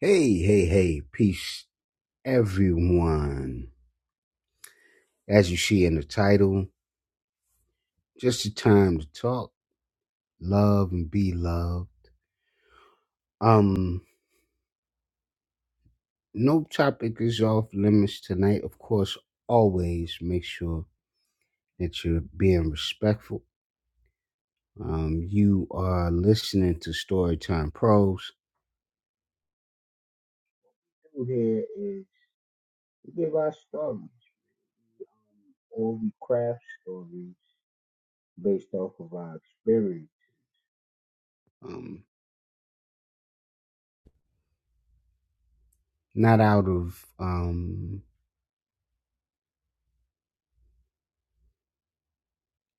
Hey, hey, hey, peace, everyone. As you see in the title, just the time to talk, love, and be loved. Um, no topic is off limits tonight. Of course, always make sure that you're being respectful. Um, you are listening to Storytime Pros. Here is we give our stories, or we craft stories based off of our experience. Um, not out of um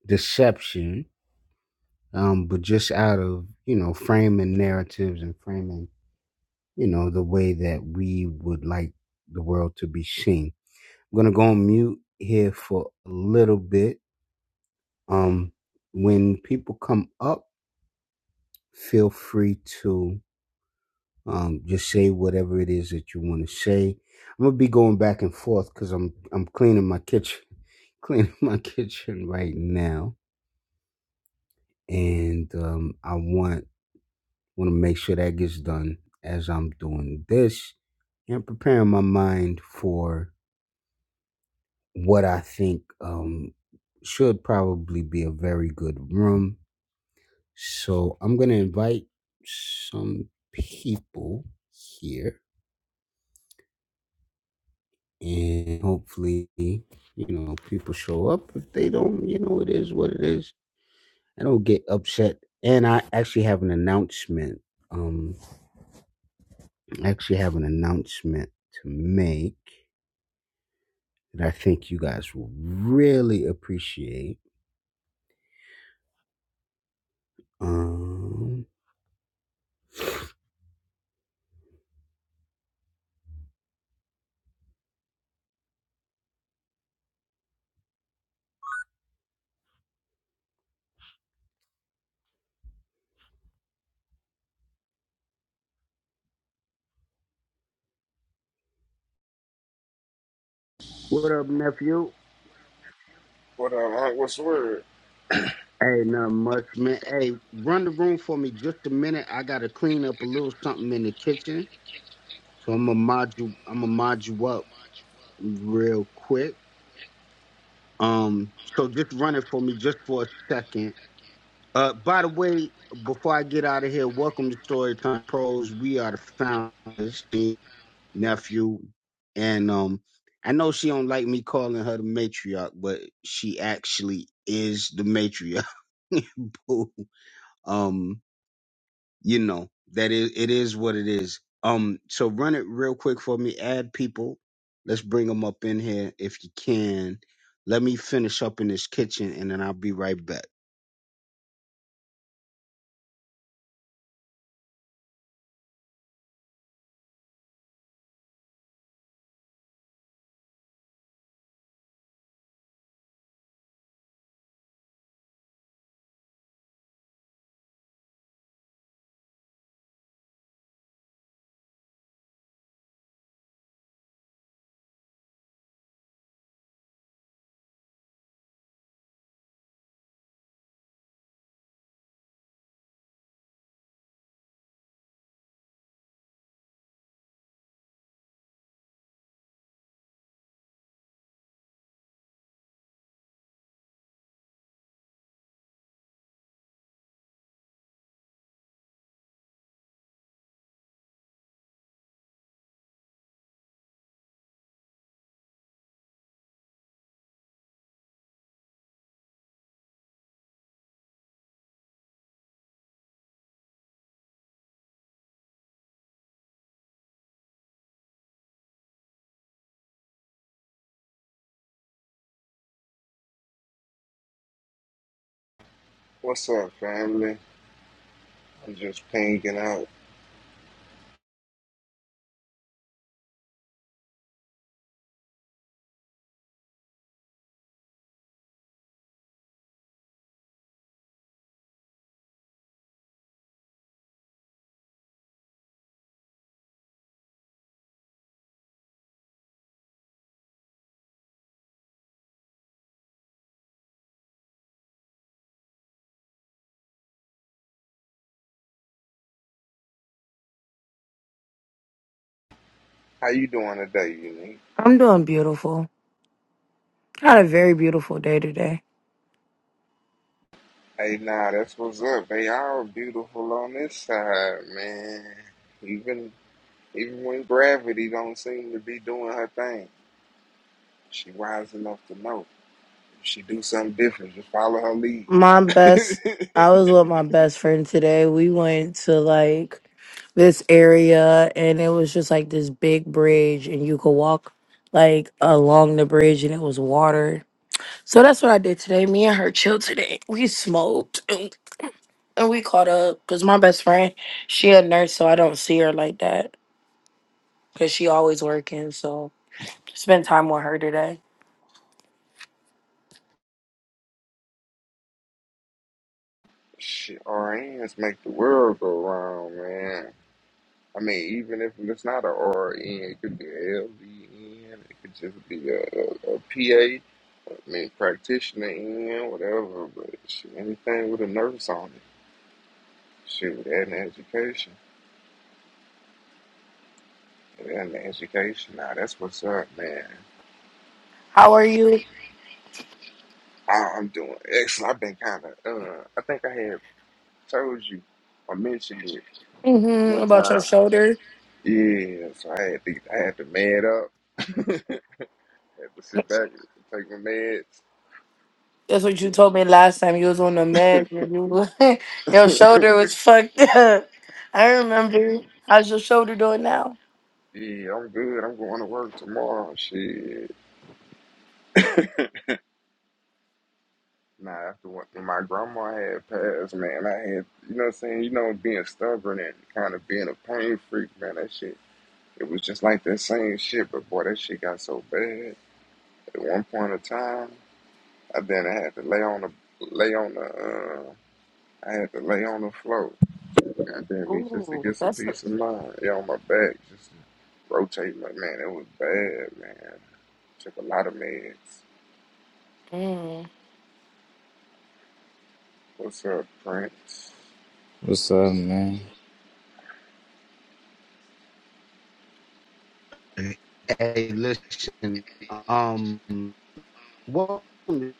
deception, um, but just out of you know framing narratives and framing you know the way that we would like the world to be seen. I'm gonna go on mute here for a little bit. Um, when people come up, feel free to um, just say whatever it is that you want to say. I'm gonna be going back and forth because I'm I'm cleaning my kitchen, cleaning my kitchen right now, and um, I want want to make sure that gets done as I'm doing this and preparing my mind for what I think um, should probably be a very good room. So I'm going to invite some people here and hopefully, you know, people show up. If they don't, you know, it is what it is. I don't get upset. And I actually have an announcement. Um, I actually have an announcement to make. that I think you guys will really appreciate. Um, what up, nephew? What up, Hunt? What's the word? Hey, not much, man. Hey, run the room for me just a minute. I gotta clean up a little something in the kitchen, so I'm gonna mod you. I'm gonna mod you up real quick. Um, so just run it for me just for a second. Uh, by the way, before I get out of here, welcome to Storytime Pros. We are the founders. nephew, and um, I know she don't like me calling her the matriarch, but she actually is the matriarch. Boo. um, you know that is it is what it is. Um, so run it real quick for me. Add people. Let's bring them up in here if you can. Let me finish up in this kitchen, and then I'll be right back. What's up, family? I'm just pinging out. How you doing today, Unique? I'm doing beautiful. Had a very beautiful day today. Hey, nah, that's what's up. They all beautiful on this side, man. Even even when gravity don't seem to be doing her thing, she wise enough to know. If she do something different, just follow her lead. My best, I was with my best friend today. We went to like this area and it was just like this big bridge and you could walk like along the bridge and it was water. So that's what I did today. Me and her chilled today. We smoked and, and we caught up because my best friend, she a nurse, so I don't see her like that because she always working. So spent time with her today. Shit, our hands make the world go round, man. I mean, even if it's not a RN, it could be a LVN, it could just be a, PA, I mean, practitioner in, whatever, but shit, anything with a nurse on it. Shoot, and education. And education. Now, that's what's up, man. How are you? I, I'm doing excellent. I've been kind of, uh, I think I had told you or mentioned it hmm one About your time. shoulder? Yeah, so I had to, I had to man up, had to sit That's back and take my meds. what you told me last time you was on the Yeah, med. and You, was- your shoulder was fucked up. I remember. How's your shoulder doing now? I'm good. I'm going to work tomorrow. Shit. Nah, after what, when my grandma had passed, man, I had, you know what I'm saying? You know, being stubborn and kind of being a pain freak, man, that shit, it was just like that same shit, but boy, that shit got so bad. At one point in time, I then I had to lay on the, lay on the, uh, I had to lay on the floor. Goddamn me, just to Ooh, get some that's a. peace of mind. Yeah, on my back, just to rotate my man. It was bad, man. Took a lot of meds. Mm. What's up, Prince? What's up, man? Hey, listen. Um, welcome to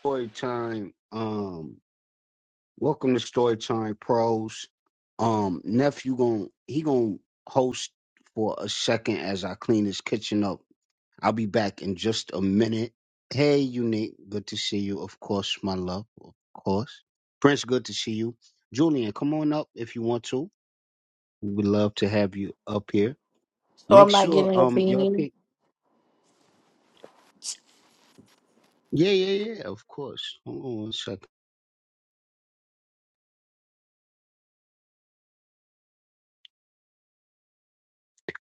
story time. Um, Welcome to Storytime Pros. Um, nephew gon' he gon' host for a second as I clean his kitchen up. I'll be back in just a minute. Hey, Unique, good to see you. Of course, my love, of course. Prince, good to see you. Julian, come on up if you want to. We would love to have you up here. So Make I'm not sure getting a um y'all beanie. pick. Yeah, yeah, yeah. Of course. Hold on one second.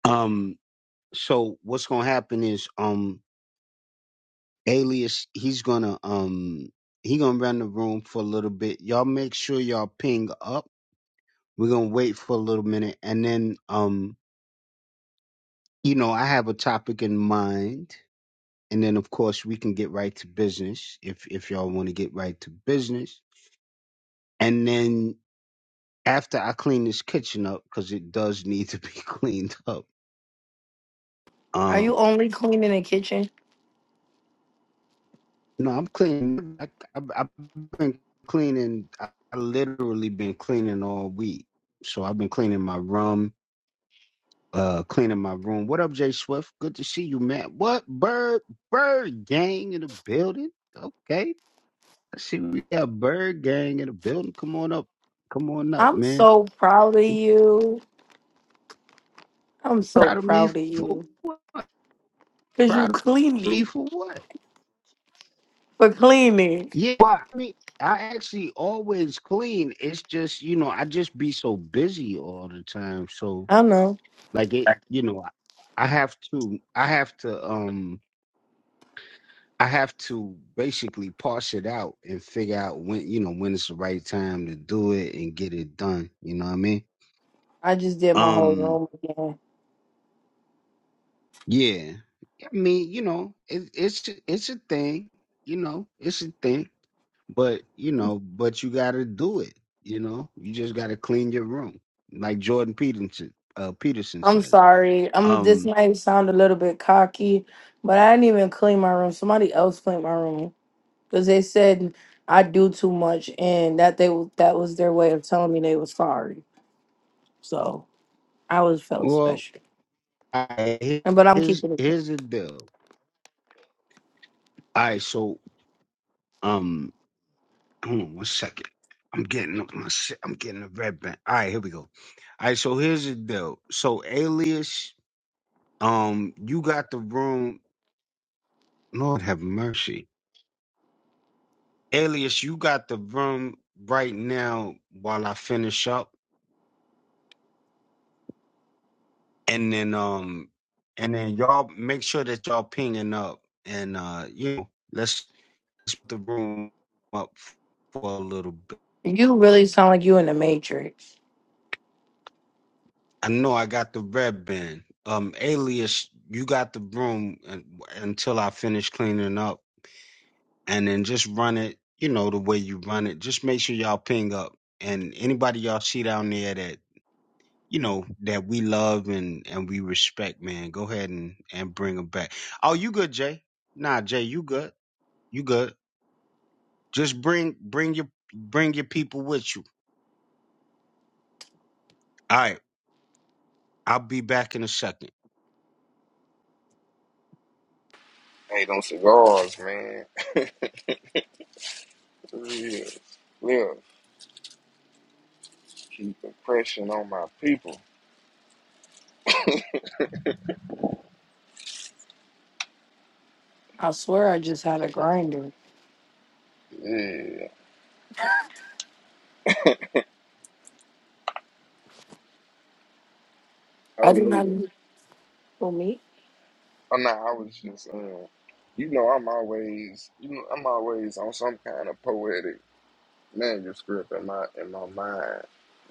Um, so what's gonna happen is um Alias, he's gonna um he gonna run the room for a little bit. Y'all make sure y'all ping up. We're gonna wait for a little minute and then um you know I have a topic in mind and then of course we can get right to business if if y'all want to get right to business. And then after I clean this kitchen up because it does need to be cleaned up. Are um, you only cleaning the kitchen? No, I'm clean. I, I, I've been cleaning. I, I literally been cleaning all week. So I've been cleaning my room, uh, cleaning my room. What up, Jay Swift? Good to see you, man. What bird bird gang in the building? Okay, I see we got bird gang in the building. Come on up, come on up, I'm man. so proud of you. I'm so Proud of me proud of for you. Cause you proud of clean me me for what? for cleaning. Yeah, well, I mean, I actually always clean. It's just you know I just be so busy all the time, so I know. Like it, you know, I have to, I have to, um, I have to basically parse it out and figure out when, you know, when it's the right time to do it and get it done. You know what I mean? I just did my whole Um, room again. yeah. I mean, you know, it, it's it's a thing. You know, it's a thing. But you know, but you got to do it. You know, you just got to clean your room, like Jordan Peterson uh, Peterson I'm says. sorry. Um, this Um, might sound a little bit cocky, but I didn't even clean my room. Somebody else cleaned my room because they said I do too much, and that they that was their way of telling me they were sorry. So I was felt well, special, I, and but I'm here's keeping it. here's the deal. All right, so um, hold on one second. I'm getting up my shit. I'm getting a red band. All right, here we go. All right, so here's the deal. So Alias, um, you got the room. Lord have mercy, Alias, you got the room right now while I finish up, and then um, and then y'all make sure that y'all pinging up, and uh, you know, let's let's put the room up for a little bit. clean. You really sound like you in the Matrix. I know I got the red band. Um, Alias, you got the broom un- until I finish cleaning up, and then just run it. You know the way you run it. Just make sure y'all ping up, and anybody y'all see down there that you know that we love and and we respect, man. Go ahead and and bring them back. Oh, you good, Jay? Nah, Jay, you good? You good? Just bring bring your bring your people with you. All right, I'll be back in a second. Hey, them cigars, man. For real. Live. Keep the pressure on my people. I swear, I just had a grinder. Yeah. I Oh did not yeah. for me. Oh no, I was just um, you know, I'm always, you know, I'm always on some kind of poetic. manuscript in my in my mind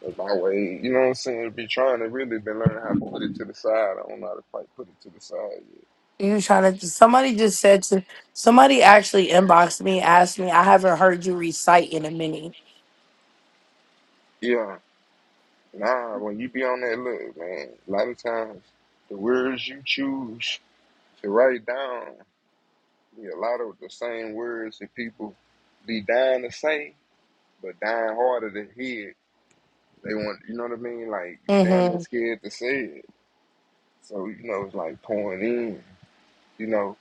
of my way. You know what I'm saying? be trying to really been learning how to put it to the side. I don't know how to quite put it to the side You trying to? Somebody just said to somebody actually inboxed me, asked me. I haven't heard you recite in a minute. yet. Yeah. Nah, when you be on that look, man, a lot of times the words you choose to write down yeah, a lot of the same words that people be dying to say, but dying harder to hear. They want you know what I mean? Like damn they're Mm-hmm. scared to say it. So, you know, it's like pouring in, you know.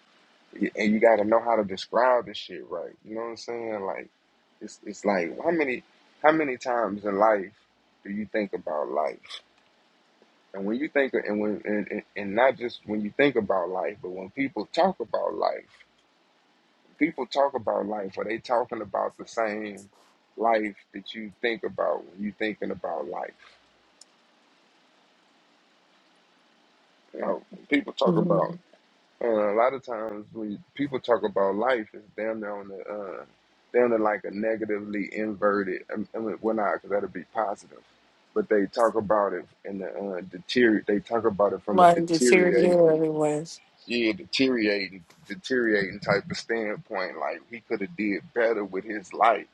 and you got to know how to describe this shit right. You know what I'm saying? Like, it's it's like how many how many times in life do you think about life? And when you think and when and, and, and not just when you think about life, but when people talk about life, people talk about life. Are they talking about the same life that you think about when you thinking about life? You know, when people talk Mm-hmm. about Uh, a lot of times when people talk about life, it's damn near on the uh, damn near like a negatively inverted. I mean, I mean, well, not because that'd be positive, but they talk about it in the uh, deteriorate. They talk about it from a Like deteriorated deteriorating, was. yeah, deteriorating, deteriorating type of standpoint. Like he could have did better with his life.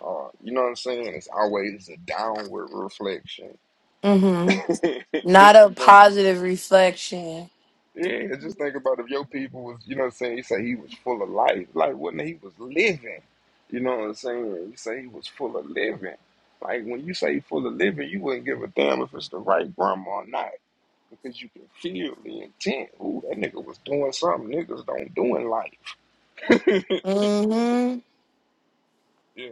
Uh, you know what I'm saying? It's always a downward reflection. hmm Not a you know, positive reflection. Yeah, just think about if your people was, you know what I'm saying? You say he was full of life. Like, would not he was living? You know what I'm saying? You say he was full of living. Like, when you say full of living, you wouldn't give a damn if it's the right grandma or not because you can feel the intent. Ooh, that nigga was doing something niggas don't do in life. hmm yeah.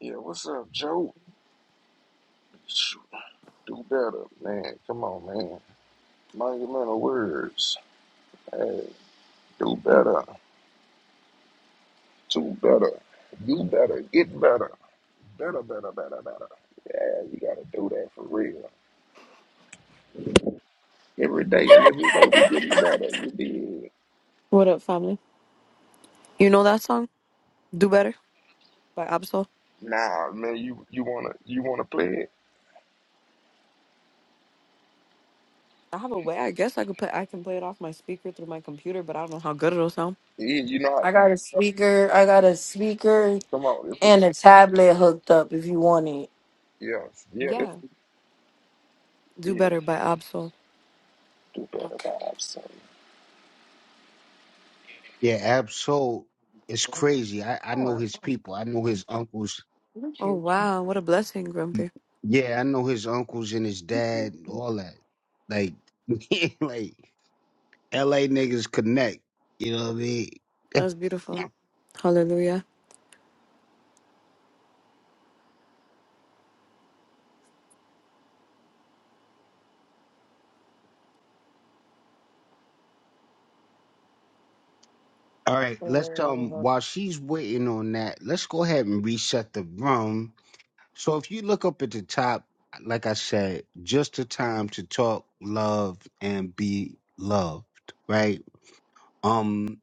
Yeah, what's up, Joe? Shoot, Do better, man. Come on, man. Monumental words. Hey, do better. Do better. Do better. Get better. Better, better, better, better. Yeah, you gotta do that for real. Every day and every way we getting better. You did. What up, family? You know that song, "Do Better" by Absol. Nah, man, you you wanna you wanna play it? I have a way. I guess I could play. I can play it off my speaker through my computer, but I don't know how good it'll sound. Yeah, you not. I got a speaker. I got a speaker Come on, this is and a tablet hooked up if you want it. yes, yeah, this Yeah, "Do is Better" by Absol. do better Okay. vibes. Son. Yeah, Absol is crazy. I, I know Oh, his people. I know his uncles. thank Oh you. Thank wow, what a blessing, Grumpy. Yeah, I know his uncles and his you. dad, all that. Like, like LA niggas connect. You know what I mean? That was beautiful. Hallelujah. All right, let's um Uh, while she's waiting on that, let's go ahead and reset the room. So if you look up at the top, like I said, just the time to talk, love, and be loved, right? Um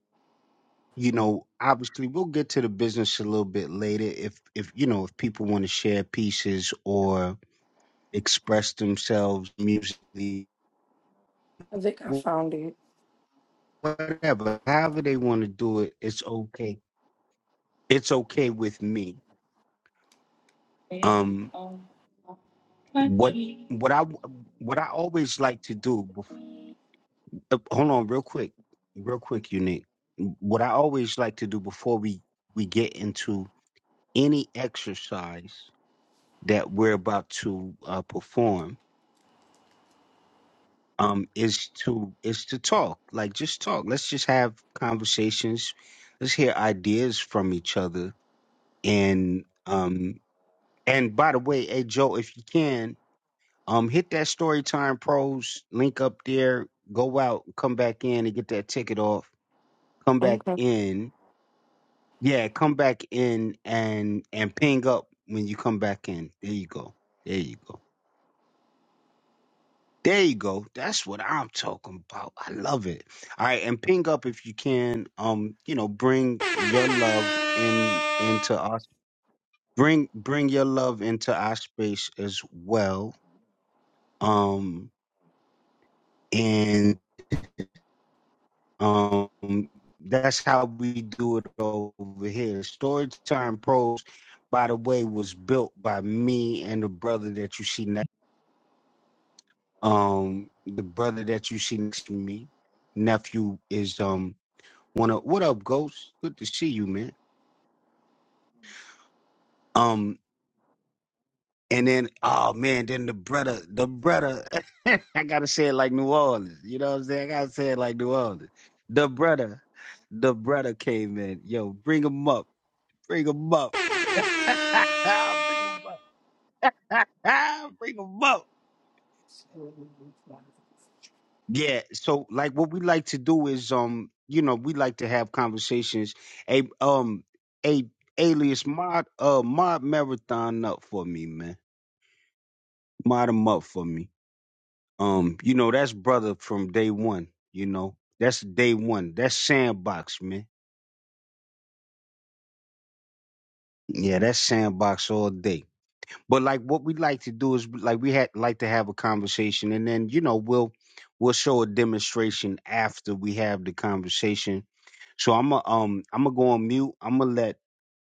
you know, obviously we'll get to the business a little bit later if if you know, if people want to share pieces or express themselves musically, I think I wh- found it. whatever, however they want to do it, it's okay. It's okay with me. Um what what I what I always like to do before, hold on real quick. Real quick, unique. What I always like to do before we we get into any exercise that we're about to uh, perform um is to is to talk like just talk let's just have conversations let's hear ideas from each other and um and by the way hey joe if you can um hit that Storytime pros link up there go out come back in and get that ticket off come back Okay. in yeah come back in and and ping up when you come back in there you go there you go There you go. That's what I'm talking about. I love it. All right, and ping up if you can. Um, you know, bring your love in into our bring bring your love into our space as well. Um, and um, that's how we do it over here. Storytime Pros, by the way, was built by me and the brother that you see next. Um, the brother that you see next to me, nephew is um Wanna what up, Ghost? Good to see you, man. Um, and then oh man, then the brother, the brother. I gotta say it like New Orleans. You know what I'm saying? I gotta say it like New Orleans. The brother, the brother came in. Yo, bring him up. Bring him up. bring him up. bring him up. Yeah. So like what we like to do is um, you know, we like to have conversations. A um a alias mod uh mod marathon up for me, man. mod him up for me. Um, you know, that's brother from day one, you know. That's day one. That's sandbox, man. Yeah, that's sandbox all day. But like what we like to do is like we had like to have a conversation and then, you know, we'll we'll show a demonstration after we have the conversation. So I'm a, um I'm gonna go on mute. I'm gonna let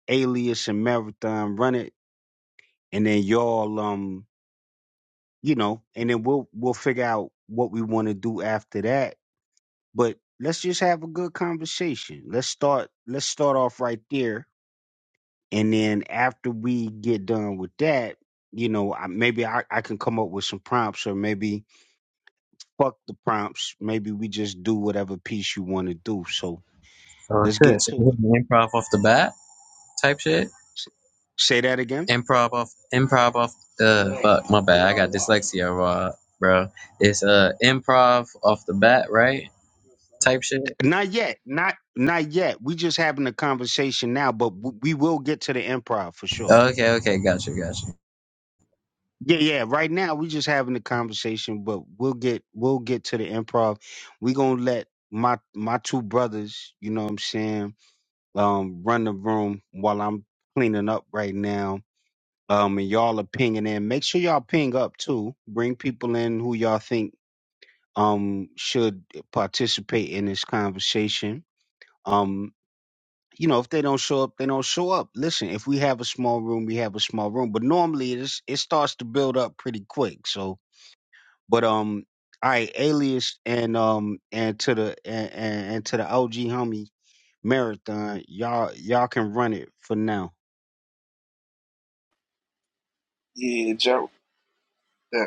Alias and Marathon run it, and then y'all um you know, and then we'll we'll figure out what we want to do after that But let's just have a good conversation. Let's start let's start off right there. And then after we get done with that, you know, I, maybe I, I can come up with some prompts or maybe fuck the prompts. Maybe we just do whatever piece you want to do. So Oh let's shit! get So we to it. hitting improv off the bat type shit. S- Say that again. Improv off, improv off. Uh, fuck, my bad. I got dyslexia, bro. bro. It's uh improv off the bat, right? Type shit. Not yet. Not not yet. We just having a conversation now, but w- we will get to the improv for sure. Okay, okay, gotcha, gotcha. Yeah, yeah. Right now we just having a conversation, but we'll get we'll get to the improv. we gonna let my my two brothers, you know what I'm saying, um, run the room while I'm cleaning up right now. Um and y'all are pinging in. Make sure y'all ping up too. Bring people in who y'all think um should participate in this conversation. Um you know, if they don't show up, they don't show up. Listen, if we have a small room, we have a small room. But normally, it's, it starts to build up pretty quick. So, but um, all right, Alias and um and to the and, and, and to the OG homie Marathon, y'all y'all can run it for now. Yeah, Joe. The,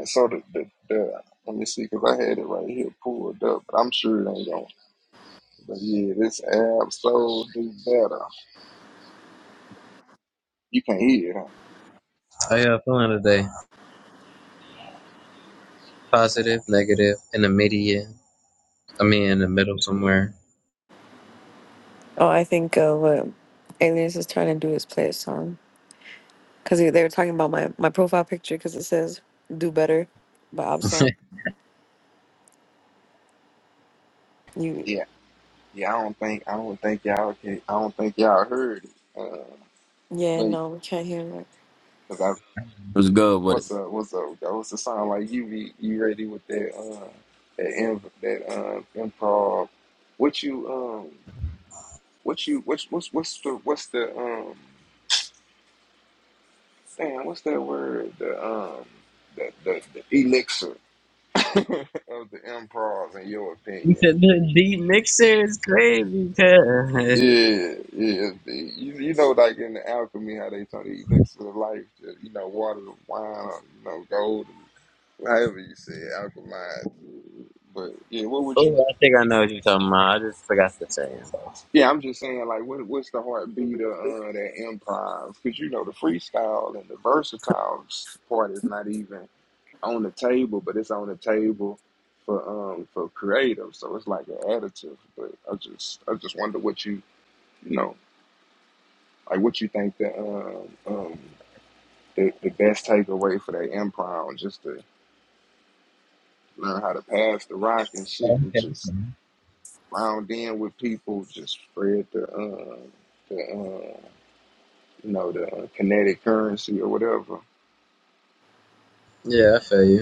uh, so the, the the let me see, cause I had it right here pulled up, but I'm sure it ain't going. But yeah, this app so do better. You can hear it. Huh? How y'all feeling today? Positive, negative, in the median. I mean, in the middle somewhere. Oh, I think uh, what Alias is trying to do is play a song because they were talking about my my profile picture because it says "Do Better" by Absol. You, Yeah, yeah. I don't think I don't think y'all can. I don't think y'all heard it. Uh, yeah, but no, we can't hear it. Cause I What's good with it? what's up, what's up? That was the song like you be you ready with that uh that in, that um improv. What you um what you what's what's what's the what's the um damn what's that word the um the the, the elixir of the improv in your You opinion? said the deep mixer is crazy, cuz. Yeah, yeah. You, you know, like in the alchemy, how they talk the elixir of life, that, you know, water, and wine, or, you know, gold, and however you say it, alchemized. But yeah, what would you? Oh, I think I know what you're talking about. I just forgot to say it. Yeah, I'm just saying, like, what what's the heartbeat of uh, that improv? Because you know, the freestyle and the versatile s- part is not even on the table, but it's on the table for um for creative. So it's like an additive. But I just I just wonder what you you know. Like, what you think the um, um the, the best takeaway for that improv, just to learn how to pass the rock and shit, and just Okay. round in with people, just spread the um the um you know the uh, kinetic currency or whatever. Yeah, I feel you.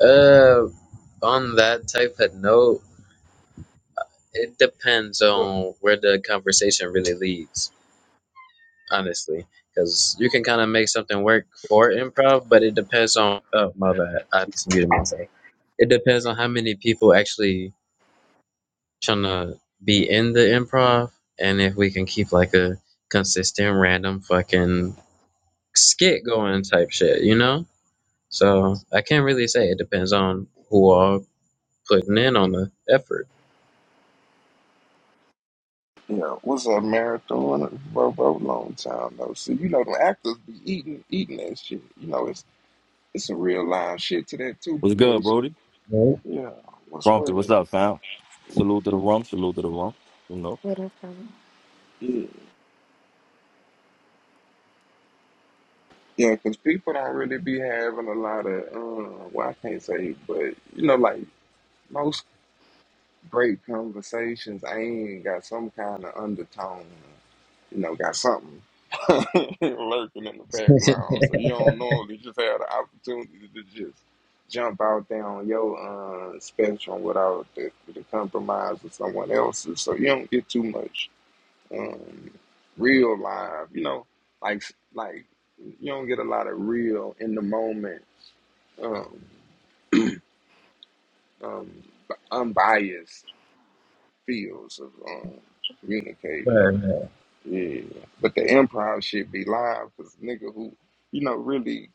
Uh, on that type of note, it depends on where the conversation really leads, honestly. Because you can kind of make something work for improv, but it depends on. Oh, my bad. I just muted myself. It depends on how many people actually trying to be in the improv and if we can keep like a consistent, random fucking skit going type shit, you know? So I can't really say. It depends on who are putting in on the effort. Yeah, what's up, marathon, bro, bro? Long time though. see. You know, the actors be eating eating that shit. You know, it's it's some real live shit to that too What's good, because Brody? yeah, what's Grumpy, what's word? up, fam? Salute to the rum, salute to the rum. You know. What up, family? Yeah, Yeah, cause people don't really be having a lot of, um, well, I can't say, but you know, like most great conversations, ain't got some kind of undertone, you know, got something lurking in the Make it background. So you don't normally just have the opportunity to just jump out there on your uh, spectrum without the, the compromise of someone else's. So you don't get too much um, real live. You know, like like you don't get a lot of real in the moment, um, um, unbiased feels of um, communicating. prefer, yeah, Yeah, but the improv shit be live because nigga who, you know, really,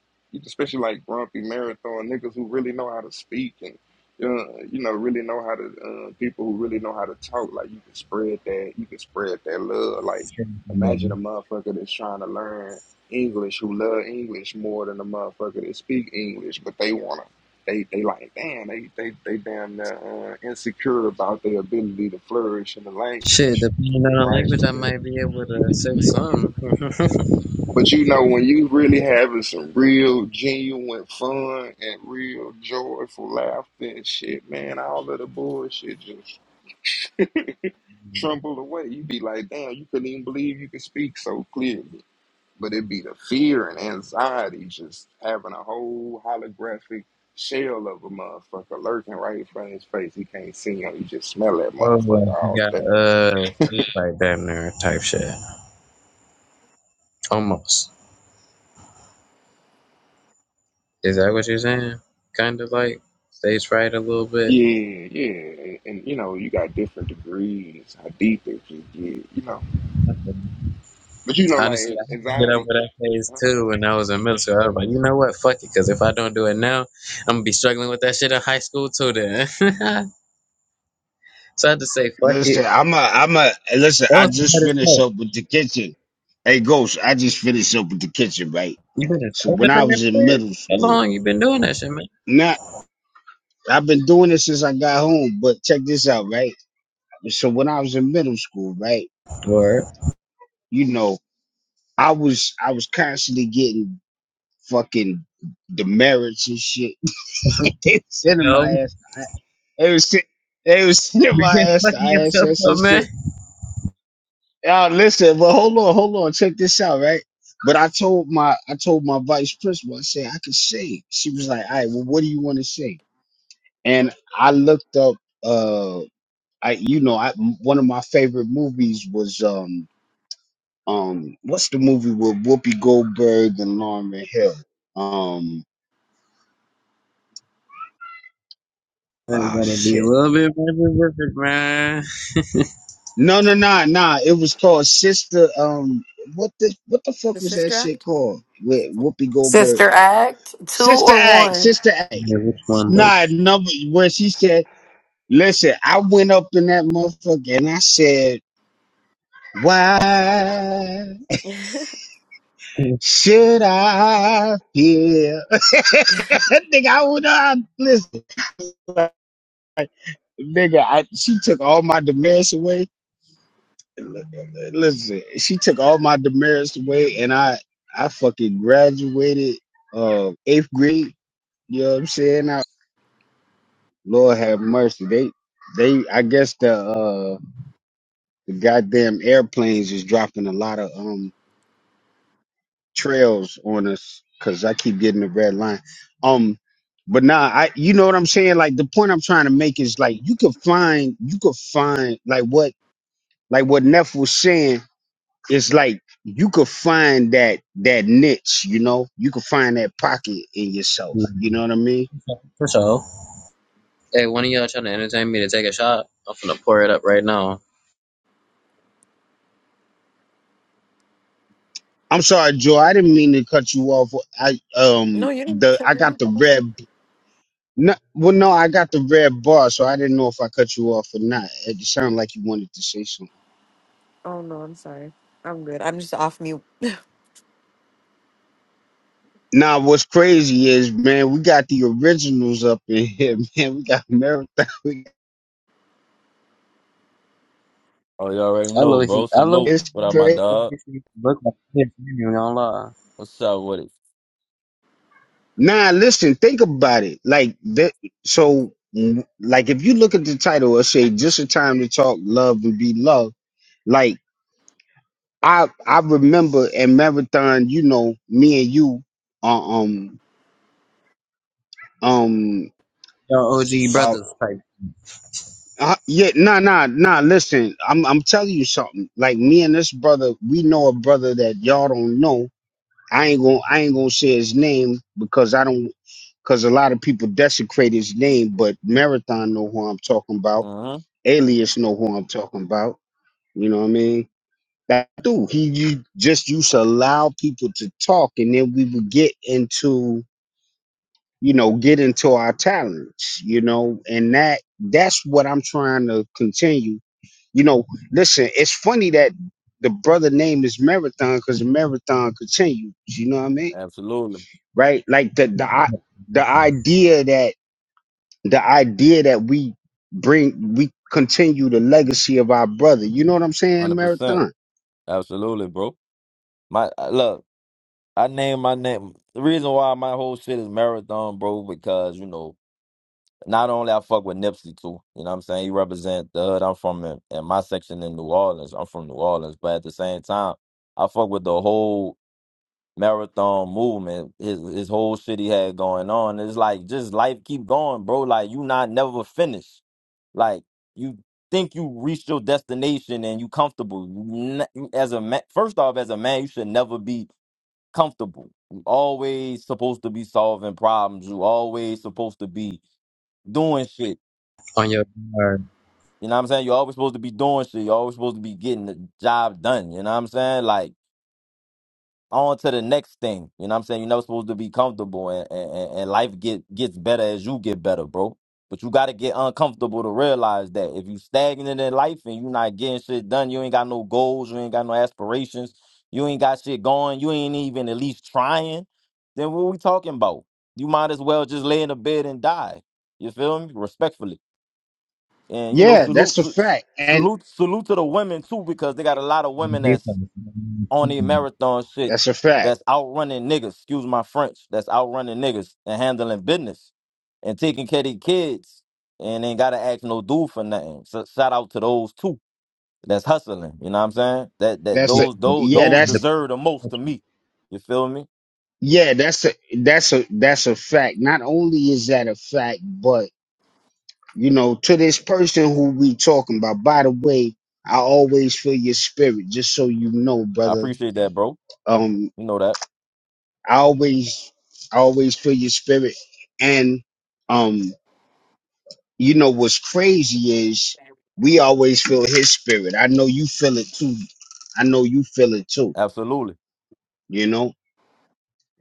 especially like Grumpy Marathon niggas who really know how to speak and, uh, you know, really know how to uh, people who really know how to talk. Like you can spread that, you can spread that love. Like sure, yeah. imagine a motherfucker that's trying to learn English who love English more than a motherfucker that speak English, but they wanna, they they like damn, they they they damn uh, insecure about their ability to flourish in the Shit, language depending on the right? language, But I then might be able to say some. but you know, when you really having some real genuine fun and real joyful laughter and shit, man, all of the bullshit just tremble away. You be like, damn, you couldn't even believe you could speak so clearly. But it be the fear and anxiety just having a whole holographic shell of a motherfucker lurking right in front of his face. He can't see him. You just smell that oh, motherfucker like you all got day. uh, it's like damn near type shit. Almost. Is that what you're saying? Kind of like stage fright a little bit. Yeah, yeah. And, and you know, you got different degrees, how deep it can get, you know. But you know, like Honestly, I had to get over anxiety. that phase Huh? too when I was in middle school. I was like, you know what? Fuck it. Because if I don't do it now, I'm going to be struggling with that shit in high school too then. so I had to say, fuck it. I'm a, listen, That was the hardest part. I'm the kitchen. Hey, get it simple, right? you been in Some school that thing for it? How school. long you been doing that shit, man? Not, I'm at home, right? With some school, right? Word. You know, I'm constantly getting fucking demerit shit. They You know, ass- I- they was shit. They you can't was si, fuck yourself up, man. shit. Y'all listen, but hold on, hold on. Check this, right? I, I told my vice principal, I said, I could sing. She was like, all right, well, what do you want to sing? And I looked up, uh, I, you know, I, m- one of my favorite movies was, um, um, what's the movie with Whoopi Goldberg and Lauren Hill? Um, I ah, gotta be a shit. little bit more perfect, man. No, no, no, no. It was called Sister, um, what the, what the fuck The was that Sister shit Act. called with Whoopi Goldberg? Sister Act two Sister or Act, one? Sister Act. Yeah, which one though? Nah, number where she said, Listen, I went up in that motherfucker and I said, Why no, should I feel? nigga, I would out. Listen, nigga, I, she took all my demerits away. Listen, she took all my demerits away and I, I fucking graduated uh, eighth grade. You know what I'm saying? I, Lord have mercy. They, they, I guess the, uh, the goddamn airplanes is dropping a lot of, um. trails on us because I keep getting the red line. Um, but nah, I you know what I'm saying. Like the point I'm trying to make is like you could find you could find like what like what Neff was saying is like you could find that that niche. You know, you could find that pocket in yourself. You know what I mean? For sure. Hey, one of y'all trying to entertain me to take a shot? I'm to pour it up right now. I'm sorry, Joe. I didn't mean to cut you off. I um you didn't the tell I me. got the up. red. No, well, no, I got the red bar, so I didn't know if I cut you off or not. It sounded like you wanted to say something. Oh no, I'm sorry. I'm good. I'm just off mute. Nah, what's crazy is, man, we got the originals up in here, man. We got marathon. We got, Oh, you already I know, love bro. he. I love Salute. he It's What up, hair my crazy. before dog? this used to look like this. I ain't even gonna lie. What's up with it? Nah, listen, think about it. Like that. So, mm, like, if you look at the title, it say "Just a Time to Talk, Love, and Be Loved." Like, I I remember at marathon, you know, me and you, uh, um, um, Y'all s- OG uh, brothers type uh, yeah, nah, nah, nah. Listen, I'm I'm telling you something. Like me and this brother, we know a brother that y'all don't know I ain't gonna I ain't gonna say his name because I don't because a lot of people desecrate his name, but Marathon know who I'm talking about. hmm Alias know who I'm talking about. You know what I mean? That dude, he you just used to allow people to talk, and then we would get into you know get into our talents, you know, and that that's what I'm trying to continue. You know, listen, it's funny that the brother name is Marathon because Marathon continues. You know what I mean? Absolutely. right? Like the the i- the idea that the idea that we bring we continue the legacy of our brother. You know what I'm saying, 100%. Marathon? Absolutely, bro. My I- Look, I name my name. The reason why my whole shit is Marathon, bro, because, you know, not only I fuck with Nipsey, too. You know what I'm saying? He represent the hood I'm from in, in my section in New Orleans. I'm from New Orleans. But at the same time, I fuck with the whole marathon movement, his his whole shit he had going on. It's like just life keep going, bro. Like you not never finished. Like you think you reached your destination and you comfortable. You n- As a man, first off, as a man, you should never be comfortable. You always supposed to be solving problems. You always supposed to be doing shit. on your guard. You know what I'm saying? You're always supposed to be doing shit. You're always supposed to be getting the job done. You know what I'm saying? Like on to the next thing. You know what I'm saying? You're not supposed to be comfortable and, and, and and life get gets better as you get better, bro. But you gotta get uncomfortable to realize that if you stagnant in life and you not getting shit done, you ain't got no goals, you ain't got no aspirations, you ain't got shit going, you ain't even at least trying, then what we talking about? You might as well just lay in the bed and die. You feel me? Respectfully. And you know, Yeah, that's salute a fact, and salute salute to the women too, because they got a lot of women that's on the marathon shit that's a fact. that's outrunning niggas, excuse my French, that's outrunning niggas and handling business and taking care of their kids and ain't gotta ask no dude for nothing. So shout out to those two that's hustling. You know what I'm saying? That that That's You a those those yeah. those That's deserve the most to me. You feel me? yeah. That's a that's a that's a fact. Not only is that a fact, but you know, to this person who we talking about. By the way, I always feel your spirit, just so you know, I brother. appreciate that, bro. Um, You know that. I always I always feel your spirit. And um, you know what's crazy is we always feel his spirit. I know you feel it too. I know you feel it too, Absolutely. you know?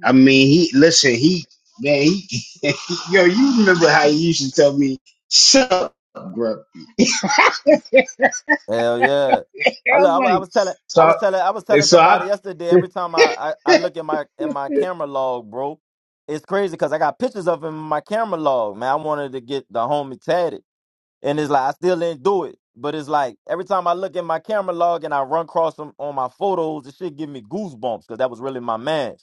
I mean he listen, he man he yo, you remember how he used to tell me, shut up, bro. Hell yeah. I, look, I'm I, wa- I like, was telling so I I- was telling I was and telling so I somebody yesterday every time I, I, I look at my in my camera log, bro, it's crazy because I got pictures of him in my camera log, man. I wanted to get the homie tatted. And it's like I still didn't do it. But it's like every time I look at my camera log and I run across him on my photos, it should give me goosebumps because that was really my man.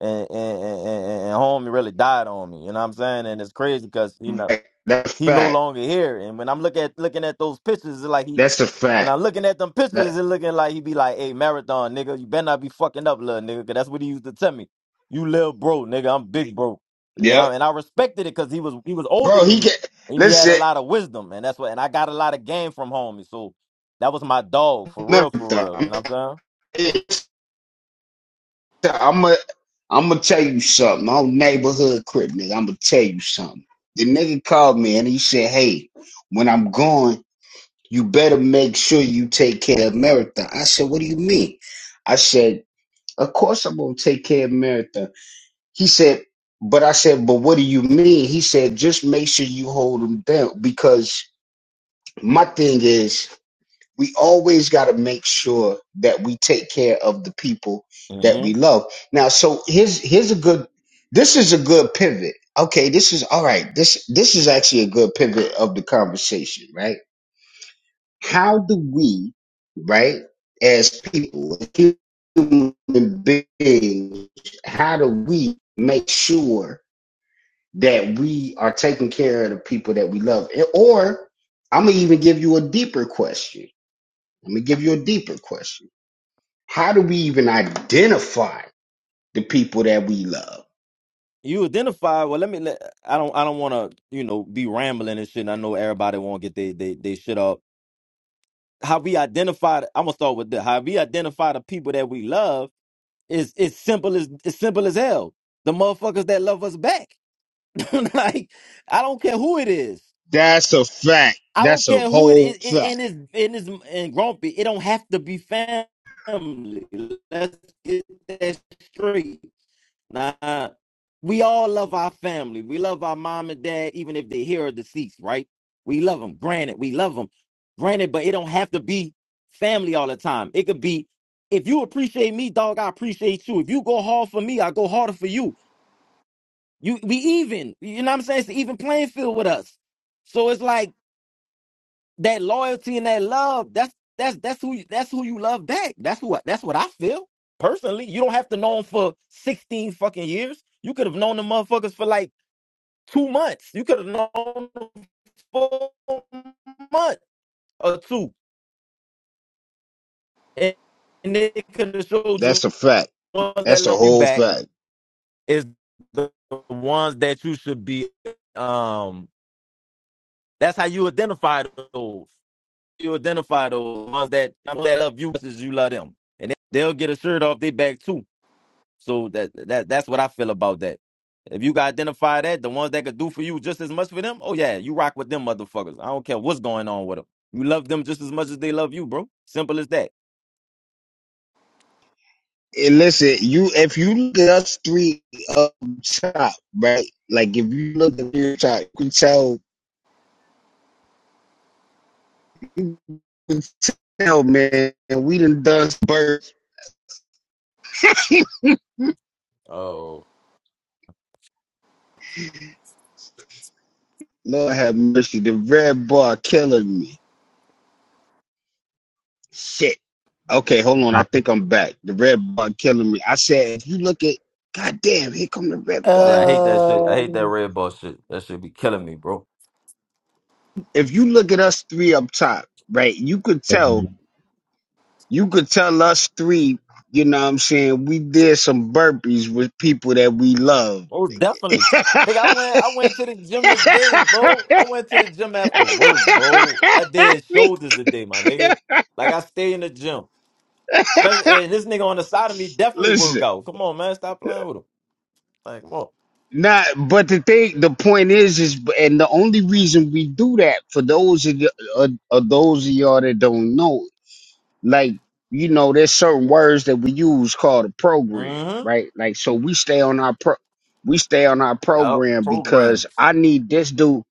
And and, and and and homie really died on me. You know what I'm saying? And it's crazy because you know that's a he no fact. longer here. And when I'm look at looking at those pictures, it's like he That's a when fact. I'm looking at them pictures, That it looking like he be like, hey, marathon, nigga, you better not be fucking up, little nigga, because that's what he used to tell me. You little bro, nigga, I'm big bro. You know, yep. and I respected it because he was he was older Bro, than he me. get And he had a listen, lot of wisdom. And that's what and I got a lot of game from homie. So that was my dog, for real, for real. You know marathon. what I'm I'm gonna I'm gonna tell you something. On neighborhood crib, nigga, I'm gonna tell you something. The nigga called me and he said, "Hey, when I'm gone, you better make sure you take care of Marathon." I said, "What do you mean?" I said, "Of course I'm gonna take care of Marathon." He said, "But I said, but what do you mean?" He said, "Just make sure you hold him down because." My thing is, we always got to make sure that we take care of the people that we saying? hmm love. Now, so here's here's a good. This is a good pivot. Okay, this is all right. This this is actually a good pivot of the conversation, right? How do we, right, as people, human beings, how do we make sure that we are taking care of the people that we love? Or I'm gonna even give you a deeper question. Let me give you a deeper question how do we even identify the people that we love? You identify, well, let me let I don't I don't wanna, you know, be rambling and shit. And I know everybody wanna get they they, they shit up. How we identify I'm gonna start with this. How we identify the people that we love It's it's simple as it's simple as hell. The motherfuckers that love us back. like I don't care who it is. That's a fact. I don't That's a care who it whole is. It, in fact. his in his and grumpy. It don't have to be family. Let's get that straight. Nah, we all love our family. We love our mom and dad, even if they here or deceased, right? We love them. Granted, we love them. Granted, but it don't have to be family all the time. It could be if you appreciate me, dog, I appreciate you. If you go hard for me, I go harder for you. You we even. You know what I'm saying? It's an even playing field with us. So it's like that loyalty and that love that's that's that's who you- that's who you love back that's what that's what i feel personally you don't have to know them for 16 fucking years you could have known the motherfuckers for like two months you could have known them for a month or two and, and they could have showed That's you a fact. the ones that That's a love you whole back fact. is the ones that you should be um that's how you identify those you identify those ones that that love you as you love them, and they- will get a shirt off their back too. So that that that's what I feel about that. If you can identify that, the ones that could do for you just as much for them, oh yeah, you rock with them motherfuckers. I don't care what's going on with them. You love them just as much as they love you, bro. Simple as that. And listen, you if you look at us three up top, right? Like if you look at your top, you can tell you can tell man, we done done birth. Oh Lord have mercy, the red bar killing me. Shit. Okay, hold on. I think I'm back. The red bug killing me. I said, if you look at, goddamn, here come the red yeah, bug. I hate that shit. I hate that Um, red ball shit. That shit be killing me, bro. If you look at us three up top, right, you could tell, you could tell us three, you know what I'm saying, we did some burpees with people that we love. Oh, definitely. Nigga, I went I went to the gym today, bro. I went to the gym after work, bro. I did shoulders today, my nigga. Like I stay in the gym. Especially and this nigga on the side of me definitely work Listen. out. Come on, man. Stop playing with him. Like, come on. Not, but the thing, the point is, is, and the only reason we do that for those of, the, of, of those of y'all that don't know like you know there's certain words that we use called a program Mm-hmm. right like so we stay on our pro we stay on our Yup. program because Programmed. i need this dude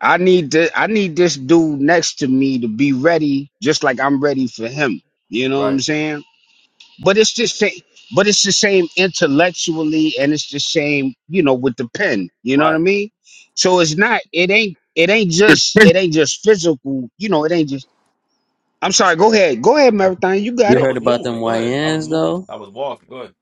i need this i need this dude next to me to be ready just like i'm ready for him you know what i'm Right. saying but it's just sa- but it's the same intellectually and it's the same you know with the pen you know what i Right. mean so it's not it ain't it ain't just it ain't just physical you know it ain't just i'm sorry go ahead go ahead marathon you got I it heard was about them moving. Go ahead. I was YNs moving. though? I was walking. Go ahead.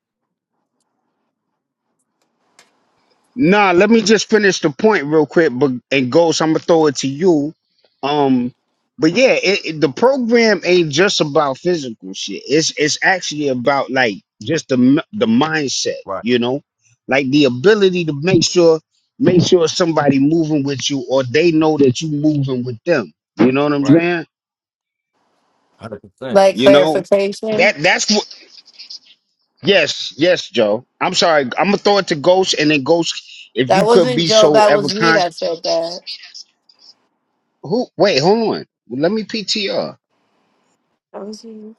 Nah, let me just finish the point real quick, but and Ghost, I'm gonna throw it to you. Um, but yeah, it, it- the program ain't just about physical shit. It's it's actually about like just the m- the mindset, Right. you know, like the ability to make sure make sure somebody moving with you or they know that you moving with them. You know what I'm Right. saying? Hundred percent. like You know clarification. that that's what. Yes, yes, Joe. I'm sorry. I'm gonna throw it to Ghost, and then Ghost, if That you could wasn't be Joe. so That ever was me kind that said that. Who? Wait, hold on. Let me PTR. That was you.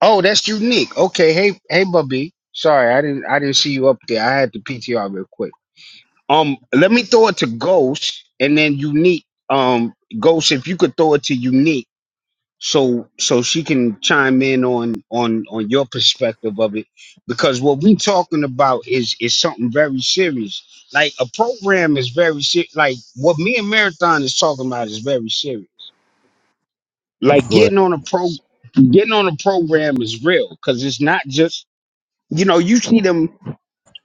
Oh, that's unique. Okay, hey, hey, Bubby. Sorry, I didn't, I didn't see you up there. I had to PTR real quick. Um, let me throw it to Ghost, and then Unique. Um, Ghost, if you could throw it to Unique, so so she can chime in on on on your perspective of it, because what we talking about is is something very serious. Like a program is very serious. Like what me and Marathon is talking about is very serious like What? getting on a pro getting on a program is real because it's not just you know you see them you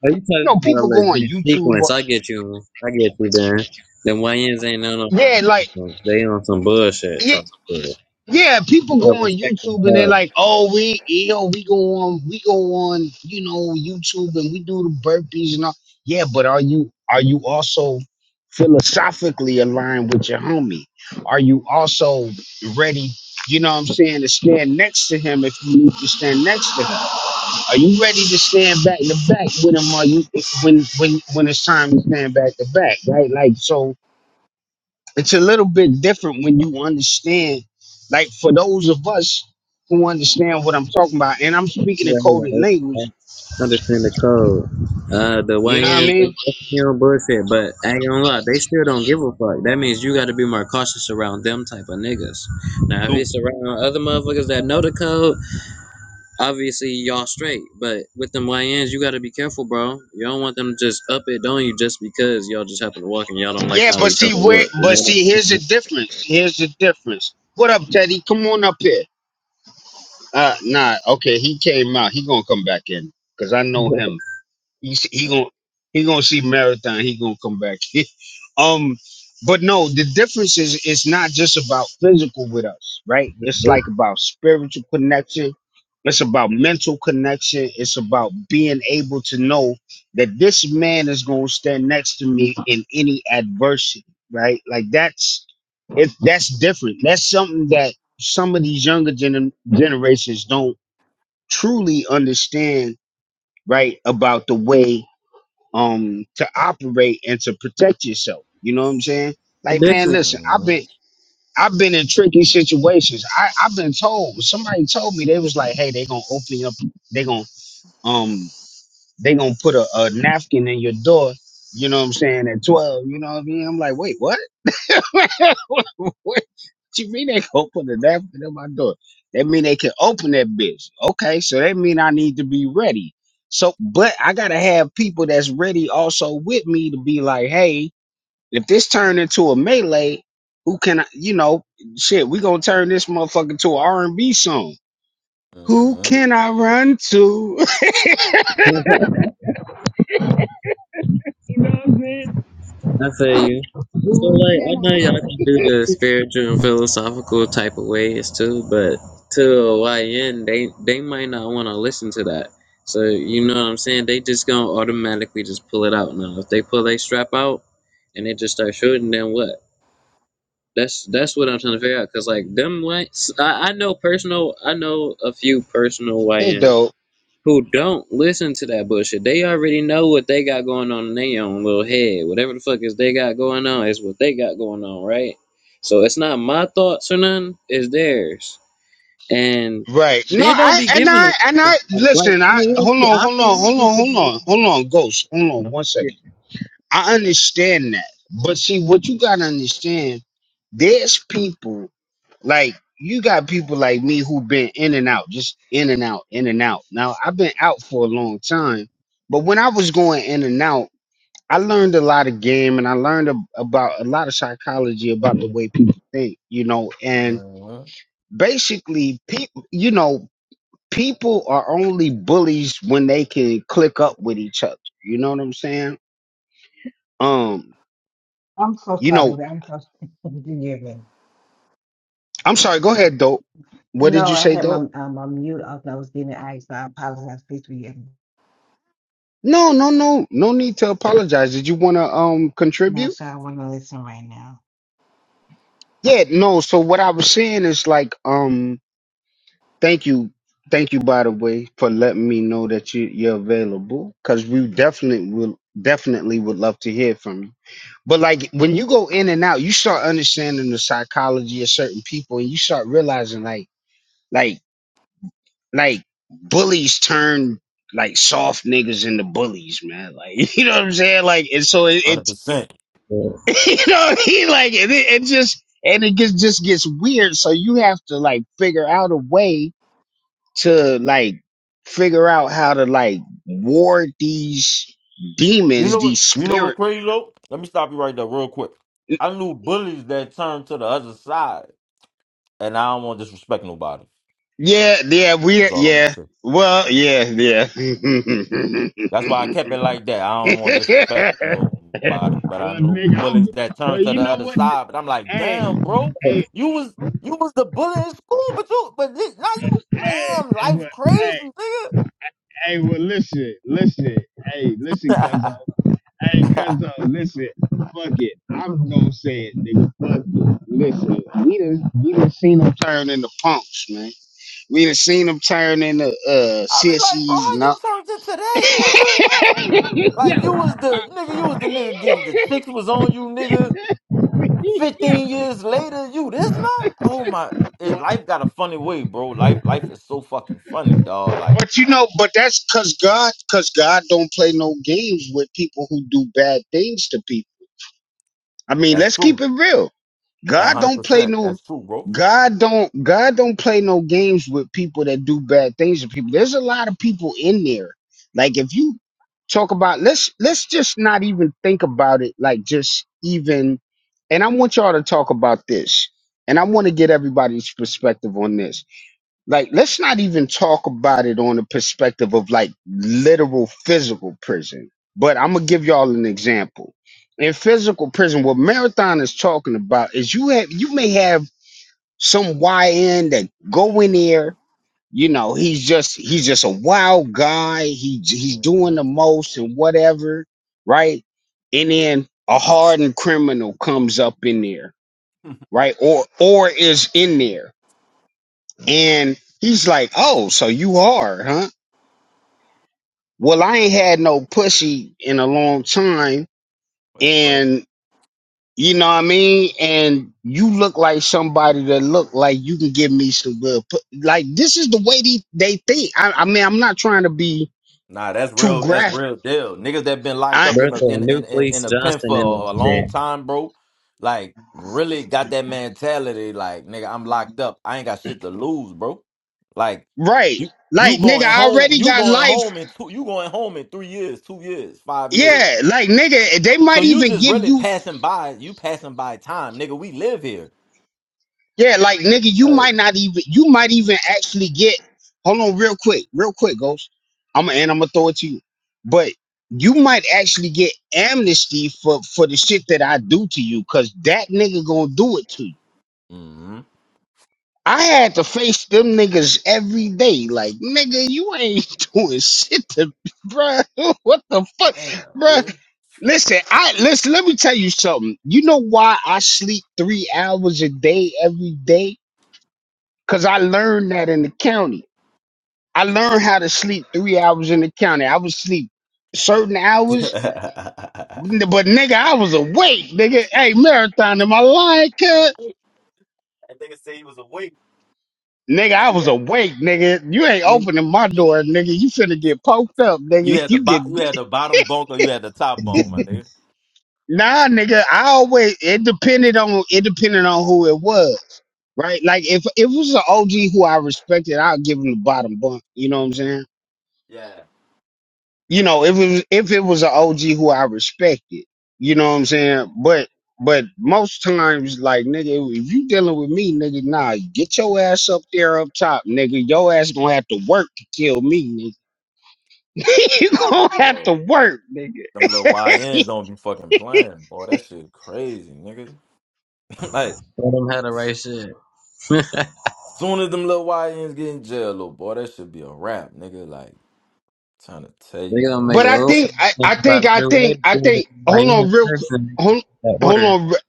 Are you know talking about a people go on legit youtube or, sequence? I get you. I get you, Dan. Them YNs ain't on yeah like no. They on some bullshit yeah, type shit. yeah I people go on respect them. youtube and they're huh? like oh we you know we go on we go on you know youtube and we do the burpees and all yeah but are you are you also philosophically aligned with your homie are you also ready you know what i'm saying to stand next to him if you need to stand next to him Are you ready to stand back to back with him? Are you when when when it's time to stand back to back, right? Like so, it's a little bit different when you understand. Like for those of us who understand what I'm talking about, and I'm speaking in Right, coded right, language. right. Understand the code. Uh, the You know what I YNs, they mean? definitely on bullshit, but I ain't gonna lie, they still don't give a fuck. That means you gotta be more cautious around them type of niggas. You Now, if do. it's around other motherfuckers that know the code, obviously y'all straight, but with them YNs, you gotta be careful, bro. You don't want them to just up it on you just because y'all just happen to walk and y'all don't like Yeah, how but each see other where? work, You But know see, here's the difference. Here's the difference. What up, Teddy? Come on up here. Uh, nah. Okay, he came out. He gonna come back in because I know what him. I'm You see, he gonna he gonna see marathon. He gonna come back. um, but no, the difference is it's not just about physical with us, right? It's saying? like about spiritual connection. It's about mental connection. It's about being able to know that this man is gonna stand next to me in any adversity, right? Like that's it. That's different. That's something that some of these younger gener- generations don't truly understand, right? About the way um to operate and to protect yourself. You know what I'm saying? Like, man, Definitely. listen, I've Mm-hmm. been I've been in tricky situations. I, I've been told somebody told me they was like, hey, they gonna open up, they gonna um they gonna put a, a napkin in your door. You know what I'm saying? At twelve, you know what I mean? I'm like, wait, what? what, what you mean they gonna put a napkin in my door? That mean they can open that bitch. Okay, so that mean I need to be ready. So, but I gotta have people that's ready also with me to be like, hey, if this turned into a melee, who can I, you know, shit, we gonna turn this motherfucker to an R and B song. Who Mm-hmm. can I run to? I feel you. So like I know y'all can do the spiritual and philosophical type of ways too, but to a YN they they might not want to listen to that. So you know what I'm saying? They just gonna automatically just pull it out now. If they pull their strap out and they just start shooting, then what? That's that's what I'm trying to figure out. Cause like them like I, I know personal I know a few personal hey, YNs dope. who don't listen to that bullshit. They already know what they got going on in their own little head. Whatever the fuck is they got going on is what they got going on, right? So it's not my thoughts or nothing, it's theirs. And Right. No, they don't I be and giving a I and fuck. I Like, listen, you I hold on, I hold on, believe hold we on, should be hold looking on, hold on, ghost. Hold on No. one second. I understand that. But see what you gotta understand, there's people like you got people like me who've been in and out, just in and out, in and out. Now I've been out for a long time, but when I was going in and out, I learned a lot of game and I learned ab- about a lot of psychology about the way people think, you know, and Mm-hmm. basically people you know people are only bullies when they can click up with each other. You know what I'm saying? Um, I'm so you sorry. know, but I'm so sorry. forgive me. I'm sorry, go ahead, dope. What did No, you I say, had my dope? um, my mute off and I was getting eyes, so I apologize. Please forgive me. No, no, no. No need to apologize. Did you wanna um No, contribute? sir, I want to listen right now. Yeah, no, so what I was saying is like um Thank you. Thank you, by the way, for letting me know that you, you're available because we definitely will definitely would love to hear from you. But like when you go in and out, you start understanding the psychology of certain people and you start realizing like like like bullies turn like soft niggas into bullies, man. Like you know what I'm saying? Like and so it, it Hundred percent. at shit. you know what I mean? Like and it, it just and it gets just gets weird. So you have to like figure out a way to like figure out how to like ward these You demons, know what? these You know what's spirits. crazy though? Let me stop you right there, real quick. I knew bullies that turned to the other side, and I don't want to disrespect nobody. Yeah, yeah, we That's all I'm gonna yeah. say. Well, yeah, yeah. well, That's why I kept it like that. I don't want to disrespect nobody, but I knew nigga, I'm, bullies that well, turned to you the know other what? side. But I'm like, Hey, damn, bro, hey, you was you was the bully in school, but you but this, now you hey, damn hey, life well, hey, crazy, hey, well, listen, listen, hey, listen, cousin. nigga. Hey, cuz uh, listen, fuck it. I'm gonna say it, nigga. Fuck it. Listen, we done we done seen them turn into punks, man. We done seen them turn into uh I be like, bro, sissies how and you all. turned into that, nigga? Like you was the nigga, you was the nigga getting the chicks was on you, nigga. 15 years later, you this not? Oh my it, life got a funny way, bro. Life life is so fucking funny, dog. Like, But you know, but that's cause God, cause God don't play no games with people who do bad things to people. I mean, that's let's keep true. it real. A God hundred don't play percent. no That's true, bro. God don't God don't play no games with people that do bad things to people. There's a lot of people in there. Like if you talk about let's let's just not even think about it like just even and I want y'all to talk about this. And I want to get everybody's perspective on this. Like, let's not even talk about it on the perspective of like literal physical prison. But I'm gonna give y'all an example. In physical prison, what Marathon is talking about is you have you may have some YN that go in there, you know, he's just he's just a wild guy. He he's doing hmm the most and whatever, right? And then a hardened criminal comes up in there, right? Or or is in there and he's like, Oh, so you are, huh? Well, I ain't had no pussy in a long time. That's crazy. And you know what I mean? And you look like somebody that look like you can give me some good pu-" like this is the way they, they think. I, I mean, I'm not trying to be Nah, that's too real, that's graphic. real deal. Niggas that been locked I up in Bertha a in in, New in, in Fleece a pen for Johnston in a this long bitch. time, bro. Like, really got that mentality, like, nigga, I'm locked up. I ain't got shit to lose, bro. Like, right. you you Like nigga, going I home, already you got going life. home in two you going home in three years, two years, five years. Yeah, like nigga, they So might you even just give really you passing by. You passing by time, nigga. We live here. Yeah, like nigga, you Like, might not even you might even actually get hold on real quick, real quick, Ghost. I'm and I'm gonna throw it to you. But you might actually get amnesty for for the shit that I do to you, cause that nigga gonna do it to you. hmm I had to face them niggas every day. Like, nigga, you ain't doing shit to me, bruh. What the fuck? damn, Bruh. man. Listen, I listen, let me tell you something. You know why I sleep three hours a day every day? Cause I learned that in the county. I learned how to sleep three hours in the county. I would sleep certain hours, that but nigga, I was awake, nigga. Hey, marathon, am I lying, cut? nigga said he was awake. Nigga, Nigga, I you was had, awake, nigga. You ain't nigga. opening my door, nigga. You finna get poked up, nigga. You had the You bo- get you beat. had the bottom bunk or you had the top bunk, my nigga. Nah, nigga. I always it depended on it depended on who it was, right? Like if if it was an OG who I respected, I'd give him the bottom bunk. You know what I'm saying? Yeah. you know, if it was if it was an OG who I respected, you know what I'm saying? But but most times, like nigga, if you dealing with me, nigga, nah, get your ass up there up top, nigga. Your ass gonna have to work to kill me, nigga. you Good gonna have boy. to work, nigga. Them little YNs don't be fucking playing, boy. That shit crazy, nigga. like, Tell them how to write shit. soon as them little YNs get in jail, little boy, that should be a wrap, nigga. Like, trying to tell you, They gonna make bro. But an I old think folks I, think I about think a I new way think to I do it. think hold Miami, on real Texas, quick in the hold that hold order. on re-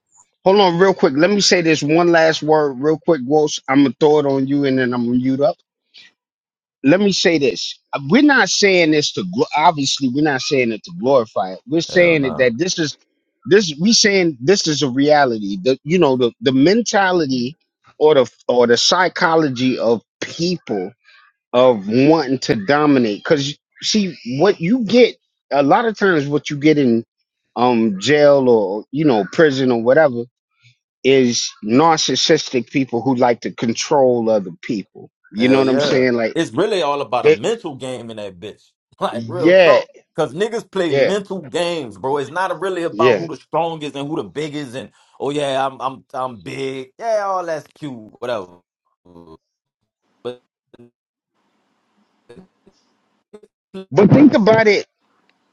hold on real quick. Let me say this one last word real quick, Walsh. I'm gonna throw it on you and then I'm gonna mute up. let me say this. Uh, We're not saying this to gl- obviously we're not saying it to glorify it. We're Hell saying it no. that this is this we saying this is a reality. The you know the the mentality or the or the psychology of people of wanting to dominate cuz see what you get a lot of times what you get in um jail or you know prison or whatever is narcissistic people who like to control other people. You know Hell what I'm yeah. saying? Like It's really all about a mental game in that bitch. Like real yeah, talk. Cause niggas play yeah, mental games, bro. It's not really about who yeah. the strongest and who the biggest and oh yeah, I'm I'm I'm big. Yeah, all that's cute, whatever. But But think about it.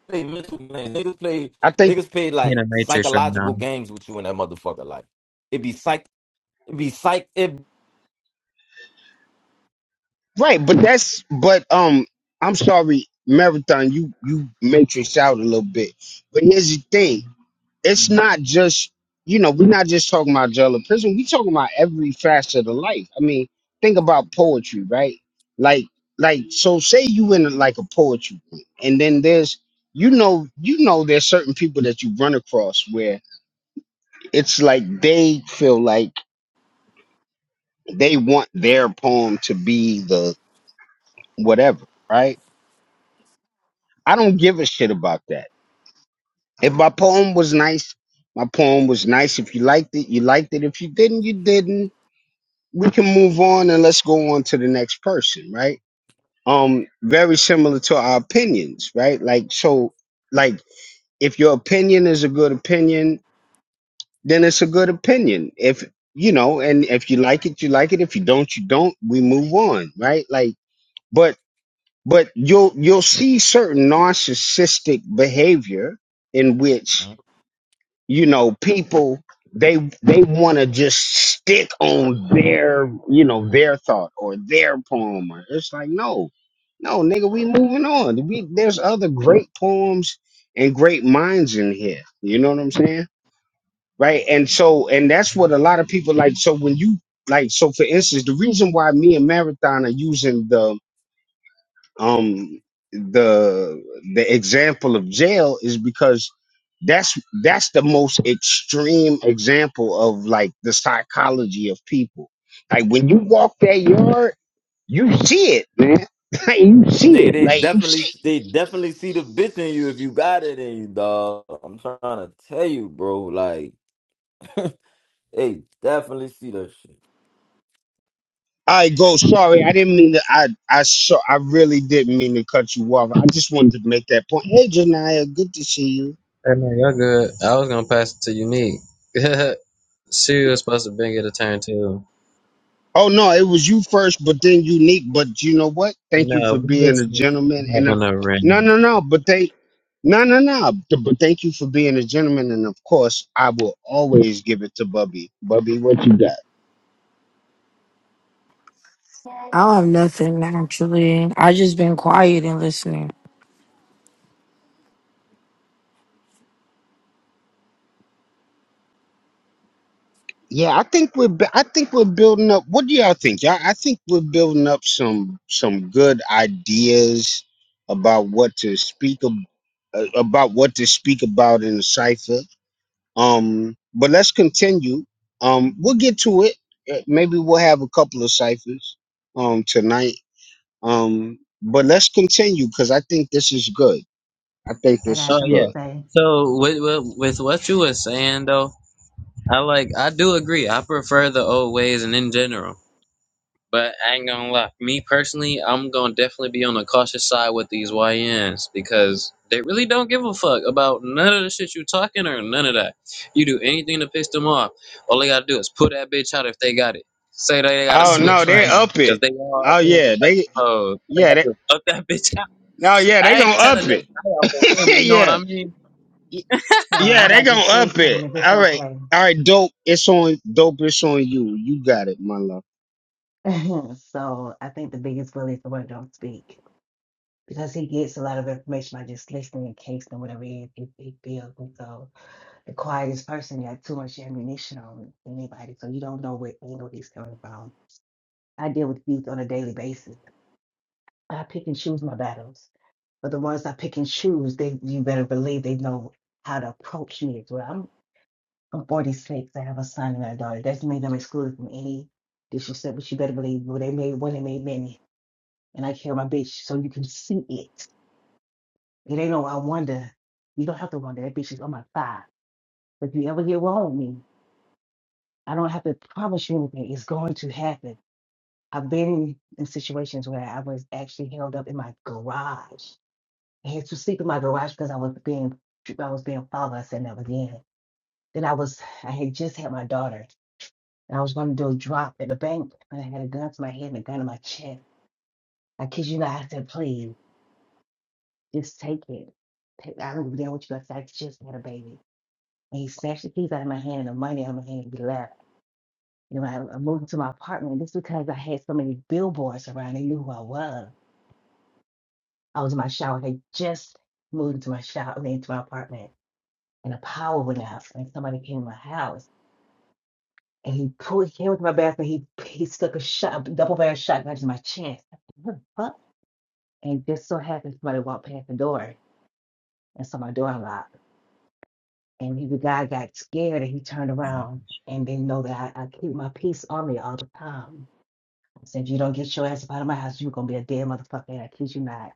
play mental games. Niggas play I think niggas play He in like a matrix right psychological now. games with you in that motherfucker. Like it be psych it be psych it right, but that's but um I'm sorry, Marathon, you you matrix out a little bit. But here's the thing. It's not just you know, we're not just talking about jail or prison, we talking about every facet of life. I mean, think about poetry, right? Like like so say you in like a poetry group, and then there's you know you know there's certain people that you run across where it's like they feel like they want their poem to be the whatever, right? I don't give a shit about that. If my poem was nice, my poem was nice. If you liked it, you liked it. If you didn't, you didn't. We can move on and let's go on to the next person, right? Um, very similar to our opinions, right? Like so, like if your opinion is a good opinion, then it's a good opinion. If you know, and if you like it, you like it. If you don't, you don't. We move on, right? Like, but but you'll you'll see certain narcissistic behavior in which you know people they they want to just stick on their you know their thought or their poem or it's like no no nigga we moving on we, there's other great poems and great minds in here you know what i'm saying right and so and that's what a lot of people like so when you like so for instance the reason why me and marathon are using the um the the example of jail is because that's that's the most extreme example of like the psychology of people like when you walk that yard you see it man like you see Nigga, it they like you definitely see they definitely see the bitch in you if you got it in you, dog. I'm trying to tell you, bro. Like, they definitely see that shit. I go. Sorry, I didn't mean to. I I saw. I really didn't mean to cut you off. I just wanted to make that point. Hey, Janaya, good to see you. Hey, man, y'all good. I was gonna pass it to Unique. she was supposed to bring it a turn too. Oh no, it was you first, but then unique. But you know what? And Thank you uh, for we being was a just gentleman and a having a no, random. no, no. But thank no, no, no. Th- But thank you for being a gentleman, and of course, I will always give it to Bubby. Bubby, what you got? I don't have nothing actually. I just been quiet and listening. Yeah, I think we're bu- I think we're building up. What do y'all think? Y'all, I think we're building up some some good ideas about what to speak ab- uh, about what to speak about in the cipher. Um, but let's continue. Um, we'll get to it. Uh, Maybe we'll have a couple of ciphers um tonight. Um, but let's continue because I think this is good. I think I this got is Oh something to yeah. good. say. So with, with with what you were saying though, I like I do agree. I prefer the old ways and in general. But I ain't gonna lie. Me personally, I'm gonna definitely be on the cautious side with these YNs because they really don't give a fuck about none of the shit you talking or none of that. You do anything to piss them off. All they gotta do is pull that bitch out if they got it. Say they got a Oh no, switch, they right? up so Because it. they all Oh apparently yeah, like they them hoes. All They yeah gotta they do is up that bitch out. no yeah they I gonna ain't trying to up just it. die off of them, you know what yeah I mean? Y- yeah I'd they like to gonna say up something it. if it's All right okay. all right dope. It's on dope. It's on you. You got it, my love. so I think the biggest bully is the one who don't speak because he gets a lot of information by just listening and casing and whatever he, he, he feels. And so the quietest person got too much ammunition on anybody, so you don't know what angle he's coming from. I deal with youth on a daily basis. I pick and choose my battles, but the ones I pick and choose, they you better believe they know how to approach me as well. I'm I'm 46. I have a son and a daughter. That doesn't mean I'm excluded from any disrespect, but you better believe well, they made one, they made many, and I carry my bitch so you can see it. It ain't no I wonder. You don't have to wonder. That bitch is on my thigh. If you ever get wrong with me, I don't have to promise you anything. It's going to happen. I've been in situations where I was actually held up in my garage I had to sleep in my garage because I was being I was being fatherless and never again. Then I was I had just had my daughter and I was going to do a drop at the bank and I had a gun to my head and a gun to my chest. I kid you not, I said, please, just take it. Take, I don't even know what you got. I just had a baby. And he snatched the keys out of my hand and the money out of my hand and he left. You know, I, I moved to my apartment. This is because I had so many billboards around. They knew who I was. I was in my shower. They just moved into my shower, into my apartment. and the power went out. And somebody came in my house and he pulled, he came with my bathroom. he he stuck a shot, a double barrel shotgun to my chest. Fuck. And just so happened somebody walked past the door and saw my door unlocked. And he, the guy got scared and he turned around and didn't know that I, I keep my peace on me all the time. I said, you don't get your ass up out of my house, you're gonna be a dead motherfucker. And I kid you not.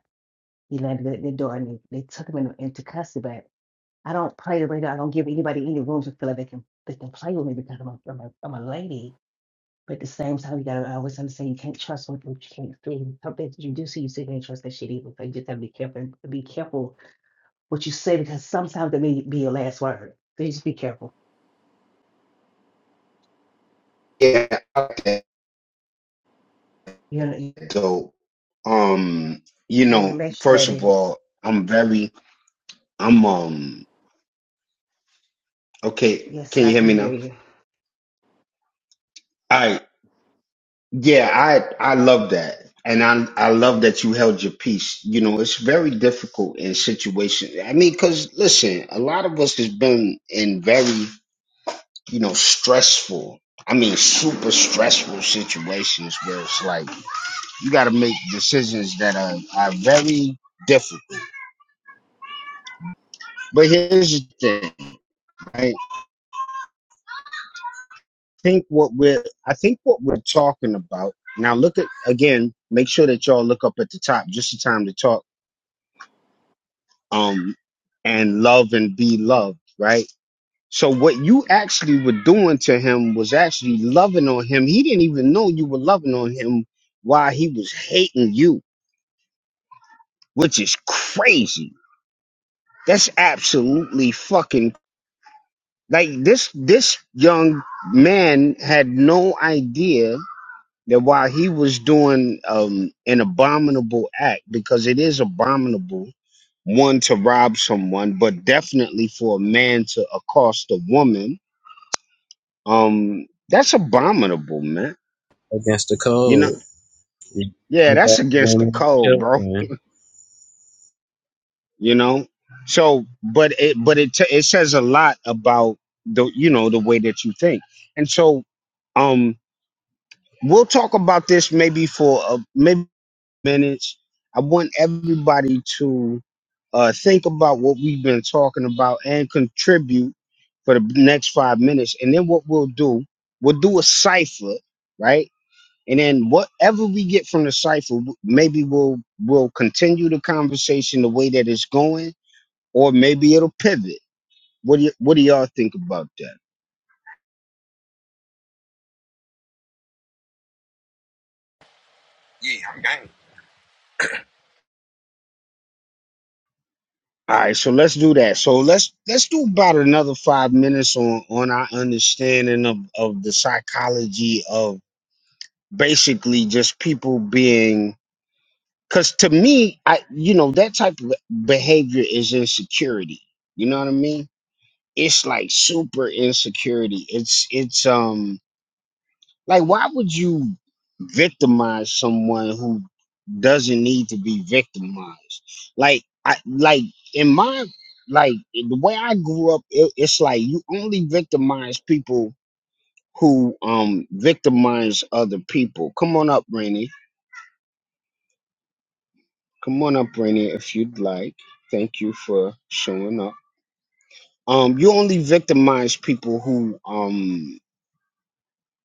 He landed at the door and they, they took him in, into custody. But I don't play the radio. I don't give anybody any room to feel like they can they can play with me because I'm a, I'm a, I'm a lady But at the same time, you gotta always understand you can't trust what you can't see. Some things you do see, you still can't trust that shit either. So you just have to be careful. Be careful what you say because sometimes that may be your last word. So you just be careful. Yeah. You know, you- So, um, you you're the know, message, first of baby. all, I'm very, I'm, um, okay. Yes, Can you I hear can me hear now? you. I, yeah, I, I love that. And I, I love that you held your peace. You know, it's very difficult in situation. I mean, cause listen, a lot of us has been in very, you know, stressful. I mean, super stressful situations where it's like you got to make decisions that are, are very difficult. But here's the thing, right? think what we're I think what we're talking about now. Look at again. Make sure that y'all look up at the top. Just the time to talk. Um, and love and be loved. Right. So what you actually were doing to him was actually loving on him. He didn't even know you were loving on him while he was hating you, which is crazy. That's absolutely fucking like this. This young man had no idea that while he was doing um, an abominable act, because it is abominable, one to rob someone, but definitely for a man to accost a woman, um, that's abominable, man. Against the You know, code. You yeah, know that's about against the code, bro. children. You know, so but it but it t- it says a lot about the you know the way that you think, and so um, we'll talk about this maybe for a, maybe. minutes. I want everybody to uh, think about what we've been talking about and contribute for the next five minutes. And then what we'll do, we'll do a cipher, right? And then whatever we get from the cipher, w- maybe we'll we'll continue the conversation the way that it's going, or maybe it'll pivot. What do y- what do y'all think about that? Yeah, I'm game. All right, so let's do that. So let's let's do about another five minutes on on our understanding of of the psychology of basically just people being because to me i you know that type of behavior is insecurity you know what i mean it's like super insecurity it's it's um like why would you victimize someone who doesn't need to be victimized like i like in my like the way i grew up it, it's like you only victimize people who um victimize other people come on up Rennie Come on up, Rainy, if you'd like. Thank you for showing up. Um, you only victimize people who, um,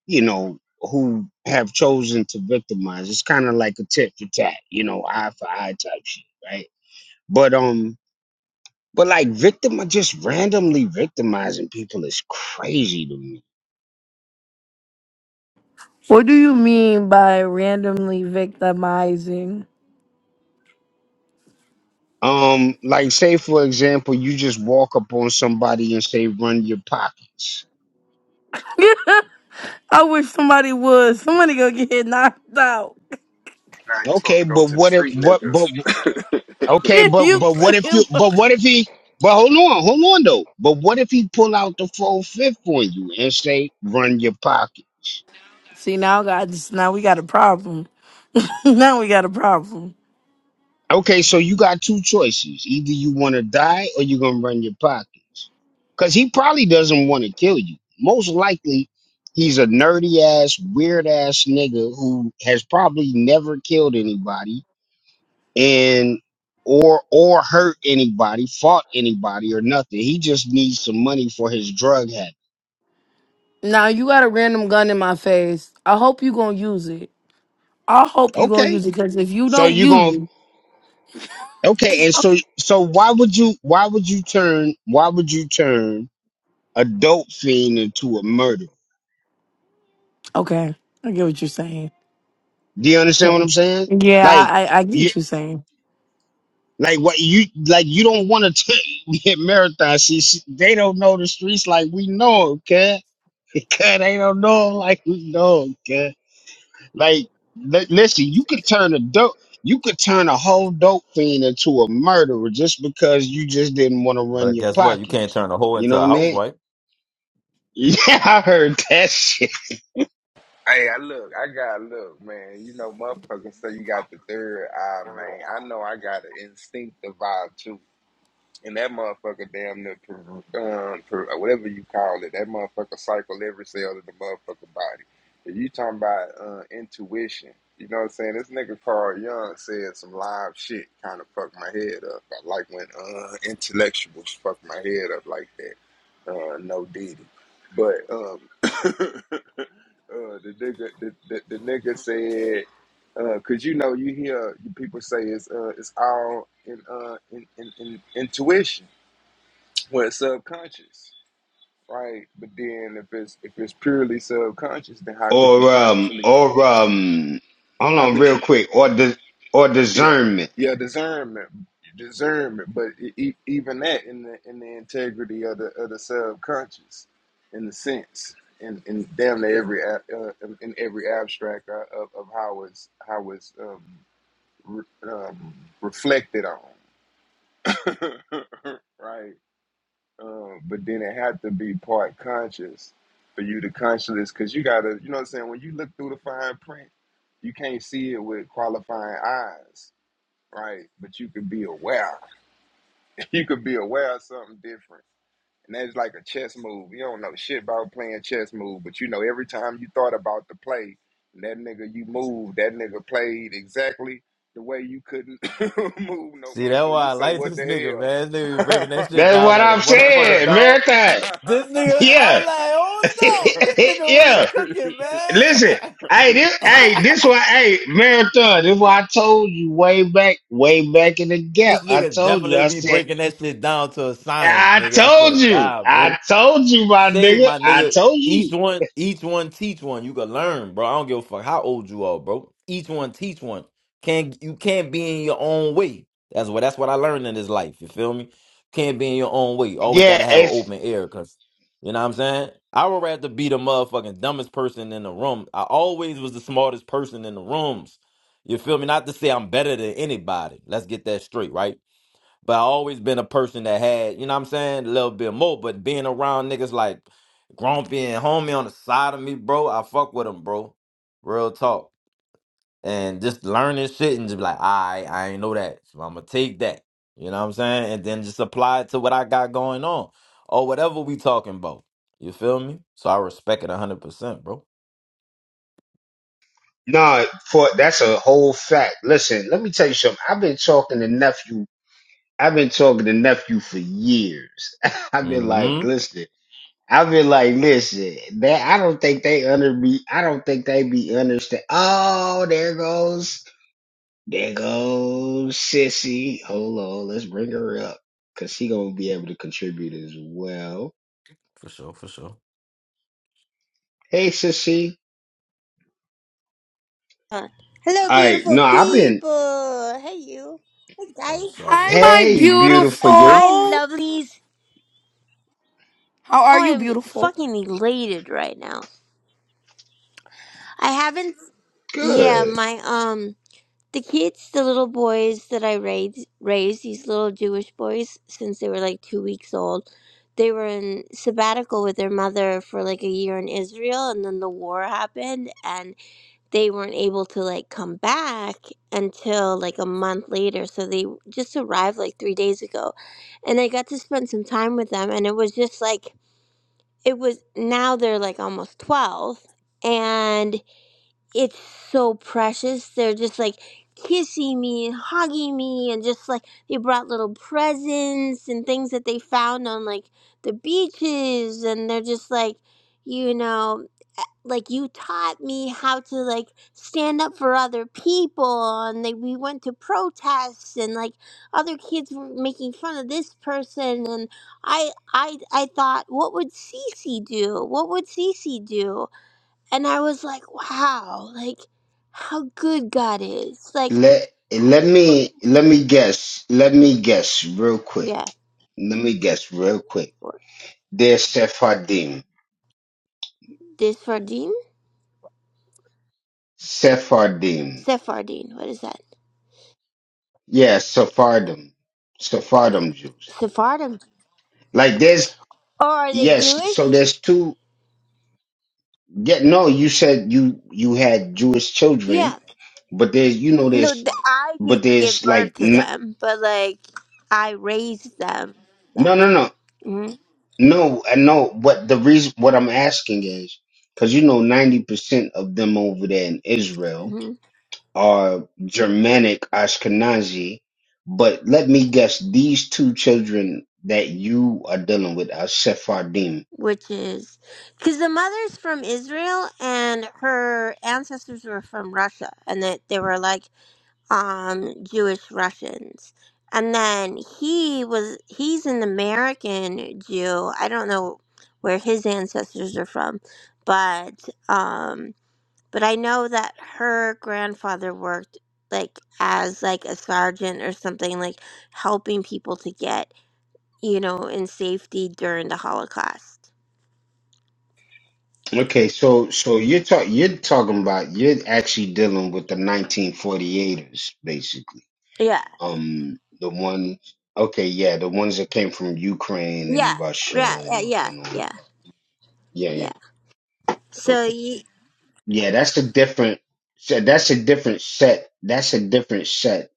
you know, who have chosen to victimize. It's kind of like a tit for tat, you know, eye for eye type shit, right? But um, but like victim, just randomly victimizing people is crazy to me. What do you mean by randomly victimizing? Um, like say for example, you just walk up on somebody and say, "Run your pockets." I wish somebody would. Somebody gonna get knocked out. Nah, you supposed Okay, to go but to the what if street what? niggas. But Okay, but you but what if you? freaking look. But what if he? But hold on, hold on though. But what if he pull out the full fifth on you and say, "Run your pocket." see now, guys. Now we got a problem. now we got a problem. Okay, so you got two choices: either you want to die or you're gonna run your pockets. Cause he probably doesn't want to kill you. Most likely, he's a nerdy ass, weird ass nigga who has probably never killed anybody and or or hurt anybody, fought anybody or nothing. He just needs some money for his drug habit. Now you got a random gun in my face. I hope you gonna use it. I hope you gonna Okay. use it because if you So don't you going to use okay, it, and so so why would you why would you turn why would you turn a dope fiend into a murderer? okay, I get what you're saying. Do you understand what I'm Okay. saying? Yeah, Like I I, I get you what you're saying. like what you like you don't want to get marathon. She, she they don't know the streets like we know 'em, okay? Cause they don't know 'em like we know 'em, okay? Like, li- listen, you could turn a dope, you could turn a whole dope fiend into a murderer just because you just didn't want to run But your guess what? You can't pockets. turn a hoe You know into what I a mean? housewife. Yeah, I heard that shit. Hey, I look, I got look, man. You know, motherfuckers. So you got the third eye, man. I know I got an instinctive vibe too. And that motherfucker damn near, per- um, per- whatever you call it, that motherfucker cycle every cell in the motherfucker body. If you talking about uh, intuition, you know what I'm saying? This nigga Carl Young said some live shit kind of fucked my head up. I like when uh, intellectuals fuck my head up like that. Uh, no Diddy. But um, uh, the nigga, the, the, the nigga said because you know you hear people say it's uh, it's all in, uh, in, in, in intuition when it's subconscious, right? But then if it's if it's purely subconscious, then how could you Or um, consciously? or um, hold How on, could real you? quick. Or dis- or Yeah, discernment. yeah, discernment, discernment. But e- e- even that in the in the integrity of the of the subconscious, in the sense. In, in damn near every a- uh, in every abstract uh, of, of how it's how it's um, re, um, reflected on right. Um, but then it had to be part conscious for you to consciousness, because you gotta, you know what I'm saying. When you look through the fine print, you can't see it with qualifying eyes, right? But you could be aware. You could be aware of something different, and that's like a chess move. You don't know shit about playing chess move, but you know every time you thought about the play, that nigga you moved, that nigga played exactly the way you couldn't move no See, more. that's So why you I say, like what this nigga, the man. This nigga be breaking that hell? shit That's down what like a I'm Yeah, motherfucker, saying, dog. marathon. This nigga, I Yeah, was like, oh no, this nigga really yeah. cooking, it's Listen, man. hey, this, hey, this why, hey, marathon. This why I told you way back, way back in the gap. this I nigga told you. definitely I be said. breaking that shit down to a science, I nigga. I swear to told you. God, bro. I told you, my Say, nigga. my I nigga, told each you. one, each one teach one. You can learn, bro. I don't give a fuck how old you are, bro. Each one teach one. Can't you can't be in your own way. That's what that's what I learned in this life. You feel me? Can't be in your own way. Always Yeah, gotta have an it's open air, cause you know what I'm saying? I would rather be the motherfucking dumbest person in the room. I always was the smartest person in the rooms. You feel me? Not to say I'm better than anybody. Let's get that straight, right? But I always been a person that had, you know what I'm saying, a little bit more. But being around niggas like Grumpy and Homie on the side of me, bro, I fuck with them, bro. Real talk. And just learning shit and just be like, I, I ain't know that. So I'm gonna take that. You know what I'm saying? And then just apply it to what I got going on or whatever we talking about. You feel me? So I respect it 100%, bro. no for that's a whole fact. Listen, let me tell you something. I've been talking to nephew. I've been talking to nephew for years. I've been like, Mm-hmm. listen. I've been like, listen. That I don't think they under be. I don't think they be understand. Oh, there goes, there goes sissy. Hold on, let's bring her up because she gonna be able to contribute as well. For sure, for sure. Hey, sissy. Hello, I no, beautiful I've been. people. Hey, you. Hey, That was guys. solid. Hi, my Hey, beautiful you. Hi, beautiful. lovelies. How are Oh, you, I'm beautiful? fucking elated right now. I haven't. Yeah, Good. my um, the kids, the little boys that I raised, raised these little Jewish boys since they were like two weeks old. They were in sabbatical with their mother for like a year in Israel, and then the war happened, and. they weren't able to like come back until like a month later so they just arrived like three days ago and i got to spend some time with them and it was just like it was now they're like almost 12 and it's so precious they're just like kissing me and hugging me and just like they brought little presents and things that they found on like the beaches and they're just like you know like you taught me how to like stand up for other people and like we went to protests and like other kids were making fun of this person and I I I thought what would Cece do? What would Cece do? And I was like, wow, like how good God is. Like Let let me let me guess. Let me guess real quick. yeah. Let me guess real quick. They're Sephardim. This Sephardim? Sephardim. Sephardim, what is that? Yeah, Sephardim. Sephardim Jews. Sephardim. Like there's Oh, are they yes. So Jewish? there's two. Yeah. No, you said you you had Jewish Yeah. children, but there's you know No, there's th- I but didn't give there's like birth to n- them, but like I raised them. Yeah. no no no Mm-hmm. No, I know, but the reason what I'm asking is because you know 90% of them over there in Israel are Germanic Ashkenazi, but let me guess, these two children that you are dealing with are Sephardim. Which is because the mother's from Israel and her ancestors were from Russia, and that they were like um Jewish Russians. And then he was he's an American Jew. I don't know where his ancestors are from, but um but I know that her grandfather worked like as like a sergeant or something like helping people to get you know in safety during the Holocaust. Okay, so so you're talking you're talking about you're actually dealing with the 1948ers basically. Yeah, Um, the ones. Okay, yeah, the ones that came from Ukraine yeah, and Russia yeah, yeah, and yeah, and all of yeah. that. Yeah, yeah. yeah. So Okay. he, Yeah, that's a different set. That's a different set. That's a different set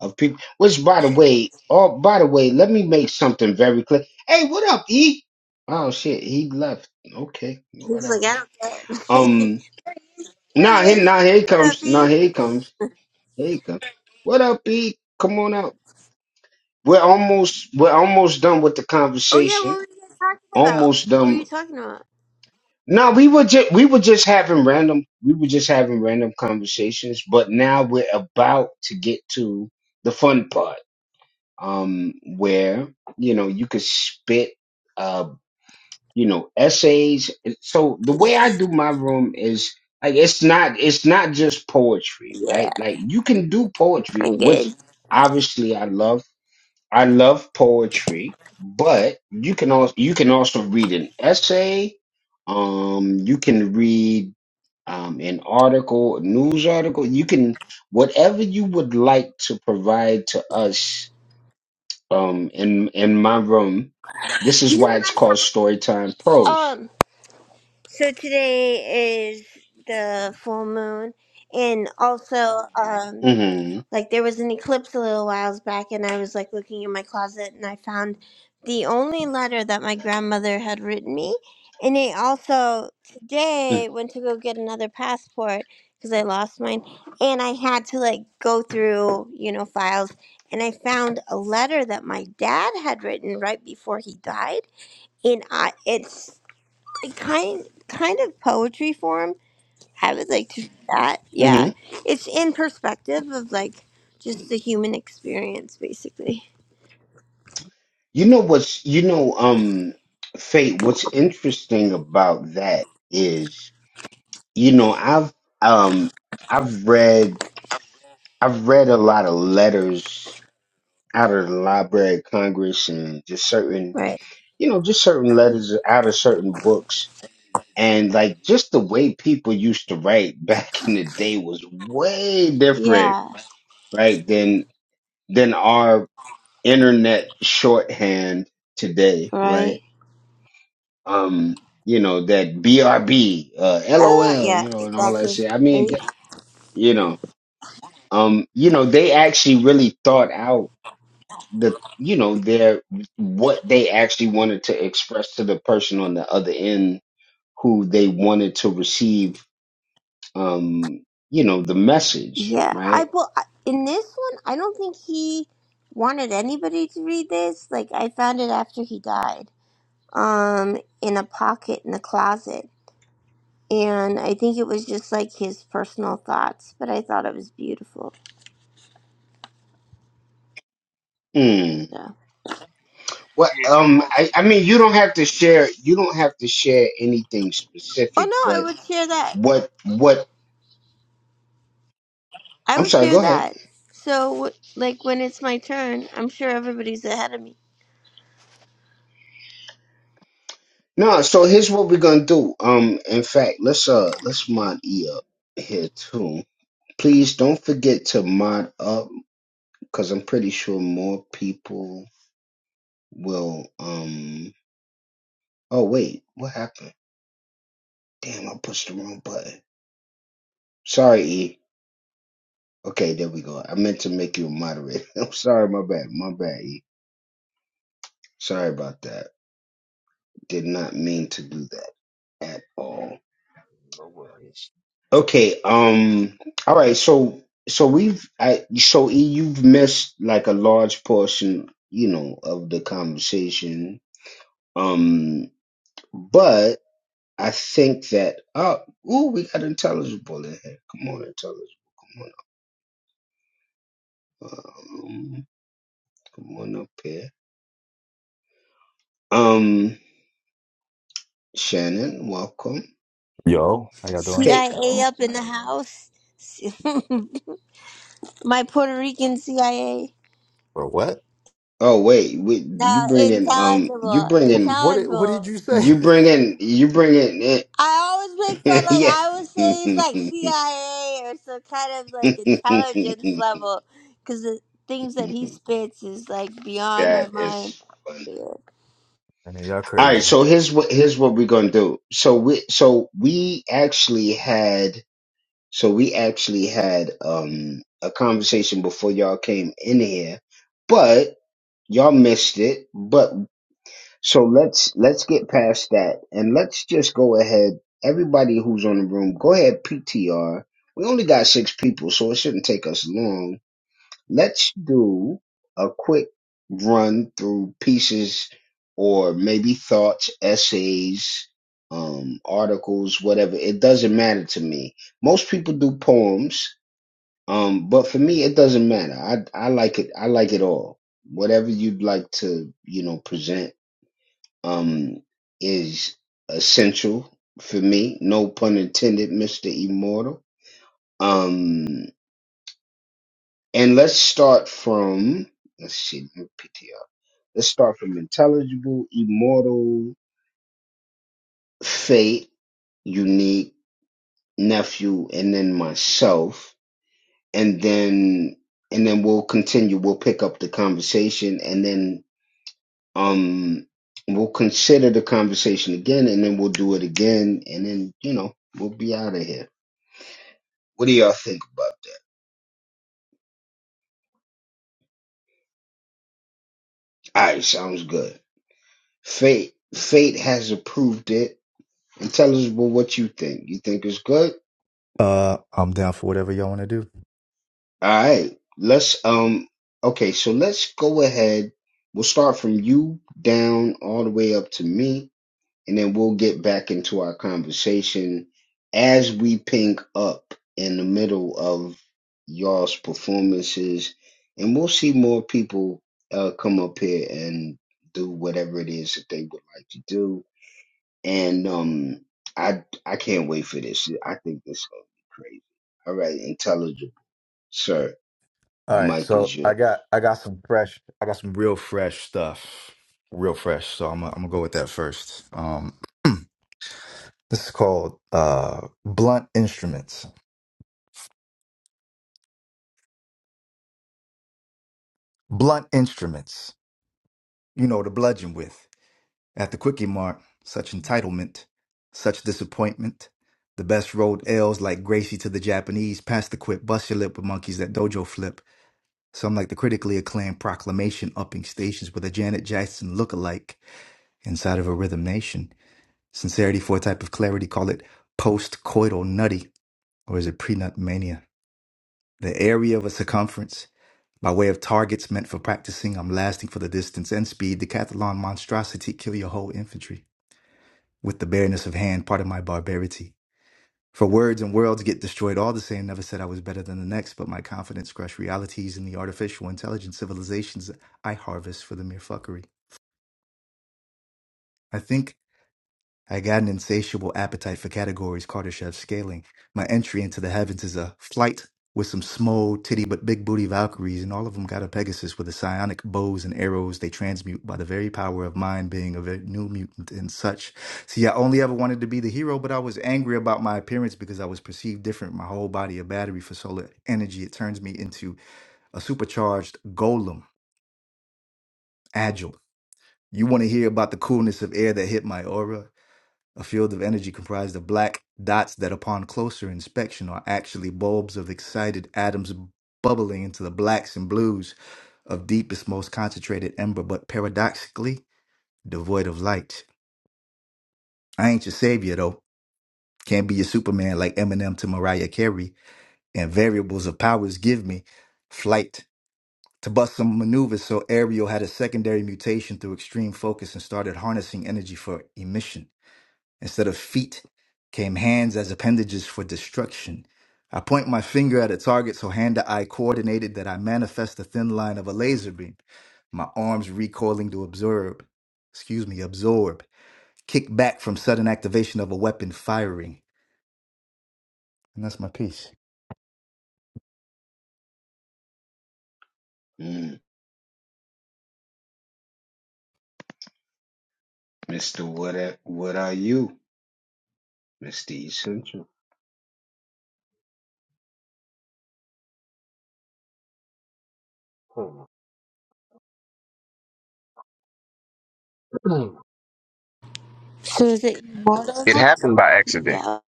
of people. Which, by the way, oh, by the way, let me make something very clear. Hey, what up, E? Oh shit, he left. Okay, he's like, whatever. I don't care. Um, there now he here, is. now here he What up, comes. Now E? here he comes. Here he comes. What up, E? Come on out. We're almost, we're almost done with the Oh yeah, conversation. what were you guys talking about? Almost What were done you talking about? No, we were just we were just having random we were just having random conversations, but now we're about to get to the fun part, um, where you know you could spit, uh, you know, essays. So the way I Peaches. do my room is like it's not it's not just poetry, Yeah, right? Like you can do poetry, I'm which good. obviously I love I love poetry, but you can also you can also read an essay. Um, you can read um, an article, a news article. You can whatever you would like to provide to us. Um, in in my room, this is You know why it's called what Storytime I Prose. saw? So today is the full moon, and also, um, hmm like there was an eclipse a little whiles back, and I was like looking in my closet, and I found the only letter that my grandmother had written me, and I also today went to go get another passport because I lost mine, and I had to like go through you know files, and I found a letter that my dad had written right before he died, and I it's kind kind of poetry form. I would like to do that. hmm Yeah, it's in perspective of like just the human experience, basically. You know what's you know um, Fate. What's interesting about that is you know I've um I've read I've read a lot of letters out of the Library of Congress and just certain, Right. you know, just certain letters out of certain books. And like just the way people used to write back in the day was way different, Yeah. right? Than, than our internet shorthand today, right? Right. Um, you know, that BRB, uh, Uh, LOL, yeah. you know, and all that Exactly. shit. I mean, Right. th- you know, um, you know, they actually really thought out the you know their what they actually wanted to express to the person on the other end who they wanted to receive um you know the message Yeah. right I well I- in this one, I don't think he wanted anybody to read this. Like I found it after he died, um, in a pocket in the closet, and I think it was just like his personal thoughts. But I thought it was beautiful. mm. So. what um almost I, I mean you don't have to share you don't have to share anything Oh specific no, I but would share that. what what I i'm would sorry share go ahead that. So, wh- like, when it's my turn, I'm sure everybody's ahead of me. no so here's what we're gonna do um in fact let's uh let's mod e up here too please don't forget to mod up because i'm pretty sure more people will um oh wait, what happened? Damn, I pushed the wrong button. Sorry, E. Okay, there we go. I meant to make you a moderator. I'm sorry, my bad. My bad, E. Sorry about that. Did not mean to do that at all. No worries. Okay, um all right, so so we've I so E you've missed like a large portion, you know, of the conversation. Um but. I think that oh ooh we got intelligible in here. Come on, intelligible. Come on. up. Um, come on up here. Um, Shannon, welcome. Yo, How y'all doing? Okay. CIA up in the house. my Puerto Rican CIA. bro, what? Oh wait, wait you No, bring in um you intelligible. bring Wh- in What did, what did Intelligible. you say? you bring in you bring in I always make fun, like, yeah. I would say he's like CIA or some kind of, like, intelligence level. Because the things that he spits is, like, beyond my that mind. is fun. Yeah. I mean, y'all All right, crazy. so here's what here's what we're gonna do. So we so we actually had So we actually had um, a conversation before y'all came in here, but y'all missed it. But so let's let's get past that and let's just go ahead. Everybody who's on the room, go ahead PTR. We only got six people, so it shouldn't take us long. Let's do a quick run through pieces or maybe thoughts, essays, um, articles, whatever. It doesn't matter to me. Most people do poems um, but for me, it doesn't matter. I I like it. I like it all. Whatever you'd like to, you know, present, um, is essential for me. No pun intended, Mister Immortal. Um, and let's start from let's see, let me PTR. Let's start from intelligible, immortal, fate, unique, nephew, and then myself, and then and then we'll continue. We'll pick up the conversation, and then Um, we'll consider the conversation again, and then we'll do it again, and then you know we'll be out of here. What do y'all think about? It? All right, sounds good. Fate, fate has approved it, and tell us well, what you think. You think it's good? Uh, I'm down for whatever y'all want to do. All right, let's um. Okay, so let's go ahead. We'll start from you down all the way up to me and then we'll get back into our conversation as we pink up in the middle of y'all's performances and we'll see more people uh, come up here and do whatever it is that they would like to do and um i i can't wait for this i think this is gonna be crazy all right intelligible sir the All right, mic is so I yours got I got some fresh I got some real fresh stuff, real fresh. So I'm gonna, I'm gonna go with that first. Um, this is called uh blunt instruments. Blunt instruments. You know the bludgeon with. At the quickie mart, such entitlement, such disappointment. The best rolled L's like Gracie to the Japanese, past the quit, bust your lip with monkeys that dojo flip. Some like the critically acclaimed proclamation upping stations with a Janet Jackson look-alike inside of a rhythm nation. Sincerity for a type of clarity, call it post-coital nutty, or is it pre-nut mania? The area of a circumference, by way of targets meant for practicing, I'm lasting for the distance and speed, decathlon monstrosity, kill your whole infantry. with the bareness of hand, part of my barbarity. For words and worlds get destroyed all the same. Never said I was better than the next, but my confidence crushed realities in the artificial intelligence civilizations I harvest for the mere fuckery. I think I got an insatiable appetite for categories Kardashev's scaling. My entry into the heavens is a flight with some small, titty but big booty Valkyries, and all of them got a Pegasus with the psionic bows and arrows they transmute by the very power of mine being a ve- new mutant and such. See, I only ever wanted to be the hero, but I was angry about my appearance because I was perceived different. My whole body a battery for solar energy. It turns me into a supercharged golem, agile. You want to hear about the coolness of air that hit my aura? A field of energy comprised of black dots that, upon closer inspection, are actually bulbs of excited atoms bubbling into the blacks and blues of deepest, most concentrated ember, but paradoxically devoid of light. I ain't your savior, though. Can't be your Superman like Eminem to Mariah Carey. And variables of powers give me flight. To bust some maneuvers, so Ariel had a secondary mutation through extreme focus and started harnessing energy for emission. Instead of feet came hands as appendages for destruction. I point my finger at a target so hand to eye coordinated that I manifest the thin line of a laser beam, my arms recoiling to absorb, excuse me, absorb, kick back from sudden activation of a weapon firing. And that's my piece. mm, mr what what are you mr essential Hmm. So, is it It immortal? happened by accident. Yeah.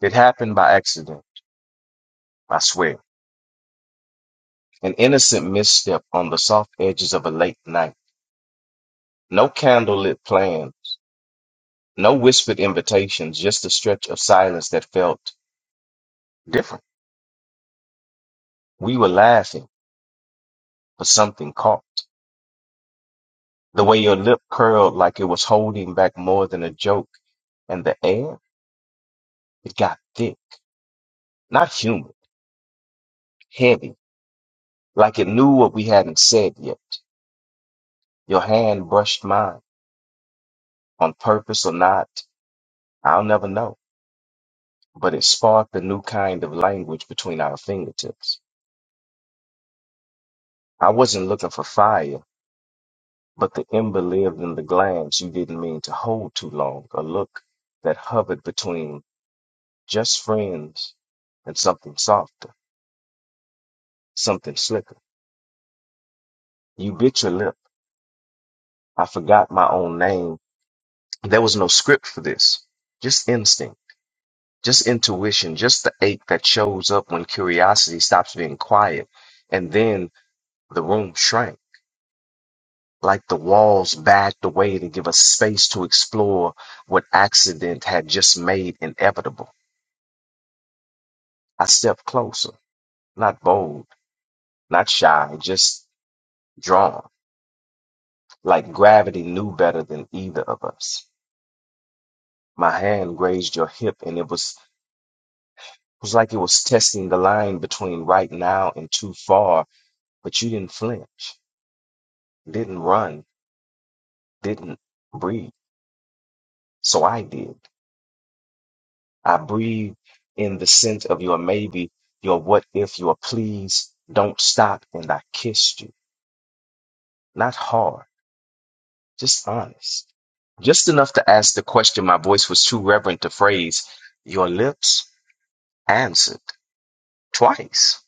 It happened by accident. I swear. An innocent misstep on the soft edges of a late night. No candlelit plan. No whispered invitations. Just a stretch of silence that felt different. We were laughing, but something caught. The way your lip curled like it was holding back more than a joke. And the air, it got thick. Not humid. Heavy. Like it knew what we hadn't said yet. Your hand brushed mine on purpose or not, I'll never know. But it sparked a new kind of language between our fingertips. I wasn't looking for fire, but the ember lived in the glance you didn't mean to hold too long, a look that hovered between just friends and something softer, something slicker. You bit your lip. I forgot my own name. There was no script for this, just instinct, just intuition, just the ache that shows up when curiosity stops being quiet. And then The room shrank, like the walls backed away to give us space to explore what accident had just made inevitable. I stepped closer, not bold, not shy, just drawn, like gravity knew better than either of us. My hand grazed your hip, and it was it was like it was testing the line between right now and too far, but you didn't flinch, didn't run, didn't breathe. So I did. I breathe in the scent of your maybe, your what if, your please. Don't stop. And I kissed you. Not hard, just honest. Just enough to ask the question my voice was too reverent to phrase. Your lips answered twice.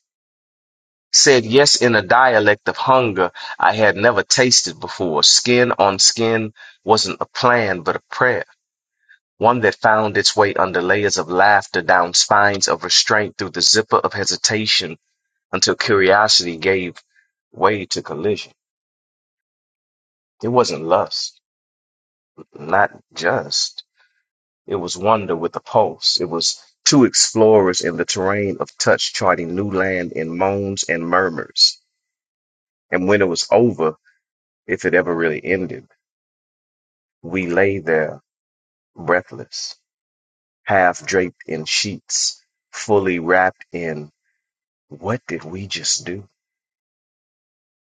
Said yes in a dialect of hunger I had never tasted before. Skin on skin wasn't a plan, but a prayer. One that found its way under layers of laughter, down spines of restraint, through the zipper of hesitation until curiosity gave way to collision. It wasn't lust, not just. It was wonder with a pulse. It was two explorers in the terrain of touch charting new land in moans and murmurs. And when it was over, if it ever really ended, we lay there breathless, half draped in sheets, fully wrapped in what did we just do?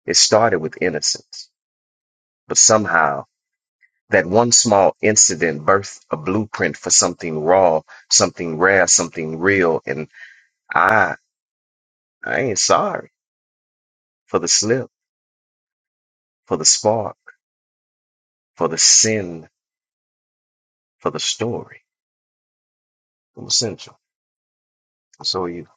It started with innocence, but somehow That one small incident birthed a blueprint for something raw, something rare, something real. And I, I ain't sorry for the slip, for the spark, for the sin, for the story. I'm essential. And So are you.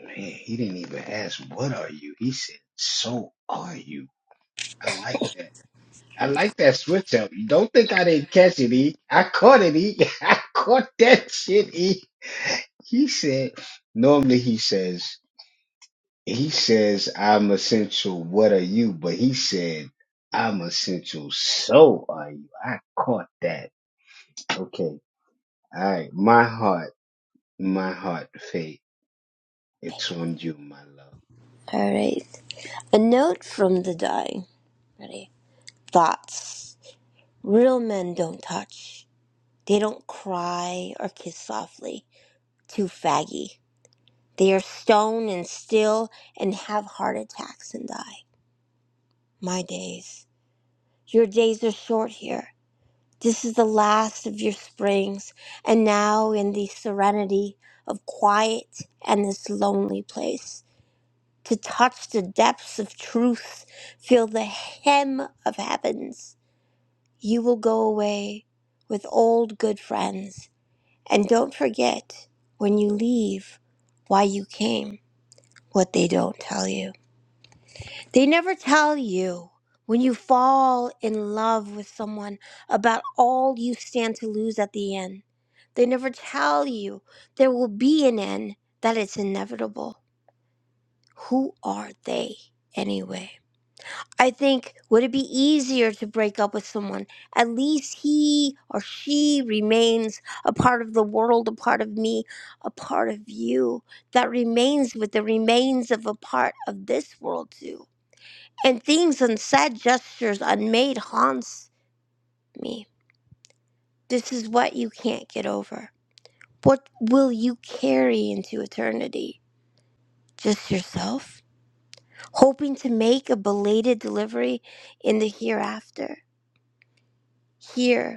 Man, he didn't even ask, What are you? He said, So are you. I like that. I like that switch up. You don't think I didn't catch it, E. I caught it, E. I caught that shit, E. He said, Normally he says, He says, I'm essential. What are you? But he said, I'm essential. So are you. I caught that. Okay. All right. My heart, my heart, Faith, it's on you, my love. All right. A note from the dying. Ready? Thoughts. Real men don't touch. They don't cry or kiss softly. Too faggy. They are stone and still and have heart attacks and die. My days. Your days are short here. This is the last of your springs, and now in the serenity of quiet and this lonely place, to touch the depths of truth, feel the hem of heavens You will go away with old good friends. And don't forget, when you leave, why you came, what they don't tell you. They never tell you when you fall in love with someone about all you stand to lose at the end. They never tell you there will be an end, that it's inevitable. Who are they anyway? I think would it be easier to break up with someone? At least he or she remains a part of the world, a part of me, a part of you that remains with the remains of a part of this world too. And things unsaid, gestures unmade haunts me. This is what you can't get over. What will you carry into eternity? Just yourself? Hoping to make a belated delivery in the hereafter? Here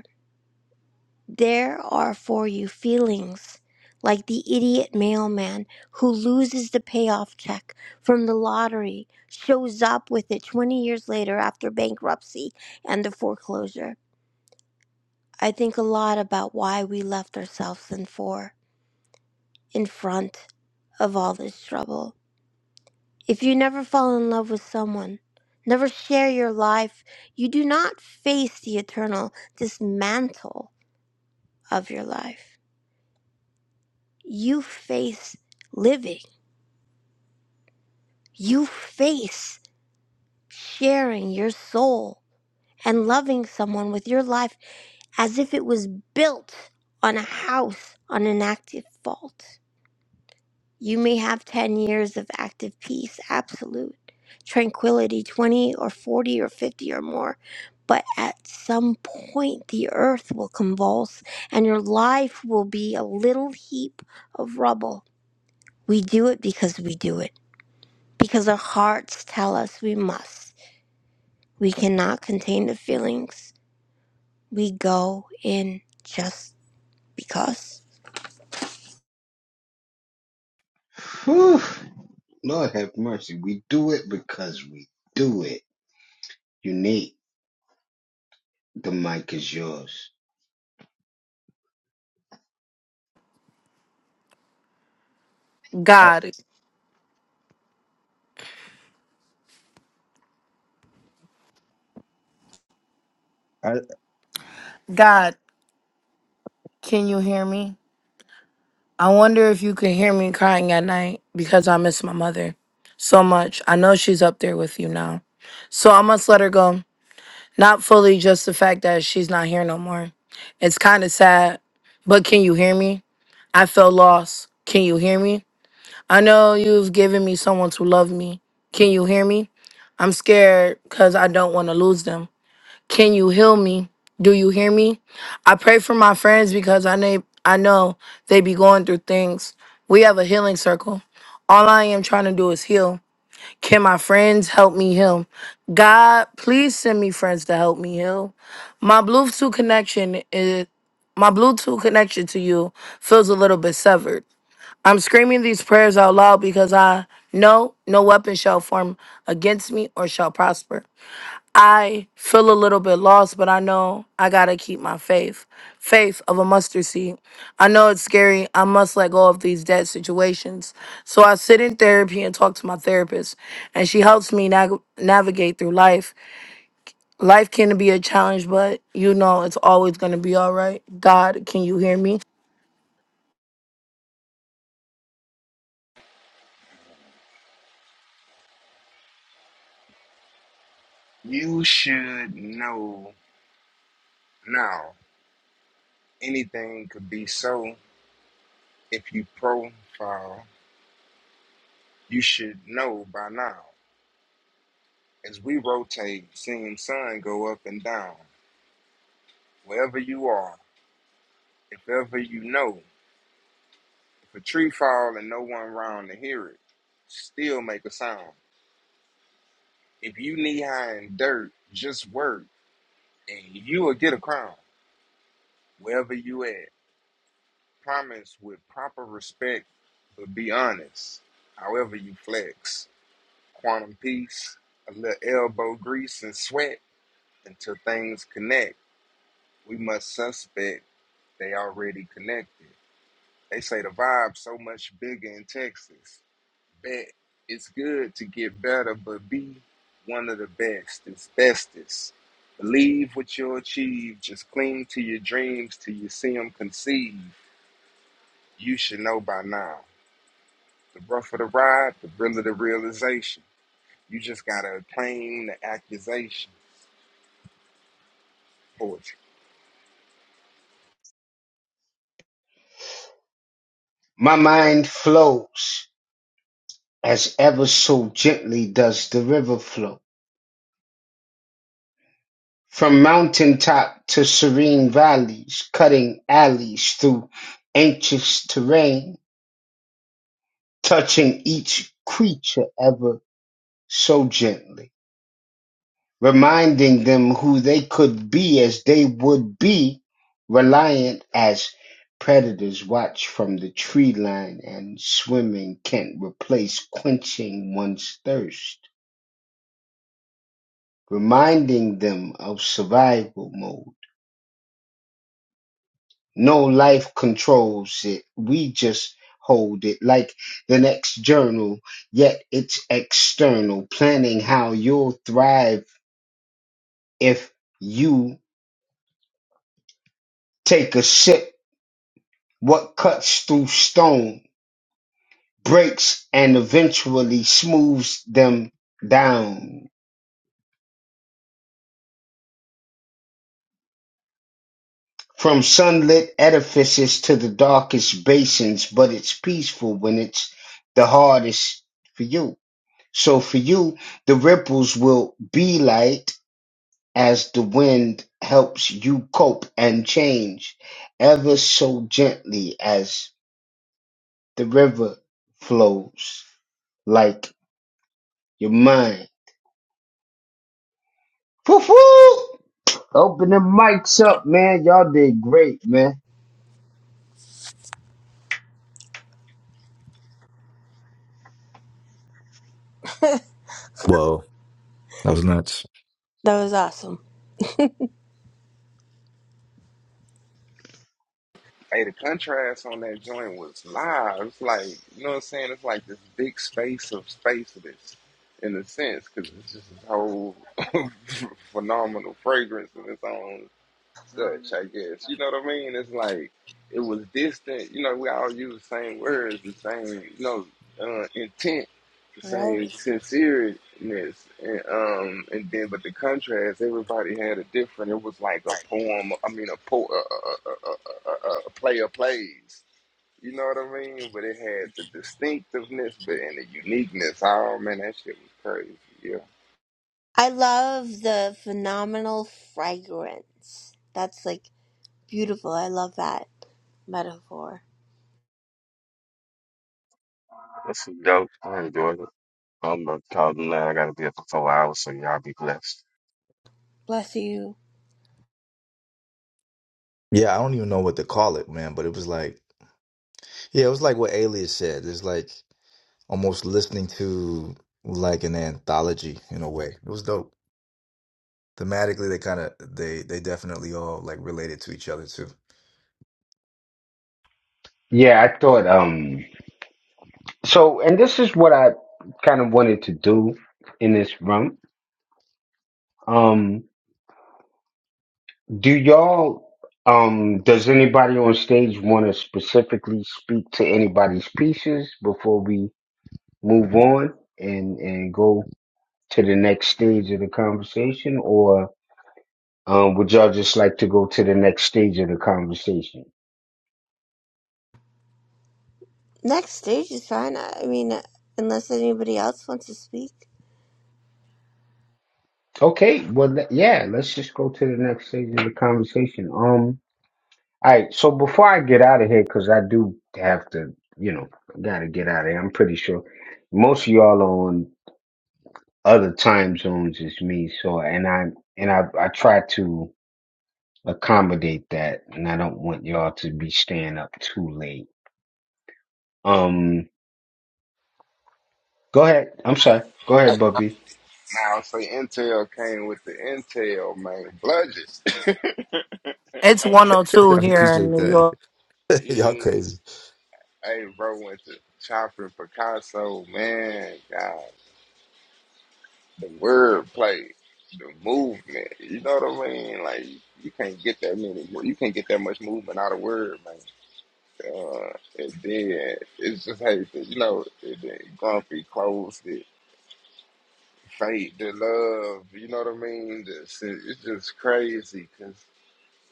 There are for you feelings like the idiot mailman who loses the payoff check from the lottery, shows up with it 20 years later after bankruptcy and the foreclosure. I think a lot about why we left ourselves in for, in front of all this trouble. If you never fall in love with someone, never share your life, you do not face the eternal dismantle of your life. You face living, you face sharing your soul and loving someone with your life as if it was built on a house on an active fault. You may have 10 years of active peace, absolute tranquility, 20 or 40 or 50 or more, but at some point the earth will convulse and your life will be a little heap of rubble. We do it because we do it. because our hearts tell us we must. We cannot contain the feelings. We go in just because. Whew. Lord have mercy. We do it because we do it. Unique. The mic is yours. I, God, I, God, can you hear me? I wonder if you can hear me crying at night because I miss my mother so much. I know she's up there with you now. So I must let her go. Not fully, just the fact that she's not here no more. It's kind of sad, but can you hear me? I feel lost. Can you hear me? I know you've given me someone to love me. Can you hear me? I'm scared because I don't want to lose them. Can you heal me? Do you hear me? I pray for my friends because I know I know they be going through things. We have a healing circle. All I am trying to do is heal. Can my friends help me heal? God, please send me friends to help me heal. My Bluetooth connection is my Bluetooth connection to you feels a little bit severed. I'm screaming these prayers out loud because I know no weapon shall form against me or shall prosper. I feel a little bit lost, but I know I gotta keep my faith. Faith of a mustard seed. I know it's scary. I must let go of these dead situations. So I sit in therapy and talk to my therapist, and she helps me nag navigate through life. Life can be a challenge, but you know it's always gonna be all right. God, can you hear me? you should know now. Anything could be so if you profile. You should know by now. As we rotate, seeing sun go up and down. Wherever you are, if ever you know, if a tree fall and no one round to hear it, still make a sound. If you knee high in dirt, just work and you will get a crown. Wherever you at. Promise with proper respect, but be honest. However you flex. Quantum peace, a little elbow grease and sweat until things connect. We must suspect they already connected. They say the vibe's so much bigger in Texas. Bet it's good to get better, but be one of the best. It's bestest. Believe what you'll achieve. Just cling to your dreams till you see them conceive. You should know by now. The rougher the ride, the realer the realization. You just gotta claim the accusation for poetry. My mind flows as ever so gently does the river flow. From mountaintop to serene valleys, cutting alleys through anxious terrain, touching each creature ever so gently. reminding them who they could be as they would be reliant as predators watch from the tree line and swimming can't replace quenching one's thirst reminding them of survival mode no life controls it we just hold it like the next journal yet it's external planning how you'll thrive if you take a sip What cuts through stone breaks and eventually smooths them down. From sunlit edifices to the darkest basins, but it's peaceful when it's the hardest for you. So for you, the ripples will be light as the wind helps you cope and change ever so gently as the river flows like your mind. Woof woof! Open the mics up, man. Y'all did great, man. Whoa, that was nuts. That was awesome. Hey, the contrast on that joint was live. It's like, you know what I'm saying? It's like this big space of spaceless in a sense, because it's just this whole phenomenal fragrance in its own such, I guess. You know what I mean? It's like it was distant. You know, we all use the same words, the same, you know, uh, intent, the Right. same sincereness, and um, and then but the contrast, everybody had a different. It was like a poem. I mean, a po, a, a, a, a, a a player plays. You know what I mean? But it had the distinctiveness, but and the uniqueness. Oh man, that shit was crazy. Yeah. I love the phenomenal fragrance. That's like beautiful. I love that metaphor. that's is dope. I enjoyed it. I'm about to call them now. I gotta be up for four hours, so y'all be blessed. Bless you. Yeah, I don't even know what to call it, man, but it was like, yeah, it was like what Alias said. It's like almost listening to like an anthology in a way. It was dope. Thematically, they kind of they they definitely all like related to each other too. Yeah, I thought um so and this is what I kind of wanted to do in this room. Um do y'all um does anybody on stage want to specifically speak to anybody's pieces before we move on and and go to the next stage of the conversation or um would y'all just like to go to the next stage of the conversation? Next stage is fine. I I mean, unless anybody else wants to speak. Okay, well, th- yeah, let's just go to the next stage of the conversation. Um, all right, so before I get out of here, because I do have to, you know, gotta get out of here. I'm pretty sure most of y'all are on other time zones as me, so and I and I I try to accommodate that, and I don't want y'all to be staying up too late. Um, go ahead. I'm sorry. Go ahead, Bubby. Now I say Intel came with the Intel, man. Bludges. It's Hey, 102 I here in appreciate New that. York. Y'all yeah. crazy. Hey, bro went to Chopper Picasso, man. God, the wordplay, the movement. You know what I mean? Like you can't get that many. You can't get that much movement out of word, man. Uh, and then it's just hey, you know, it, it, grumpy, closed it, fate, the love. You know what I mean? This, it's just crazy because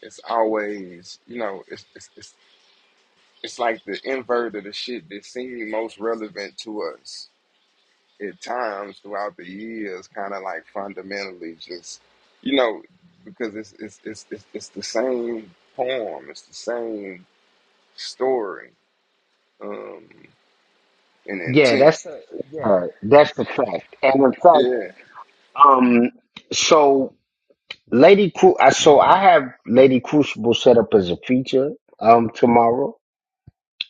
it's always, you know, it's it's it's it's like the invert of the shit that seemed most relevant to us. at times throughout the years kind of like fundamentally just you know because it's it's it's it's, it's the same poem it's the same story um and Yeah, intent that's a yeah, that's a fact, and in fact, yeah um, so. Lady Cru I so I have Lady Crucible set up as a feature um tomorrow.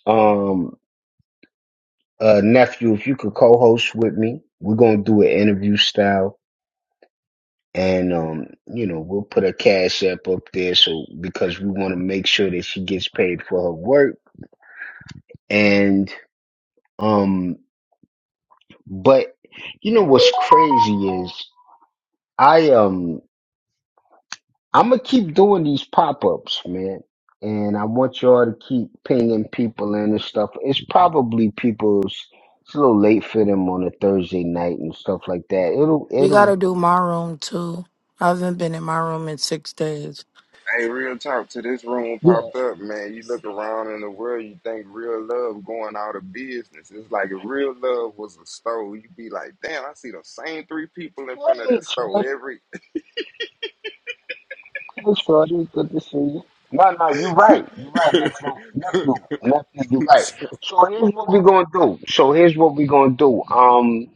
Um uh nephew, if you could co-host with me, we're gonna do an interview style and um, you know, we'll put a cash app up there so because we wanna make sure that she gets paid for her work. And um but you know what's crazy is I um. I'm gonna keep doing these pop ups, man, and I want y'all to keep pinging people in and stuff. It's probably people's. It's a little late for them on a Thursday night and stuff like that. It'll, We it'll, gotta do my room too. I haven't been in my room in six days. hey real talk to this room yeah. popped up man you look around in the world you think real love going out of business it's like if real love was a store you'd be like damn i see those same three people in front of Hey, that store Shorty, every hey, Shorty, good to see you. No, no, you're right. You're right, nephew, nephew, nephew. You're right. So here's what we're gonna do. So here's what we're gonna do. Um,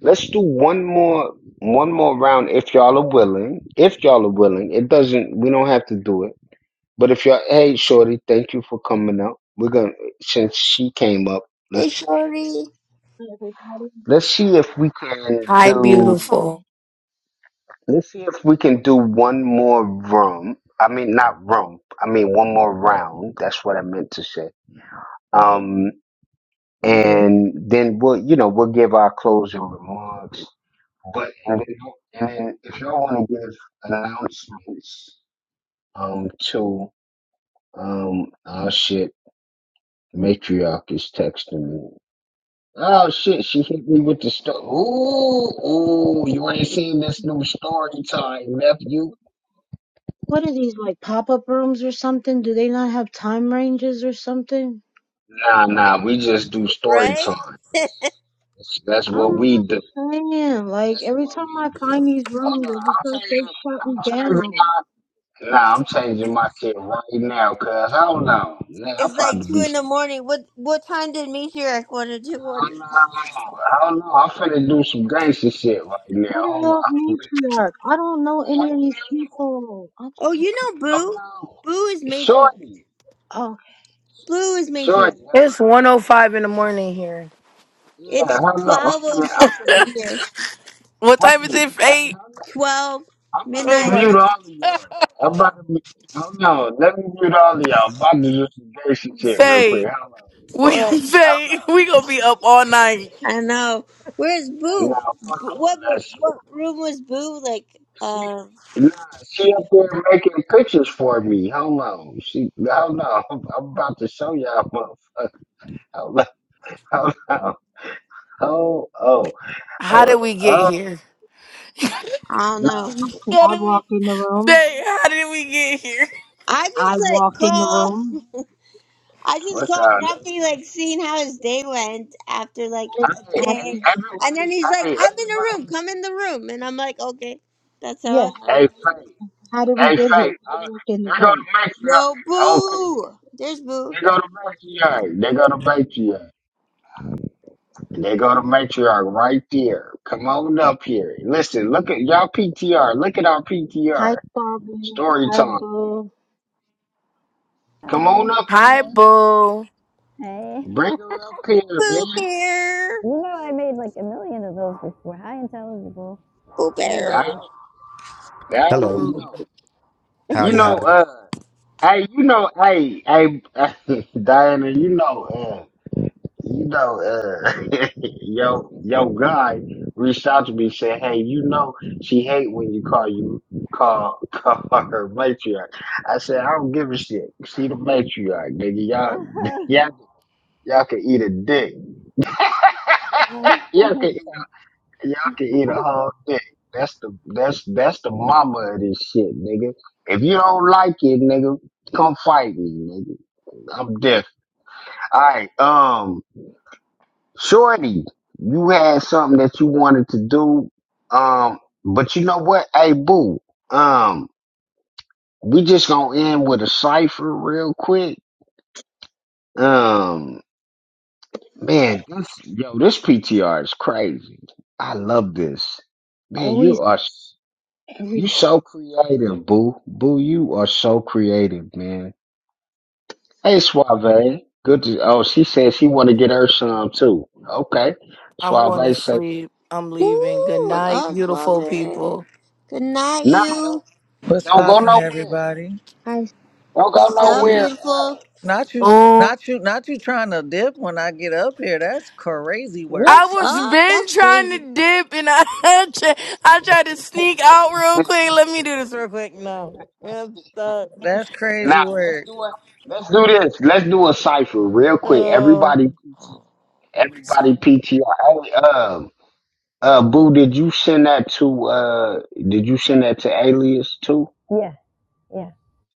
let's do one more, one more round if y'all are willing. If y'all are willing, it doesn't. We don't have to do it But if you're, hey, shorty, thank you for coming up. We're gonna since she came up, Hey, let's Shorty. Hi, everybody. let's see if we can Hi, do beautiful. Hi. let's see if we can do one more room. I mean, not room. I mean, one more round. That's what I meant to say. Um, and then we'll, you know, we'll give our closing remarks. But and then, and then if y'all want to give announcements, um, to um, our shit, matriarch is texting me. Oh shit, she hit me with the star. Ooh, ooh, you ain't seen this new story time, nephew. What are these like pop-up rooms or something? Do they not have time ranges or something? Nah, nah, we just do story Right? time. That's that's, that's I'm what we just do. saying, like That's every what time we I do. find these Hold rooms, on, it's just I'm like they're shutting changing. I'm down. changing my. Nah, I'm changing my shit right now. Cause hold on, man, I'm It's trying like to two be. in the morning. What what time did Meteoric want to do I one? don't know. I don't know. I'm finna do some gangster shit right now. Who the Hold hell's on. matriarch? I don't know any Hold of these on. people. I'm Oh, so you con- know Hold Boo? on. Boo is matriarch. Shorty. oh. Boo is matriarch. Shorty. It's 105 in the morning here. Yeah, hell It's no. I'm finna, 12.06 I'm over finna, here. What time is hey, it? hey, Faye? hell no. 12 I'm about Oh to midnight. my mute all of y'all. I'm about to mute, hell no. Let me mute all of y'all. I'm about to do some basic shit real quick. Faye, Hell no. we What? Hell Faye, we gonna be up all night. I know. Where's no. Nah, Boo? B- fuck all What that shit. what room was Boo? Like, She, uh, nah, she up there making pictures for me. Hell no. She, hell no. I'm, I'm about to show y'all, motherfucker. Hell no. Hell no. Oh, oh, how oh, did we get oh. here? I don't Nah, know. How I did we- walked in the room. Faye? how did we get here? I I just, like, walked in the nah, call. room. I just fuck called all that Grumpy, shit. like, seeing how his day went after, like, How did, Hey, a how did hey, day. we, And then everybody, he's like, hey, I'm in the room. everybody, Come in the room. And I'm like, okay. That's yeah. how I. hey, Faith, How did we hey, get here? Faith, I uh, walked in they the go to room. Yo, matriarch. Okay, Boo! There's Boo. they go to matriarch. They go to matriarch. They go to matriarch right there. Come on up here. Listen, look at y'all PTR. Look at our Hi, PTR. Bobby. Story Hi, time. Boo. Come Hi. on up Hi here. Hello. boo. Hey. Bring her up here, Pooh man. Bear. You know I made like a million of those before. Hi, intelligible. Pooh Hi, Bear. I, everybody. I Hello. already I'm know. You Howdy, know, howdy. uh, hey, you know, hey, hey, Diana, you know, uh, you know, uh, yo, yo, guy reached out to me said, "Hey, you know, she hate when you call you call call her matriarch." I said, "I don't give a shit. She the matriarch, nigga. Y'all, Uh-huh. y'all, y'all can eat a dick. Um, y'all can, eat- y'all can eat a whole dick. That's the that's that's the mama of this shit, nigga. If you don't like it, nigga, come fight me, nigga. I'm deaf. All right, um, Shorty, you had something that you wanted to do. Um, but you know what? Hey, boo. Um, we just gonna end with a cipher real quick. Um, man, this yo, this PTR is crazy. I love this. Man, Always you are s- you everything. so creative, boo. Boo, you are so creative, man. Hey, Suave. Good to oh, she said she wanna get her some too. Okay. I'm going to Suave says sleep. I'm leaving. Good Ooh, and night, us, beautiful Father. people. Good night, nah, you. don't What's don't go poppin', nowhere. everybody? Don't go What's up, Mm. nowhere. beautiful? Not you, Oh, not you, not you trying to dip when I get up here. That's crazy work. I What's was up? been That's trying crazy. to dip and I I tried to sneak out real Uh, quick. Let me do this real quick. No, I'm stuck. That's now crazy let's work. do it. Let's do this. Let's do a cipher real quick. Everybody, PT, Oh. everybody, PTR. Hey, um, uh, Boo, did you send that to? Uh, did you send that to Alias too? yeah, yeah.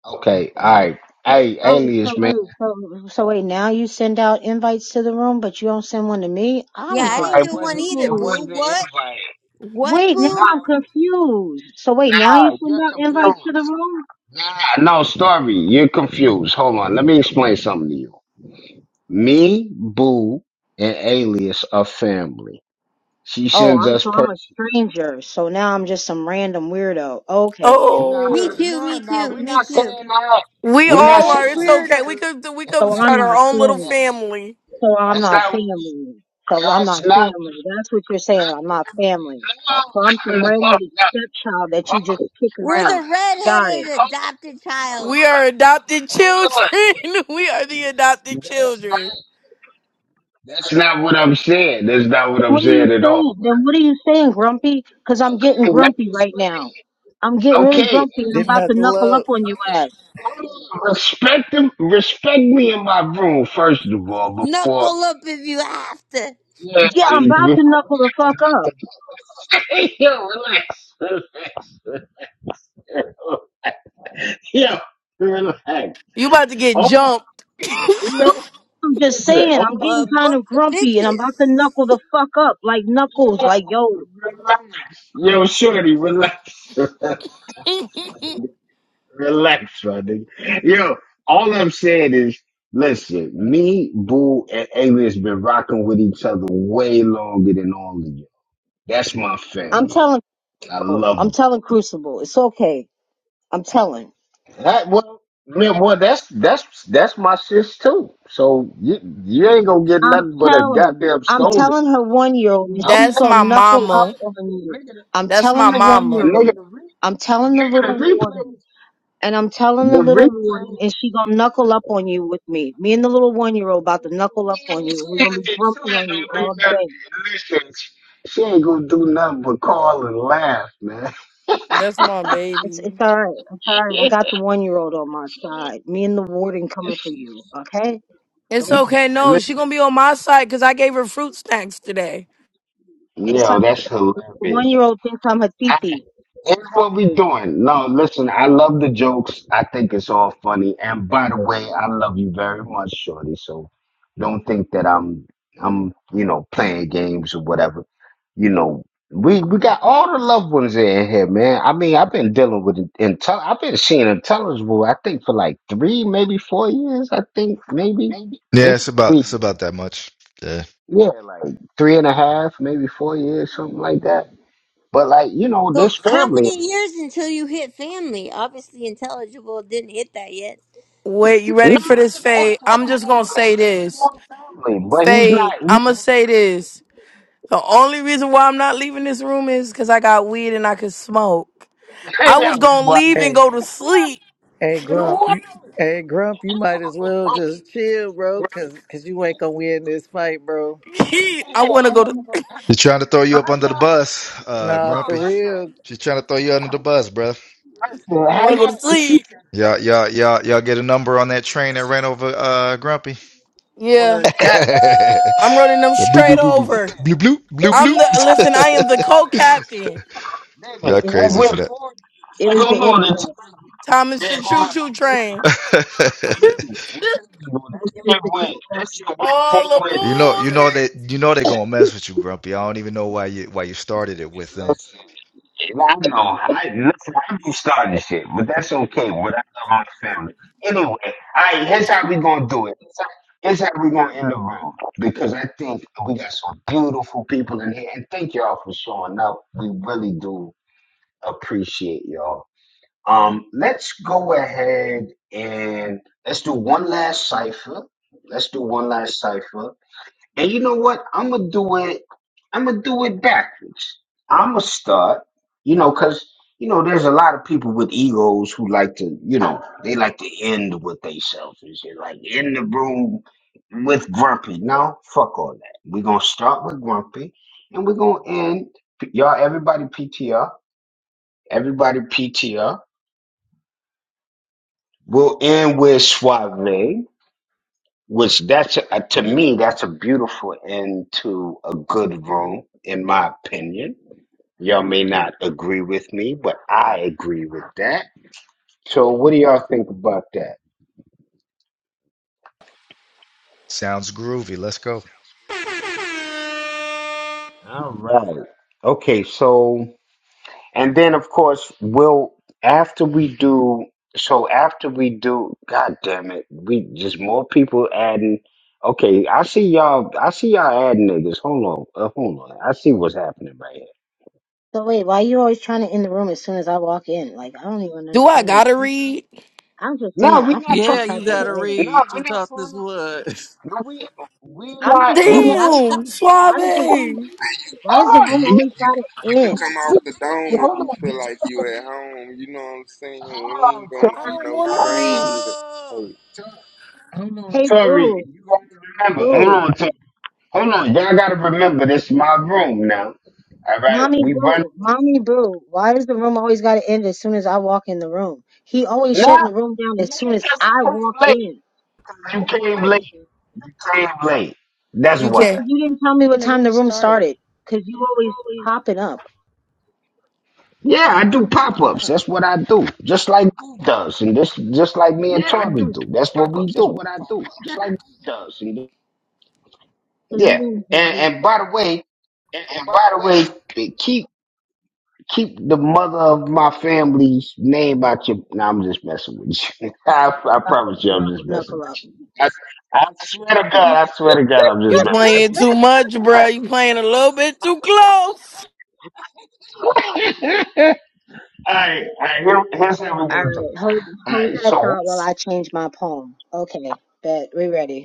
Okay, all right. Hey, Oh, so Alias, man. wait, so so wait. Now you send out invites to the room, but you don't send one to me. Yeah, I'm I No, confused. didn't it get one wasn't. either, It wasn't Boo. the What? invite. What, Wait, now Nah, Boo? I'm it wa- confused. So wait, now you nah, send you're out invites to confused. the room? Nah, no, Starvey, you're confused. Hold on, let me explain something to you. Me, Boo, and Alias are family. She Oh, sends I'm us so I'm a person. stranger. So now I'm just some random weirdo. Okay, Nah, Me Oh, too, nah, me nah. too, We're me not too. saying that. we We're We're not all are. both It's saying okay. We weirdos. could we could so that. I'm start not our own little family. family. So I'm That's not not what we. family. So I'm not That's not. family. That's what you're No, saying. I'm not family. no, So I'm some no. redheaded stepchild that you just no. kick We're around. the Got it. red-headed adopted child. We are adopted children. we are the adopted children. That's not what I'm saying. That's not what I'm What are you saying at saying? all. Then what are you saying, Grumpy? Because I'm Okay, getting let me grumpy right now. explain. I'm getting really Okay, grumpy and I'm Didn't about have to to knuckle up look. on your ass. hold on. Respect them. Respect me in my room first of all. Before, Knuckle up if you have to. yeah, Yeah, I'm about before, to knuckle the fuck up. yeah. Relax. You about to get Hold on. jumped. You know. I'm just Listen, saying, I'm hold getting A on. kind of bunch of grumpy and I'm about to bitches. knuckle the fuck up. Like knuckles, Yo, like yo. relax. Yo, shorty, relax. Relax, my nigga. Relax, my nigga. Yo, all I'm saying is, listen, me, Boo, and Alias been rocking with each other way longer than all of you. That's my I'm family. telling I people. I'm love telling Crucible. It's okay. I'm telling. that. That- well, man, well, that's that's that's my sis too. So you you ain't gonna get I'm nothing but a telling. goddamn I'm telling scolding. her one year old and she's That's my gonna knuckle up mama. on you. I'm That's telling my the one year mama. And old. nigga, I'm telling the little nigga, warden. the and I'm telling the replays. little warden, and she gonna knuckle up on you with me. Me and the little one year old about to knuckle up She on ain't you. We're gonna gonna be grumpy on you do all nothing. day. She ain't gonna do nothing but call and laugh, man. That's my It's it's baby. all right. It's all right. I got the one year old on my side. Me and the warden coming for you. Okay? It's Don't. No, okay. No, she listen. gonna be on my side because I gave her fruit snacks today. It's all No, right. that's the hilarious. one year old thinks I'm a I, titi. here's what we doing. No, listen, I love the jokes. I think it's all funny. And by the way, I love you very much, Shorty. So don't think that I'm I'm, you know, playing games or whatever. You know, we we got all the loved ones in here, man. I mean, I've been dealing with intel I've been seeing intelligible, I think, for like three, maybe four years, I think, maybe, Yeah, maybe it's about three it's years. about that much. Yeah. Yeah, like three and a half, maybe four years, something like that. But like, you know, So, this how family. many years until you hit family? Obviously, intelligible didn't hit that yet. Wait, you Nah, ready for this, no. Fade? tell I'm his just gonna more, say tell his this, more family, but he's Fade. not, he didn't I'm gonna say this. The only reason why I'm not leaving this room is because I got weed and I could smoke. I was tell you gonna why. leave and Hey, go to sleep. hey, You know Grump. what? You, hey, Grump. You might as well just chill, bro, cause, cause you ain't gonna win this fight, bro. I wanna go to She's trying to throw you up under the bus, uh, Nah, for Grumpy. real. She's trying to throw you under the bus, bruh. I said, I how wanna go to you, she sleep. said, Y'all, y'all, y'all, y'all get a number on that train that ran over uh Grumpy. Yeah. Word. God, I'm running them The boop straight boop boop over. boop blue, blue, blue, I'm the listen, I am the blue. co-captain. It, Y'all it was crazy for it was the imprint. Thomas the choo choo train. that. It, this it was shit the. went, this shit went All forward. You know, you aboard. know they, you know they're gonna mess with you, Grumpy. I don't even know why you why you started it with them. And I know, I, listen, I do start this shit, but that's okay, what I love my family. Anyway, alright, here's how we gonna do it. Here's how here's how we gonna end the room, because I think we got some beautiful people in here, and thank y'all for showing up. We really do appreciate y'all. Um, let's go ahead and let's do one last cipher. Let's do one last cipher. And you know what? I'm gonna do it. I'm gonna do it backwards. I'm gonna start. You know, cause you know, there's a lot of people with egos who like to, you know, they like to end with themselves and shit. Like in the room with grumpy. No, fuck all that. We're gonna start with grumpy, and we're gonna end. Y'all, everybody PTR. Everybody PTR. We'll end with Suave, which that's uh, to me that's a beautiful end to a good room, in my opinion. Y'all may not agree with me, but I agree with that. So, what do y'all think about that? Sounds groovy. Let's go. All right. Okay. So, and then of course we'll after we do. So after we do, God damn it, we just more people adding. Okay, I see y'all. I see y'all adding niggas. Hold on, uh, hold on. I see what's happening right So wait, why you always trying to end the room as soon as I walk in? Like I don't even Do I understand this. gotta read? I'm, I'm just No, saying, we I feel not some Yeah, trying you type to of end gotta way. it. No, read. we You not talk trying this wood. to. No, we we I'm just not we saying, not. why does the Damn, why Suave. does the I room why does Hold the on, room y'all always gotta You could end? just come forget off the it. dome if you feel like you at home. You know what I'm saying? We ain't gonna be don't no wanna read. stranger to. Oh, Hey, Hey Sorry, boo, you gotta remember. Hold boo, on, Tori. hold on. Y'all gotta remember this is my room now. All right, mommy we run. boo, mommy boo. Why does the room always gotta end as soon as I walk in the room? He always No, shutting the room down nigga, as soon as cause you I came walk late. in 'Cause you came late. You came late. That's You why. because can't. you didn't tell me When what the time room the room started, started. Cause you it's always always popping up. Yeah, I do pop been ups. up. That's what I do. Just like you does, and this just like me and Yeah, I Tori do do. That's what pop we ups. That's do. what I do. Just like does. You know? Cause you Yeah. didn't And invite me. and by the way, and, and And by by the the way, way, keep keep the mother of my family's name out your. Nah, I'm just messing with you. I, I Knuckle, promise you, I'm knuckle, just messing knuckle up. with you. I, I swear to God, I swear to God, I'm You just messing with playing you. too much, All bruh. You playing a little bit too close. right, all right, all right. Here, here's how we're All gonna do it. right, hold All hold right, that so thought while I what's- change my poem. Okay, bet we ready.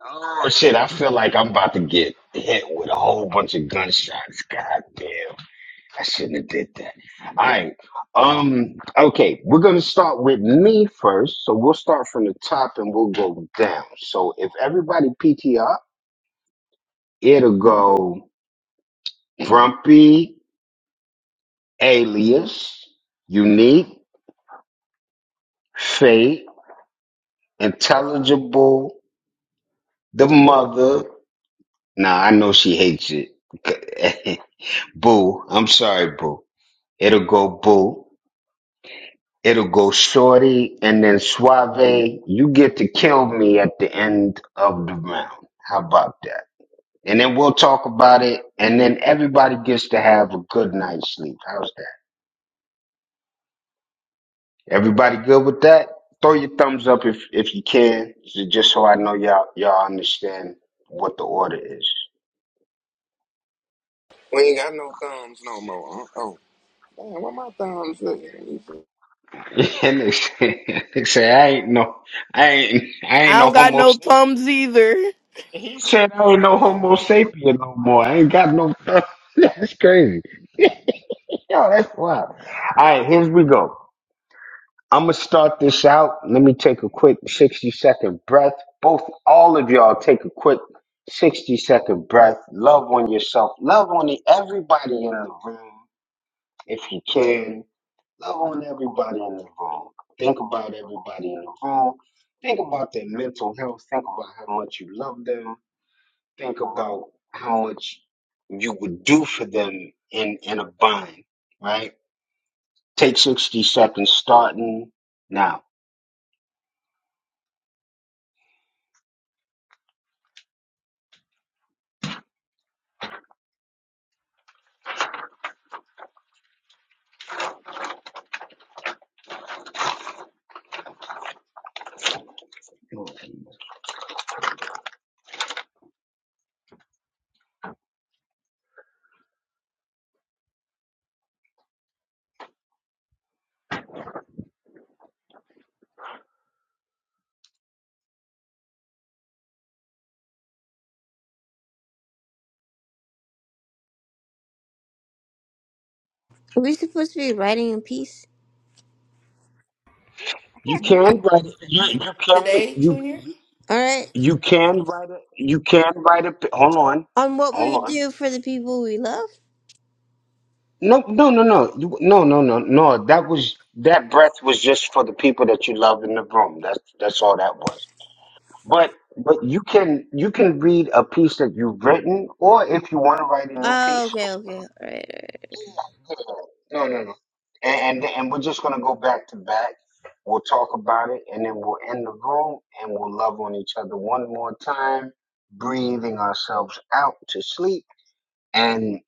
Oh shit! I feel like I'm about to get hit with a whole bunch of gunshots. God damn! I shouldn't have did that. All right. Um. Okay. We're gonna start with me first. So we'll start from the top and we'll go down. So if everybody PTR, it'll go grumpy, alias, unique, Fate, intelligible, the mother. Nah, I know she hates it. Boo. I'm sorry, Boo. It'll go Boo. It'll go shorty and then suave. You get to kill me at the end of the round. How about that? And then we'll talk about it. And then everybody gets to have a good night's sleep. How's that? Everybody good with that? Throw your thumbs up if if you can, so- just so I know y'all y'all understand what the order is. we ain't got no thumbs no more. Huh? Oh, damn, where my thumbs at? and they say, they say I ain't no, I ain't, I ain't I no don't got homo no thumbs either. He said I ain't no Homo sapien no more. I ain't got no. that's crazy. Yo, that's wild. All right, here we go. I'm gonna start this out. Let me take a quick 60 second breath. Both, all of y'all, take a quick 60 second breath. Love on yourself. Love on the, everybody in the room if you can. Love on everybody in the room. Think about everybody in the room. Think about their mental health. Think about how much you love them think about how much you would do for them in in a bind, right? Take sixty seconds starting now. We're supposed to be writing in peace. You can write it. You you can Today, you Junior? you All right. you can write it. You can write a. p- Hold on, On what we hold would on. do for the people we love. No, no, no, no, you, no, no, no, no. That was that breath was just for the people that you love in the room. That's that's all that was. But but you can you can read a piece that you've written, or if you want to write a new Oh, piece, okay, okay. All right, all right. No, no, no. And, and and we're just gonna go back to back. We'll talk about it, and then we'll end the room, and we'll love on each other one more time, breathing ourselves out to sleep, and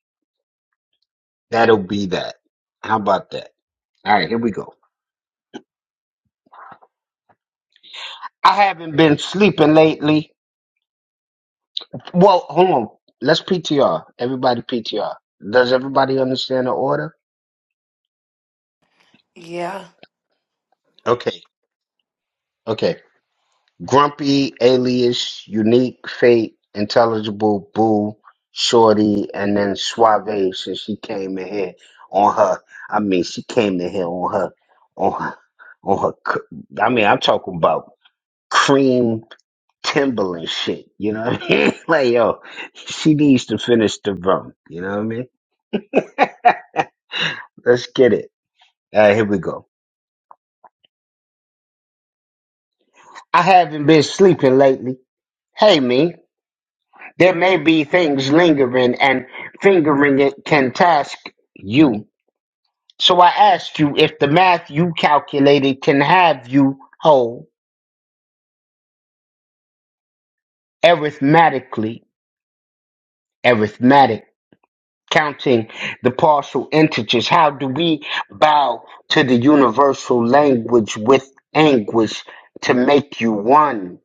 that'll be that. How about that? All right, here we go. I haven't been sleeping lately. Well, hold on. Let's PTR. Everybody PTR. Does everybody understand the order? Yeah. Okay. Okay. Grumpy, Alias, Unique, Fate, Intelligible, Boo, Shorty, and then Suave since she came in here on her. I mean, she came in here on her, on her, on her. cr- I mean, I'm talking about cream Timberland shit. You know what I mean? like, yo, she needs to finish the run. You know what I mean? Let's get it. All right, here we go. I haven't been sleeping lately. Hey, me. There may be things lingering and fingering it can task you. So I ask you if the math you calculated can have you whole arithmetically, arithmetic, counting the partial integers. How do we bow to the universal language with anguish to make you one?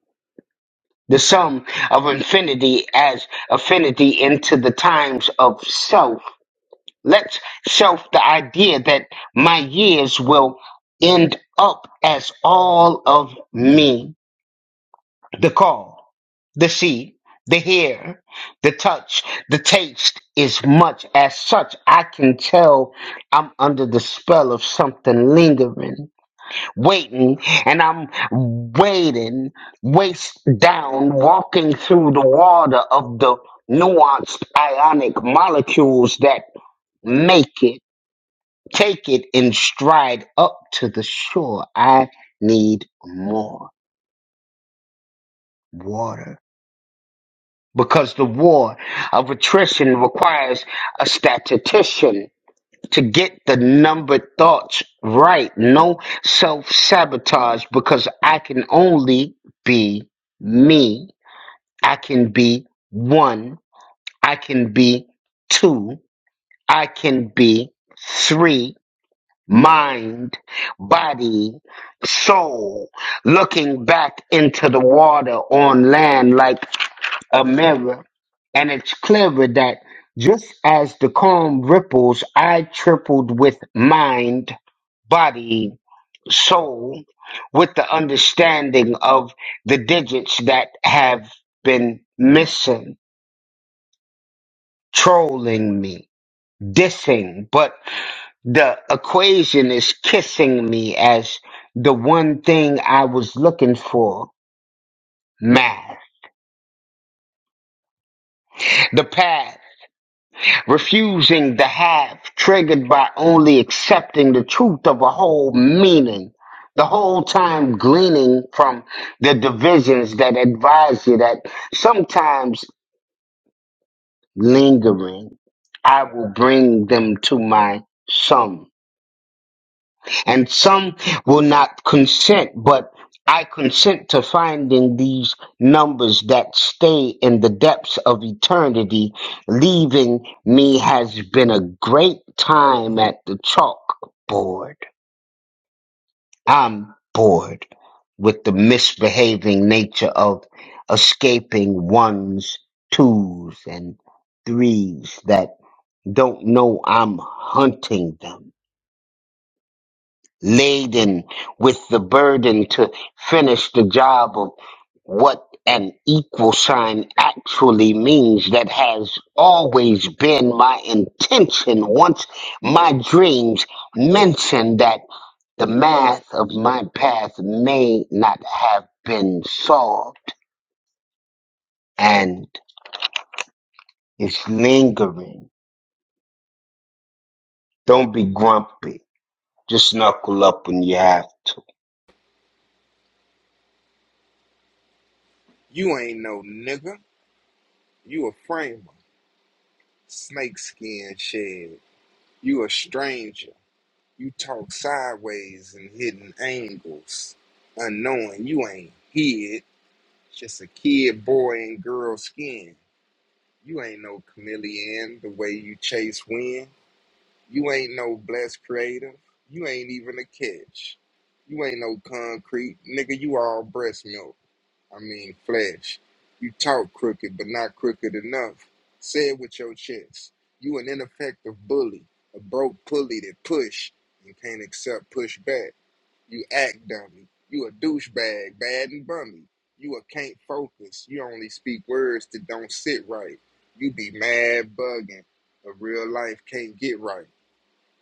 The sum of infinity as affinity into the times of self Let's shelf the idea that my years will end up as all of me. The call, the see, the hear, the touch, the taste is much as such. I can tell I'm under the spell of something lingering, waiting, and I'm waiting, waist down, walking through the water of the nuanced ionic molecules that make it. Take it in stride up to the shore. I need more water. Because the war of attrition requires a statistician to get the numbered thoughts right. No self sabotage because I can only be me. I can be one. I can be two. I can be three. mind, body, soul, looking back into the water on land like a mirror. And it's clearer that just as the calm ripples, I tripled with mind, body, soul, with the understanding of the digits that have been missing, trolling me, dissing, but the equation is kissing me as the one thing I was looking for math. The path, refusing the half, triggered by only accepting the truth of a whole meaning. The whole time gleaning from the divisions that advise you that sometimes lingering, I will bring them to my sum and some will not consent, but I consent to finding these numbers that stay in the depths of eternity. Leaving me has been a great time at the chalkboard. I'm bored with the misbehaving nature of escaping ones, twos, and threes that don't know I'm hunting them. laden with the burden to finish the job of what an equal sign actually means. That has always been my intention. Once my dreams mentioned that the math of my path may not have been solved and it's lingering. Don't be grumpy. Just knuckle up when you have to. You ain't no nigga. You a framer. Snakeskin shed. You a stranger. You talk sideways and hidden angles. Unknowing you ain't hid. Just a kid, boy, and girl skin. You ain't no chameleon the way you chase wind. You ain't no blessed creative. You ain't even a catch. You ain't no concrete. Nigga, you all breast milk. I mean, flesh. You talk crooked, but not crooked enough. Say it with your chest. You an ineffective bully, a broke pulley that push and can't accept pushback. You act dummy. You a douchebag, bad and bummy. You a can't focus. You only speak words that don't sit right. You be mad bugging. A real life can't get right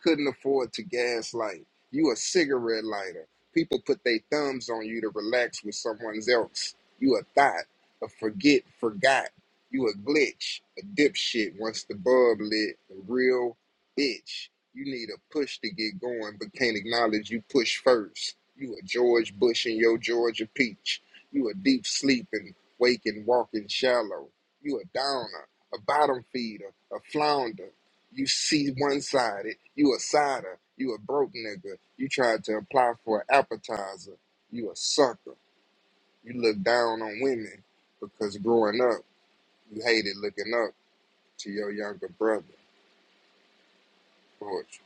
couldn't afford to gaslight. You a cigarette lighter. People put their thumbs on you to relax with someone else. You a thought, a forget, forgot. You a glitch, a dipshit. Once the bulb lit, a real bitch. You need a push to get going, but can't acknowledge you push first. You a George Bush and your Georgia peach. You a deep sleeping, waking, walking shallow. You a downer, a bottom feeder, a flounder. You see one sided. You a cider. You a broke nigga. You tried to apply for an appetizer. You a sucker. You look down on women because growing up, you hated looking up to your younger brother. Poetry.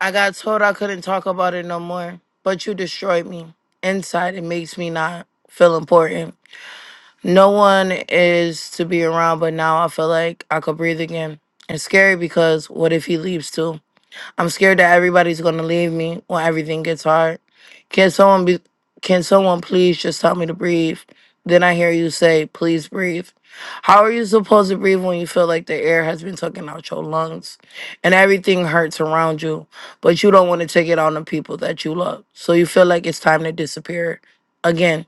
I got told I couldn't talk about it no more, but you destroyed me. Inside, it makes me not feel important. No one is to be around, but now I feel like I could breathe again. It's scary because what if he leaves too? I'm scared that everybody's gonna leave me when everything gets hard. Can someone be can someone please just tell me to breathe? Then I hear you say, please breathe. How are you supposed to breathe when you feel like the air has been taken out your lungs and everything hurts around you, but you don't want to take it on the people that you love. So you feel like it's time to disappear again.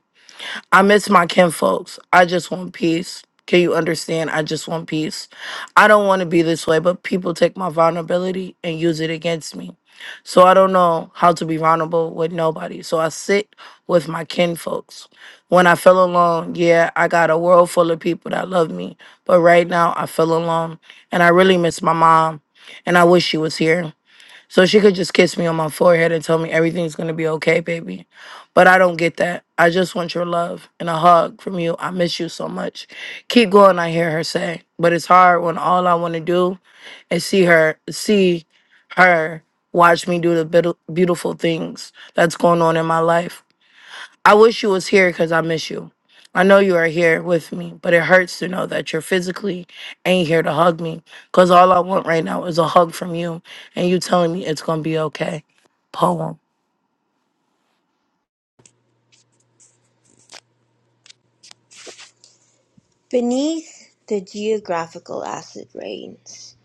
I miss my kinfolks. I just want peace. Can you understand? I just want peace. I don't want to be this way, but people take my vulnerability and use it against me. So I don't know how to be vulnerable with nobody. So I sit with my kinfolks. When I feel alone, yeah, I got a world full of people that love me. But right now, I feel alone. And I really miss my mom. And I wish she was here. So she could just kiss me on my forehead and tell me everything's gonna be okay, baby. But I don't get that. I just want your love and a hug from you. I miss you so much. Keep going, I hear her say. But it's hard when all I wanna do is see her, see her watch me do the beauti- beautiful things that's going on in my life. I wish you was here because I miss you. I know you are here with me, but it hurts to know that you're physically ain't here to hug me. Cause all I want right now is a hug from you, and you telling me it's gonna be okay. Poem. Beneath the geographical acid rains,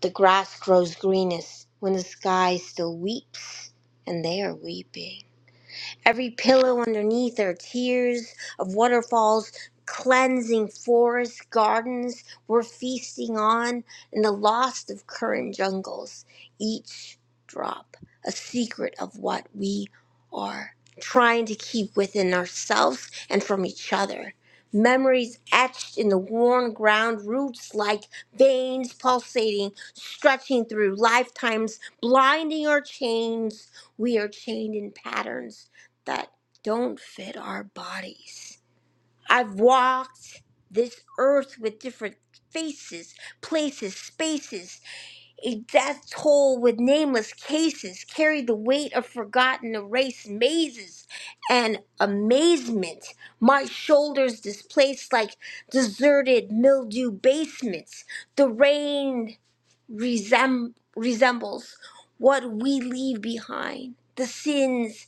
the grass grows greenest when the sky still weeps, and they are weeping. Every pillow underneath are tears of waterfalls, cleansing forests, gardens we're feasting on, and the lost of current jungles. Each drop, a secret of what we are trying to keep within ourselves and from each other. Memories etched in the worn ground, roots like veins pulsating, stretching through lifetimes, blinding our chains. We are chained in patterns that don't fit our bodies. I've walked this earth with different faces, places, spaces, a death toll with nameless cases, carried the weight of forgotten erased mazes and amazement. My shoulders displaced like deserted mildew basements. The rain resem- resembles what we leave behind the sins,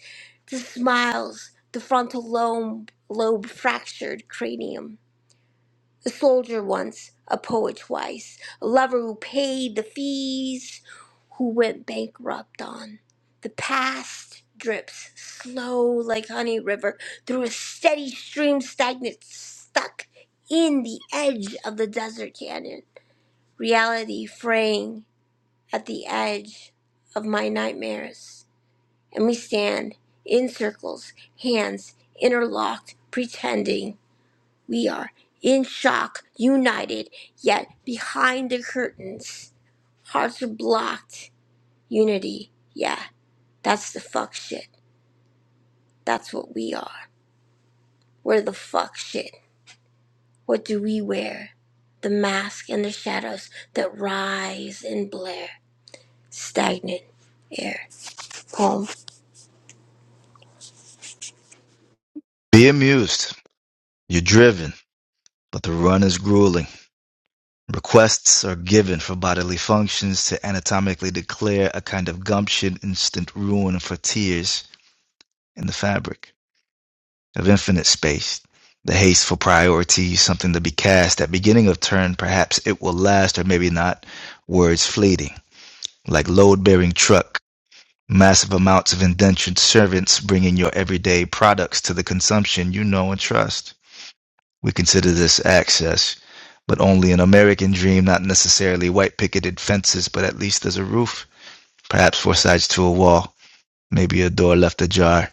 the smiles, the frontal lobe, lobe fractured cranium. A soldier once, a poet twice, a lover who paid the fees, who went bankrupt on. The past drips slow like honey river through a steady stream stagnant, stuck in the edge of the desert canyon. Reality fraying at the edge of my nightmares. And we stand in circles, hands interlocked, pretending we are in shock, united, yet behind the curtains, hearts are blocked. Unity, yeah, that's the fuck shit. That's what we are. We're the fuck shit. What do we wear? The mask and the shadows that rise and blare. Stagnant air. Poem. Be it you driven, but the ruling require a case in the fic of infinite space. We can, but only fence, perhaps four sides to a wall, maybe a door left ajar.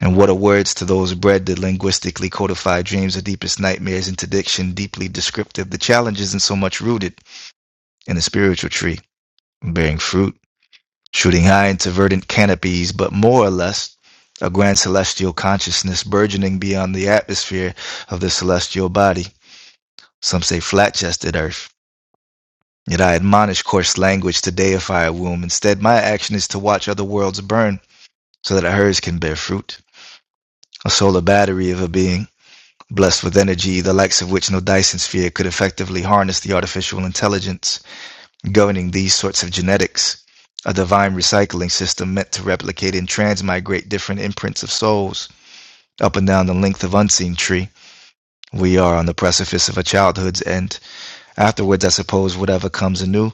And what are words to those bred that linguistically codify dreams of deepest nightmares into diction, deeply descriptive? The challenge isn't so much rooted in a spiritual tree bearing fruit shooting high into verdant canopies, but more or less a grand celestial consciousness burgeoning beyond the atmosphere of the celestial body. Some say flat chested earth. Yet I admonish coarse language to deify a womb. Instead, my action is to watch other worlds burn so that hers can bear fruit. A solar battery of a being, blessed with energy, the likes of which no Dyson sphere could effectively harness the artificial intelligence Governing these sorts of genetics, a divine recycling system meant to replicate and transmigrate different imprints of souls up and down the length of unseen tree. We are on the precipice of a childhood's end. Afterwards, I suppose whatever comes anew,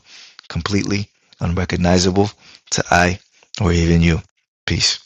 completely unrecognizable to I or even you. Peace.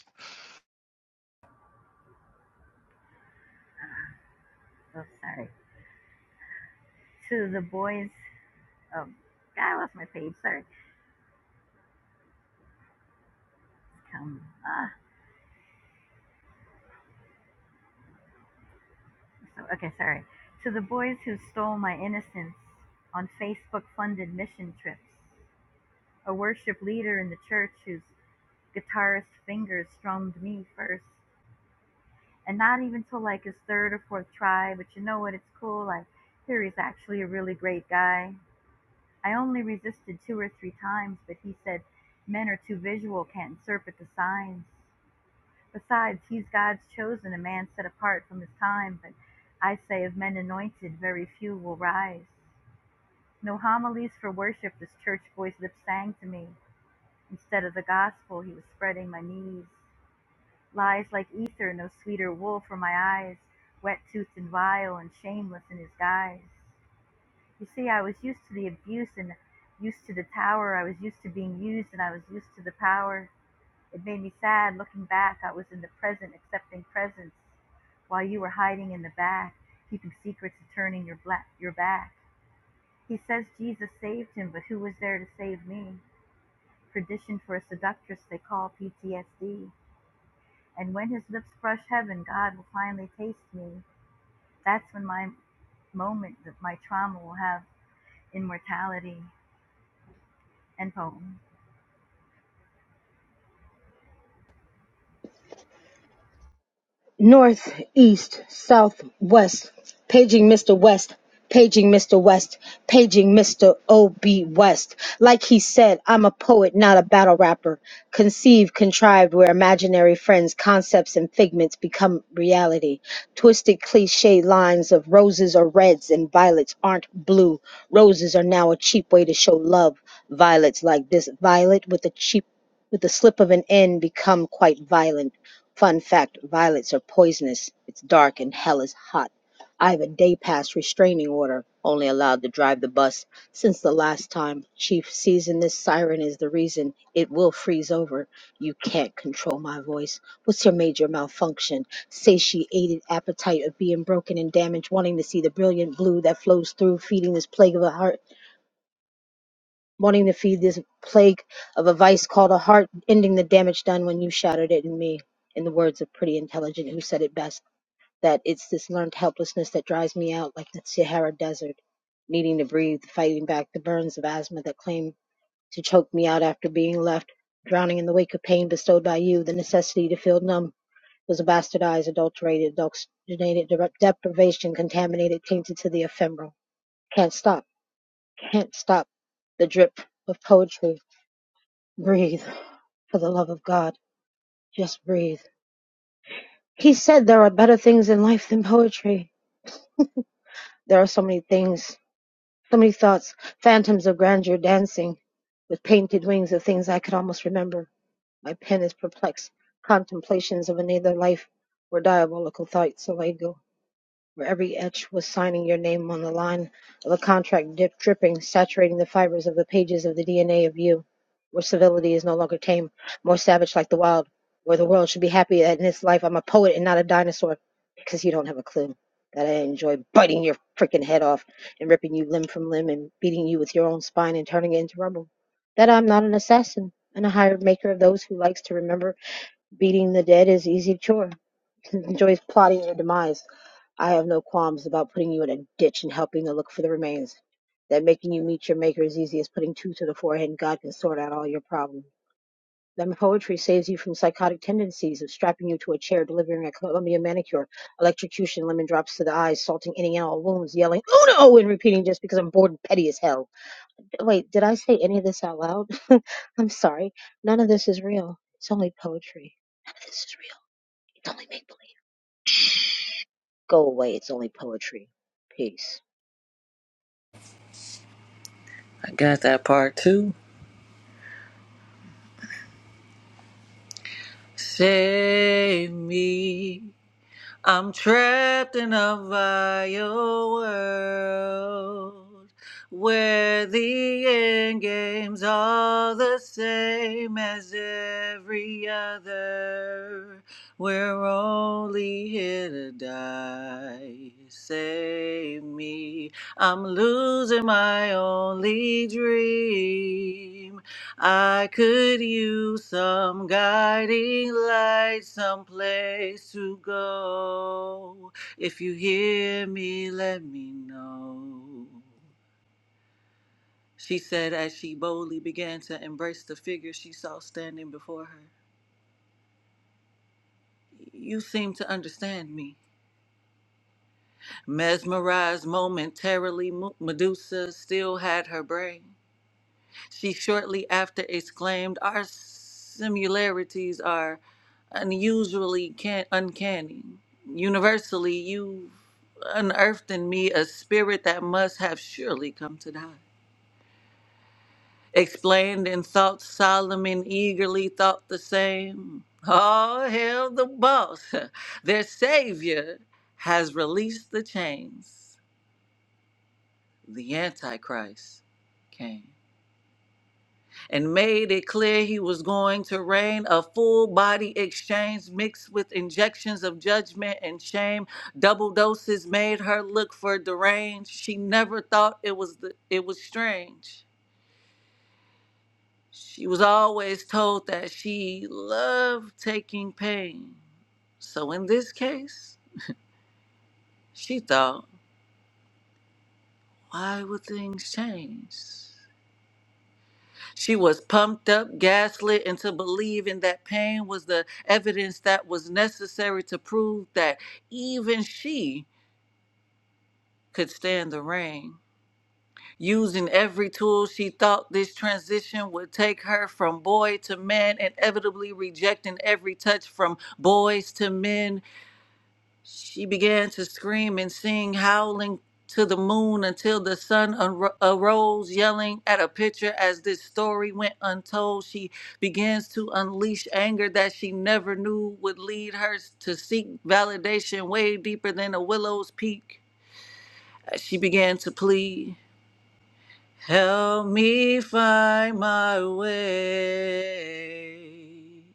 North, east, south, west, paging Mr. West, paging Mr. West, paging Mr. O.B. West. Like he said, I'm a poet, not a battle rapper. Conceived, contrived, where imaginary friends, concepts, and figments become reality. Twisted cliche lines of roses are reds and violets aren't blue. Roses are now a cheap way to show love. Violets like this violet with a cheap with the slip of an N become quite violent Fun fact: violets are poisonous. It's dark and hell is hot. I have a day pass restraining order, only allowed to drive the bus. Since the last time, chief season this siren is the reason. It will freeze over. You can't control my voice. What's your major malfunction? Satiated appetite of being broken and damaged, wanting to see the brilliant blue that flows through, feeding this plague of a heart wanting to feed this plague of a vice called a heart, ending the damage done when you shattered it in me. In the words of Pretty Intelligent, who said it best, that it's this learned helplessness that drives me out like the Sahara Desert, needing to breathe, fighting back the burns of asthma that claim to choke me out after being left, drowning in the wake of pain bestowed by you, the necessity to feel numb. Was a bastardized, adulterated, adulterated deprivation, contaminated, tainted to the ephemeral. Can't stop, can't stop the drip of poetry Breathe, for the love of God, just breathe. He said there are better things in life than poetry. There are so many things, so many thoughts, phantoms of grandeur dancing with painted wings of things I could almost remember. My pen is perplexed, contemplations of another life where diabolical thoughts away where every etch was signing your name on the line of a contract drip, dripping, saturating the fibers of the pages of the DNA of you, where civility is no longer tame, more savage like the wild, where the world should be happy that in this life I'm a poet and not a dinosaur, because you don't have a clue that I enjoy biting your freaking head off and ripping you limb from limb and beating you with your own spine and turning it into rubble, that I'm not an assassin. And a hired maker of those who likes to remember beating the dead is easy chore, enjoys plotting their demise I have no qualms about putting you in a ditch and helping to look for the remains. That making you meet your maker is easy as putting two to the forehead and God can sort out all your problems. That my poetry saves you from psychotic tendencies of strapping you to a chair, delivering a Columbia manicure, electrocution, lemon drops to the eyes, salting any and all wounds, yelling, oh no, and repeating just because I'm bored and petty as hell. Wait, did I say any of this out loud? I'm sorry. None of this is real. It's only poetry. None of this is real. It's only make believe. Go away. It's only poetry. Peace. I got that part too. Save me. I'm trapped in a vile world where the end game's all the same as every other. We're only here to die. Save me. I'm losing my only dream. I could use some guiding light, some place to go. If you hear me, let me know. She said as she boldly began to embrace the figure she saw standing before her. You seem to understand me. Mesmerized momentarily, Mu- Medusa still had her brain. She shortly after exclaimed, Our similarities are unusually can- uncanny. Universally, you've unearthed in me a spirit that must have surely come to die. Explained and thought Solomon eagerly thought the same. Oh, hell, the boss, their savior, has released the chains. The Antichrist came. and made it clear he was going to reign a full body exchange mixed with injections of judgment and shame double doses made her look for deranged she never thought it was the, it was strange she was always told that she loved taking pain so in this case she thought why would things change She was pumped up, gaslit into believing that pain was the evidence that was necessary to prove that even she could stand the rain. Using every tool, she thought this transition would take her from boy to man, inevitably rejecting every touch from boys to men She began to scream and sing, howling to the moon until the sun ar- arose, yelling at a picture as this story went untold. She begins to unleash anger that she never knew would lead her to seek validation way deeper than a willow's peak. As she began to plead, Help me find my way.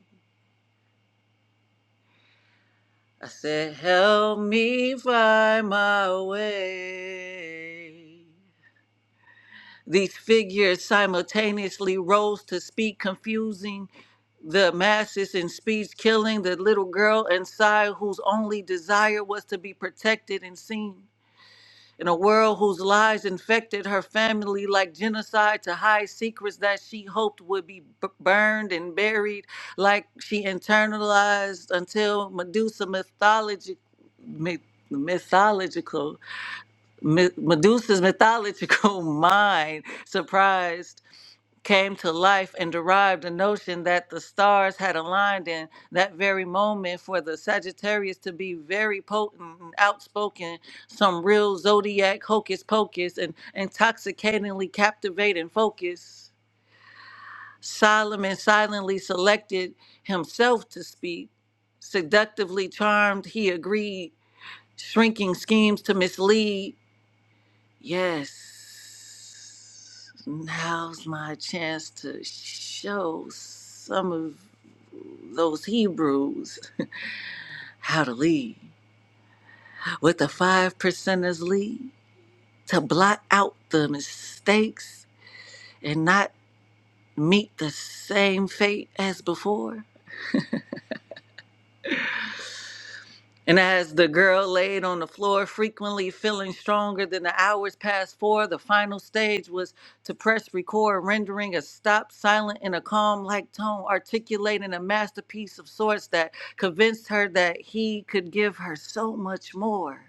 I said, Help me find my way. These figures simultaneously rose to speak, confusing the masses in speech, killing the little girl inside whose only desire was to be protected and seen. In a world whose lies infected her family like genocide to hide secrets that she hoped would be b- burned and buried, like she internalized until Medusa mythologic, mythological me- Medusa's mythological mind, surprised, came to life and derived the notion that the stars had aligned in that very moment for the Sagittarius to be very potent and outspoken, some real zodiac hocus pocus, and intoxicatingly captivating focus. Solomon silently selected himself to speak. Seductively charmed, he agreed, shrinking schemes to mislead Yes. Now's my chance to show some of those Hebrews how to lead. With the five percenters lead, to blot out the mistakes and not meet the same fate as before. And as the girl laid on the floor, frequently feeling stronger than the hours past four, the final stage was to press record, rendering a stop silent in a calm like tone, articulating a masterpiece of sorts that convinced her that he could give her so much more.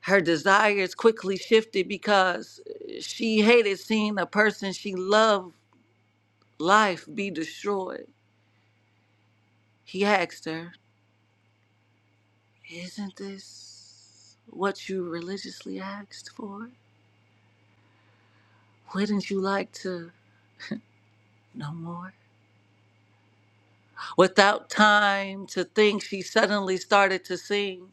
Her desires quickly shifted because she hated seeing a person she loved life be destroyed. He asked her, Isn't this what you religiously asked for? Wouldn't you like to know more? Without time to think, she suddenly started to sing.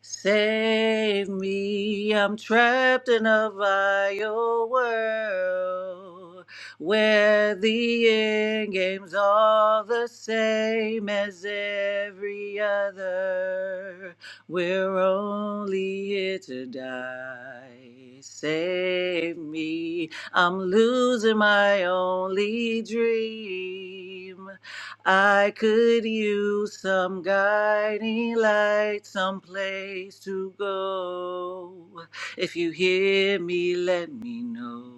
Save me, I'm trapped in a vile world where the end game's all the same as every other. We're only here to die. Save me, I'm losing my only dream. I could use some guiding light, some place to go. If you hear me, let me know.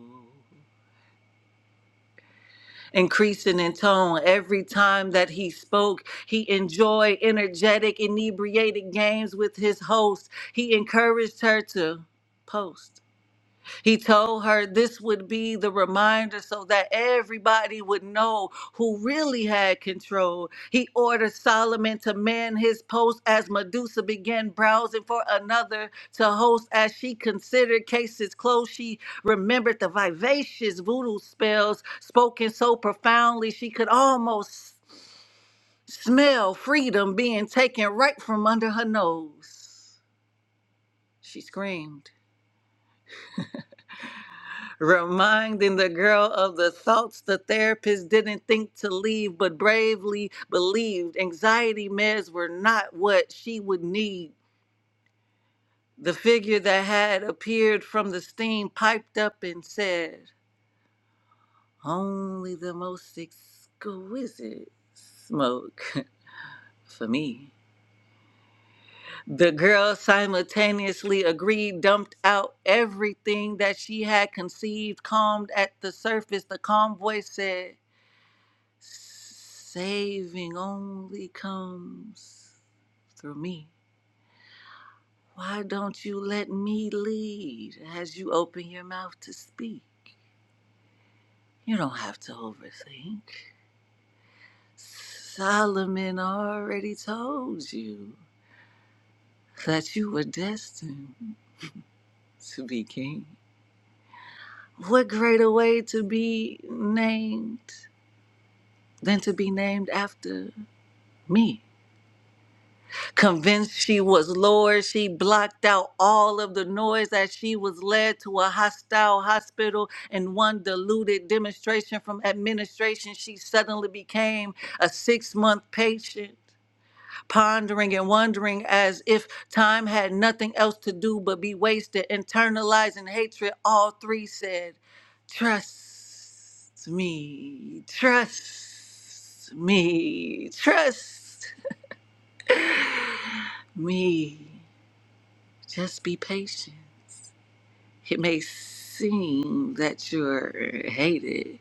Increasing in tone every time that he spoke, he enjoyed energetic, inebriated games with his host. He encouraged her to post. He told her this would be the reminder so that everybody would know who really had control. He ordered Solomon to man his post as Medusa began browsing for another to host. As she considered cases closed, she remembered the vivacious voodoo spells spoken so profoundly she could almost smell freedom being taken right from under her nose. She screamed. reminding the girl of the thoughts the therapist didn't think to leave but bravely believed anxiety meds were not what she would need. The figure that had appeared from the steam piped up and said, Only the most exquisite smoke for me. The girl simultaneously agreed, dumped out everything that she had conceived, calmed at the surface. The calm voice said, Saving only comes through me. Why don't you let me lead as you open your mouth to speak? You don't have to overthink. Solomon already told you that you were destined to be king. What greater way to be named than to be named after me? Convinced she was Lord, she blocked out all of the noise as she was led to a hostile hospital in one deluded demonstration from administration. She suddenly became a six month patient, pondering and wondering as if time had nothing else to do but be wasted, internalizing hatred. All three said, Trust me, trust me, trust me. Just be patient. It may seem that you're hated,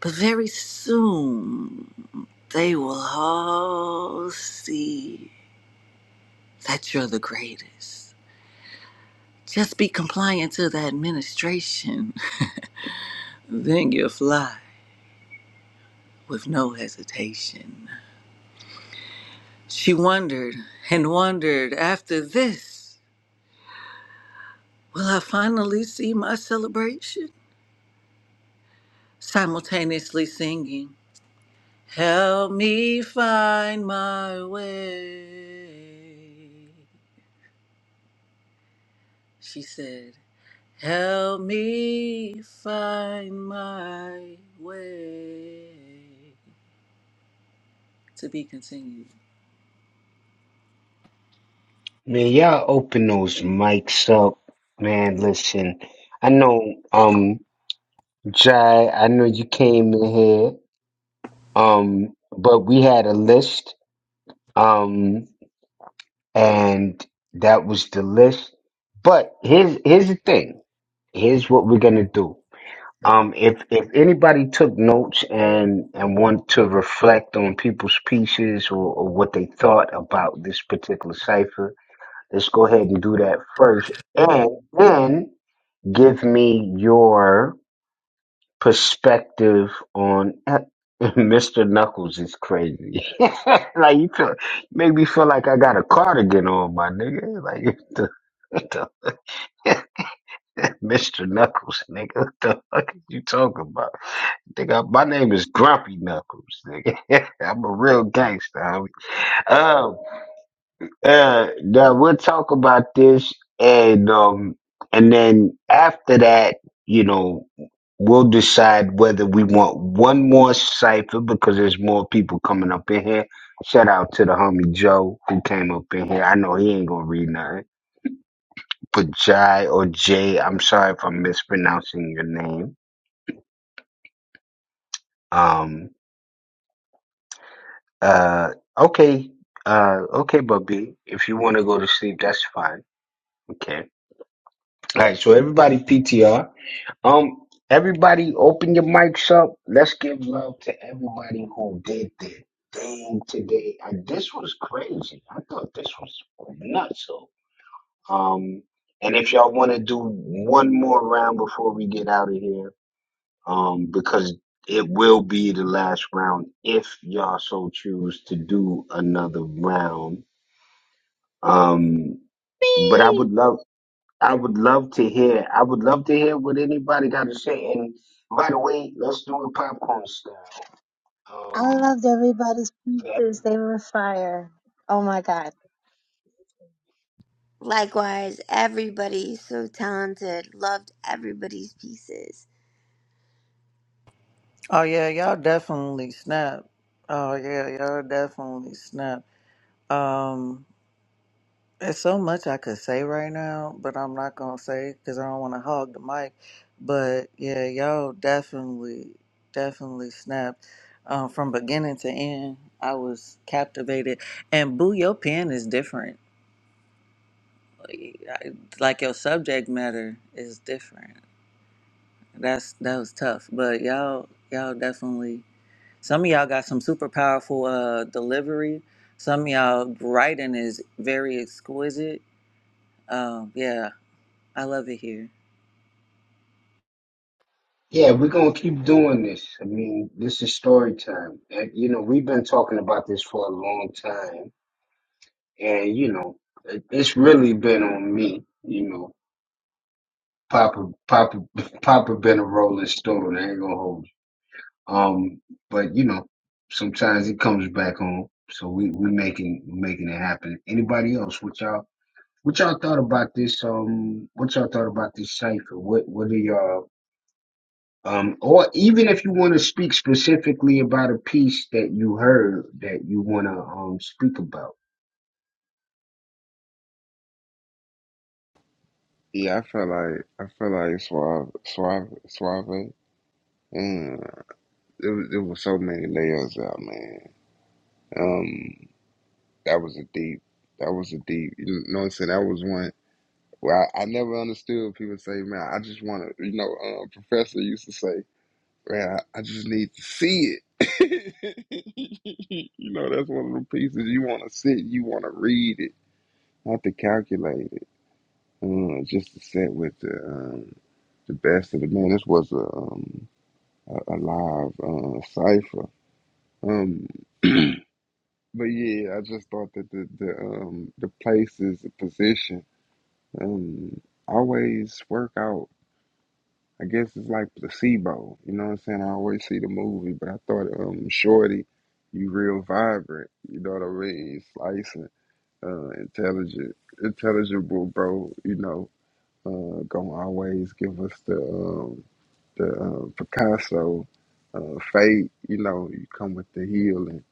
but very soon they will all see that you're the greatest. Just be compliant to the administration, then you'll fly with no hesitation. She wondered and wondered after this, will I finally see my celebration? Simultaneously singing. Help me find my way. She said, Help me find my way. To be continued. Man, y'all open those mics up. Man, listen. I know um Jai, I know you came in here. Um, but we had a list. Um, and that was the list. But here's here's the thing. Here's what we're gonna do. Um, if if anybody took notes and and want to reflect on people's pieces or, or what they thought about this particular cipher, Let's go ahead and do that first. And then give me your perspective on Mr. Knuckles is crazy. like you feel, make me feel like I got a cardigan on, my nigga. Like what the, what the Mr. Knuckles, nigga. What the fuck is you talking about? Nigga, my name is Grumpy Knuckles, nigga. I'm a real gangster, homie. Um, Uh, now we'll talk about this, and um, and then after that, you know, we'll decide whether we want one more cipher because there's more people coming up in here. Shout out to the homie Joe who came up in here. I know he ain't gonna read nothing, but Jai or Jay, I'm sorry if I'm mispronouncing your name. Um, uh, okay, uh, okay, Bubby, if you want to go to sleep, that's fine. Okay. All right, so everybody PTR. Um, everybody open your mics up. Let's give love to everybody who did their thing today. And this was crazy. I thought this was nuts. So, um, and if y'all want to do one more round before we get out of here, um, because it will be the last round if y'all so choose to do another round. Um, but I would Beep! love. I would love to hear. I would love to hear what anybody got to say. And by the way, let's do it popcorn style. I Um, loved everybody's pieces. They were fire. Oh my god. Likewise, everybody's so talented. Loved everybody's pieces. Oh yeah, y'all definitely snap. Oh yeah, y'all definitely snap. There's so much I could say right now, but I'm not gonna say because I don't want to hog the mic. But yeah, y'all definitely, definitely snapped um, from beginning to end. I was captivated, and boo, your pen is different. Like I- like your subject matter is different. That's that was tough, but y'all, y'all definitely. Some of y'all got some super powerful uh, delivery. Some of y'all writing is very exquisite. Um, yeah, I love it here. yeah, we're gonna keep doing this. I mean, this is story time. And, you know, we've been talking about this for a long time, and you know, it, it's really been on me. You know, Papa, Papa, Papa been a rolling stone. I ain't gonna hold you. Um, but you know, sometimes it comes back on. So we we making making it happen. Anybody else? What y'all? What y'all thought about this? Um, what y'all thought about this cipher? What What are y'all? Um, or even if you want to speak specifically about a piece that you heard that you want to um speak about. Yeah, I feel like I feel like Suave, Suave, Suave. Mm, it was it was so many layers out, man. Um, that was a deep. That was a deep. You know what I'm saying? That was one. Well, I, I never understood people say, man, I just want to, you know, um, professor used to say, man, I, I just need to see it. you know, that's one of the pieces you want to sit, you want to read it, not to calculate it, uh, just to sit with the, um, the best of the man. This was a, um, a, a live uh, cipher. Um, but yeah, I just thought that the, the, um, the place is position. Um, always work out I guess it's like placebo. You know what I'm saying? I always see the movie, but I thought um Shorty, you real vibrant. You know what I mean? Slicing, uh, intelligent, intelligible, bro. You know, uh, gonna always give us the um, the uh, Picasso uh, fate. You know, you come with the healing.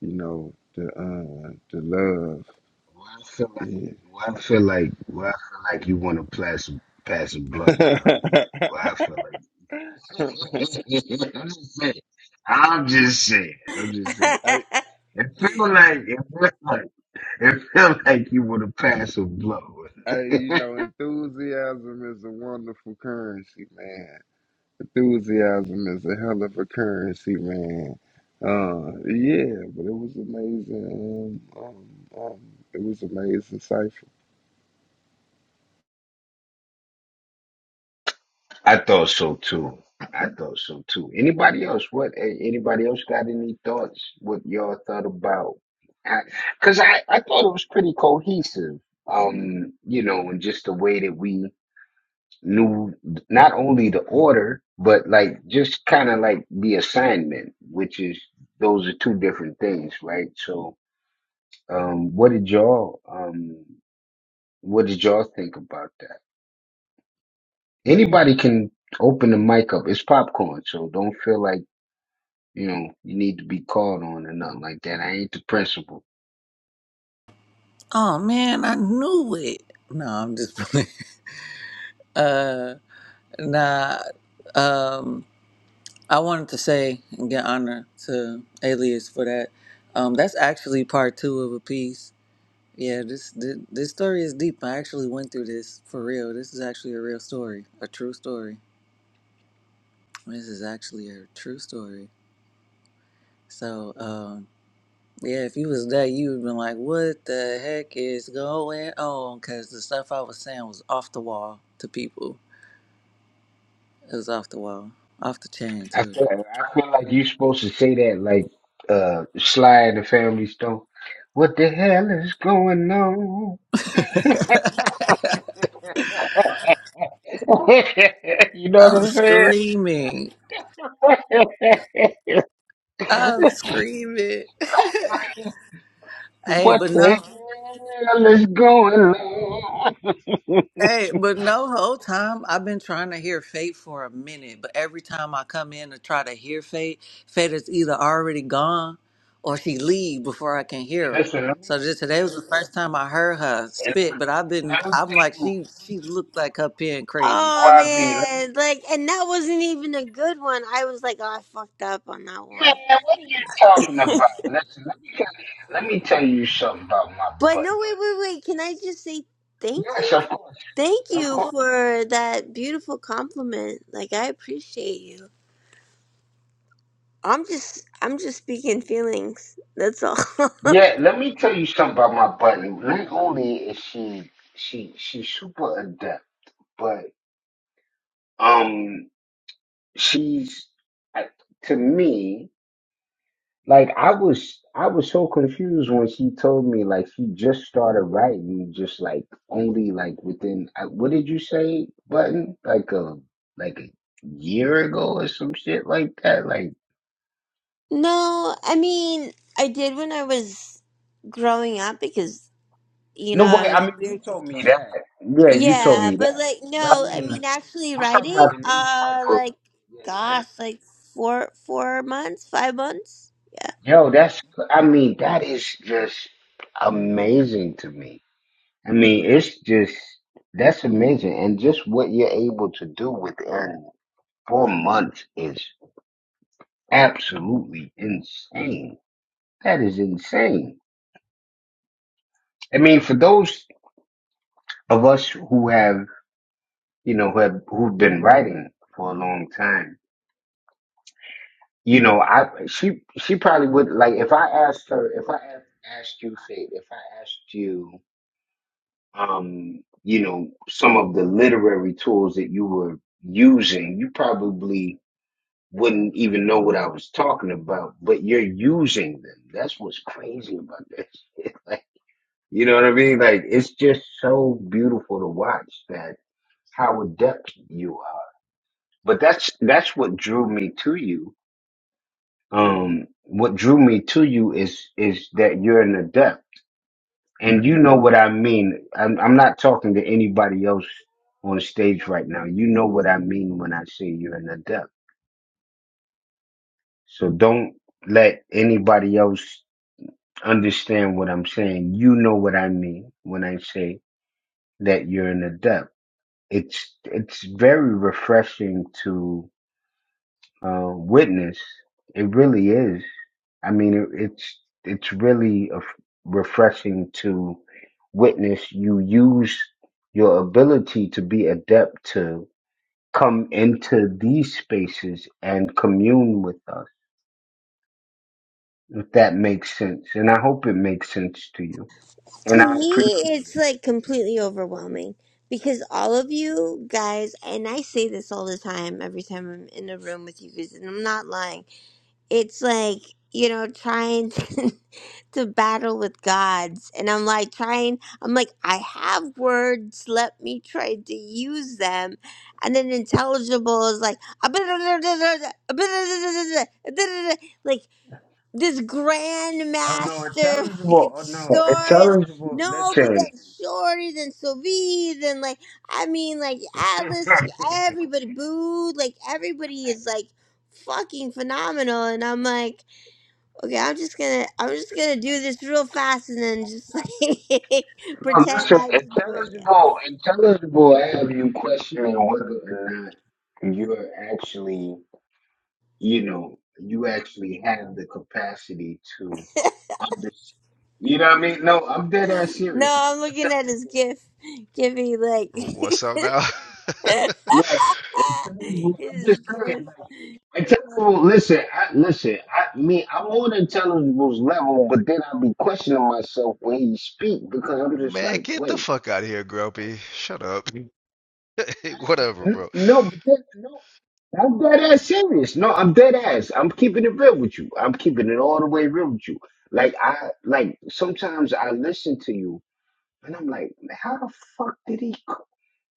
You know, the uh, the love. Well, I feel like, Yeah. well, I feel like, well, I feel like you want to pass pass a blunt with her, man. Well, I feel like. I'm just saying. I'm just saying. I'm just saying. I, It feel like it feel like it feel like you want to pass a blunt. I, with her. you know, enthusiasm is a wonderful currency, man. enthusiasm is a hell of a currency, man. Uh, yeah, but it was amazing. Um, um, um, it was amazing I thought so too. I thought so too. Anybody else? What? eh, Anybody else got any thoughts? What y'all thought about? Because I, 'cause I, I thought it was pretty cohesive. Um, you know, and just the way that we knew not only the order, but like just kind of like the assignment, which is those are two different things, right? So, um, what did y'all, um, what did y'all think about that? Anybody can open the mic up. It's popcorn, so don't feel like you know, you need to be called on or nothing like that. I ain't the principal. Oh man, I knew it. No, I'm just playing. Uh, nah. Um, I wanted to say and get honor to Alias for that. Um, that's actually part two of a piece. Yeah, this, this this story is deep. I actually went through this for real. This is actually a real story, a true story. This is actually a true story. So, um, Yeah, if you was there, you would been like, "What the heck is going on?" Because the stuff I was saying was off the wall to people. It was off the wall, off the chain I too. feel I feel like you're supposed to say that like uh Sly and the Family Stone. What the hell is going on? you know I what I'm was saying? screaming. I was screaming. hey, what but the no. hell is going on? Hey, but no, whole time I've been trying to hear Fate for a minute, but every time I come in to try to hear Fate, Fate is either already gone or she leave before I can hear her. Listen, let So me just today was the first time I heard her and let, spit, but I've been let me I'm tell like you, she she looked like her pen crazy. oh Swabby, let me man, like, and that wasn't even a good one. I was like, oh, I fucked up on that Man, one. what are you talking about? Listen, let me tell- let me tell you something about my But butt. no, wait, wait, wait. Can I just say thank Yes, you? of course. Thank Of you course. for that beautiful compliment. Like, I appreciate you. I'm just, I'm just speaking feelings. That's all. Yeah, let me tell you something about my butler. Not only is she she she's super adept, but um she's I- to me like I was I was so confused when she told me like she just started writing just like only like within I- what did you say button like a like a year ago or some shit like that like no, I mean, I did when I was growing up because you know no I way I was a mean you weird told kid. me that yeah you told Yeah, me but that like but I no, I mean mean actually I'm talking about writing, in these type uh of. like Yeah, yeah. gosh, like four four months, five months. Yeah. Yo, that's. I mean, that is just amazing to me. I mean, it's just that's amazing, and just what you're able to do within four months is absolutely insane. That is insane. I mean, for those of us who have, you know, who have who've been writing for a long time You know, I she she probably would like if I asked her if I asked, asked you Faith, if I asked you um you know some of the literary tools that you were using, you probably wouldn't even know what I was talking about, but you're using them. That's what's crazy about that shit. Like, you know what I mean? Like it's just so beautiful to watch that how adept you are. But that's that's what drew me to you um what drew me to you is is that you're an adept and you know what i mean i'm, I'm not talking to anybody else on stage right now you know what i mean when i say you're an adept so don't let anybody else understand what i'm saying you know what i mean when i say that you're an adept it's it's very refreshing to uh, witness it really is I mean, it, it's it's really a f- refreshing to witness you use your ability to be adept to come into these spaces and commune with us, if that makes sense. And I hope it makes sense to you. And To I me appreciate it's it. like completely overwhelming because all of you guys and I say this all the time every time I'm in a room with you guys and I'm not lying. It's like, you know, trying to battle with gods and i'm like trying i'm like i have words let me try to use them and then intelligible is like like this Oh no, grandmaster like, intelligible. Oh no, story like, intelligible. no but Listen, that shorty than sylvie then like i mean like no, atlas like everybody booed like everybody is like fucking phenomenal and i'm like Okay, I'm just gonna I'm just gonna do this real fast and then just like pretend listen, I didn't do it. Yet. intelligible, intelligible. I have you questioning whether or not you're actually. you know, you actually have the capacity to understand. You know what I mean? No, I'm dead ass No, serious. Like, I'm looking at his intelligible, gift. Give me like What's up now? yo, intelligible. I'm his just gift. intelligible. Listen, I, listen. I mean, I'm on intelligible's level, but then I be questioning myself when he speak because I'm just Man, like, get the wait, fuck out of here, Grumpy. Shut up. Whatever, N- bro. no, but then, no. I'm dead ass serious. No, I'm dead ass. I'm keeping it real with you. I'm keeping it all the way real with you. Like I, like sometimes I listen to you And I'm like, how the fuck did he? c-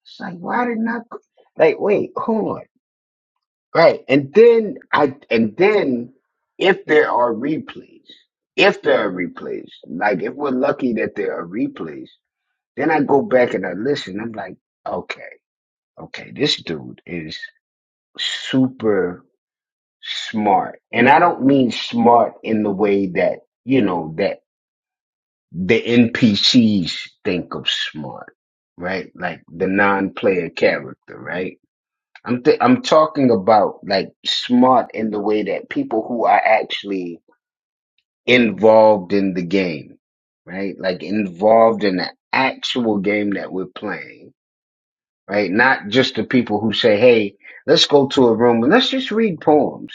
It's like, why did not? c- Like, wait, hold on. Right. And then I, and then if there are replays, if there are replays, like if we're lucky that there are replays, then I go back and I listen. I'm like, okay, okay, this dude is super smart. And I don't mean smart in the way that, you know, that the NPCs think of smart, right? Like the non-player character, right? I'm th- I'm talking about like smart in the way that people who are actually involved in the game, right? Like involved in the actual game that we're playing, right? Not just the people who say, "Hey, let's go to a room and let's just read poems."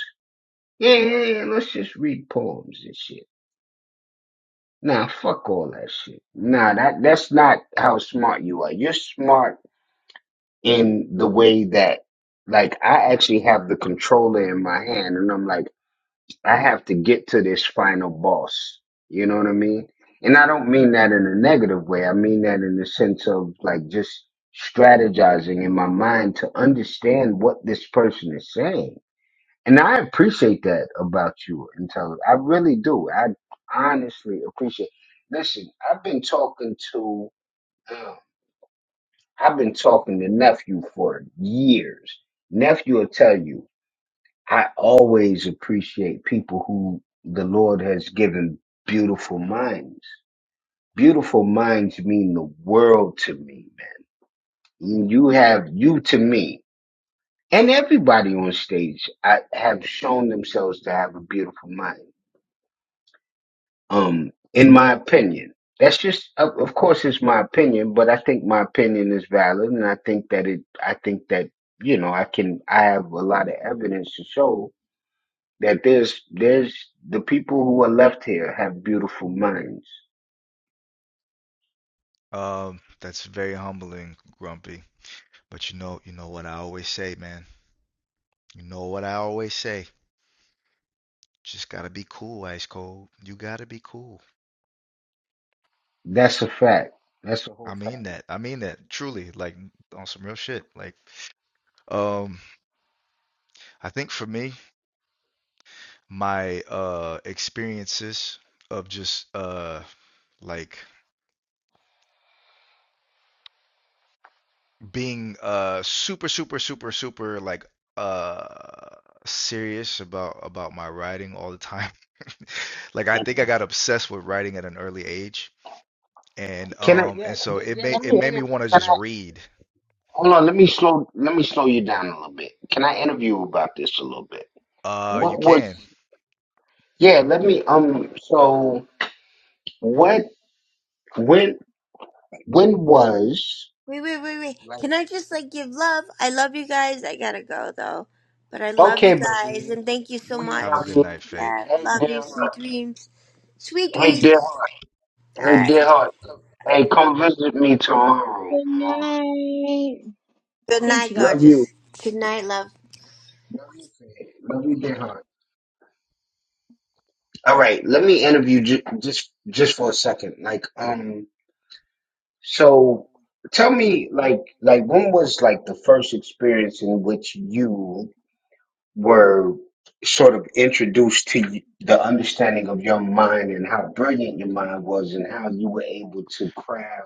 Yeah, yeah, yeah. Let's just read poems and shit Nah, fuck all that shit. Nah, that that's not how smart you are. You're smart in the way that, like, I actually have the controller in my hand, and I'm like, I have to get to this final boss. You know what I mean? And I don't mean that in a negative way. I mean that in the sense of like just strategizing in my mind to understand what this person is saying. And I appreciate that about you, intelligence. I really do. I honestly appreciate. Listen, I've been talking to, um, I've been talking to nephew for years. Nephew will tell you, I always appreciate people who the Lord has given beautiful minds. Beautiful minds mean the world to me, man. You have you to me, and everybody on stage I, have shown themselves to have a beautiful mind um, in my opinion. That's just, of, of course, it's my opinion, but I think my opinion is valid, and I think that it, I think that you know, I can, I have a lot of evidence to show that there's, there's the people who are left here have beautiful minds. Um, that's very humbling, Grumpy. But you know, you know what I always say, man. You know what I always say. Just gotta be cool, Ice Cold. You gotta be cool. That's a fact. That's a I whole fact. mean that. I mean that truly, like on some real shit. Like, um, I think for me, my uh experiences of just uh like being uh super, super, super, super like uh serious about about my writing all the time. Like I think I got obsessed with writing at an early age and Can I? um and so it made it made me want to just read. Hold on. Let me slow. Let me slow you down a little bit. Can I interview you about this a little bit? Uh, you What can was? Yeah. Let me. Um. So what? When? When was? Wait, wait, wait, wait. Can I just like give love? I love you guys. I gotta go though, but I love Okay, you guys baby. and thank you so We much. have a love good you. night, Fate. Yeah, Hey, love you. dear heart. Sweet dreams. Sweet Hey, dear dreams. heart. All Hey, right. dear heart. Hey, come visit me tomorrow. Good Uh, night. Good Damn, night, she gone. gorgeous. Good night, love. love you, dear heart. All right, let me interview j- just just for a second. Like, um, so tell me, like, like when was like the first experience in which you were sort of introduced to y- the understanding of your mind and how brilliant your mind was and how you were able to craft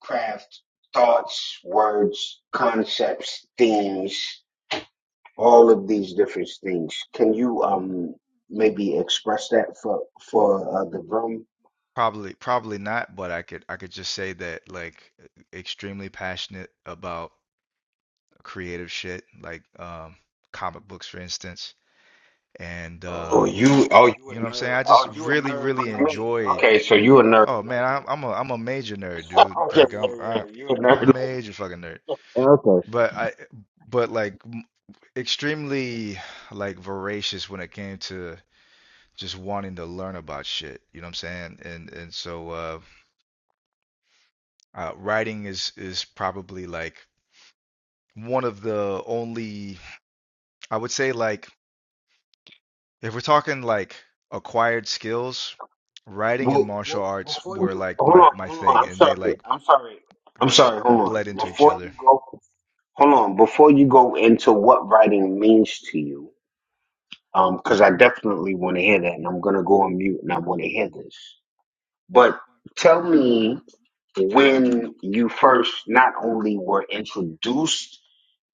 craft thoughts, words, concepts, themes, all of these different things. Can you um maybe express that for for uh, the room? Probably probably not, but I could I could just say that like e-, extremely passionate about creative shit, like um comic books for instance. And Oh, uh you oh you a you know what I'm saying? nerd? I just Oh, you a really nerd really like me? enjoyed. Okay, so you a nerd Oh man, like I, me? I'm a I'm a major nerd, dude. Okay, Like yeah, I'm I, yeah. I'm a major fucking nerd. yeah. Okay. But I, but like m- extremely like voracious when it came to just wanting to learn about shit. You know what I'm saying? And and so uh, uh, writing is is probably like one of the only I would say like if we're talking like acquired skills, writing and martial arts Before were you like hold my on, my hold on. thing, I'm and they sorry. like I'm sorry. Hold on. bled into each Before other. you go, hold on. Before you go into what writing means to you, Um, because I definitely want to hear that, and I'm gonna go on mute, and I want to hear this. But tell me when you first not only were introduced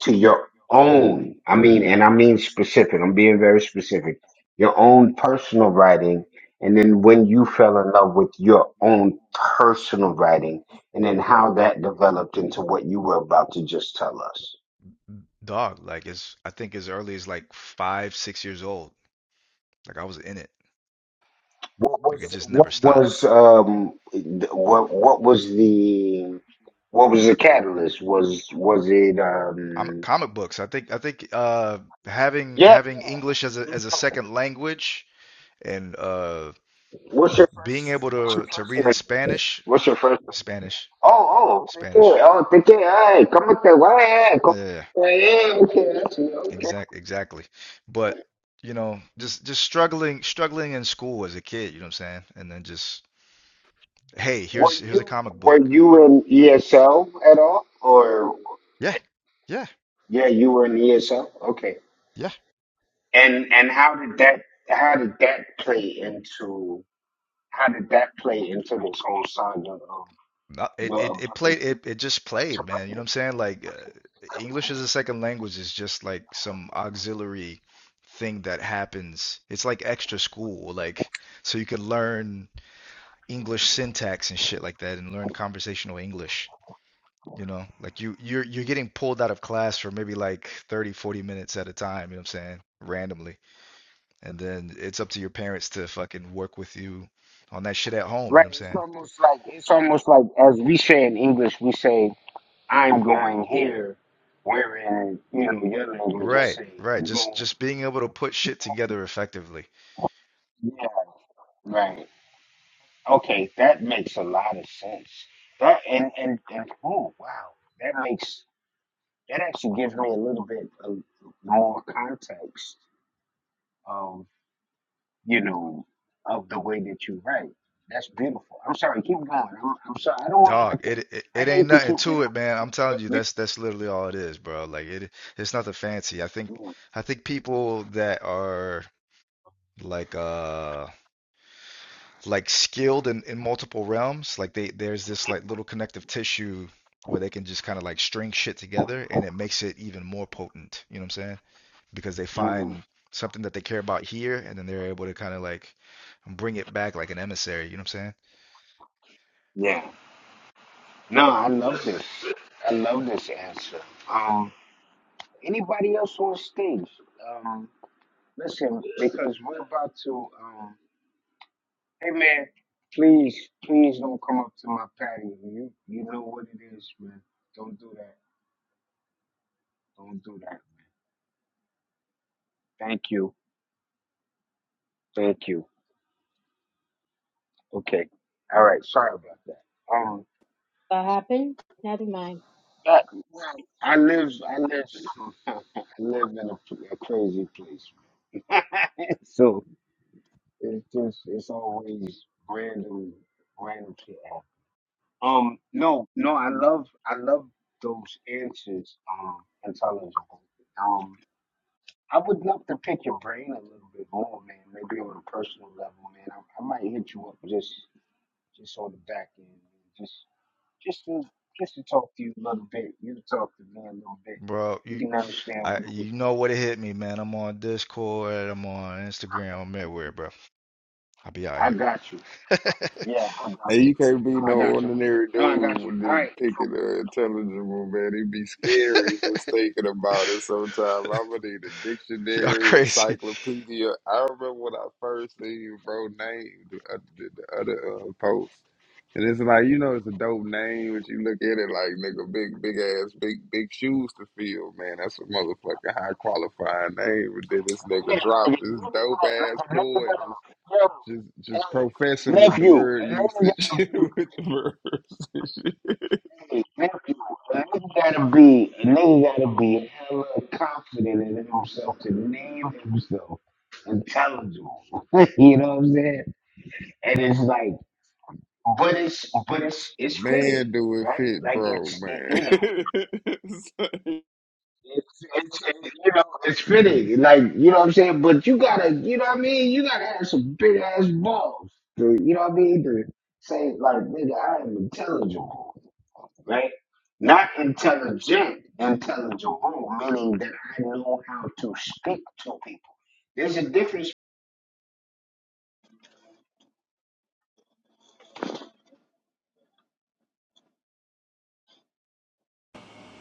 to your own, I mean, and I mean specific. I'm being very specific. Your own personal writing, and then when you fell in love with your own personal writing, and then how that developed into what you were about to just tell us. Dog, like as I think as early as like five, six years old, like I was in it. What Like it was just never what stopped. was um th- what what was the what was the catalyst? Was was it Com um comic books. I think I think uh, having yeah, having English as a as a second language and uh, what's your being first able what's your to to first read in name? Spanish, What's your first name? Spanish, Oh oh thank you. Spanish. Oh thank you. Hey, come with the way come Yeah, with the yeah, okay, that's it, okay. exact exactly. But you know, just just struggling struggling in school as a kid. You know what I'm saying? And then just hey, Were here's here's a you comic were book. you in ESL at all? Or Yeah, yeah, yeah, you were in ESL? Okay. yeah. And and how did that how did that play into How did that play into this whole saga of No, it your it it played ability it it just to played, man. You write? know what I'm saying? Like uh, English as a second language is just like some auxiliary thing that happens. It's like extra school, like so you can learn English syntax and shit like that and learn conversational English, you know? Like you you're you're getting pulled out of class for maybe like 30 40 minutes at a time, you know what I'm saying? Randomly. And then it's up to your parents to fucking work with you on that shit at home, you Right. know what I'm It's saying? almost like it's almost like as we say in English, we say I'm going here, wherein you know your language just Right, say right. Just go. just being able to put shit together effectively. Yeah. Right. Okay. That makes a lot of sense. That and and and oh wow, that makes that actually gives me a little bit of more context you know, of the way that you write. That's beautiful. I'm sorry, keep going. I'm, I'm sorry. I don't want. I, Dog, ca- it, it I it hate ain't to nothing keep you to know. it, man. I'm telling you, that's that's literally all it is, bro. Like it it's nothing fancy. I think you- I think people that are like uh like skilled in, in multiple realms, like they there's this like little connective tissue where they can just kind of like string shit together and it makes it even more potent, you know what I'm saying? Because they mm, mm, find something that they care about here and then they're able to kind of like bring it back like an emissary, you know what I'm saying? Yeah. No, I love this. I love this answer. Um, anybody else on stage? Um, listen, because we're about to. Um, hey man, please, please don't come up to my patio. You, you know what it is, man. Don't do that. Don't do that. Thank you. Thank you. Okay. All right. Sorry about that. Um, What happened? Never mind. but I live, I live, I live in a, a crazy place. It's just, it's always random, random shit. happen. Um, no, no, I love, I love those answers. Um, intelligent. Um, I would love to pick your brain a little bit more, man. Maybe on a personal level, man. I, I might hit you up just, just on the back end, man. just to just to talk to you a little bit. You can talk to me a little bit. Bro, You you can understand I what it was. you know what it hit me, man. I'm on Discord, I'm on Instagram, I'm everywhere, bro. I'll be out I here. got you. Yeah, I got And you. you can't be No, no I got you. ordinary No, I got dude you. with All this right. picking uh, intelligible, man. It'd be scary just thinking about it sometimes. I'm gonna need a Y'all dictionary, crazy. encyclopedia. I remember when I first seen bro name the, uh, the, the other uh, post, and it's like you know it's a dope name, but you look at it like nigga, big big ass, big big shoes to fill, man. That's a motherfucking high qualifying name. But then this nigga Yeah, like dropped a this nigga, dope ass like a nigga poet. gotta, yo, Just just professing with the nephew, word a nigga usage gotta with the verbs. and shit. be, nephew, a nigga gotta be, a nigga gotta be hella confident in himself to name himself intelligent. you know what I'm saying? And it's like. but it's but it's it's fitting, man, do it right? fit, Like bro, it's it, man. you know hey, it's it, you know it's fitting, like you know what I'm saying. But you gotta you know what I mean. You gotta have some big ass balls, to, you know what I mean, to say like nigga, I am intelligible, right? Not intelligent, intelligible, meaning that I know how to speak to people. There's a difference.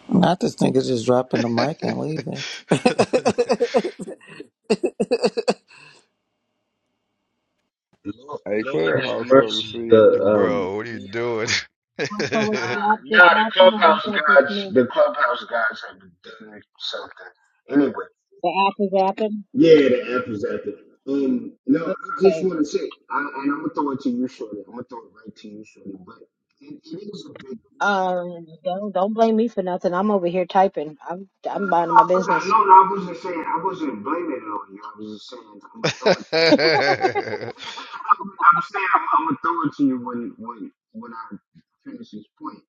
Not this nigga just dropping the mic and leaving. Lord have clubhouse something mercy. The serious, um bro. Bro, what are you doing? Also, was the Nah, app just nah, the happened or was clubhouse that just gods, me? the clubhouse gods have done something. Anyway, The app is happened? yeah, the app is after. Um, no, I just Okay. want to say, I, and I'm gonna throw it to you, shorty. I'm gonna throw it right to you, shorty. But it, it is a big deal. Um, don't don't blame me for nothing. I'm over here typing. I'm No, no, I'm no, minding I my wasn't, business. no, no, I wasn't saying, I wasn't blaming it on you. I was just saying, I'm gonna throw it to you. I'm saying, I'm, I'm gonna throw it to you when, when, when I finish this point.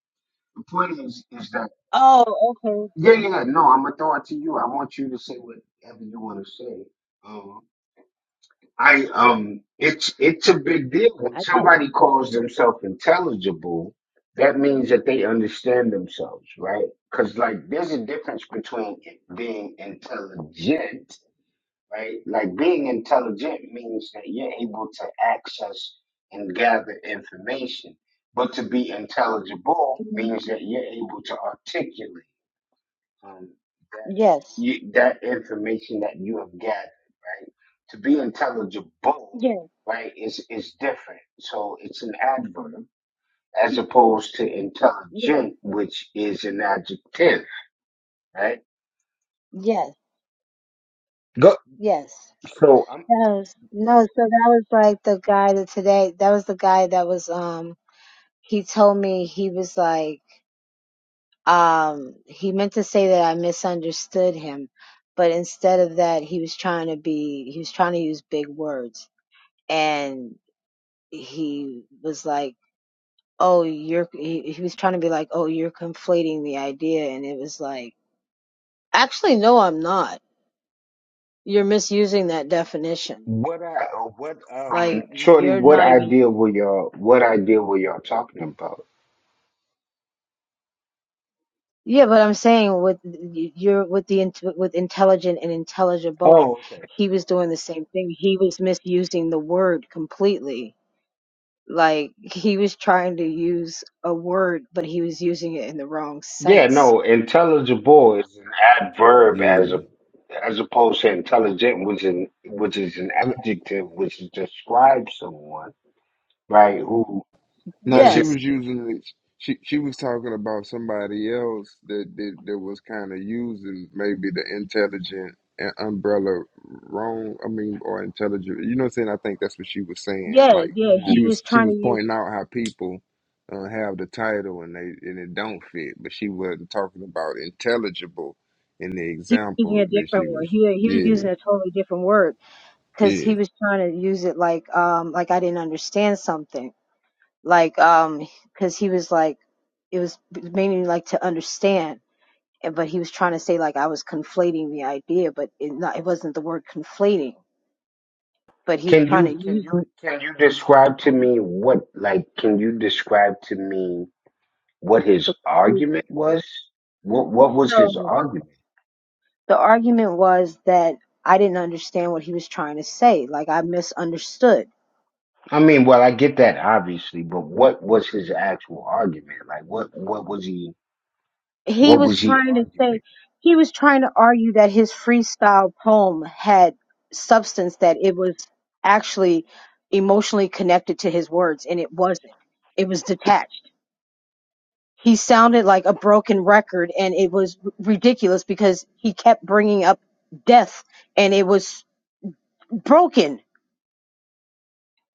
The point is, is that. Oh, okay. Yeah, yeah, no, I'm gonna throw it to you. I want you to say whatever you want to say. Um, I um, it's it's a big deal when I got it. somebody calls themselves intelligible. That means that they understand themselves, right? Because like, there's a difference between it being intelligent, right? Like being intelligent means that you're able to access and gather information, but to be intelligible means that you're able to articulate um, that Yes. you, that information that you have gathered, right? To be intelligible, Yes. right, is is different. So it's an adverb as opposed to Yes. intelligent, which is an adjective, right? Yes. Go. Yes. So um, No, no, so that was like the guy that today, that was the guy that was, um, he told me he was like, um, he meant to say that I misunderstood him, but instead of that, he was trying to be, he was trying to use big words. And he was like, oh, you're, he, he was trying to be like, oh, you're conflating the idea. And it was like, actually, no, I'm not. You're misusing that definition. what I uh, what um, Like, Shorty, you're what not even. idea were y'all what idea were y'all talking about? Yeah, but I'm saying with you're with the int- with intelligent and intelligible, Oh okay. he was doing the same thing. He was misusing the word completely. Like he was trying to use a word, but he was using it in the wrong Yeah, sense. no, intelligible is an adverb as a Yeah. as opposed to intelligent, which is which is an adjective which describes someone, right? Who Now she isn't Yes, was using it. She she was talking about somebody else that that, that was kind of using maybe the intelligent and umbrella wrong. I mean, or intelligent. You know what I'm saying? I think that's what she was saying. yeah, Like yeah. she cool. He was was she trying to was use. pointing out how people uh, have the title and they and it don't fit, but she wasn't talking about intelligible in the He was using example a that different she word. was. He he was Yeah, using a totally different word because he yeah, was trying to use it like um like I didn't understand something like um because he was like it was meaning like to understand and but he was trying to say like I was conflating the idea, but it not it wasn't the word conflating, but he was Can trying to you can use you can you describe to me what like can you describe to me what his the use- argument was? What what was so his argument? the argument was that I didn't understand what he was trying to say, like I misunderstood. I mean, well, I get that obviously, but what was his actual argument? Like what what was he He what was was he trying to say arguing? he was trying to argue that his freestyle poem had substance that it was actually emotionally connected to his words and it wasn't. It was detached he sounded like a broken record and it was r- ridiculous because he kept bringing up death and it was broken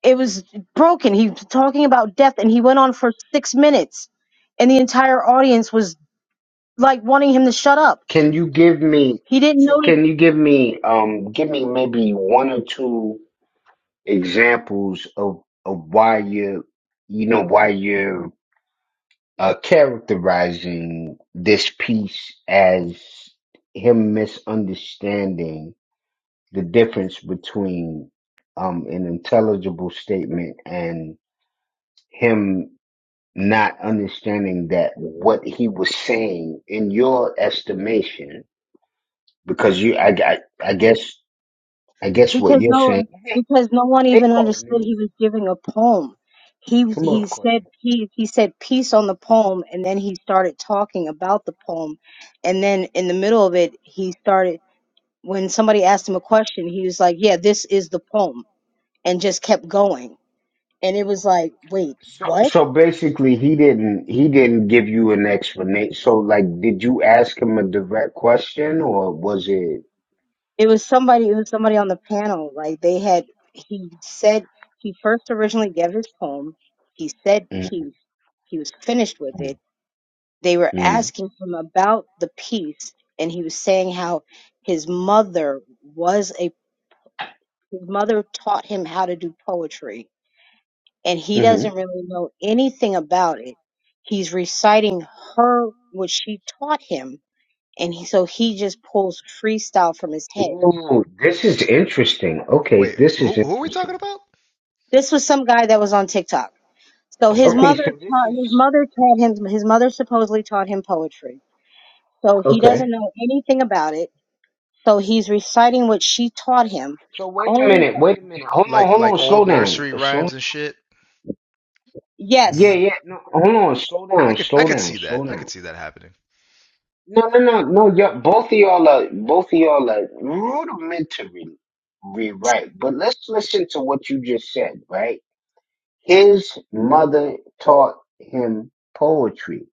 it was broken he was talking about death and he went on for 6 minutes and the entire audience was like wanting him to shut up Can you give me? he didn't notice Can you give me um give me maybe one or two examples of of why you you know why you're uh, characterizing this piece as him misunderstanding the difference between um an intelligible statement and him not understanding that what he was saying in your estimation because you I I, I guess I guess what because you're no saying because no one even understood he was giving a poem he was- Come he up, Courtney. said he he said peace on the poem and then he started talking about the poem and then in the middle of it he started when somebody asked him a question, he was like, "Yeah, this is the poem," and just kept going. And it was like, "Wait, what?" So basically, he didn't he didn't give you an explanation. So like, did you ask him a direct question, or was it? It was somebody. It was somebody on the panel. Like they had. He said he first originally gave his poem. He said peace. He was finished with it. They were Mm-hmm. asking him about the piece, and he was saying how his mother was a his mother taught him how to do poetry and he Mm-hmm. doesn't really know anything about it. He's reciting her what she taught him, and he, so he just pulls freestyle from his head. Ooh, this is interesting. Okay, Wait, this is who who are we talking interesting. about? This was some guy that was on TikTok. So Oh, his weird. Okay, mother so this is taught his mother taught him his mother supposedly taught him poetry. So he doesn't okay. know anything about it. So he's reciting what she taught him, So wait a only minute. from Wait a minute. Hold on. Like Hold on. like Slow old down. nursery Slow. rhymes and shit. Yeah, yes. hmm yeah. No, hold on. Slow I down. could I Slow could down. see Slow that. I down. could see that happening. No, no, no, no. Y'all, both of y'all are both of y'all are rudimentary right. But let's listen to what you just said, right? His mother taught him poetry,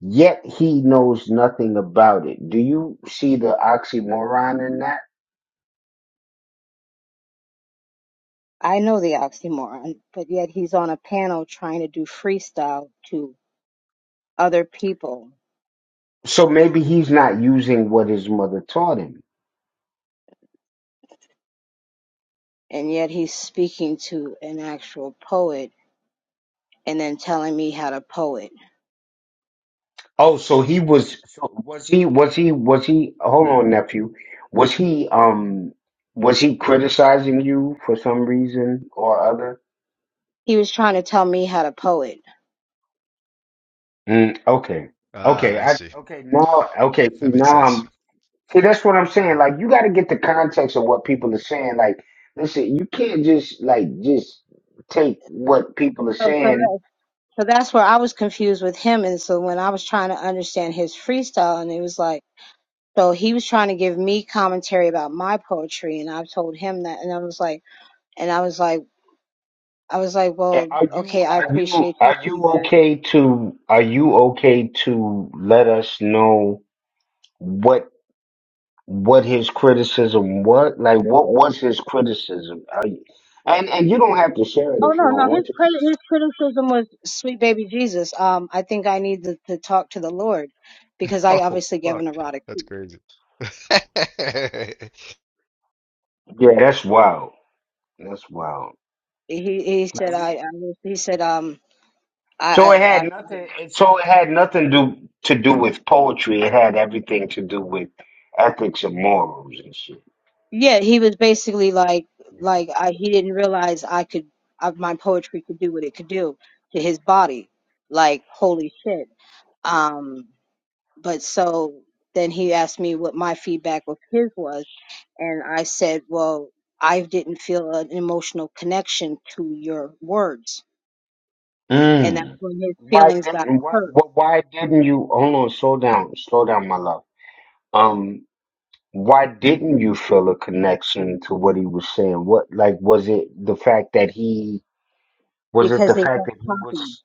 yet he knows nothing about it. Do you see the oxymoron in that? I know the oxymoron, but yet he's on a panel trying to do freestyle to other people So maybe he's not using what his mother taught him. and yet he's speaking to an actual poet and then telling me how to poet. Oh, so he was so was he was he was he hold on, nephew. Was he um was he criticizing you for some reason or other? He was trying to tell me how to poet. Mm, okay. Ah, Okay, I I see. okay now okay, see That makes now sense. I'm see that's what I'm saying. Like you gotta get the context of what people are saying. Like listen, you can't just like just take what people are So, so, saying. that, so that's where I was confused with him. And so when I was trying to understand his freestyle, and it was like, so he was trying to give me commentary about my poetry, and I told him that, and I was like, and I was like. I was like, And well, Are you okay, I are you appreciate your are you feedback. okay to are you okay to let us know what what his criticism was. Like, what was his criticism? Are you, and and you don't have to share it Oh if no, you don't no, want his to. credit, his criticism was sweet baby Jesus. Um, I think I need to, to talk to the Lord because I Oh, obviously gave fuck. an erotic. That's tweet. crazy. Yeah, that's wild. That's wild. He he said I, I was- he said um So it I, I I had nothing. it- So it had nothing do to do with poetry. It had everything to do with ethics and morals and shit. yeah he was basically like like I he didn't realize I could I, my poetry could do what it could do to his body like holy shit um but so then he asked me what my feedback of his was and i said well i didn't feel an emotional connection to your words and that's Mm. when his Why feelings got didn't why hurt wh- why didn't you hold on? Slow down, slow down, my love. Um, why didn't you feel a connection to what he was saying? What like was it the fact that he Was it because the they fact felt that he choppy was?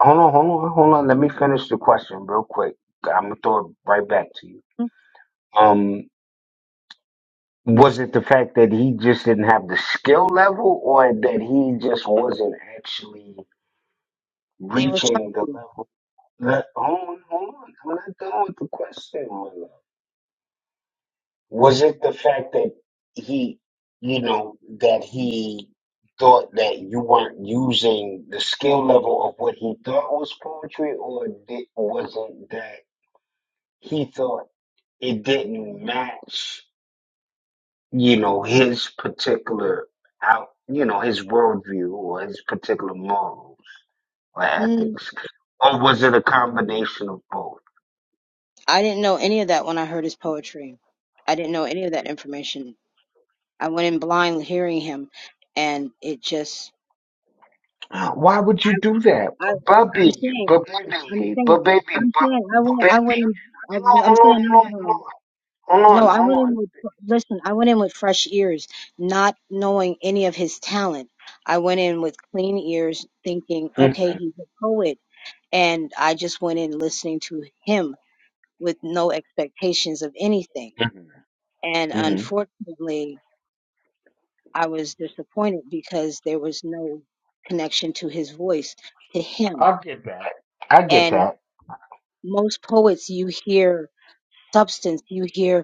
Hold on, hold on, hold on. Let me finish the question real quick. I'm gonna throw it right back to you. Mhm. Um, was it the fact that he just didn't have the skill level, or that he just wasn't actually they were reaching the choppy level? Let, hold on, hold on. I'm not done with the question, Was it the fact that he, you know, that he thought that you weren't using the skill level of what he thought was poetry, or did, was it that he thought it didn't match, you know, his particular out, you know, his worldview or his particular morals or mm. ethics, or was it a combination of both? i didn't know any of that when i heard his poetry i didn't know any of that information i went in blind hearing him and it just Why would i, you do that? I But i'm Bubby, saying but i'm baby, saying but baby, i'm saying i but went i went baby. in i'm Hold on, I'm saying hold no on, no no hold on, hold No, on, hold I on, went hold in with listen, I went in with fresh ears, not knowing any of his talent. I went in with clean ears thinking, okay, on. he's a poet, and I just went in listening to him with no expectations of anything. And unfortunately, I was disappointed because there was no connection to his voice, to him. And most poets you hear substance, you hear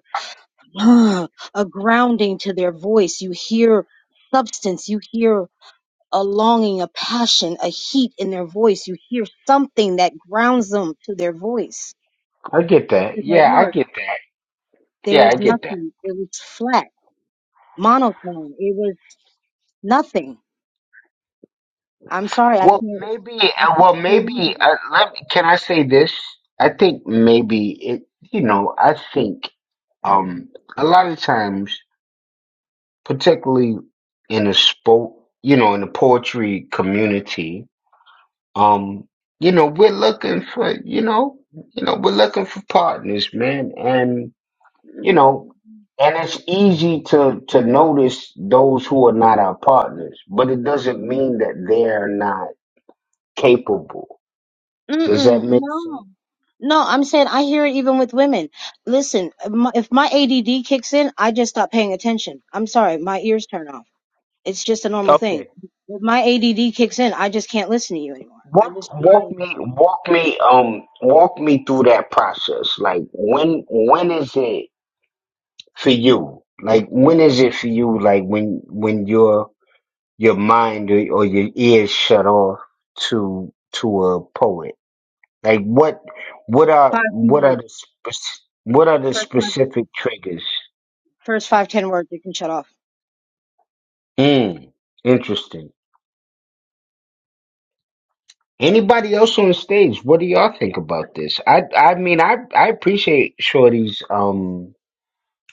uh, a grounding to their voice. You hear substance, you hear a longing, a passion, a heat in their voice. You hear something that grounds them to their voice, Mhm. to their Yeah, I words. get that. There Yeah, I was get that. nothing. It was flat, monotone. It was nothing. I'm sorry, I Well, can't. maybe. I Uh, well, can't do it on maybe. Uh, let me, can I say this? I think maybe it. You know, I think um a lot of times, particularly in a sport, you know, in the poetry community, Um, you know, we're looking for, you know, you know, we're looking for partners, man. And, you you. know, and it's easy to to notice those who are not our partners, but it doesn't mean that they're not capable. Does that Mm-mm, make no, sense? no. I'm saying I hear it even with women. Listen, if my if my ADD kicks in, I just stop paying attention. I'm sorry, my ears turn off. It's just a normal Okay. thing. If my ADD kicks in, I just can't listen to you anymore. I Walk just walk my me walk me um walk me through that process. Like when when is it for you? Like when is it for you? Like when when you're your mind or, or your ears shut off to to a poet? Like what what are five ten what are words the spec- what are the first five, specific triggers? first five ten words you can shut off Mm, interesting. Anybody else on stage? What do y'all think about this? I I mean I I appreciate Shorty's um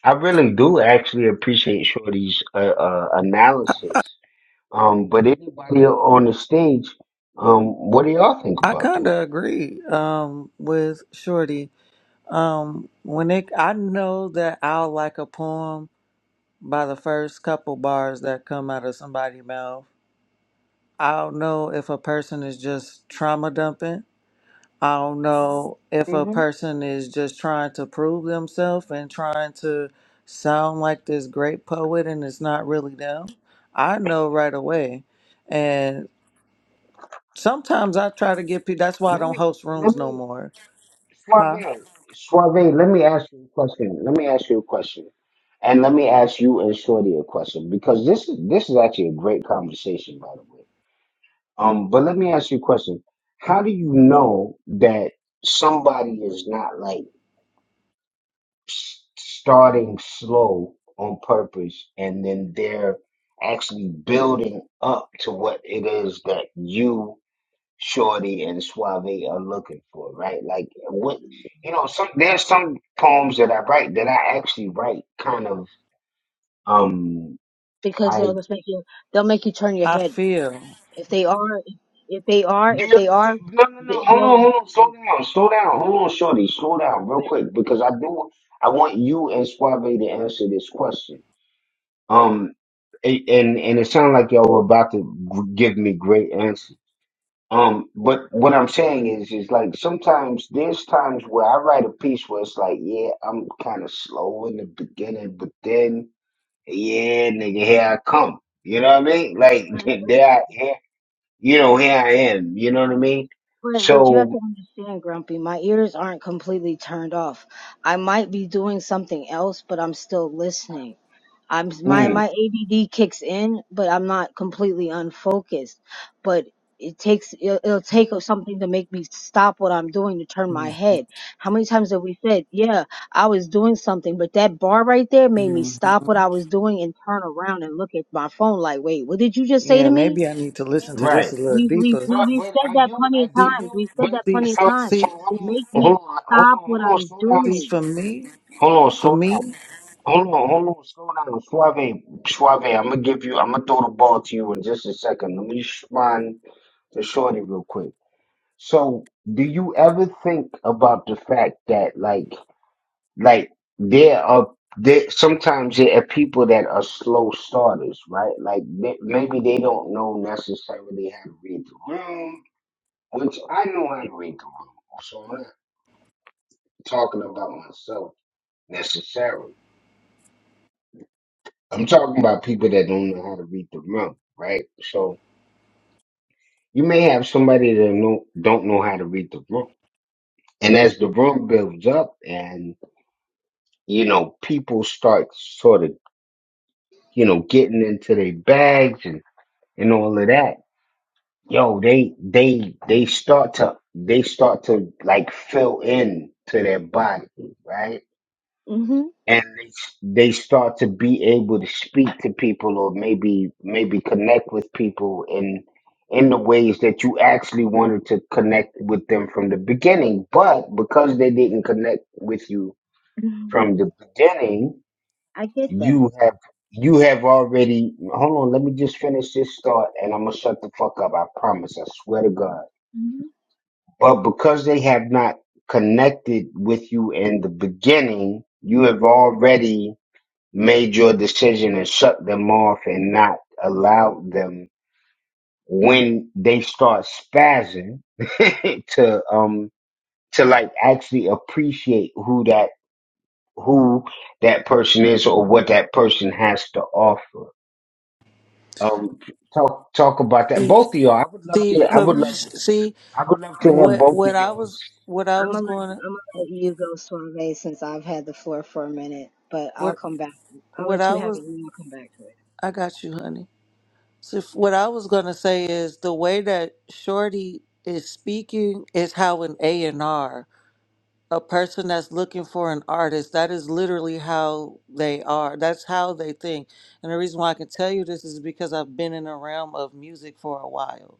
I really do actually appreciate Shorty's uh, uh, analysis. Um, but anybody on the stage, um, what do y'all think I about kind this? of agree um, with Shorty. Um, when it, I know that I'll like a poem by the first couple bars that come out of somebody's mouth. I don't know if a person is just trauma dumping. I don't know if a hmm person is just trying to prove themselves and trying to sound like this great poet and it's not really them. I know right away. And sometimes I try to get people, that's why I Let don't me host rooms let no me more. Huh? Suave, let me ask you a question. Let me ask you a question. And let me ask you and Shorty a question because this is this is actually a great conversation, by the way. Um, but let me ask you a question. How do you know that somebody is not like s- starting slow on purpose and then they're actually building up to what it is that you Shorty and Suave are looking for, right? Like what you know, some there's some poems that I write that I actually write kind of um because they'll I just make you they'll make you turn your I head feel. if they are if they are do if you they are understand? No, no, no. they- Hold on, they'll hold on. Slow down. Slow down. Hold on, Shorty. Slow down real quick because I do. I want you and Suave to answer this question. Um, a- and and it sounds like y'all were about to g- give me great answers. Um, but what I'm saying is, is like sometimes there's times where I write a piece where it's like, yeah, I'm kind of slow in the beginning, but then, yeah, nigga, here I come. You know what I mean? Like, there, I, here, you know, here I am. You know what I mean? but, but you have So, to understand grumpy my ears aren't completely turned off i might be doing something else but i'm still listening I'm my mm, my ADD kicks in, but I'm not completely unfocused. But it takes it'll, it'll take something to make me stop what I'm doing to turn my Mhm. head. How many times have we said, "Yeah, I was doing something," but that bar right there made me stop what I was doing and turn around and look at my phone like, "Wait, what did you just say Yeah, to me?" maybe I need to listen to right. this a little We've we've deeper. we- But, we've but said are that you? plenty Uh, of do See, times. you? We've said But that see, plenty of so, times. so see. hold Make on, me hold on, hold stop on, what hold on, I'm slow down, See doing. for me, hold on, for slow down. me, Hold on, hold on, slow down, Suave, Suave. I'm gonna give you. I'm gonna throw the ball to you in just a second. Let me respond to Shorty real quick. So, do you ever think about the fact that, like, like there are there sometimes there are people that are slow starters, right? Like they, maybe they don't know necessarily how to read the room, which I know how to read the room, so I'm not talking about myself necessarily. I'm talking about people that don't know how to read the room, right? So you may have somebody that know, don't know how to read the room. And as the room builds up and, you know, people start sort of, you know, getting into their bags and, and all of that, yo, they, they, they start to, they start to like fill in to their body, right? Mhm. and they, s- they start to be able to speak to people or maybe maybe connect with people in in the ways that you actually wanted to connect with them from the beginning but because they didn't connect with you from the beginning I get that. you have you have already hold on let me just finish this thought and i'm gonna shut the fuck up i promise i swear to god Mhm. but because they have not connected with you in the beginning you have already made your decision and shut them off and not allowed them when they start spazzing to um to like actually appreciate who that who that person is or what that person has to offer. Um talk talk about that. see, Both of y'all. I would love see to I for would Okay. love see I would love to hear what both of what I y'all's was what I I'm was gonna I'm going to gonna let you go, Suave, since I've had the floor for a minute. But I'll what come back. I'll what let you I have was it, and I'll come back to it. I got you, honey. So if- what I was going to say is the way that Shorty is speaking is how an A and R, a person that's looking for an artist, that is literally how they are. That's how they think. And the reason why I can tell you this is because I've been in the realm of music for a while.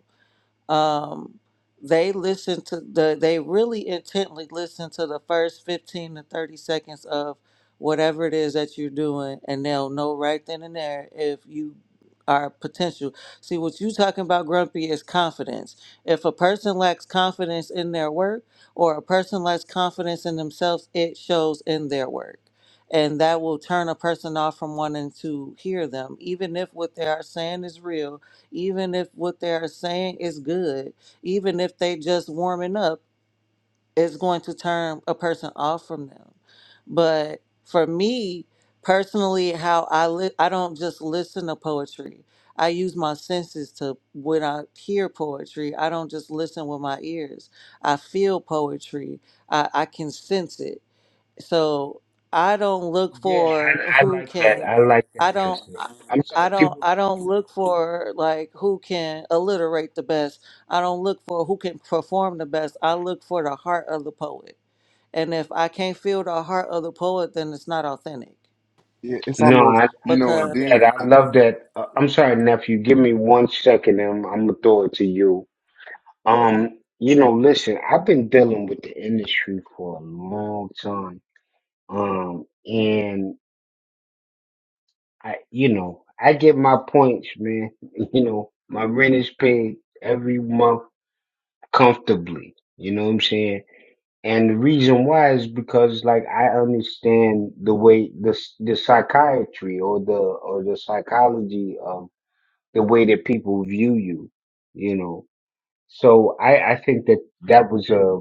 um, they listen to the they really intently listen to the first 15 to 30 seconds of whatever it is that you're doing and they'll know right then and there if you are potential see what you talking about grumpy is confidence if a person lacks confidence in their work or a person lacks confidence in themselves it shows in their work and that will turn a person off from wanting to hear them even if what they are saying is real even if what they're saying is good, even if they just warming up, it's going to turn a person off from them. But for me personally, how I li- I don't just listen to poetry. I use my senses to when I hear poetry. I don't just listen with my ears. I feel poetry. I, I can sense it. So I don't look yeah, for I I who like that. I can, like that I don't, answer. I I'm sorry, I keep don't, going. I don't look for like who can alliterate the best. I don't look for who can perform the best. I look for the heart of the poet. And if I can't feel the heart of the poet, then it's not authentic. yeah. It's No, almost I, I you know, love and Because then that. I love that. Uh, I'm sorry, nephew. Give me one second. and I'm I'm gonna throw it to you. Um, you know, listen. I've been dealing with the industry for a long time. Um, and I, you know, I get my points, man. You know, my rent is paid every month comfortably. You know what I'm saying? And the reason why is because, like, I understand the way the s- the psychiatry or the or the psychology of the way that people view you, you know. So I, I think that that was a,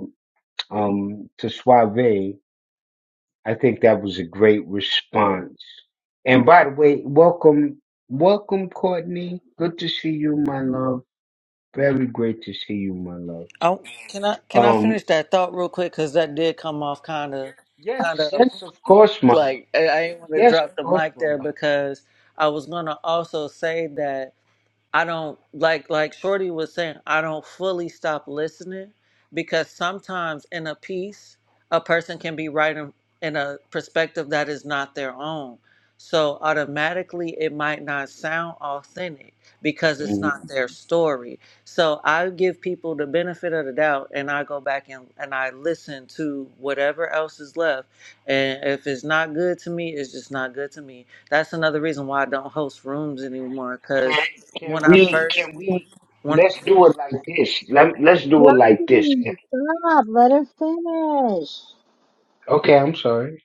um, to Suave, I think that was a great response. And by the way, welcome, welcome Courtney. Good to see you, my love. Very great to see you, my love. I can I can I Um, finish that thought real quick? Because that did come off kind of yes, kind of yes, of course, my love. like I, I didn't want to Yes. drop the mic there because I was gonna also say that I don't like like Shorty was saying, I don't fully stop listening because sometimes in a piece, a person can be writing in, a perspective that is not their own. So automatically it might not sound authentic because it's Mhm. not their Mhm. story. So I give people the benefit of the doubt and I go back and, and I listen to whatever else is left. And if it's not good to me, it's just not good to me that's another reason why I don't host rooms anymore Can, because can when I we, first can we, when let's do it like this. Let, let's do it like this. Grumpy, stop. Let her finish. Okay, I'm sorry.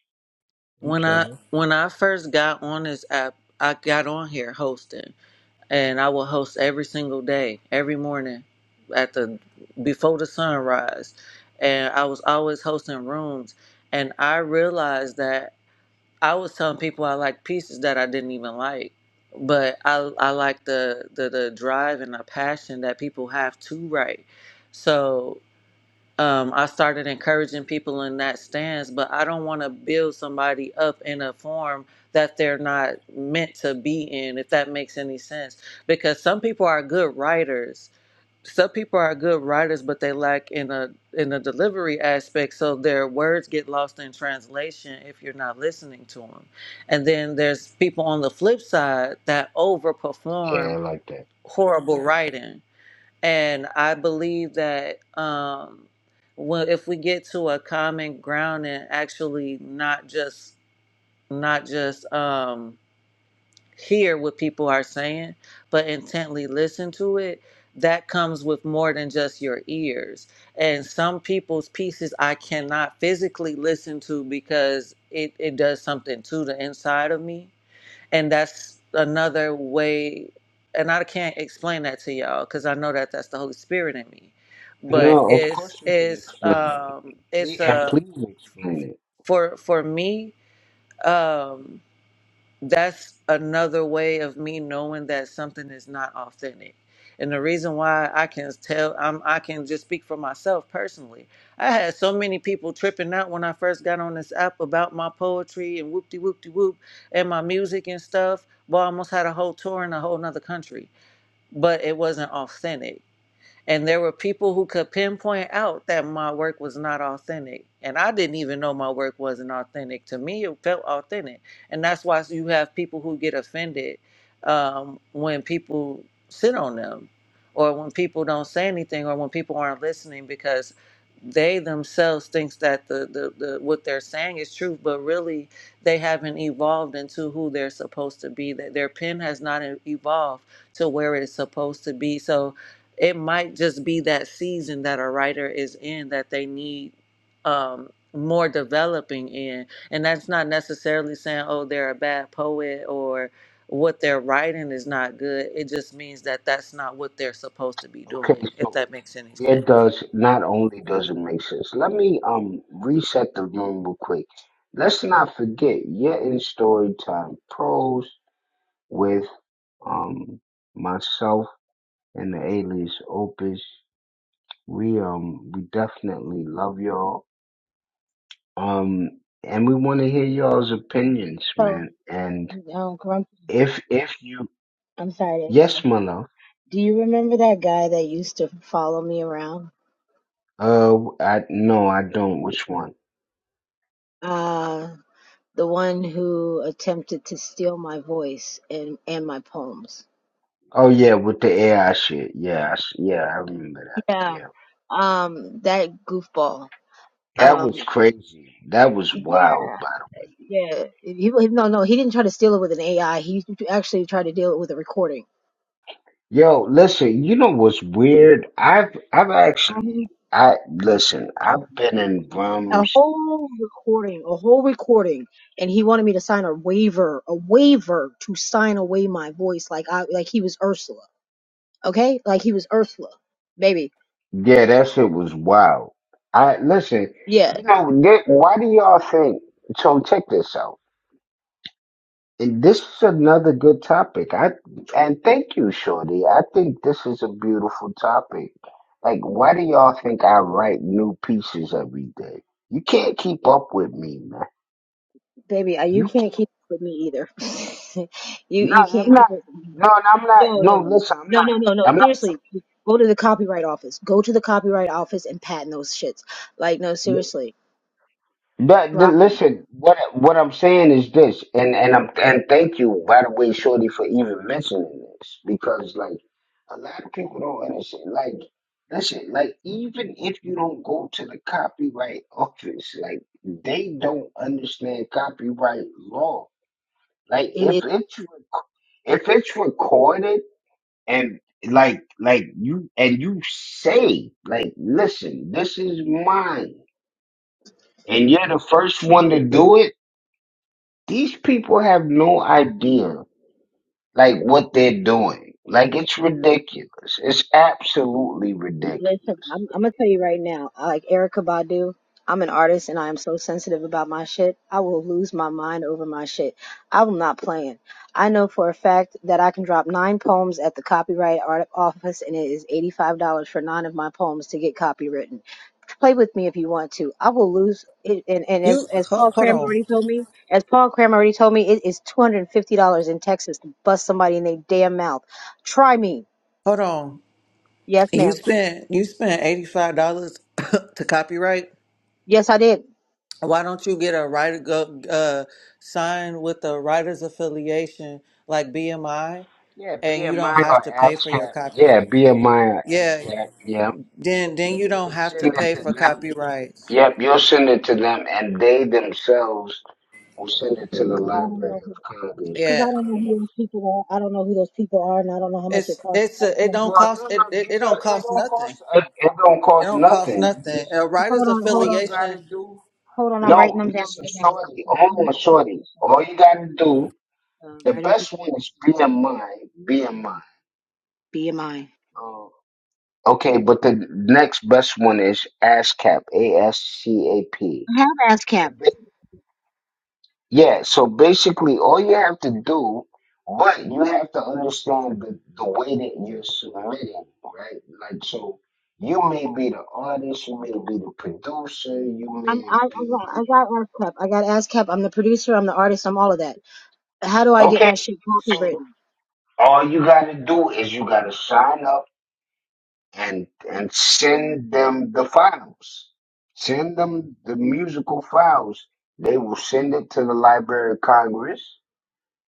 I'm when I sorry. when I first got on this app, I got on here hosting, and I would host every single day, every morning, at the before the sunrise, and I was always hosting rooms, and I realized that I was telling people I like pieces that I didn't even like. But I, I like the, the, the drive and the passion that people have to write. So um, I started encouraging people in that stance, but I don't want to build somebody up in a form that they're not meant to be in, if that makes any sense. Because some people are good writers. Some people are good writers, but they lack in a in a delivery aspect, so their words get lost in translation if you're not listening to them. And then there's people on the flip side that Yeah, I overperform like that. horrible writing and I believe that um, well, if we get to a common ground and actually not just not just um, hear what people are saying, but intently listen to it, that comes with more than just your ears. And some people's pieces I cannot physically listen to because it, it does something to the inside of me and that's another way and i can't explain that to y'all because i know that that's the holy spirit in me but No, of it's course you can it's explain it. um Please it's and uh please explain it. for for me um that's another way of me knowing that something is not authentic. And the reason why I can tell, I'm, I can just speak for myself personally. I had so many people tripping out when I first got on this app about my poetry and whoop de whoop de whoop and my music and stuff. Well, I almost had a whole tour in a whole nother country, but it wasn't authentic and there were people who could pinpoint out that my work was not authentic. And I didn't even know my work wasn't authentic. To me, it felt authentic. And that's why you have people who get offended um, when people sit on them or when people don't say anything or when people aren't listening because they themselves thinks that the, the, the what they're saying is true but really they haven't evolved into who they're supposed to be that their pen has not e-, evolved to where it's supposed to be so it might just be that season that a writer is in that they need um, more developing in. And that's not necessarily saying, oh, they're a bad poet or what they're writing is not good. It just means that that's not what they're supposed to be Okay, doing, if so that makes any it sense. does not only does it make sense. Let me um reset the room real quick. Let's not forget you're in story time pros with um myself and the alias Opus. We um we definitely love y'all. Um and we want to hear y'all's opinions, So, man. And um, Grumpy, if if you I'm sorry. yes, my love. Do you remember that guy that used to follow me around? Uh, I no, I don't. Which one? Uh, the one who attempted to steal my voice and, and my poems. Oh yeah, with the AI shit. Yeah, I, s- yeah, I remember that. Yeah. Yeah, Um, that goofball. that was Um, crazy. That was yeah. wild. But Yeah, he, he- no, no, he didn't try to steal it with an AI. He actually tried to deal it with a recording, yo, listen, you know what's weird? I've I've actually Mhm. I listen. I've been in a rooms. whole recording, a whole recording, and he wanted me to sign a waiver, a waiver to sign away my voice, like I, like he was Ursula, okay, like he was Ursula, baby. Yeah, that shit was wild. I listen. Yeah, You know, they- why do y'all think? So check this out. And this is another good topic. I and thank you, Shorty. I think this is a beautiful topic. Like, why do y'all think I write new pieces every day? You can't keep up with me, man. baby, I, you You can't can't. keep up with me either. you No, you I'm can't not. keep up with me. No, and I'm not. No, no, No, listen, I'm no, not. no, no, no. I'm Seriously, not. go to the copyright office. Go to the copyright office and patent those shits. Like, no, seriously, But th- drop 'em. listen, what what I'm saying is this, and and I'm and thank you by the way, Shorty, for even mentioning this because like a lot of people don't understand. Like, listen, like even if you don't go to the copyright office, like they don't understand copyright law. Like It if is. it's rec- if it's recorded and like like you and you say like listen, this is mine, and you're the first one to do it These people have no idea like what they're doing. Like it's ridiculous. It's absolutely ridiculous. Listen, I'm, I'm gonna tell you right now. I Like Erica Badu, I'm an artist, and I am so sensitive about my shit. I will lose my mind over my shit. i will not plan. I know for a fact that I can drop nine poems at the copyright art office, and it is eighty-five dollars for nine of my poems to get copywritten. Play with me if you want to. I will lose it, and, and as You as ho- Paul hold Cram on, already told me, as Paul Cram already told me, it is two hundred and fifty dollars in Texas to bust somebody in their damn mouth. Try me. hold on. Yes, You ma'am. spent you spent eighty five dollars to copyright. Yes, I did. Why don't you get a writer go uh, sign with a writers affiliation like BMI, Yeah, and you don't BMI have or to pay for your ASCAP. copy? Yeah, BMI or Yeah, ASCAP. Yeah. then then You you don't can have send to it pay to for them. copyrights. Yep, you'll send it to them and they themselves will send it to the I don't Library know of Congress. because I Yeah, don't know who those people are. I don't know who those people are, and I don't know how much it it's costs to it's talk a, to it don't people. cost it, it it don't cost nothing. It don't It cost don't cost nothing. You nothing. just A Hold writers on, hold on, affiliation hold on. I'm writing no, them down listen, right now. shorty, The hold Writers on, of shorty. Formation. All you gotta do, The the Writers of best one is B M I, B M I. BMI. I Okay, but the next best one is ASCAP, A S C A P. I have ASCAP. Yeah, so basically all you have to do, but you have to understand the, the way that you're submitting, right? Like, so you may be the artist, you may be the producer, you I'm, may I, I got, be. I got ASCAP. I got ASCAP. I'm the producer. I'm the artist. I'm all of that. How do I get Okay, my shit so copywritten? all you gotta do is you gotta sign up. and and send them the files. Send them the musical files. They will send it to the Library of Congress,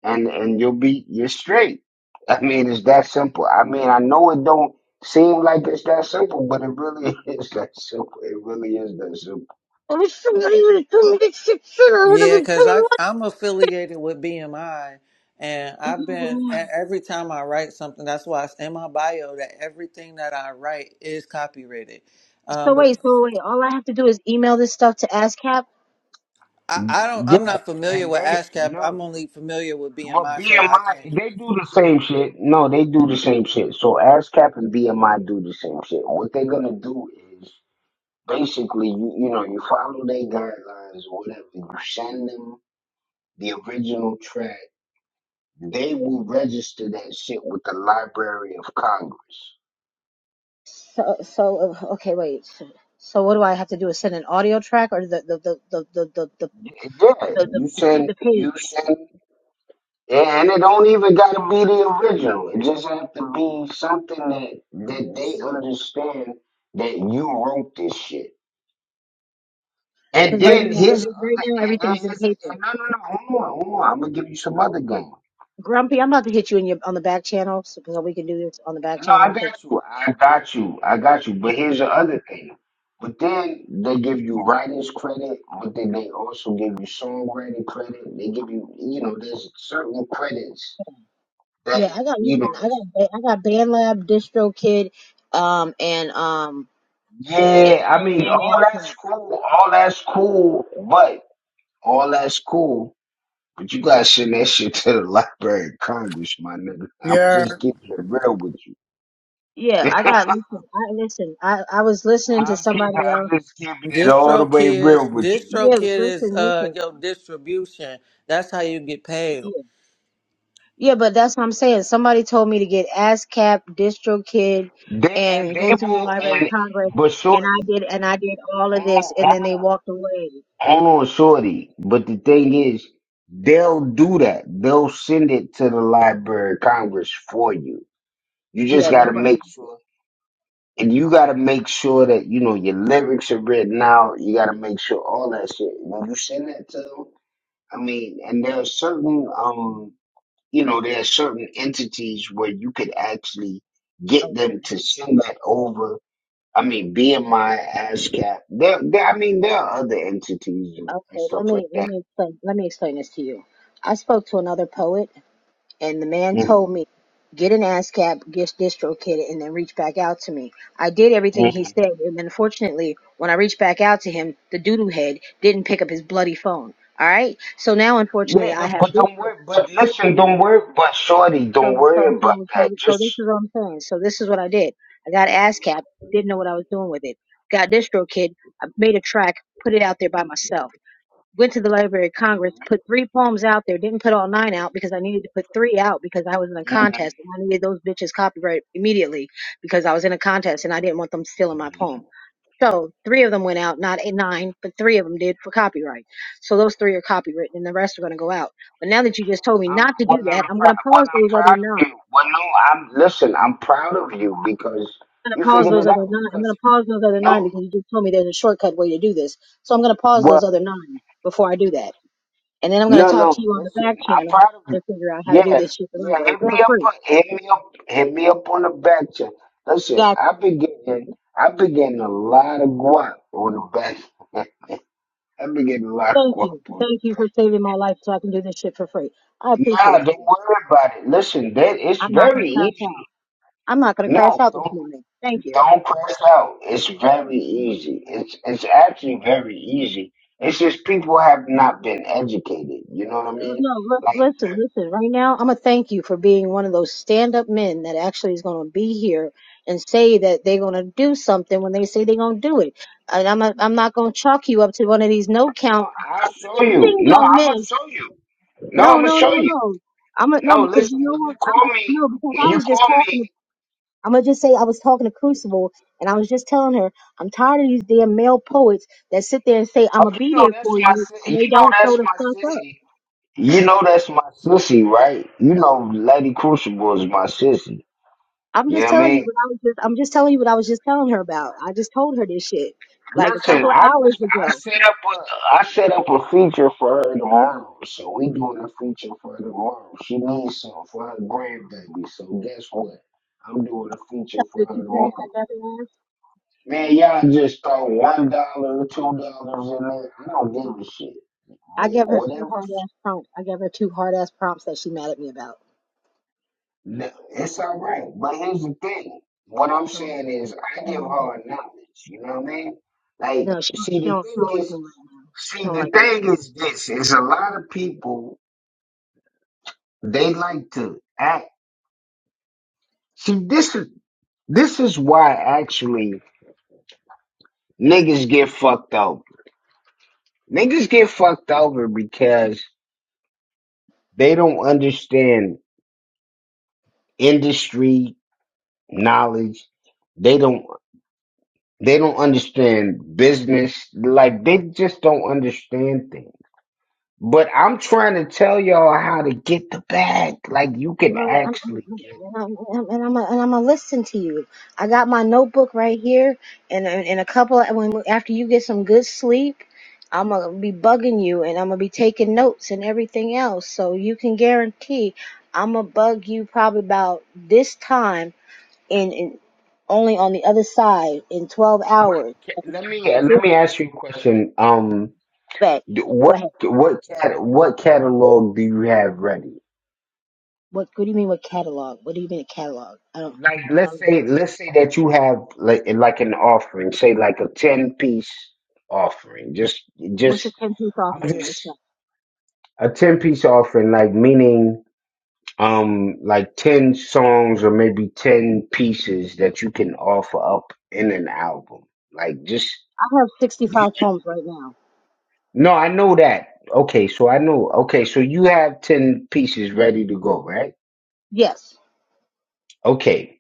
and and you'll be you're straight. I mean, it's that simple. I mean, I know it don't seem like it's that simple, but it really is that simple. It really is that simple. I wish somebody would have told me this shit sooner. I would have Yeah, been because I paying I'm affiliated with BMI, and I've been e- money. every time I write something, that's why it's in my bio that everything that I write is copyrighted. So Um, but wait, so wait. All I have to do is email this stuff to ASCAP. I, I don't I'm Yeah, not familiar and with they ASCAP. no. I'm only familiar with Well, BMI, so I BMI, can't. they do the same shit. No, they do the same shit. So ASCAP and BMI do the same shit. What they're gonna do is basically you you know you follow their guidelines or whatever. You send them the original track. They will register that shit with the Library of Congress. So, so uh, okay, wait. So, what do I have to do? Is send an audio track or the the the the the the Yeah, the, the, you the, send the you page? send, and it don't even gotta be the original. It just have to be something that that they understand that you wrote this shit. And Because right then now, here's every, right other, now, and everything's then in here's a, paper. and no no no hold on hold on. I'm gonna give you some other game. Grumpy, I'm about to hit you in your on the back channel so, so we can do this on the back No, I channel. Cause got you. I got you. I got you. yeah, But here's the other thing. But then they give you writers credit, but then they also give you songwriting credit. They give you, you know, there's certain credits that, yeah, I got you know, listen, I this. got Ba- I got BandLab, DistroKid, um, and um, and Yeah, I and mean, and all that's Active. cool. All that's cool. But all that's cool. But you gotta send that shit to the Library of Congress, my nigga. I'm Yeah, just keeping it real with you. Yeah, I got listen. I listen. I I was listening to I'm keeping. somebody I'm else. just keeping it all the way real Distrokid, Distrokid with you. Yeah, is listen, uh listen. your distribution. That's how you get paid. Yeah. Yeah, but that's what I'm saying. Somebody told me to get ASCAP, DistroKid, They and and they go through the will Library of and Congress, but and I shorty, did, and I did all of this, hold and then they on, walked away. hold on, shorty. But the thing is, they'll do that. They'll send it to the Library of Congress for you. You just Yeah, got to make nobody. sure, and you got to make sure that you know your lyrics are written out. You got to make sure all that shit. When you send that to them, I mean, and there are certain, um, you know, there are certain entities where you could actually get Okay, them to send that over I mean, BMI, ASCAP. There, there, I mean, there are other entities and and okay. stuff Let like me let that. me explain. Let me explain this to you. I spoke to another poet, and the man hmm told me get an ASCAP, get DistroKid, and then reach back out to me. I did hmm everything he said, and unfortunately, when I reached back out to him, the doodoo head didn't pick up his bloody phone. All right, so now unfortunately, Yeah, I don't- have but don't DistroKid. worry. But So, listen, don't worry. But shorty, don't so, worry about so, so, that. so this Just. is what I'm saying. So this is what I did. I got ASCAP, didn't know what I was doing with it. Got DistroKid, I made a track, put it out there by myself. Went to the Library of hmm Congress, put three poems out there, didn't put all nine out because I needed to put three out because I was in a hmm contest and I needed those bitches copyright immediately because I was in a contest and I didn't want them stealing my poem. hmm So three of them went out, not eight, nine, but three of them did for copyright. So those three are copywritten, and the rest are going to go out. But now that you just told me I'm, not to do well, I'm that, I'm proud. going to Well, pause I'm those other proud of nine. you. Well, no, I'm listen. I'm proud of you because I'm going you to pause figured those it other out. nine. I'm Because going to pause those other nine no, because you just told me there's a shortcut way to do this. So I'm going to pause well, those other nine before I do that, and then I'm going to No, talk to no. you on the Listen, back I'm channel proud of you. and figure out how to do Yeah, this shit the right yeah. way Hit for me up. free. on Hit me up. Hit me up on the back check. Listen, God, I've been getting. I've been getting a lot of guap on the back. I've been getting a lot of thank guap you, on. thank you for saving my life so I can do this shit for free. I Nah, appreciate you. don't worry about it. Listen, that it's I'm not going very to crash out. easy. I'm not going to crash No, out this don't morning. Thank you. don't press out. It's very easy. It's it's actually very easy. It's just people have not been educated. You know what I mean? No, li- Like listen, listen. Right now, I'm gonna thank you for being one of those stand-up men that actually is gonna be here and say that they're gonna do something when they say they're gonna do it. And I'm not, I'm not gonna chalk you up to one of these no count No, I'll show you. ding No, dong I'm gonna men. show you. No, I'm No, gonna no, no, show you. no. I'm gonna no No, because you listen. know When what? you I'm call gonna me, no because I when you was just call talking. To, me, I'm gonna just say I was talking to Crucible and I was just telling her I'm tired of these damn male poets that sit there and say I'm oh, gonna you be know there that's for my, you and si- they you know don't show that's the my fuck up. sissy. You know that's my sissy, right? You know, Lady Crucible is my sissy. I'm You know just what I telling you mean? what I was just I'm just telling you what I was just telling her about. I just told her this shit like a Listen, couple of I hours just I ago. set up a I set up a feature for her tomorrow, so we doing a feature for her tomorrow. She needs something for her grandbaby, so guess what? I'm doing a feature for The her two prompts tomorrow. I gave her, Man, y'all just throw one dollar, two dollars in there. I don't give a shit. I But gave her two whatever, hard ass prompts. I gave her two hard ass prompts that she mad at me about. th- it's all right. But here's the thing: what I'm She don't, saying is, I she give don't like me. her knowledge. You know what I mean? Like, No, she don't, see, she the don't, she don't thing like me is, right now. see, She don't the like me right thing is this: is a lot of people they like to act. See, this is this is why actually niggas get fucked over. Niggas get fucked over because they don't understand industry knowledge. They don't they don't understand business. Like they just don't understand things. But I'm trying to tell y'all how to get the bag. Like you can Word, I'm, I'm, actually I'm- get. I'm, and I'm, and I'm, and I'm gonna listen to you. I got my notebook right here, and and and a couple of, when after you get some good sleep, I'm gonna be bugging you, and I'm gonna be taking notes and everything else. So you can guarantee I'm gonna bug you probably about this time, and and only on the other side in 12 hours. Let me About let this me ask you a question. Um, back. Go what ahead. what cat what catalog do you have ready? What What do you mean? What catalog? What do you mean a catalog? I don't. Like let's Um, say let's say that you have like like an offering, say like a ten piece offering. Just what's a just ten piece I'm offering? just a ten piece offering, like meaning. um like 10 songs or maybe 10 pieces that you can offer up in an album like just I have 65 poems right now. no i know that okay so i know okay so you have 10 pieces ready to go right Yes. okay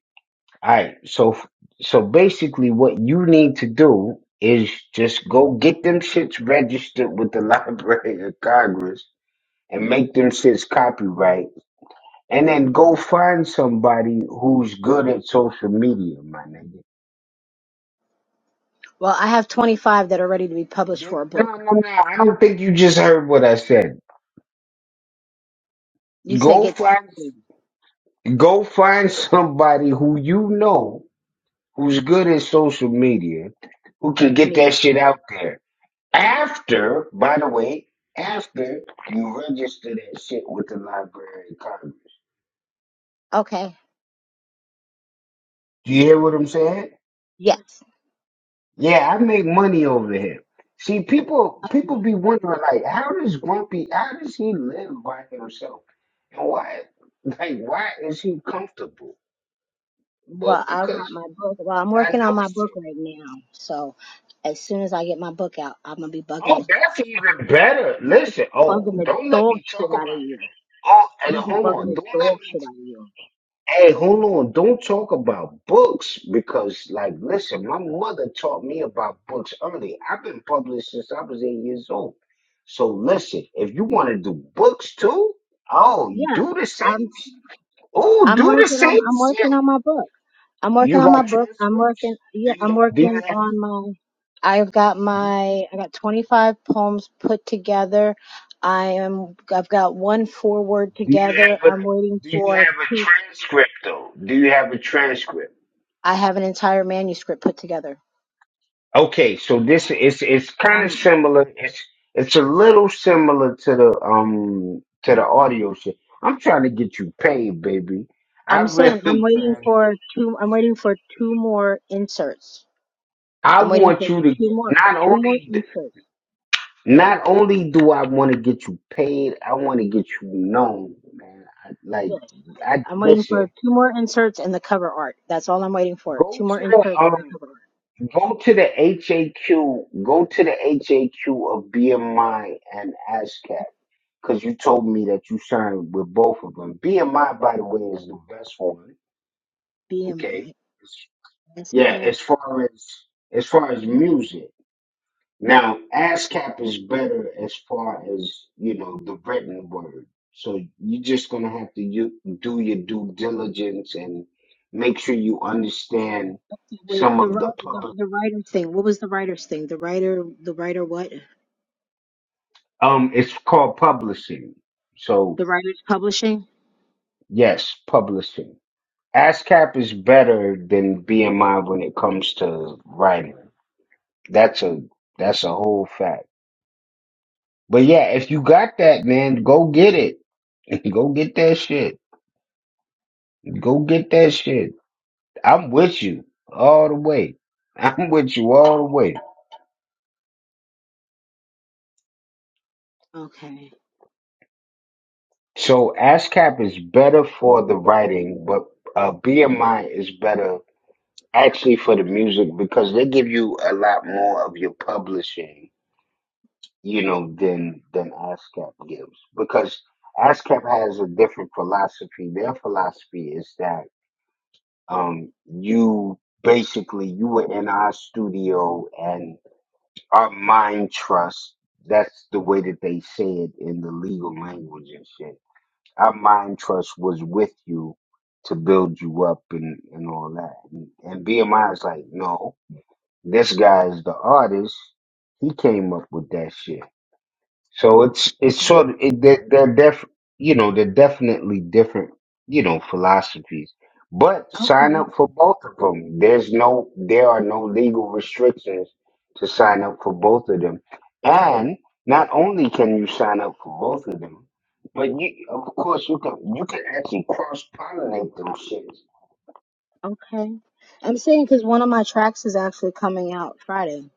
all right so so basically what you need to do is just go get them shits registered with the library of congress and make them shits copyright and then go find somebody who's good at social media my nigga Well, I have 25 that are ready to be published for a No, no, book. no. no. I don't think you just heard what I said. You said Go get find, me. go find somebody who you know who's good at social media who can get Me. that shit out there. After, by the way, after you register that shit with the Library of Congress. Okay. Do you hear what I'm saying? Yes. Yeah, I make money over here. See, people, people be wondering like, how does Grumpy, how does he live by himself, and why, like, why is he comfortable? Well, Well, I got because my book. Well, I'm I working on know my book shit. right now. So as soon as I get my book out, I'm gonna be bugging Oh, the that's even better. Listen, oh, bugging the don't let dog me shit talk out of about. you. Oh, I'm and gonna be hold bugging on, the don't let dog me. shit out of you. Hey, hold on, don't talk about books because, like, listen, my mother taught me about books early. I've been published since I was eight years old. So listen, if you want to do books too, oh, you Yeah. do the same. I'm Oh, I'm do the working on same I'm working shit. on my book. I'm working You on my got book. I'm working. transcripts? Do Yeah, you? I'm Do you working have? on my. I've got my. I got 25 poems put together. I am. I've got one foreword Do you together. have a I'm waiting do you for have a two. transcript though? Do you have a transcript? I have an entire manuscript put together. Okay, so this is it's kind of I'm. similar. It's it's a little similar to the um to the audio shit. I'm trying to get you paid, baby. I I'm saying I'm really waiting for two. I'm waiting for two more inserts. I I'm waiting for want you to two get more. not Two more only inserts. not only do I want to get you paid, I want to get you known, man. I, like Yes. I I'm waiting listen, for two more inserts and the cover art. That's all I'm waiting for. go Two more to the inserts um and the cover Go to the HAQ. Go to the HAQ of BMI and ASCAP because you told me that you signed with both of them. BMI, by the way, is the best one. art. Okay. It's- Yeah. BMI. As far as as far as music, now ASCAP is better as far as you know the written word. So you're just gonna have to you, do your due diligence and make sure you understand Wait, some the of writer, the the, public. the writer's thing. What was the writer's thing? The writer, the writer, what? Um, it's called publishing. So The writer's publishing? yes, publishing. ASCAP is better than BMI when it comes to writing. That's a that's a whole fact. But yeah, if you got that, man, go get it. go get that shit. Go get that shit. I'm with you all the way. I'm with you all the way. Okay. So ASCAP is better for the writing, but uh, BMI is better actually for the music because they give you a lot more of your publishing, you know, than than ASCAP gives because ASCAP has a different philosophy. Their philosophy is that um you basically you were in our studio and our mind trust that's the way that they say it in the legal language and shit. Our mind trust was with you to build you up and, and all that. And, and BMI is like, no, this guy is the artist. He came up with that shit. So it's it's Mm. sort of it, they're, they're def you know they're definitely different you know philosophies. But sign Okay. up for both of them. There's no there are no legal restrictions to sign up for both of them. And not only can you sign up for both of them, but you of course you can you can actually cross pollinate those shits Okay. I'm saying because one of my tracks is actually coming out Friday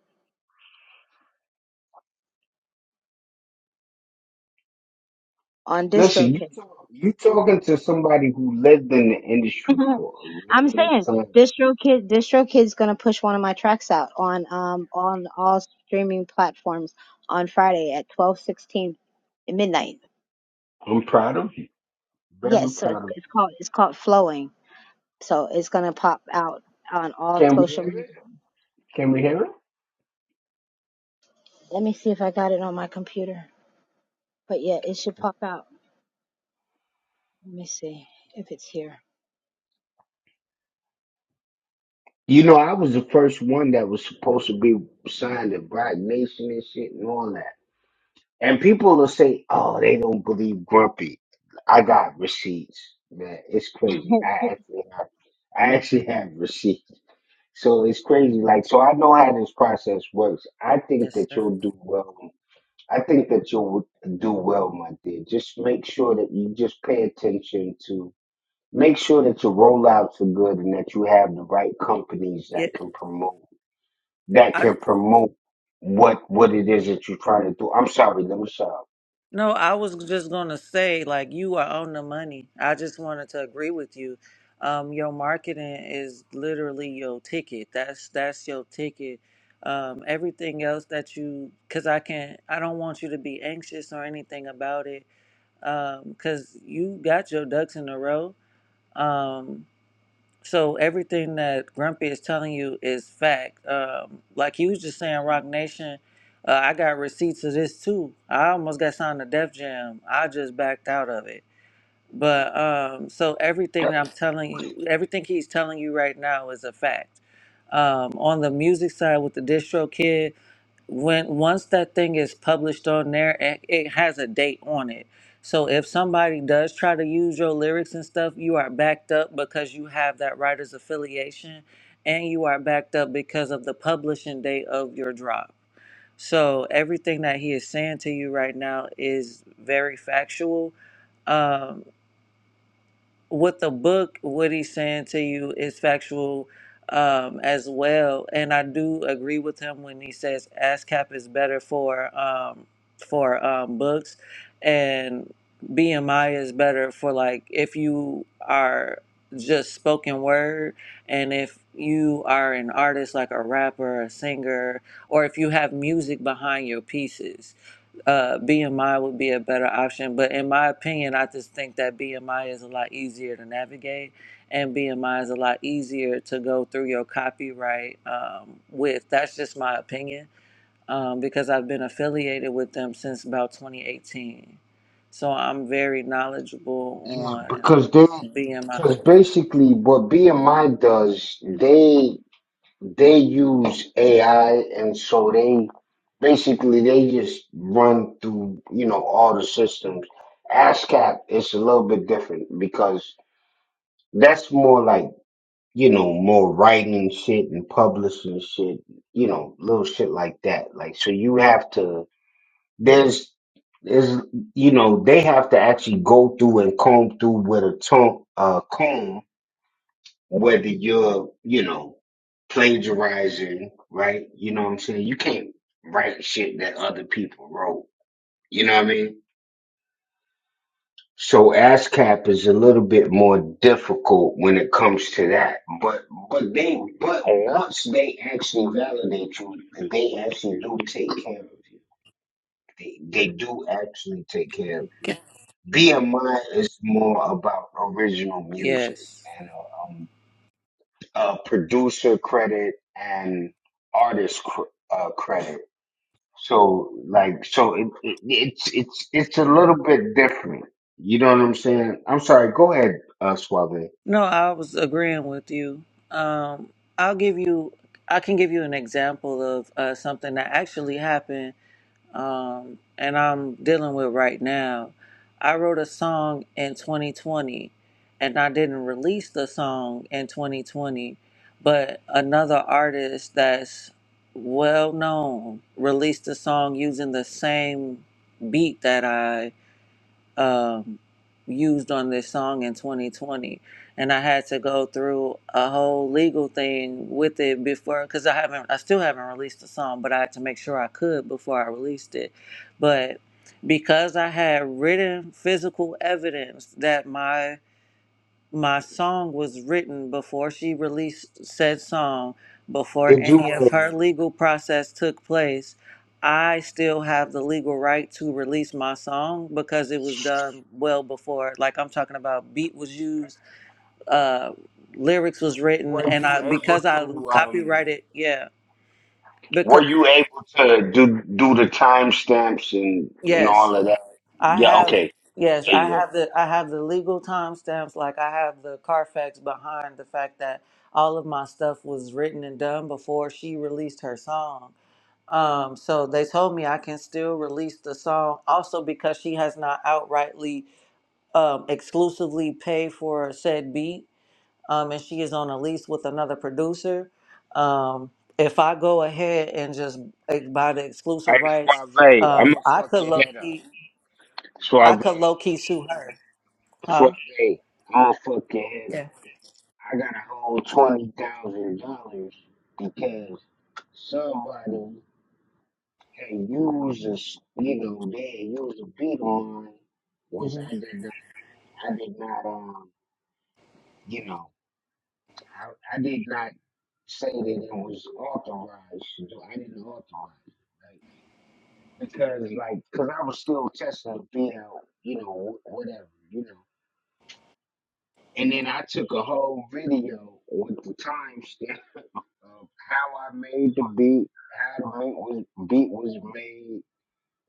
on Listen, you DistroKid. talk, you talking to somebody who lived in the industry I'm for a long saying time. DistroKid, DistroKid's gonna push one of my tracks out on um on all streaming platforms on Friday at 12:16 midnight. I'm proud of you. Very Yes, so it's, proud of you. it's called it's called Flowing. So it's gonna pop out on all Can we social hear media. it? Can we hear it? Let me see if I got it on my computer. But yeah, it should pop out. Let me see if it's here. You know, I was the first one that was supposed to be signed to Black Nation and shit and all that. And people will say, "Oh, they don't believe Grumpy." I got receipts, man. It's crazy. I actually have, I actually have receipts. So it's crazy. Like, so I know how this process works. I think Yes, that sir. you'll do well I think that you'll do well, my dear. Just make sure that you just pay attention to make sure that your rollouts are good and that you have the right companies that Yeah, can promote that can promote what what it is that you're trying to do. I'm sorry, let me stop. No, I was just going to say, like, you are on the money. I just wanted to agree with you. Um, your marketing is literally your ticket. That's that's your ticket. Um, everything else that you, because I can't, I don't want you to be anxious or anything about it, Um, because you got your ducks in a row. Um, so everything that Grumpy is telling you is fact. Um, like he was just saying, Rock Nation. Uh, I got receipts of this too. I almost got signed to Def Jam. I just backed out of it. But um, so everything I'm telling you, everything he's telling you right now is a fact. Um, on the music side with the distro kid, when once that thing is published on there it, it has a date on it so if somebody does try to use your lyrics and stuff you are backed up because you have that writer's affiliation and you are backed up because of the publishing date of your drop so everything that he is saying to you right now is very factual Um, with the book, what he's saying to you is factual um, as well. And I do agree with him when he says ASCAP is better for um, for um, books, and BMI is better for like if you are just spoken word and if you are an artist like a rapper a singer or if you have music behind your pieces uh, BMI would be a better option. But in my opinion, I just think that BMI is a lot easier to navigate, and BMI is a lot easier to go through your copyright um, with. That's just my opinion um, because I've been affiliated with them since about 2018. So I'm very knowledgeable Yeah, on because they BMI. because basically what BMI does, they they use AI and so they basically they just run through, you know, all the systems. ASCAP is a little bit different because that's more like, you know, more writing shit and publishing shit, you know, little shit like that. Like so you have to there's is you know, they have to actually go through and comb through with a tone uh comb whether you're, you know, plagiarizing, right? You know what I'm saying? You can't write shit that other people wrote. You know what I mean? So ASCAP is a little bit more difficult when it comes to that. But but they but once they actually validate you, they actually do take care of you. They they do actually take care of you. BMI is more about original music. Yes. and uh, uh, producer credit and artist cr- uh, credit. So like, so it, it, it's it's it's a little bit different. You know what I'm saying? I'm sorry. Go ahead, uh, Suave. No, I was agreeing with you. Um, I'll give you, I can give you an example of uh, something that actually happened um, and I'm dealing with right now. I wrote a song in 2020 and I didn't release the song in 2020, but another artist that's well known released a song using the same beat that I um, used on this song in 2020. And I had to go through a whole legal thing with it before, because I haven't, I still haven't released the song, but I had to make sure I could before I released it. But because I had written physical evidence that my my song was written before she released said song, before Did you any of um, her legal process took place. I still have the legal right to release my song because it was done well before. Like I'm talking about, beat was used, uh, lyrics was written, were and you I able because I to um, copyrighted. Yeah, were because you able to do do the timestamps and and yes, all of that? I Yeah. have Okay. Yeah, yes, there I you go. have the I have the legal timestamps. Like I have the Carfax behind the fact that all of my stuff was written and done before she released her song. Um, so they told me I can still release the song, also because she has not outrightly um, exclusively paid for said beat, um, and she is on a lease with another producer. Um, if I go ahead and just eh, buy the exclusive rights, um, I could low I Suave. could low key sue her. Suave. Huh? I'm going fuck your head Yeah. I got a whole twenty thousand dollars because somebody had used a, s- you know, they had used a beat on, me, which hmm I did not, I did not, um, you know, I, I did not say that it was authorized. So I didn't authorize, it, right? Because like, cause I was still testing the beat out, you know, wh- whatever, you know. And then I took a whole video with the timestamp of how I made the beat, how the beat was, beat was made,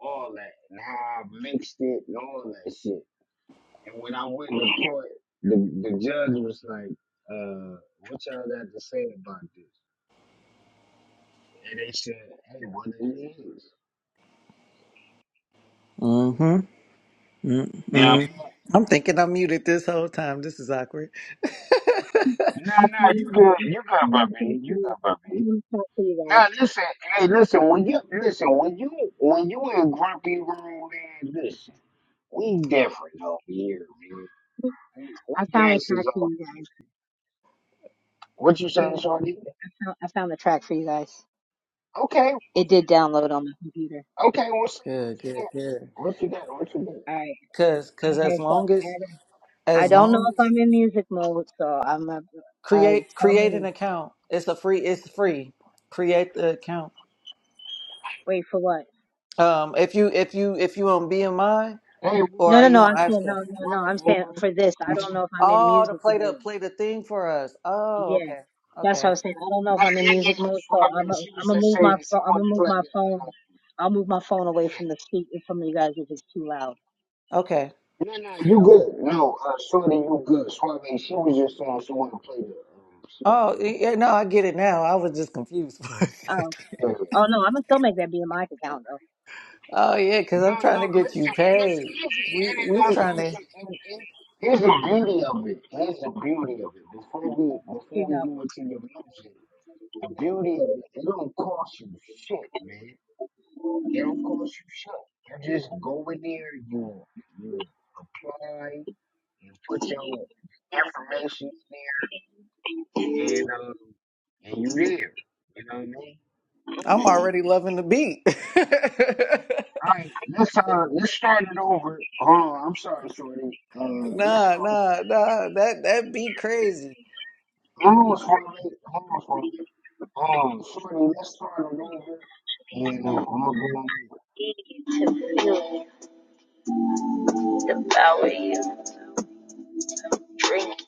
all that, and how I mixed it, and all that shit. And when I went to court, the, the judge was like, uh, what y'all got to say about this? And they said, hey, what it is. hmm You know what I hmm mean? I'm thinking I'm muted this whole time. This is awkward. Nah, I nah, you good, you good, found the Bubby, you good, Bubby. track for you Now listen, hey, listen. When you listen, when you when you in grumpy room, man, listen. We different over here, man. We, we I found the gangsters track for you guys. I found the track for over you here. guys. What you Here saying, you go. Shorty? I found the track for you guys. Okay, It did download on my computer. okay, what's up? What good, you good, good. got? What you got? What you All right. Cause, cause as Okay. So long as, I I as don't know long if as I'm in music mode, so I'm. Uh, uh, create, tell create an me. account. It's a free, it's free. Create the account. Wait for what? Um, if you, if you, if you on BMI got? Hey, what or up, No, are no, you no. on I'm Uma? saying no, ASCAP? no, What no. up, I'm saying Uma? for this. I Was don't you know if I'm in Oh, to music play the, mode. play the thing for us. Oh, Yeah, okay. that's Okay. what I'm saying. I don't know if back I'm in yet, music mode, so I'm i Suave? She I'm was gonna just move my saying she phone. I'm wanted gonna to move play my that. phone. I'll move my phone away from the speak from you guys if it's too loud. Okay. No, no, you Okay. good. No, uh, Shorty, you good. Suave, she was just saying she wanted to play that. Um, she wanted to Oh, play y- this. yeah, no, I get it now. I was just confused. Um. Yeah. Oh no, I'm gonna still make that be in my account though. Oh yeah, because I'm trying to get you paid. We we trying to. Here's the here's the beauty of it. Here's the beauty of it. Before we Here before you we go. go into your music, the beauty of it, it don't cost you shit, man They don't cost you shit. You just go in there, you you apply, you put your information in there, and um, and you there. You know what I mean? I'm already loving the beat. All right, let's uh let's start it over. Hold on, I'm sorry, Shorty. Uh, let's nah, start nah, it. nah. That that be crazy. over. Hold on, Shorty. Hold on, Shorty. Um, Shorty, let's start it over. And uh, I'm gonna go on mute. Easy to feel, devour you, drink,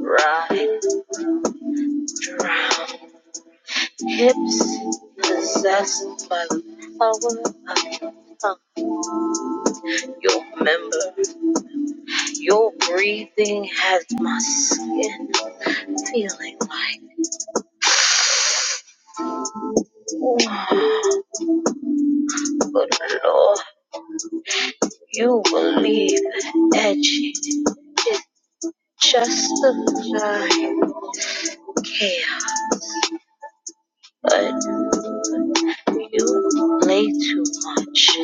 ride, drown, hips possessed by the power of your member. Your breathing has my skin feeling like. But Lord, you will be edgy, justify here, but you play too much.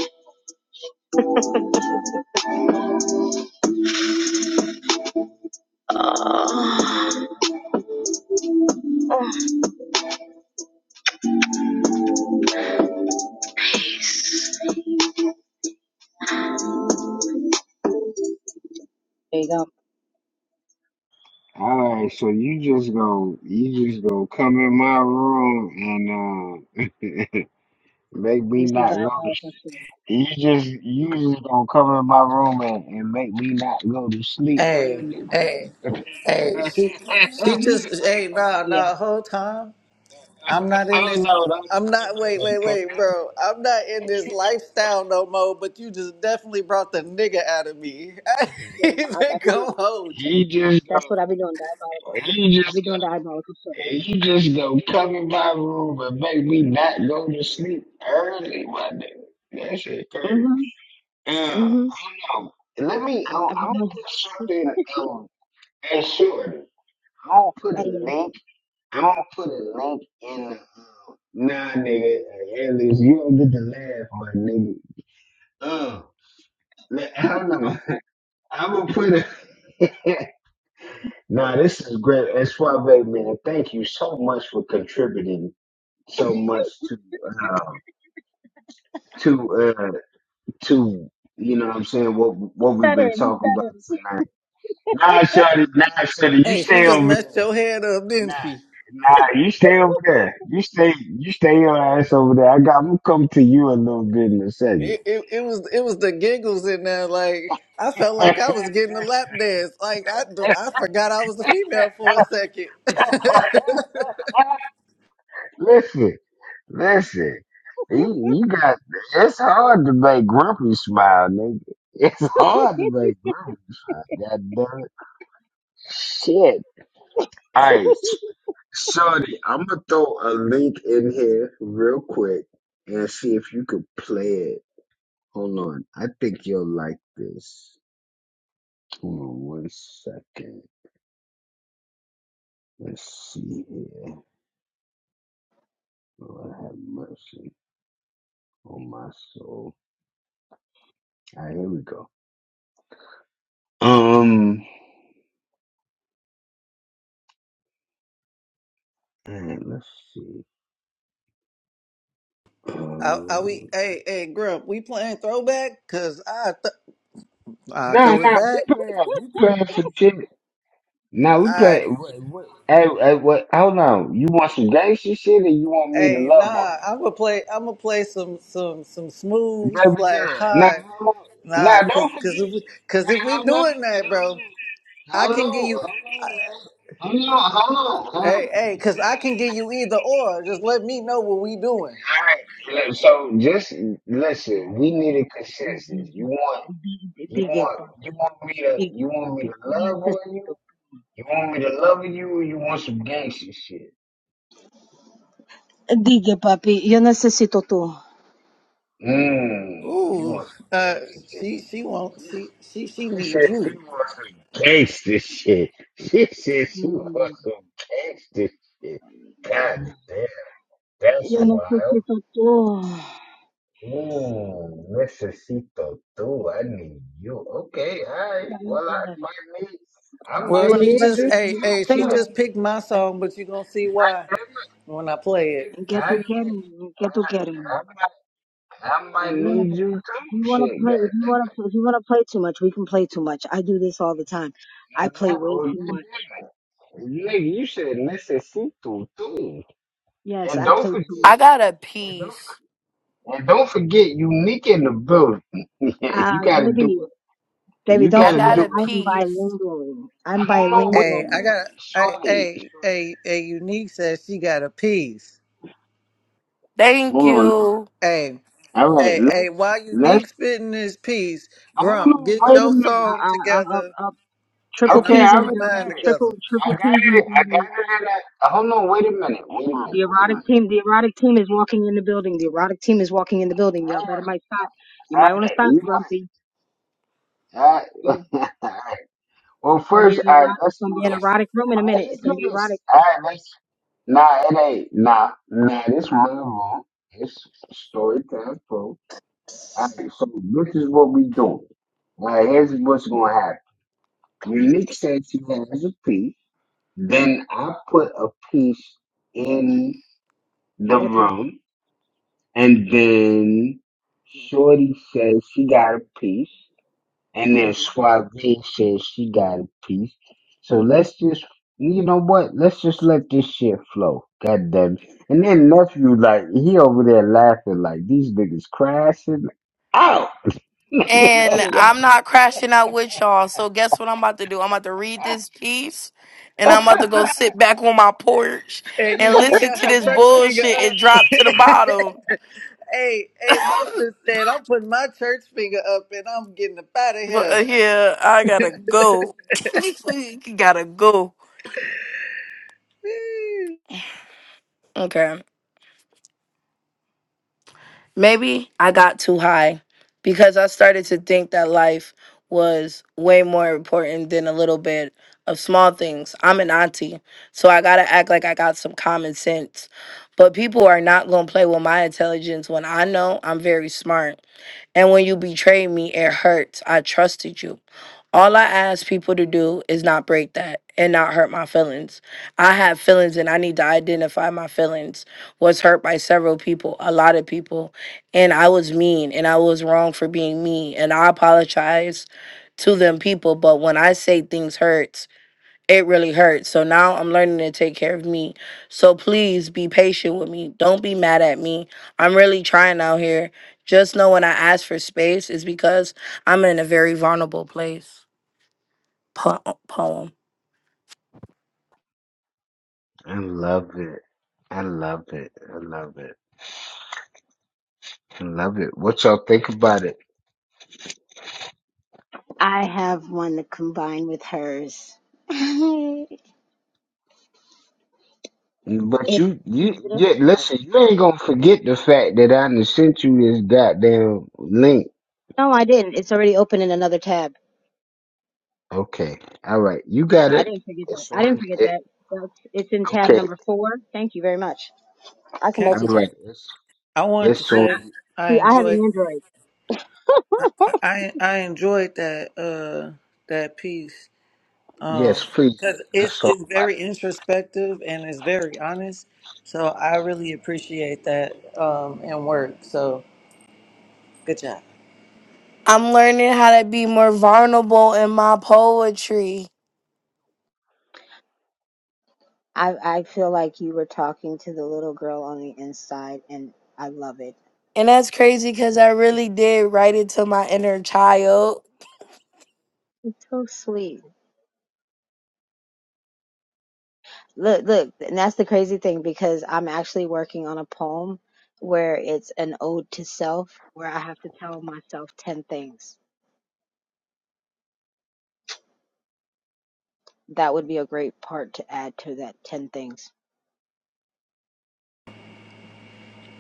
Oh, oh, peace. There you go. All right, so you just go, you just go come in my room and uh, Make Give me me some not go to diabolical sleep. shit. You just you just gonna come in my room and, and make me not go to sleep Hey, early. hey, hey. She she hmm just hey nah Yeah, nah. Whole time I'm not in this. I'm not. Wait, wait, wait, bro. I'm not in this lifestyle no more. But you just definitely brought the nigga out of me. I yeah, ain't I, I even be doing gonna that. hold you. you just go That's what I be doing, diabolical shit. you I be just go doing diabolical shit like you that. just go come in my room and make me not go to sleep early, my nigga. That shit crazy. Mm-hmm, Yeah, I mm-hmm. don't know. Let me um, I, I be I'm gonna doing, put something um and short. I'm gonna put hey, a yeah, link I'm gonna put a link in. the- um, Nah, nigga, Hey, at least you don't get to laugh, my nigga. Uh, let- I don't know. I'm gonna put a. nah, this is great. That's why, man. Thank you so much for contributing so much to uh, to uh, to you know what I'm saying what what we've been stuttering, you talking about stuttering. tonight. Nah, Shorty, nah, Shorty, you Hey, she stay just over there. messed your head up, Nah, didn't she? nah, you stay over there. You stay, you stay your ass over there. I got, I'm gonna come to you a little bit in a second. it, it, it was it was the giggles in there. Like I felt like I was getting a lap dance. Like I do- I forgot I was a female for a second. listen, listen, you, you got, it's hard to make Grumpy smile, nigga. It's hard to make Grumpy smile. God damn it. Shit. Alright, Shorty, I'm gonna throw a link in here real quick and see if you could play it. Hold on. I think you'll like this. Hold on one second. Let's see here. Lord have mercy on my soul. All right, here we go. Um, all right, let's see. are, are we? Um, Hey hey, Grump, we playing throwback? Cause I th- I nah, throw it nah, we back. playing, we playing some shit. Nah, we I playing. What, what, hey, hey, what, hold on. You want some gangster shit, or you want me to hey love on nah. I'm gonna play. I'm gonna play some some some you? smooth Baby slash girl. Nah, high. hold on. Nah, Nah, don't cause cause forget. if we, cause Hey, if we hold on, doing that, bro, I can give hold you. on, hold on. hold Hey on. hey, cause I can give you either or. Just let me know what we doing. All right. So just listen. Mhm. We need a consensus. You want? You Digue, want you papi. want me to Digue, you want me papi. to Yo love on necesito. you? You want me to love you or you want some gangster shit? Digue, papi. Yo necesito tú. Mmm, you Ooh, want some uh, gangster shit. she she won't She, she she she she needs said she you. wants some gangster shit. She said she Mm. wants some gangster shit. God damn, that's Yo wild. necesito tú. Mmm, necesito tú. I need you. Okay, alright. Well I Señor. might need I You Well, might wanna she play? need just you hey You too. hey she Shit. understand? just picked my song, but you gonna see why when I play it. ¿Qué I tú might quieres? ¿Qué tú quieres? I. might I If might you wanna, need you too. if you wanna Shit, play, if you wanna, if you wanna play too much, we can play too much. I do this all the time. I play goddamn. way Or too goddamn much. it. Nigga, you should necessito too. too. Yes, And I don't play forget. too I much. got a And don't, piece. and don't forget, unique in the building. Ah, you gotta do baby. it. Baby, You don't I gotta forget, got a I do it. am piece. bilingual. I'm Hold on, wait a Hey, bilingual. I minute. got hey Shorty. hey shorty. hey hey. Unique says she got a piece. Thank Hold on, let's. you. Hey All right, hey hey. let's. While Let's. Unique spitting this piece, Hold Grump, on, get wait a your minute. I, song I, I, together, I, I, triple and I'm Okay, P's gonna I in the get already got building. mine it. Triple, together. triple I got P's in the it. I got building. it. And I, hold on, wait a minute. Wait a minute. The Wait a erotic minute. team, the erotic team is walking in the building. The erotic team is walking in the building. Y'all All better might stop. You right, might all want to right. stop, You know, Grumpy. All Yeah, right. Well, it's gonna be first, an all right, erotic. It's let's gonna do be an this. erotic room in a All right, minute. let's It's gonna do be erotic. this. All right, let's. Nah, it ain't. Nah, nah, this real wrong. It's story time, folks. All right, so this is what we doing. All right, here's what's going to happen. Go get Unique stick. says he has a piece. Then I put a piece in I the got a piece. room. And then My trout Shorty says she got a piece. And then happy. Suave says she got a piece. So let's just, you know what? Let's just let this shit flow. God damn it. And then nephew, like, he over there laughing like these niggas crashing out. No And way. Yo. I'm not crashing out with y'all. So guess what I'm about to do? I'm about to read this piece, and I'm I about to go sit back on my porch And and Unique listen got to her this church finger bullshit and drop to the up. bottom. Hey, hey, my sister said I'm putting my church finger up and I'm getting up out of But uh, here. yeah, I gotta go. gotta go. Okay. Maybe I got too high because I started to think that life was way more important than a little bit of small things. I'm an auntie, so I gotta act like I got some common sense. But people are not gonna play with my intelligence when I know I'm very smart. And when you betrayed me, it hurts. I trusted you. All I ask people to do is not break that and not hurt my feelings. I have feelings and I need to identify my feelings. Was hurt by several people, a lot of people, and I was mean and I was wrong for being mean and I apologize to them people, but when I say things hurts, it really hurts. So now I'm learning to take care of me. So please be patient with me. Don't be mad at me. I'm really trying out here. Just know when I ask for space is because I'm in a very vulnerable place po- poem. love it. I love it. I love it. I love it. What y'all think about it? I have one to combine with hers. But It's you, you, yeah, beautiful. listen, you ain't gonna forget the fact that I done sent you this goddamn link. No, I didn't. It's already open in another tab. Okay. All right. You got I, I it. didn't forget that. It's I didn't on. forget that. That's, it's in tab Okay, number four. Thank you very much. I can all Okay. multitask. right. It's I wanted to it's on. I, I, say I see, I have an enjoyed Android. I I enjoyed that uh that piece. Yes, Um please. because Let's it's talk it's about it. very introspective and it's very honest. So I really appreciate that um and work. So good job. I'm learning how to be more vulnerable in my poetry. I I feel like you were talking to the little girl on the inside, and I love it. And that's crazy because I really did write it to my inner child. It's so sweet. Look, look, and that's the crazy thing because I'm actually working on a poem where it's an ode to self, where I have to tell myself ten things. That would be a great part to add to that ten things.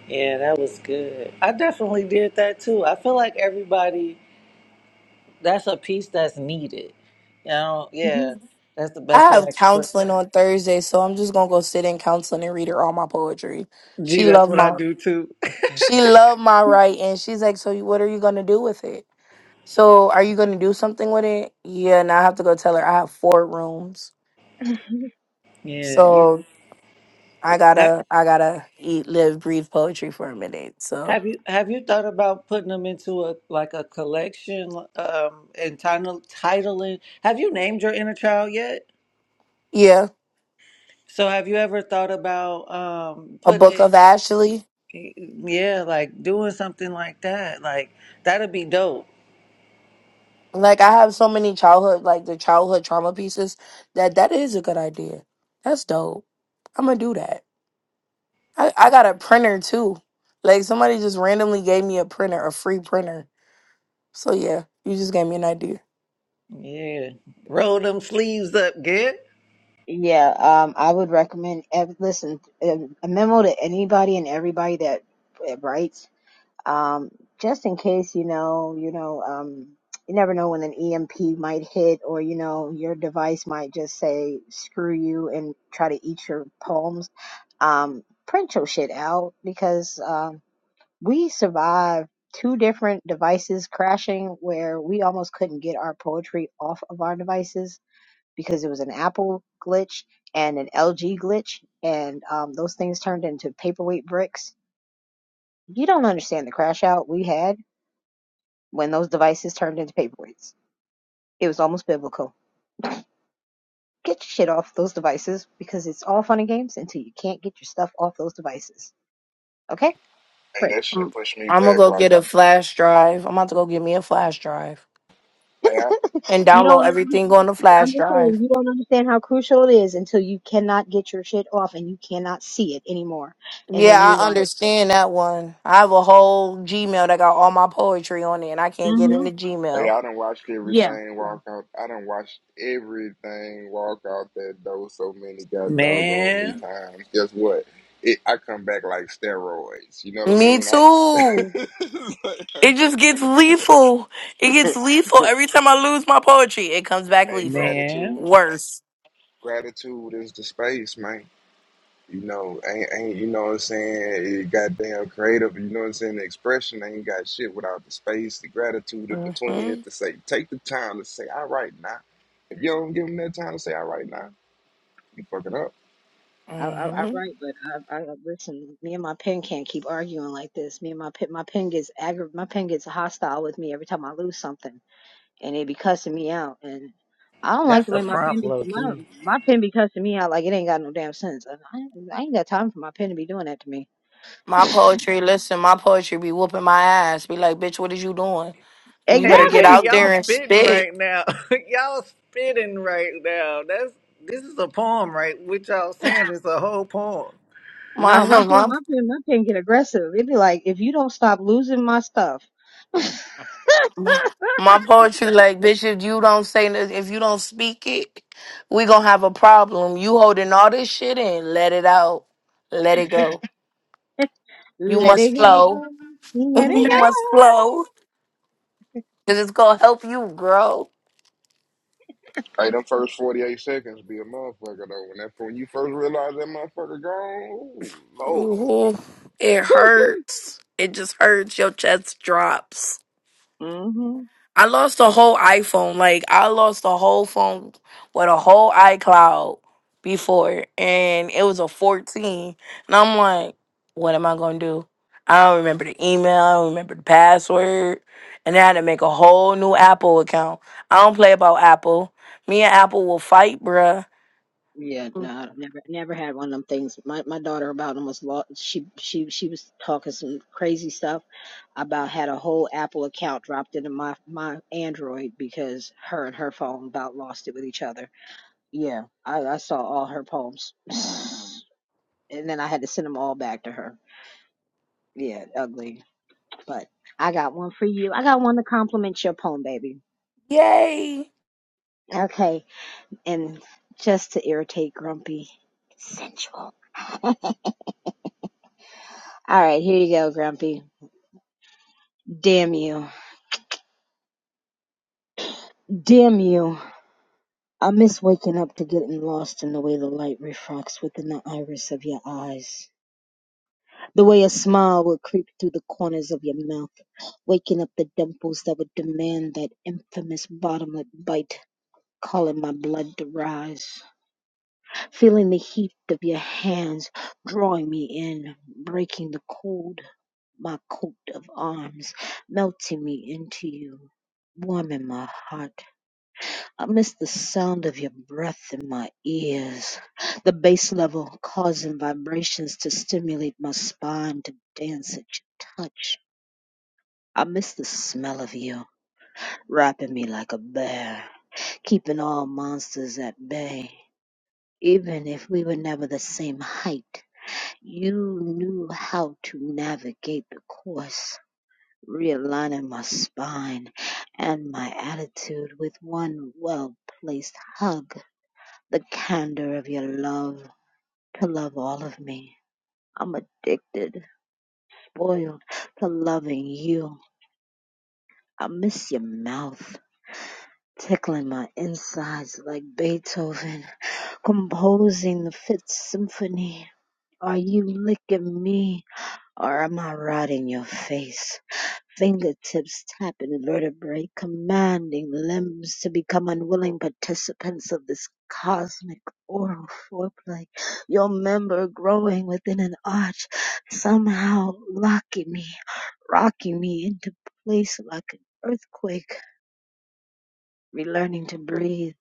Yeah, that was good. I definitely did that too. I feel like everybody That's a piece that's needed. You know, hmm yeah. That's the best I way have I can put counseling that. on Thursday, so I'm just gonna go sit in counseling and read her all my poetry. Gee, She that's loved what I my do too. she loved my writing. She's like, So you- what are you gonna do with it? So are you gonna do something with it? Yeah, now I have to go tell her I have four rooms. Yeah. You So I ha- gotta I gotta eat, live, breathe poetry for a minute. So have you have you thought about putting them into a like a collection um and title titling? Have you named your inner child yet? yeah. So have you ever thought about um a putting book of it Ashley. yeah, like doing something like that. Like that'd be dope. Like I have so many childhood, like the childhood trauma pieces. That that is a good idea. That's dope. I'm gonna do that. I I got a printer too. Like somebody just randomly gave me a printer, a free printer. So yeah, you just gave me an idea. Yeah. Roll them sleeves up, good. Yeah, um, I would recommend. ev- Listen, um, a memo to anybody and everybody that uh, writes, um, just in case you know, you know, um, you never know when an EMP might hit, or you know, your device might just say "screw you" and try to eat your poems. Um, print your shit out because um, we survived two different devices crashing where we almost couldn't get our poetry off of our devices because it was an Apple glitch and an LG glitch, and um, those things turned into paperweight bricks. You don't understand the crash out we had when those devices turned into paperweights. It was almost biblical. Get your shit off those devices because it's all fun and games until you can't get your stuff off those devices. Okay? hey, Print. that I'm, shit pushed me gonna back. go Like get a I, flash drive. I'm about to go get me a flash drive I, and You download don't, everything on the I'm flash just saying, drive. you don't understand how crucial it is until you cannot get your shit off and you cannot see it anymore. And Yeah, then you're I like, understand that one. I have a whole Gmail that got all my poetry on it, and I can't get mm-hmm. into Hey, Gmail. I done watched everything walk out. I done watched everything walk out that door so many got doggone me Man, times. Guess what? It, I come back like steroids. You know what I Me mean? I, too. it's It like- just gets lethal. It gets lethal every time I lose my poetry. It comes back hey, lethal. man. gratitude, Worse. gratitude is the space, man. You know, ain't, ain't you know what I'm saying? It goddamn creative. You know what I'm saying? The expression ain't got shit without the space, the gratitude in hmm between it to say, take the time to say, all right now. If you don't give them that time to say, all right now You fucking up. I, I, I hmm write, but I, I listen. Me and my pen can't keep arguing like this. Me and my pen, my pen gets aggra- my pen gets hostile with me every time I lose something, and it be cussing me out. And I don't like That's the a way my pen prompt, be low my key. my pen be cussing me out like it ain't got no damn sense. And I, I ain't got time for my pen to be doing that to me. My poetry, listen, my poetry be whooping my ass. Be like, bitch, what is you doing? You better Hey, get Exactly. hey, out y'all there and spitting spit. right now. y'all spitting right now. That's this is a poem, right? What y'all saying is a whole poem. No, My my pen, my my pen, my pen get aggressive. It be like if you don't stop losing my stuff, let my, my poetry, like, bitch, if you don't say, this- if you don't speak it, we gonna have a problem. You holding all this shit in, let it out, let it go. You it must flow. go, let you it must go. flow. Cause it's gonna help you grow. Hey, them first 48 seconds be a motherfucker though. When that when you first realize that motherfucker gone, ooh, Lord. Ooh, it hurts. It just hurts. Your chest drops. hmm I lost a whole iPhone. Like I lost a whole phone with a whole iCloud before, and it was a 14. And I'm like, what am I gonna do? I don't remember the email. I don't remember the password. And I had to make a whole new Apple account. I don't play about Apple. Me and Apple will fight, bruh. Yeah, no, never, never had one of them things. My my daughter about almost lost. She she she was talking some crazy stuff about had a whole Apple account dropped into my my Android because her and her phone about lost it with each other. Yeah, I I saw all her poems, and then I had to send them all back to her. Yeah, ugly. But I got one for you. I got one to compliment your poem, baby. Yay! Okay, and just to irritate Grumpy, sensual. All right, here you go, Grumpy. Damn you. Damn you. I miss waking up to getting lost in the way the light refracts within the iris of your eyes. The way a smile would creep through the corners of your mouth, waking up the dimples that would demand that infamous bottomless bite, calling my blood to rise. Feeling the heat of your hands drawing me in, breaking the cold, my coat of arms, melting me into you, warming my heart I miss the sound of your breath in my ears, the bass level causing vibrations to stimulate my spine to dance at your touch. I miss the smell of you, wrapping me like a bear, keeping all monsters at bay. Even if we were never the same height, you knew how to navigate the course, realigning my spine and my attitude with one well placed hug the candor of your love to love all of me. I'm addicted, spoiled to loving you. I miss your mouth tickling my insides like Beethoven, composing the Fifth Symphony. Are you licking me or am I rotting your face? Fingertips tapping vertebrae, commanding limbs to become unwilling participants of this cosmic oral foreplay. Your member growing within an arch, somehow locking me, rocking me into place like an earthquake. Relearning to breathe,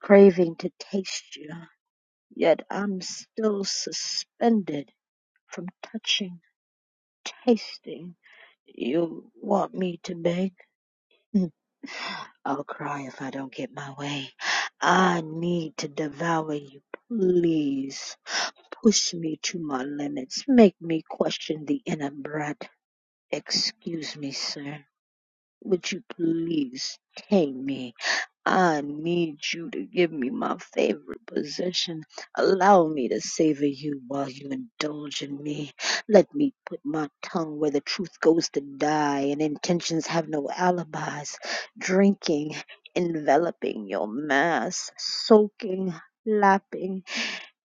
craving to taste you, yet I'm still suspended from touching, tasting. You want me to beg? I'll cry if I don't get my way. I need to devour you. Please push me to my limits. Make me question the inner brat. Excuse me, sir. Would you please tame me? I need you to give me my favorite possession. Allow me to savor you while you indulge in me. Let me put my tongue where the truth goes to die and intentions have no alibis. Drinking, enveloping your mass, soaking, lapping,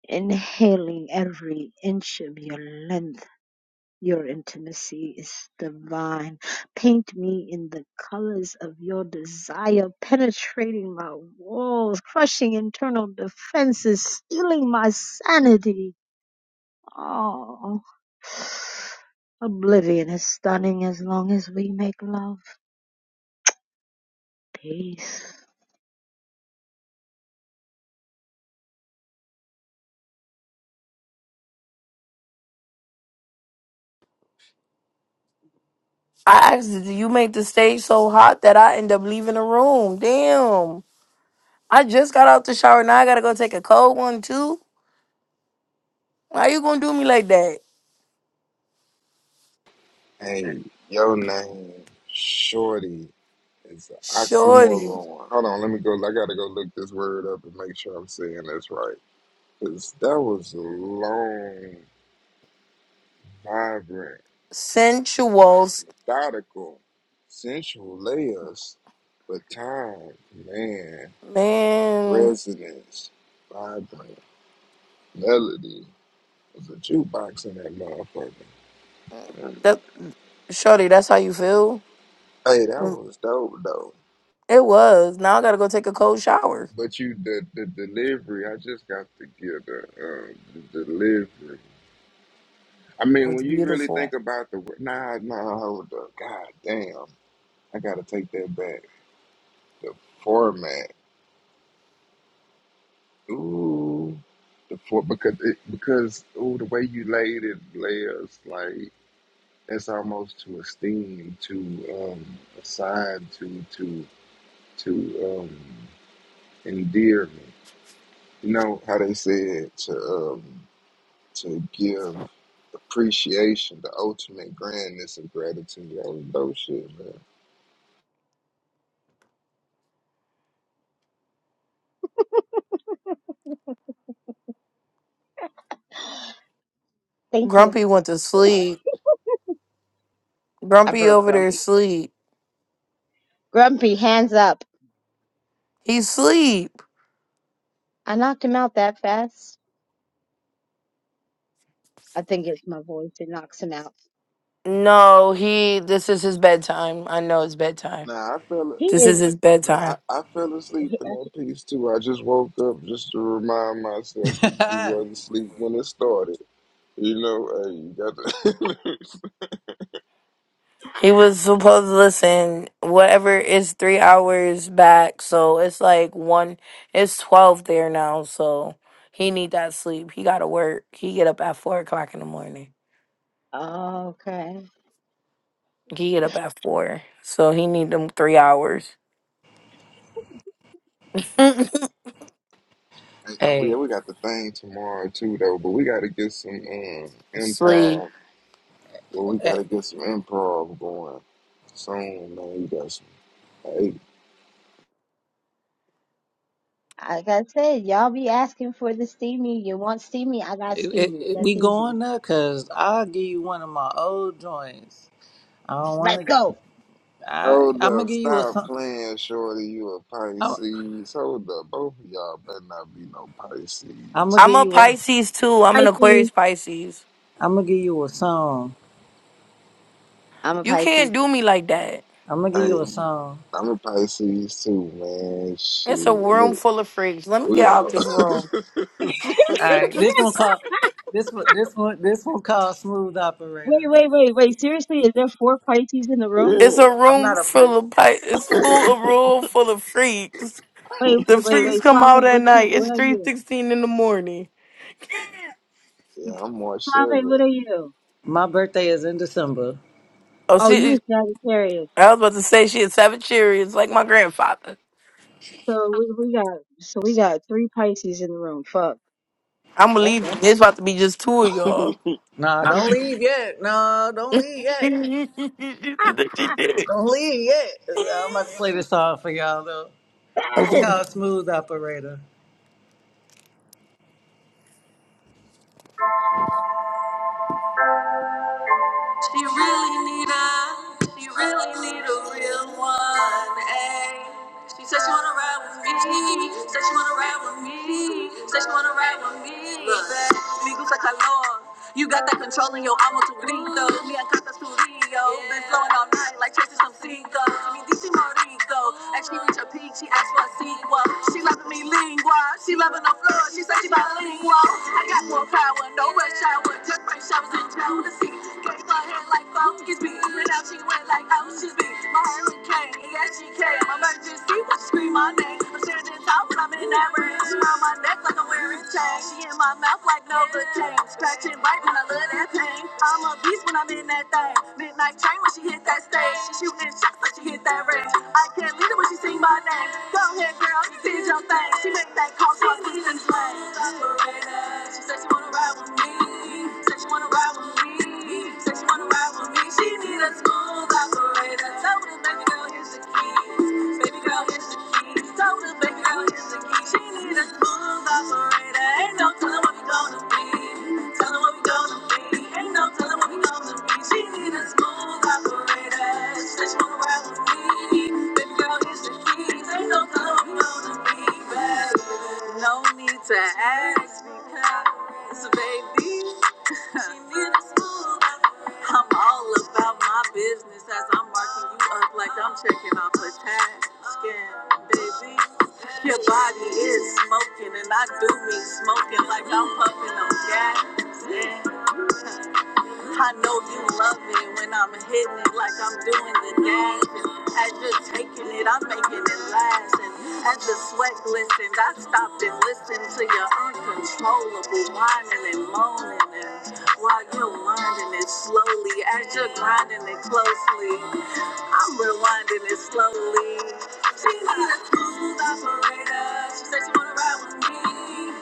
inhaling every inch of your length. Your intimacy is divine. Paint me in the colors of your desire, penetrating my walls, crushing internal defenses, stealing my sanity. Oh, oblivion is stunning as long as we make love. Peace. I asked, did you make the stage so hot that I end up leaving the room? Damn. I just got out the shower. Now I gotta go take a cold one too. How you gonna do me like that? Hey, your name, Shorty, is an Shorty. oxymoron. Hold on, let me go. I gotta go look this word up and make sure I'm saying this right. Cause that was a long, vibrant, Sensuals. methodical, sensual layers, but time, man, Man. resonance, vibrant, melody. was a jukebox in that motherfucker. That Shorty, that's how you feel? Hey, that Mm, was dope though. It was. Now I gotta go take a cold shower. But you the the delivery, I just got to get the, uh, the delivery. I mean, It's when you really think beautiful. about the nah nah hold up, god damn, I gotta take that back. The format, ooh, the for because it, because ooh the way you laid it, layers like that's almost to esteem, to um assign, to to to um endearment. You know how they said to um, to give appreciation the ultimate grandness of gratitude. That was dope shit, man. Thank you. Grumpy went to sleep. I Grumpy broke over there Grumpy. sleep. Grumpy, hands up. He sleep. I knocked him out that fast. I think it's my voice that knocks him out. No, he this is his bedtime. I know it's bedtime. Nah, I fell. He This is is. his Nah, I, bedtime. I fell asleep He, in that piece too. I just woke up just to remind myself that you hey, wasn't asleep when it started. You know, hey, you got the. He was supposed to listen whatever is three hours back, so it's like one. It's twelve there now, so he need that sleep. He gotta work. He get up at four o'clock in the morning. okay. He get up at four, so he need them three hours hey, oh yeah, hey, we got the thing tomorrow too, though. But we got to get some um, sleep. improv. Well, we got to it, get some improv going soon, man. You got some. Hey. Like I said, y'all be asking for the steamy. You want steamy? I got it, steamy. we That's going easy. there? Cause I'll give you one of my old joints. I don't Let's want to. go. I Hold I'm gonna up, give you a stop song. playing, Shorty. You a I'm, Pisces. Hold up, both of y'all better not be no I'm Pisces. gonna I'm give a you a. Pisces too. I'm an Aquarius Pisces. Pisces. I'm gonna give you a song. I'm a You can't Pisces. do me like that. I'm gonna give you Hey, a song. I'm a Pisces too, man. It's a Shit, room look, full of freaks. Let me we get out are. this room. All right, this one called. This one. This one. This one called Smooth Operator. Wait, wait, wait, wait. Seriously, is there four Pisces in the room? It's a yeah, I'm room not a full punch. of pi- It's full a room full of freaks. Wait, The wait, wait, freaks wait. come Suave, out at what you? night. It's What are three you? sixteen in the morning. yeah, I'm March Suave, 7th. what are you? My birthday is in December. Oh, Oh, you she. was Sagittarius. I was about to say she had seven Cheerios like my grandfather. So we, we got so we got three Pisces in the room. Fuck. I'm gonna That's leave. There's about to be just two of y'all. Nah, don't leave yet. No, don't leave she yet. said that she did it. Don't leave yet. I'm about to play this song for y'all though. It's it. Okay. called Smooth Operator. She really need a, she really need a real one. Ay. She said she wanna ride with me. Said she wanna ride with me. Said she wanna ride with me. Look. Me gusta calor. You got that control in your amo tu grito. Me encanta su río. Been flowing all night like chasing some cinco. Mi dice go. As she reach her peak, she asked for a sequel. She loving me lingua. She loving the floor. She said she bilingual. I got more power, no rush hour. Just bring showers in jealousy. Gave her head like focus me. And now she went like oceans be. My hurricane, yeah, she came. I'm Emergency, when she scream my name. I'm standing tall, but I'm in that range. She around my neck like I'm wearing chains. She in my mouth like no good chain. Scratch and bite, man, I love that pain. I'm a beast when I'm in that thing. Midnight train when she hit that stage. She shooting shots like she hit that range. I can't leave her when she sing my name. Go ahead, girl, you did your thing. She make that call, she must be in the lane. Operator, She said she wanna ride with me. Said she wanna ride with me. Said she wanna ride with me. She need a smooth operator. Tell her baby girl, here's the key. No need to ask because, baby. I'm all about my business as I'm marking you up like I'm checking off a tag. Scan, baby. Your body is smoking and I do mean smoking like I'm puffing on gas. Yeah. I know you love me when I'm hitting it like I'm doing the dash. And as you're taking it, I'm making it last. And as the sweat glistens, I stopped and listened to your uncontrollable whining and moaning. And while you're learning it slowly, as you're grinding it closely. I'm rewinding it slowly. She's not a smooth operator. She said she wanna ride with me.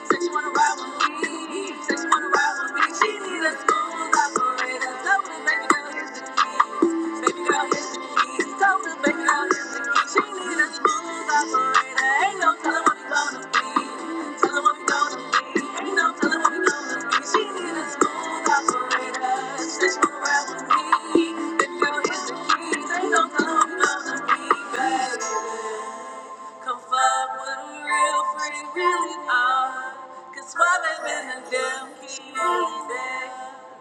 Said she wanna ride with me. Said she wanna ride with me. She need a smooth operator. So baby girl, here's the keys. Baby girl, here's the keys. So baby girl. She need a smooth operator. Ain't no telling what we gonna be. Telling what we gonna be. Ain't no telling what we gonna be. She need a smooth operator. Switch me around with me. Baby girl, here's the keys. Ain't no telling what we gonna be, baby. Come fuck what a real free really are. Cause Suave been a damn key.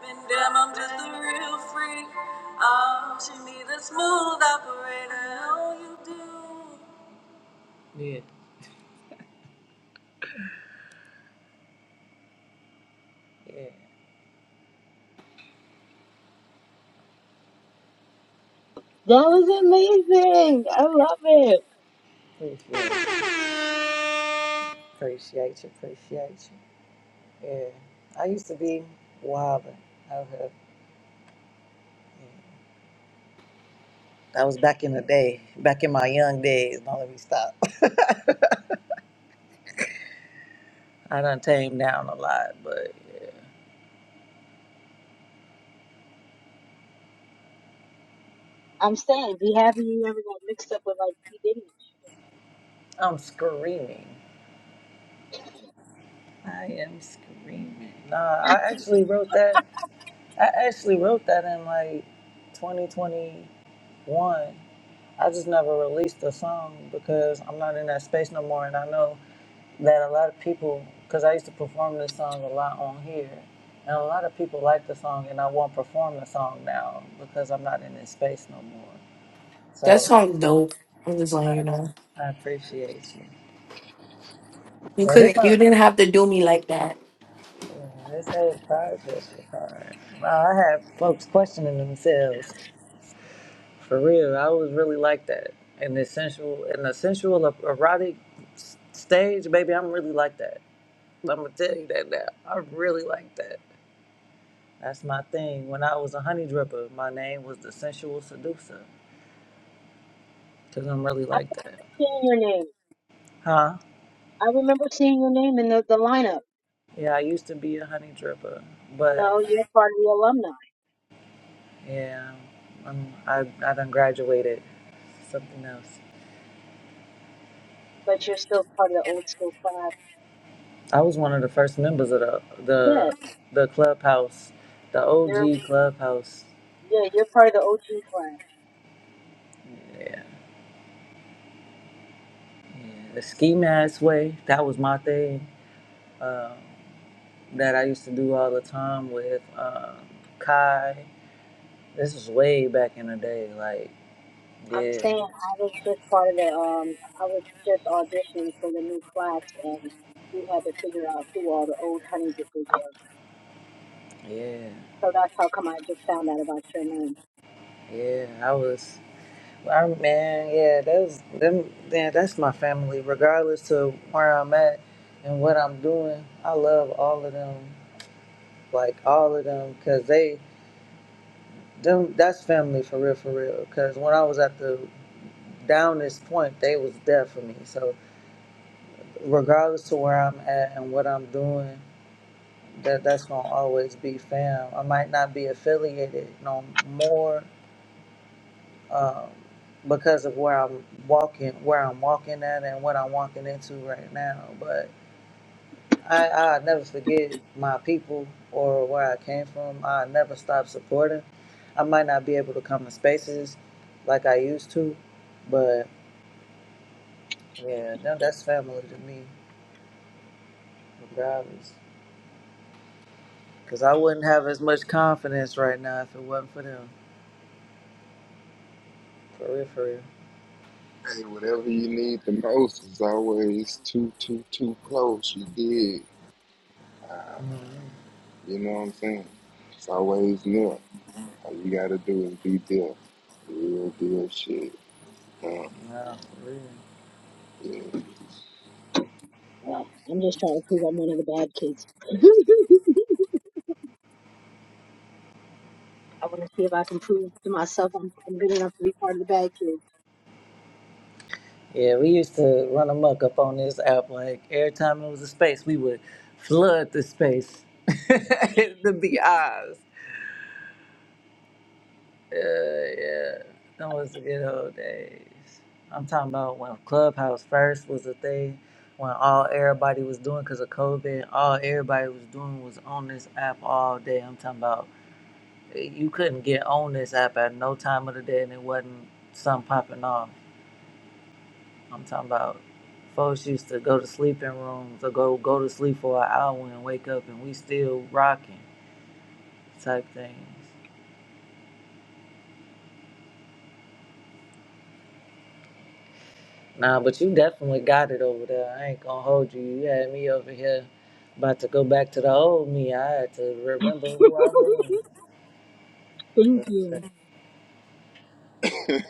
Been damn, I'm just a real freak. Oh, she need a smooth operator. Oh, you do. Yeah, yeah. That was amazing. I love it. Appreciate, appreciate you, appreciate you. Yeah. I used to be wilding out here. That was back in the day, back in my young days. Don't let me stop. I done tamed down a lot, but I'm saying, be happy you never got mixed up with like P Diddy. I'm screaming. I am screaming. Nah, I actually wrote that. I actually wrote that in like 2021. I just never released the song because I'm not in that space no more. And I know that a lot of people, because I used to perform this song a lot on here, and a lot of people like the song, and I won't perform the song now because I'm not in this space no more. That So song dope. I'm just letting you I, know. I appreciate you. You Yeah, couldn't. You this, didn't have to do me like that. Yeah, this whole project is hard. Wow, I have folks questioning themselves. For real, I was really like that. In the sensual, in the sensual er- erotic s- stage, baby, I'm really like that. I'm gonna tell you that now. I really like that. That's my thing. When I was a honey dripper, my name was the sensual seducer, cause I'm really like that. and shit. I remember seeing your name. Huh? I remember seeing your name in the, the lineup. Yeah, I used to be a honey dripper, You but know, you're part of the alumni, yeah, i I I done graduated something else. but you're still part of the old school class. I was one of the first members of the the Yeah, the clubhouse, the you're OG clubhouse. yeah, you're part of the OG class. Yeah, the ski mask way. That was my thing. Uh, that I used to do all the time with um, Kai. This was way back in the day. Like, I'm yeah, saying I was just part of the um, I was just auditioning for the new class, and we had to figure out who all the old honeydrippers were. yeah, So that's how come I just found out about your name. yeah. I was. I, man, yeah, that's them. Yeah, that's my family. Regardless to where I'm at and what I'm doing, I love all of them like all of them, cause they them that's family for real, for real. Cause when I was at the downest point, they was there for me. So regardless to where I'm at and what I'm doing, that that's gonna always be fam. I might not be affiliated no more um, because of where I'm walking, where I'm walking at, and what I'm walking into right now, but. I, I never forget my people or where I came from. I never stop supporting I might not be able to come to spaces like I used to, but yeah, no, that's family to me, regardless. Because I wouldn't have as much confidence right now if it wasn't for them. For real, for real. Hey, whatever you need the most is always too, too, too close. You did. Ah, man. Mm-hmm. You know what I'm saying? It's always near. All you gotta do is be there. Real deal shit. Um, Nah, for real. yeah. Yeah, I'm just trying to prove I'm one of the bad kids. I want to see if I can prove to myself I'm, I'm good enough to be part of the bad kids. Yeah, we used to run amok up on this app. Like, every time it was a space, we would flood the space, to be BIs. Uh, yeah. That was the good old days. I'm talking about when Clubhouse first was a thing, when all everybody was doing because of COVID, all everybody was doing was on this app all day. I'm talking about eh, you couldn't get on this app at no time of the day and it wasn't something popping off. I'm talking about folks used to go to sleeping rooms or go go to sleep for an hour and wake up and we still rocking type things. Nah, but you definitely got it over there. I ain't gonna hold you. You had me over here about to go back to the old me. I had to remember who I was. Thank But, uh, you.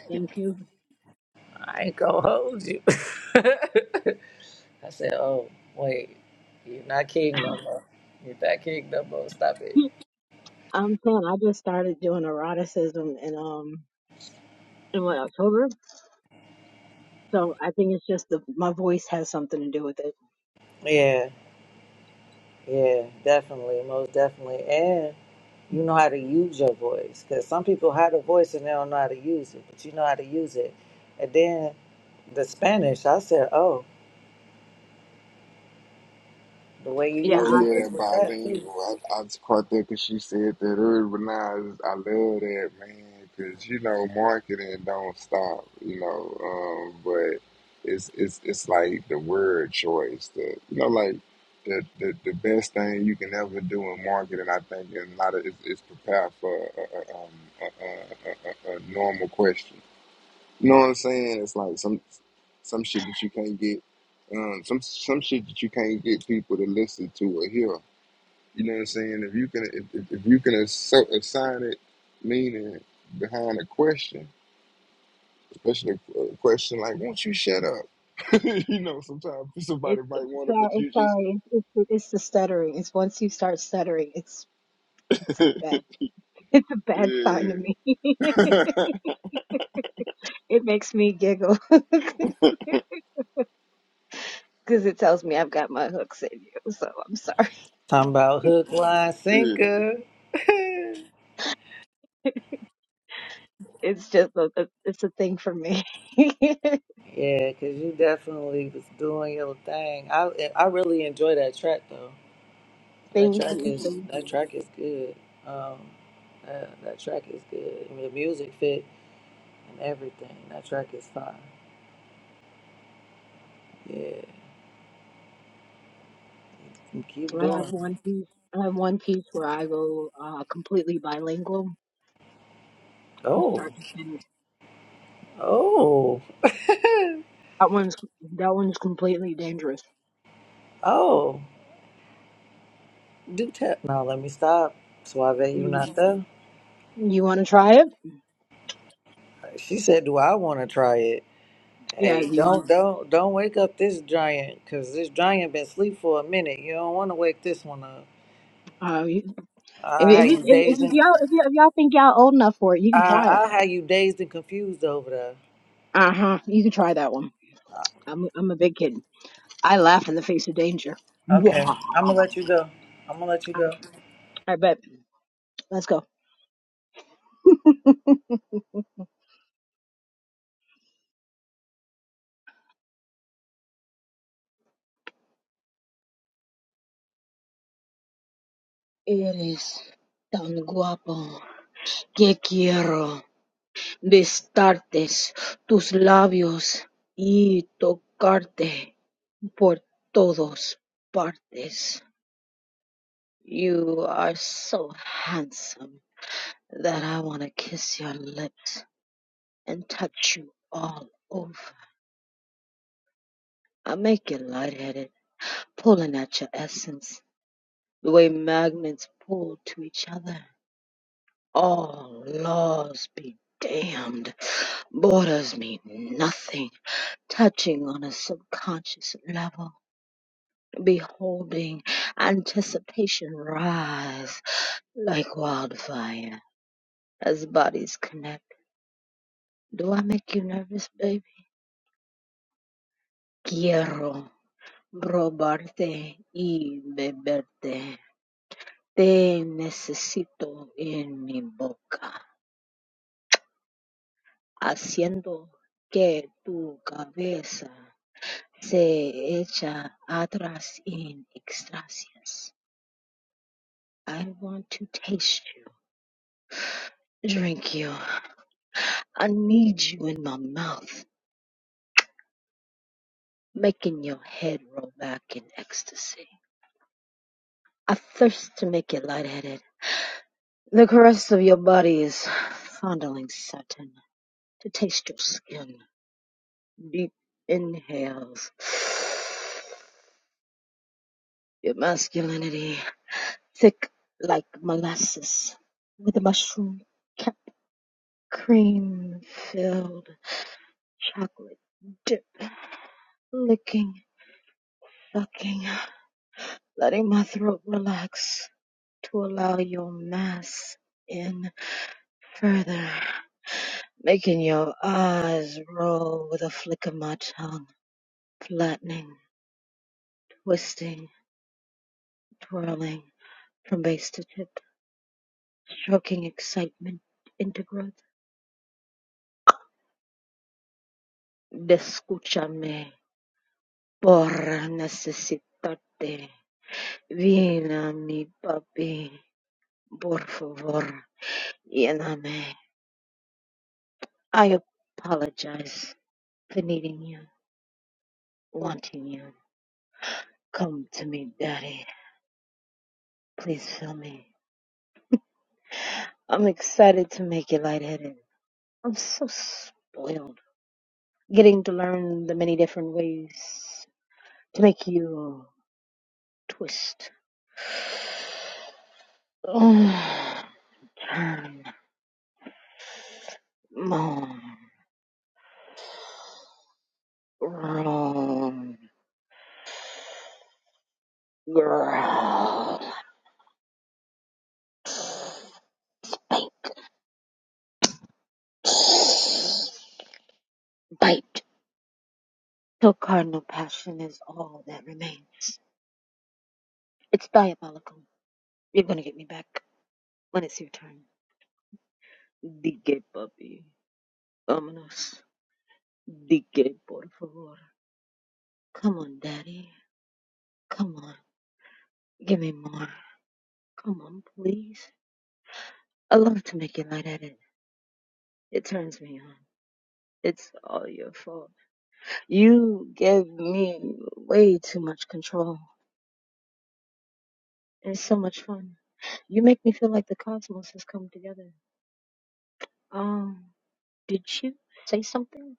Thank you. I ain't gonna hold you. I said, oh, wait, you're not king no more. You're not king no more. Stop it. I'm saying I just started doing eroticism in um in what October, so I think it's just the my voice has something to do with it. Yeah, yeah, definitely. Most definitely. And you know how to use your voice. Because some people have a voice and they don't know how to use it, but you know how to use it. And then the Spanish, I said, oh. The way you use Oh your yeah, hook that with that too. bilingual. I, I just caught that because she said that urbanize. I just, I love that man because you know marketing don't stop. You know, um, but it's it's it's like the word choice. The you know like the, the the best thing you can ever do in marketing. I think and a lot of is, is prepare for a, a, um, a, a, a, a a normal question. You know what I'm saying? It's like some some shit that you can't get, um, some some shit that you can't get people to listen to or hear. You know what I'm saying? If you can if, if if you can assi- assign it meaning behind a question, especially a, a question like "Won't you shut up?" you know, sometimes somebody It's might want it, but sorry, you just sorry. It's, it's it's the stuttering. It's once you start stuttering, it's it's a bad it's a bad sign yeah to me. it makes me giggle because it tells me I've got my hooks in you. So I'm sorry. Talking about hook, line, yeah sinker. It's just a, a- it's a thing for me. thank yeah, because you definitely was doing your thing. I I really enjoy that track though. That track you, is thank Mhm. that you. track is good. Um, that, that track is good. And the music fit and everything. That track is fine. Yeah, and keep I have doing. it. one piece. I have one piece where I go uh, completely bilingual from start Oh, to finish. oh, That one's that one's completely dangerous. oh. Do tell. Now let me stop. Suave, you You not there? you want to try it? She said, "Do I want to try it?" Yeah, Hey, you want. don't don't don't wake up this giant, cause this giant been asleep for a minute. You don't want to wake this one up. Uh, you- if, I if, had you- you if, dazed if and y'all if, y'all- if y'all think y'all old enough for it, you can I try it. I had you dazed and confused over there. Uh huh. You can try that one. Uh, I'm I'm a big kid. I laugh in the face of danger. Okay, Mwahaha. I'm gonna let you go. I'm gonna let you I, go. I bet. Let's go. Eres tan guapo que quiero besarte tus labios y tocarte por todos partes. You are so handsome that I want to kiss your lips. and touch you all over. I make you lightheaded, pulling at your essence, the way magnets pull to each other. All laws be damned, borders mean nothing, touching on a subconscious level. Beholding anticipation rise like wildfire as bodies connect. Do I make you nervous, baby? Quiero probarte y beberte. Te necesito en mi boca, haciendo que tu cabeza se echa atrás en extasias. I want to taste you, drink you. I need you in my mouth, making your head roll back in ecstasy. I thirst to make you lightheaded. The caress of your body is fondling satin, to taste your skin. Deep inhales Your masculinity, thick like molasses, with a mushroom cap, cream filled chocolate dip, licking, fucking, letting my throat relax to allow your mass in further, making your eyes roll with a flick of my tongue, flattening, twisting, twirling from base to tip, choking excitement into growth. Descúchame. Por necesidade, vina mi papi. Por favor, lléname. I apologize for needing you, wanting you. Come to me, daddy. Please fill me. I'm excited to make you lightheaded. I'm so spoiled. Getting to learn the many different ways to make you twist. Oh, turn, moan, roam. Growl, bite, bite, till cardinal passion is all that remains. It's diabolical. You're gonna get me back when it's your turn. DK puppy, ominous. DK por favor. Come on, daddy. Come on, give me more. Come on, please. I love to make you light at it. It turns me on. It's all your fault. You give me way too much control. It's so much fun. You make me feel like the cosmos has come together. Um, did you say something?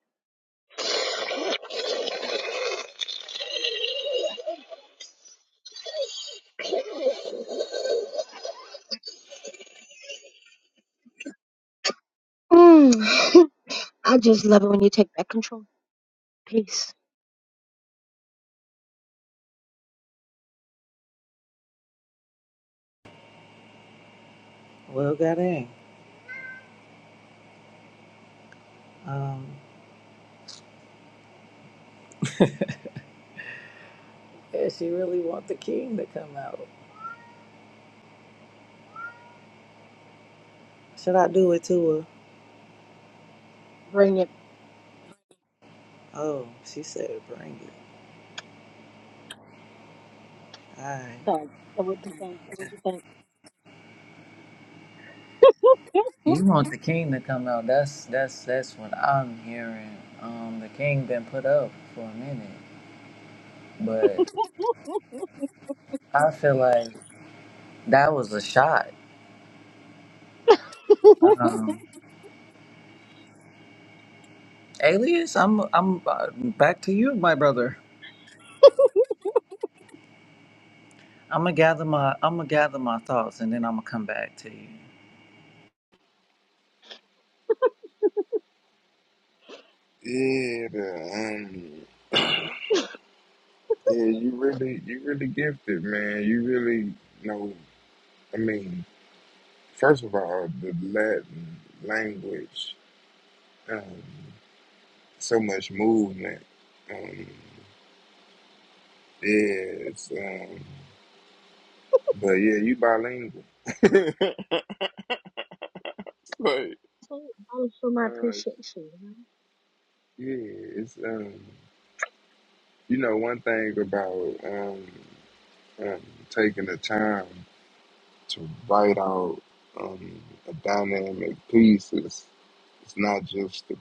Mm. I just love it when you take back control. Peace. Well, goddamn. Um, yeah, she really want the king to come out. Should I do it to her? Bring it. Oh, she said, bring it. All right. So, so what'd you think? What'd you think? You want the king to come out? That's that's that's what I'm hearing. Um, the king been put up for a minute, but. I feel like that was a shot. Um, Alias, I'm I'm uh, back to you, my brother. I'm gonna gather my I'm gonna gather my thoughts, and then I'm gonna come back to you. yeah. the, Um, yeah, you Mm. really you really gifted, man. You really you know. I mean. First of all, the Latin language, um, so much movement. Um, yes, um, but yeah, you bilingual. It's like, That is for my uh, appreciation. yeah, it's um, you know, one thing about um, um, taking the time to write out um, a dynamic piece is it's not just the.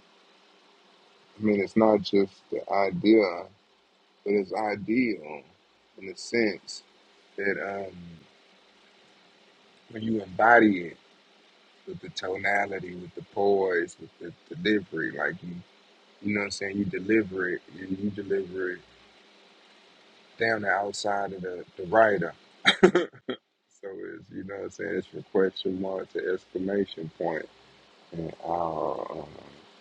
I mean, it's not just the idea. but it's ideal in the sense that um, when you embody it with the tonality, with the poise, with the delivery, like you, you know what I'm saying, you deliver it, you, you deliver it down the outside of the, the writer. So it's, you know what I'm saying, it's from question mark to exclamation point and all, uh,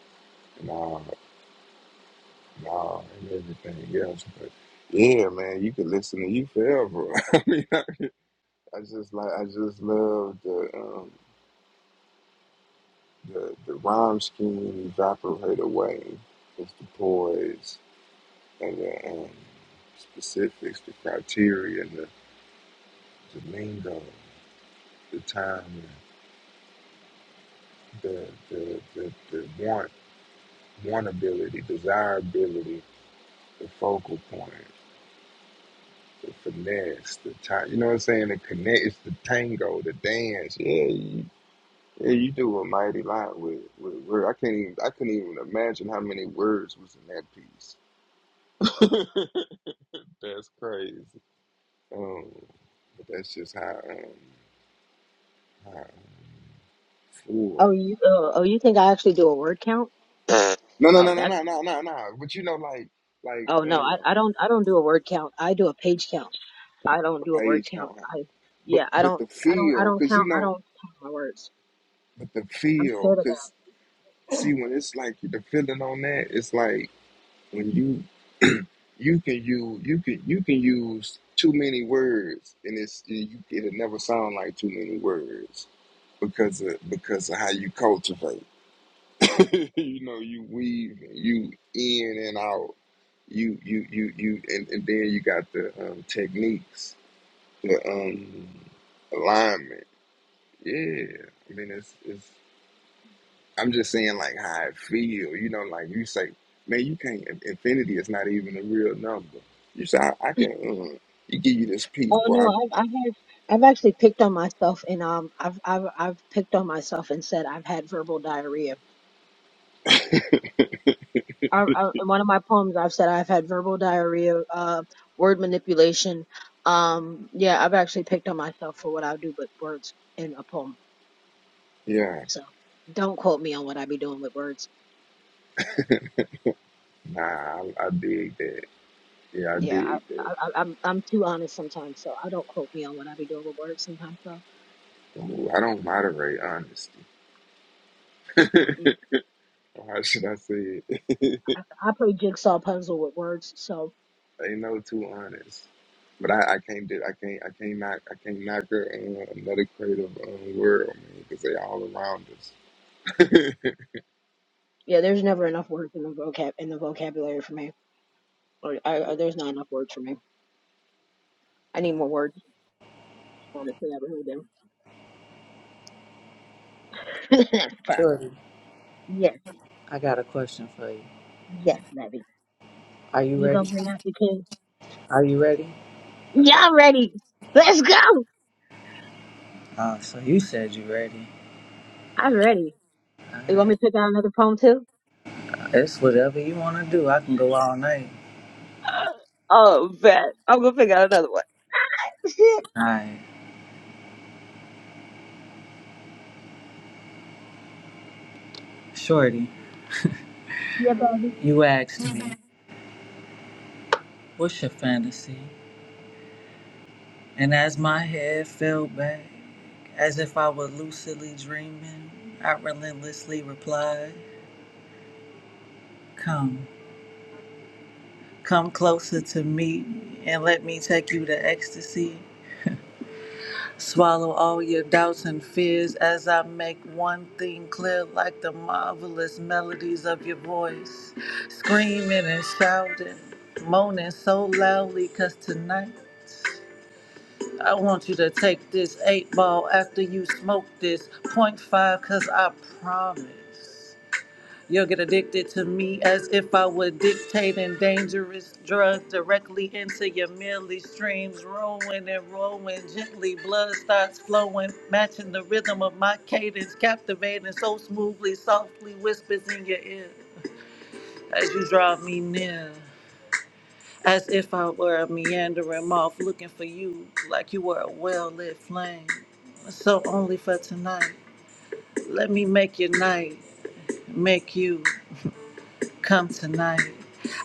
and all, and all, and everything else. But yeah, man, you could listen to you forever. I mean, I, I just like, I just love the, um, The, the rhyme scheme evaporate away with the poise and the um, specifics, the criteria, and the, the lingo, the time, the the the, the want, wantability, desirability, the focal point, the finesse, the time. You know what I'm saying? The connect, it's the tango, the dance. Yeah, you, yeah, you do a mighty lot with with word. I can't even I couldn't even imagine how many words was in that piece. That's crazy. Um, but that's just how um how Ooh. Oh, you. Uh, oh, you think I actually do a word count? No, no, Oh, no, no, that's. no, no, no, no. But you know, like, like, Oh no, I, um, I don't. I don't do a word count. I do a page count. I don't do the a word page count. count. high. I. But, Yeah, I but don't. the I don't. I feel, don't cause you count. I know, don't count my words. but the I'm feel, scared of that. cause see, when it's like the feeling on that, it's like when you, you can use, you can, you can use too many words, and it's you, it'll never sound like too many words because of because of how you cultivate. you know, you weave, you in and out, you you you you, and, and then you got the um, techniques, the um, alignment. Yeah, I mean, it's it's. I'm just saying, like how I feel. You know, like you say, man, you can't. in- Infinity is not even a real number. You say, I, I can. Uh, you give you this piece, Oh no, bro. I, I've I've had- I've actually picked on myself and um I've I've I've picked on myself and said I've had verbal diarrhea. I, I, in one of my poems, I've said I've had verbal diarrhea, uh, word manipulation. Um, yeah, I've actually picked on myself for what I do, but words in a poem. yeah, So don't quote me on what I be doing with words. nah, I, I dig that. Yeah, I Yeah, I, dig that. I, I- I'm I'm too honest sometimes, so I don't quote me on what I be doing with words sometimes. So Ooh, I don't moderate honesty. mm-mm. How should I say it? I, I play jigsaw puzzle with words, so They know too honest. But I, I can't do I can't I can't not I can not knock. i can not knock a, uh, another creative um, world, man, because they all around us. yeah, there's never enough words in the vocab in the vocabulary for me, or, I, or yeah. there's not enough words for me. I need more words. Honestly, I really do. That's the part. Shorty, Yes, I got a question for you. yes, baby. Are you You gonna ready? bring out the king? Are you ready? Y'all ready? Let's go. Uh, so you said you ready. I'm ready. All You want right, me to pick out another poem too? it's whatever you wanna do. I can go all night. Oh, bet. I'm gonna pick out another one. All right, Shorty, yeah, baby. you asked me, what's your fantasy? And as my head fell back. As if I were lucidly dreaming, I relentlessly replied, Come, come closer to me, and let me take you to ecstasy. Swallow all your doubts and fears as I make one thing clear like the marvelous melodies of your voice. Screaming and shouting, moaning so loudly. 'Cause tonight I want you to take this eight ball after you smoke this point five, cause I promise. You'll get addicted to me as if I were dictating dangerous drugs directly into your milly streams, rolling and rolling gently. Blood starts flowing, matching the rhythm of my cadence, captivating so smoothly, softly whispers in your ear as you draw me near. As if I were a meandering moth looking for you, like you were a well lit flame. So only for tonight, let me make your night, make you. come tonight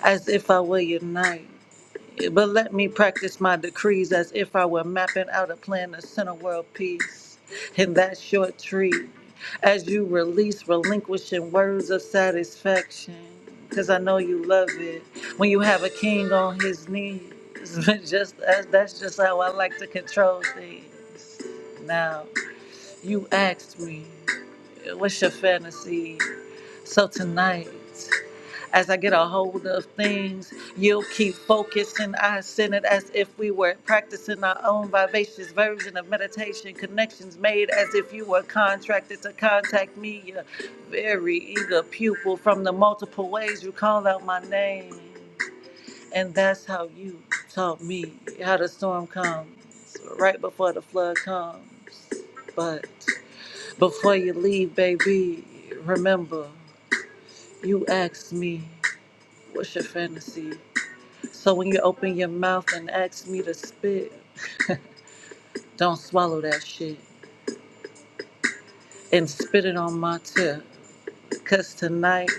as if I were your knight. But let me practice my decrees as if I were mapping out a plan to center world peace in that short tree. As you release, relinquishing words of satisfaction, because I know you love it when you have a king on his knees. But just that's, that's just how I like to control things. Now, you asked me, what's your fantasy? So tonight. As I get a hold of things, you'll keep focusing. I send it as if we were practicing our own vivacious version of meditation. Connections made as if you were contracted to contact me, your very eager pupil from the multiple ways you call out my name. And that's how you taught me how the storm comes, right before the flood comes. But before you leave, baby, remember, you asked me. What's your fantasy? So when you open your mouth and ask me to spit, don't swallow that shit and spit it on my tip. Cause tonight,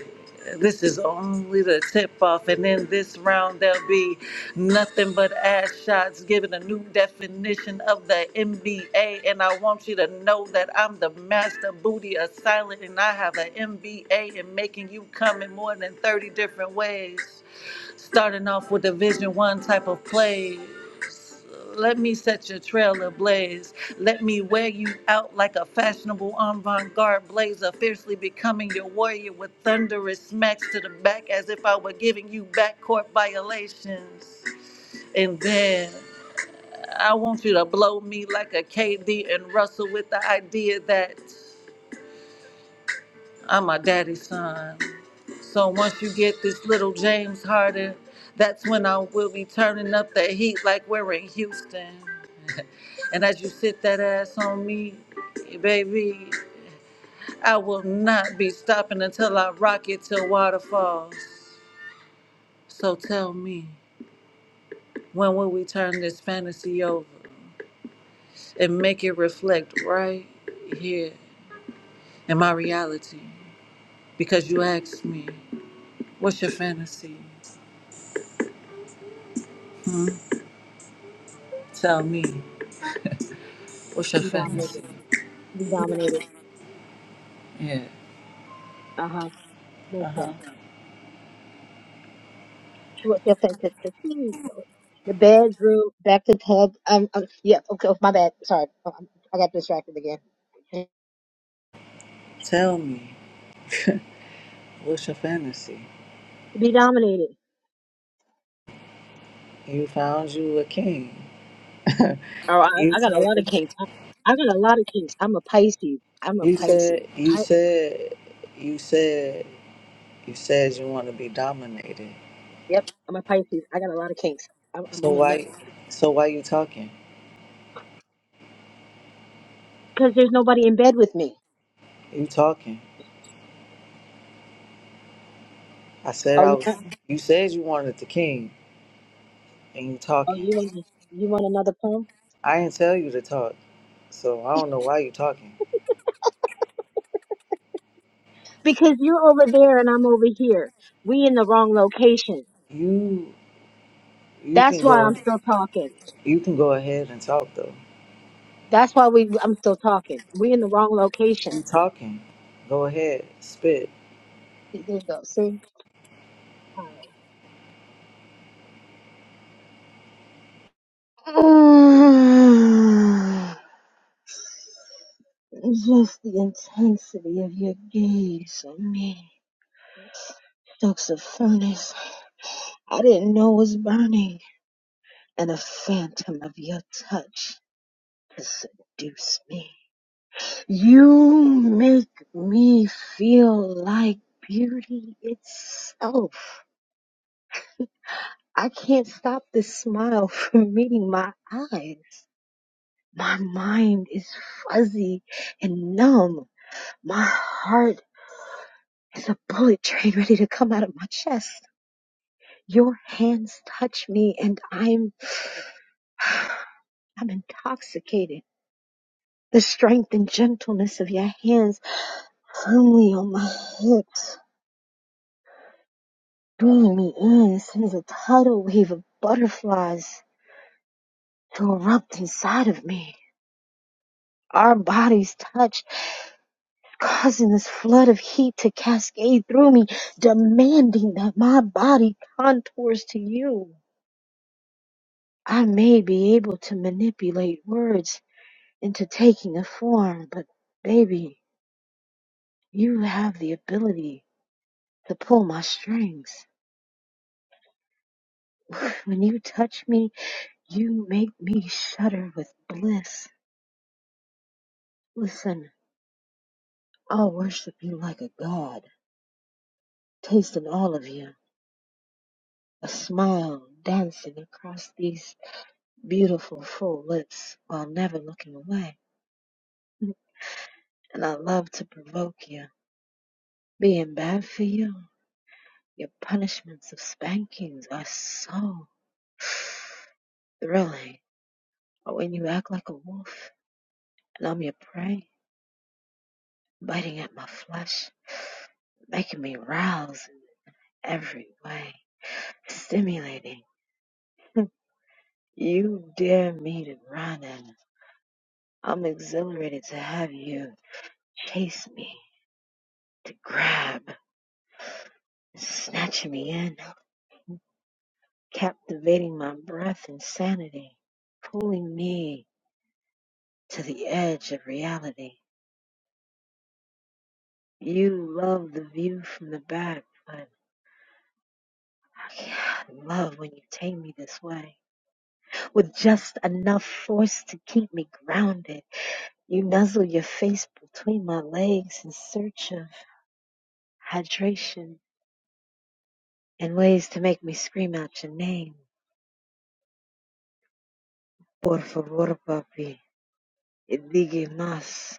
this is only the tip off. And in this round, there'll be nothing but ass shots, giving a new definition of the NBA. And I want you to know that I'm the master booty of silent, and I have an MBA in making you come in more than 30 different ways. starting off with a Vision One type of play, Let me set your trail ablaze. Let me wear you out like a fashionable avant-garde blazer, fiercely becoming your warrior with thunderous smacks to the back, as if I were giving you backcourt violations. And then I want you to blow me like a KD and Russell with the idea that. I'm my daddy's son. So once you get this little James Harden, that's when I will be turning up the heat like we're in Houston. and as you sit that ass on me, baby, I will not be stopping until I rock it till water falls. So tell me, when will we turn this fantasy over and make it reflect right here in my reality? Because you asked me, what's your fantasy? Tell me. What's your be fantasy? dominated, to be dominated. Yeah. Uh huh. Yes, Uh sir. huh. Well, yeah, thank saying? To to see the bedroom, back to tub. Um, um, yeah, okay, oh, my bad. Sorry, Oh, I'm- I got distracted again. To Tell me, what's your fantasy? be dominated. You found you a king. Oh, You I, I got a told lot them, of kinks. I, I got a lot of kinks. I'm a Pisces. I'm a you said Pisces. you I said you said you said you want to be dominated. yep. I'm a Pisces. I got a lot of kinks. I'm, I'm, So I'm a nut why so why you talking? because there's nobody in bed with me. You talking? I said Oh, I you was. want? You said you wanted the king, and you Oh, talking. you want? You want another poem? I didn't tell you to talk, so I don't know why you talking. Because you're over there and I'm over here. We in the wrong location. You you can That's go why I'm still talking. you can go ahead and talk though. That's why we I'm still talking. We in the wrong location. You talking. Go ahead. Spit. There you go. See? Alright. Just the intensity of your gaze on me. Stokes a furnace I didn't know was burning. And a phantom of your touch to seduce me. You make me feel like beauty itself. I can't stop this smile from meeting my eyes. My mind is fuzzy and numb. My heart is a bullet train ready to come out of my chest. Your hands touch me and I'm, I'm intoxicated. The strength and gentleness of your hands firmly on my hips, bringing me in sends a tidal wave of butterflies to erupt inside of me. Our bodies touch causing this flood of heat to cascade through me, demanding that my body contours to you. I may be able to manipulate words into taking a form, but baby, you have the ability to pull my strings. When you touch me, you make me shudder with bliss. Listen, I'll worship you like a god, tasting all of you, a smile dancing across these beautiful full lips while never looking away. And I love to provoke you. Being bad for you, your punishments of spankings are so thrilling. But when you act like a wolf and I'm your prey, biting at my flesh, making me rouse in every way, stimulating, you dare me to run and I'm exhilarated to have you chase me, to grab, snatch me in. captivating my breath in sanity, pulling me to the edge of reality. You love the view from the back, but yeah, I love when you take me this way. With just enough force to keep me grounded, you nuzzle your face between my legs in search of hydration and ways to make me scream out your name. Por favor, papi, digue más.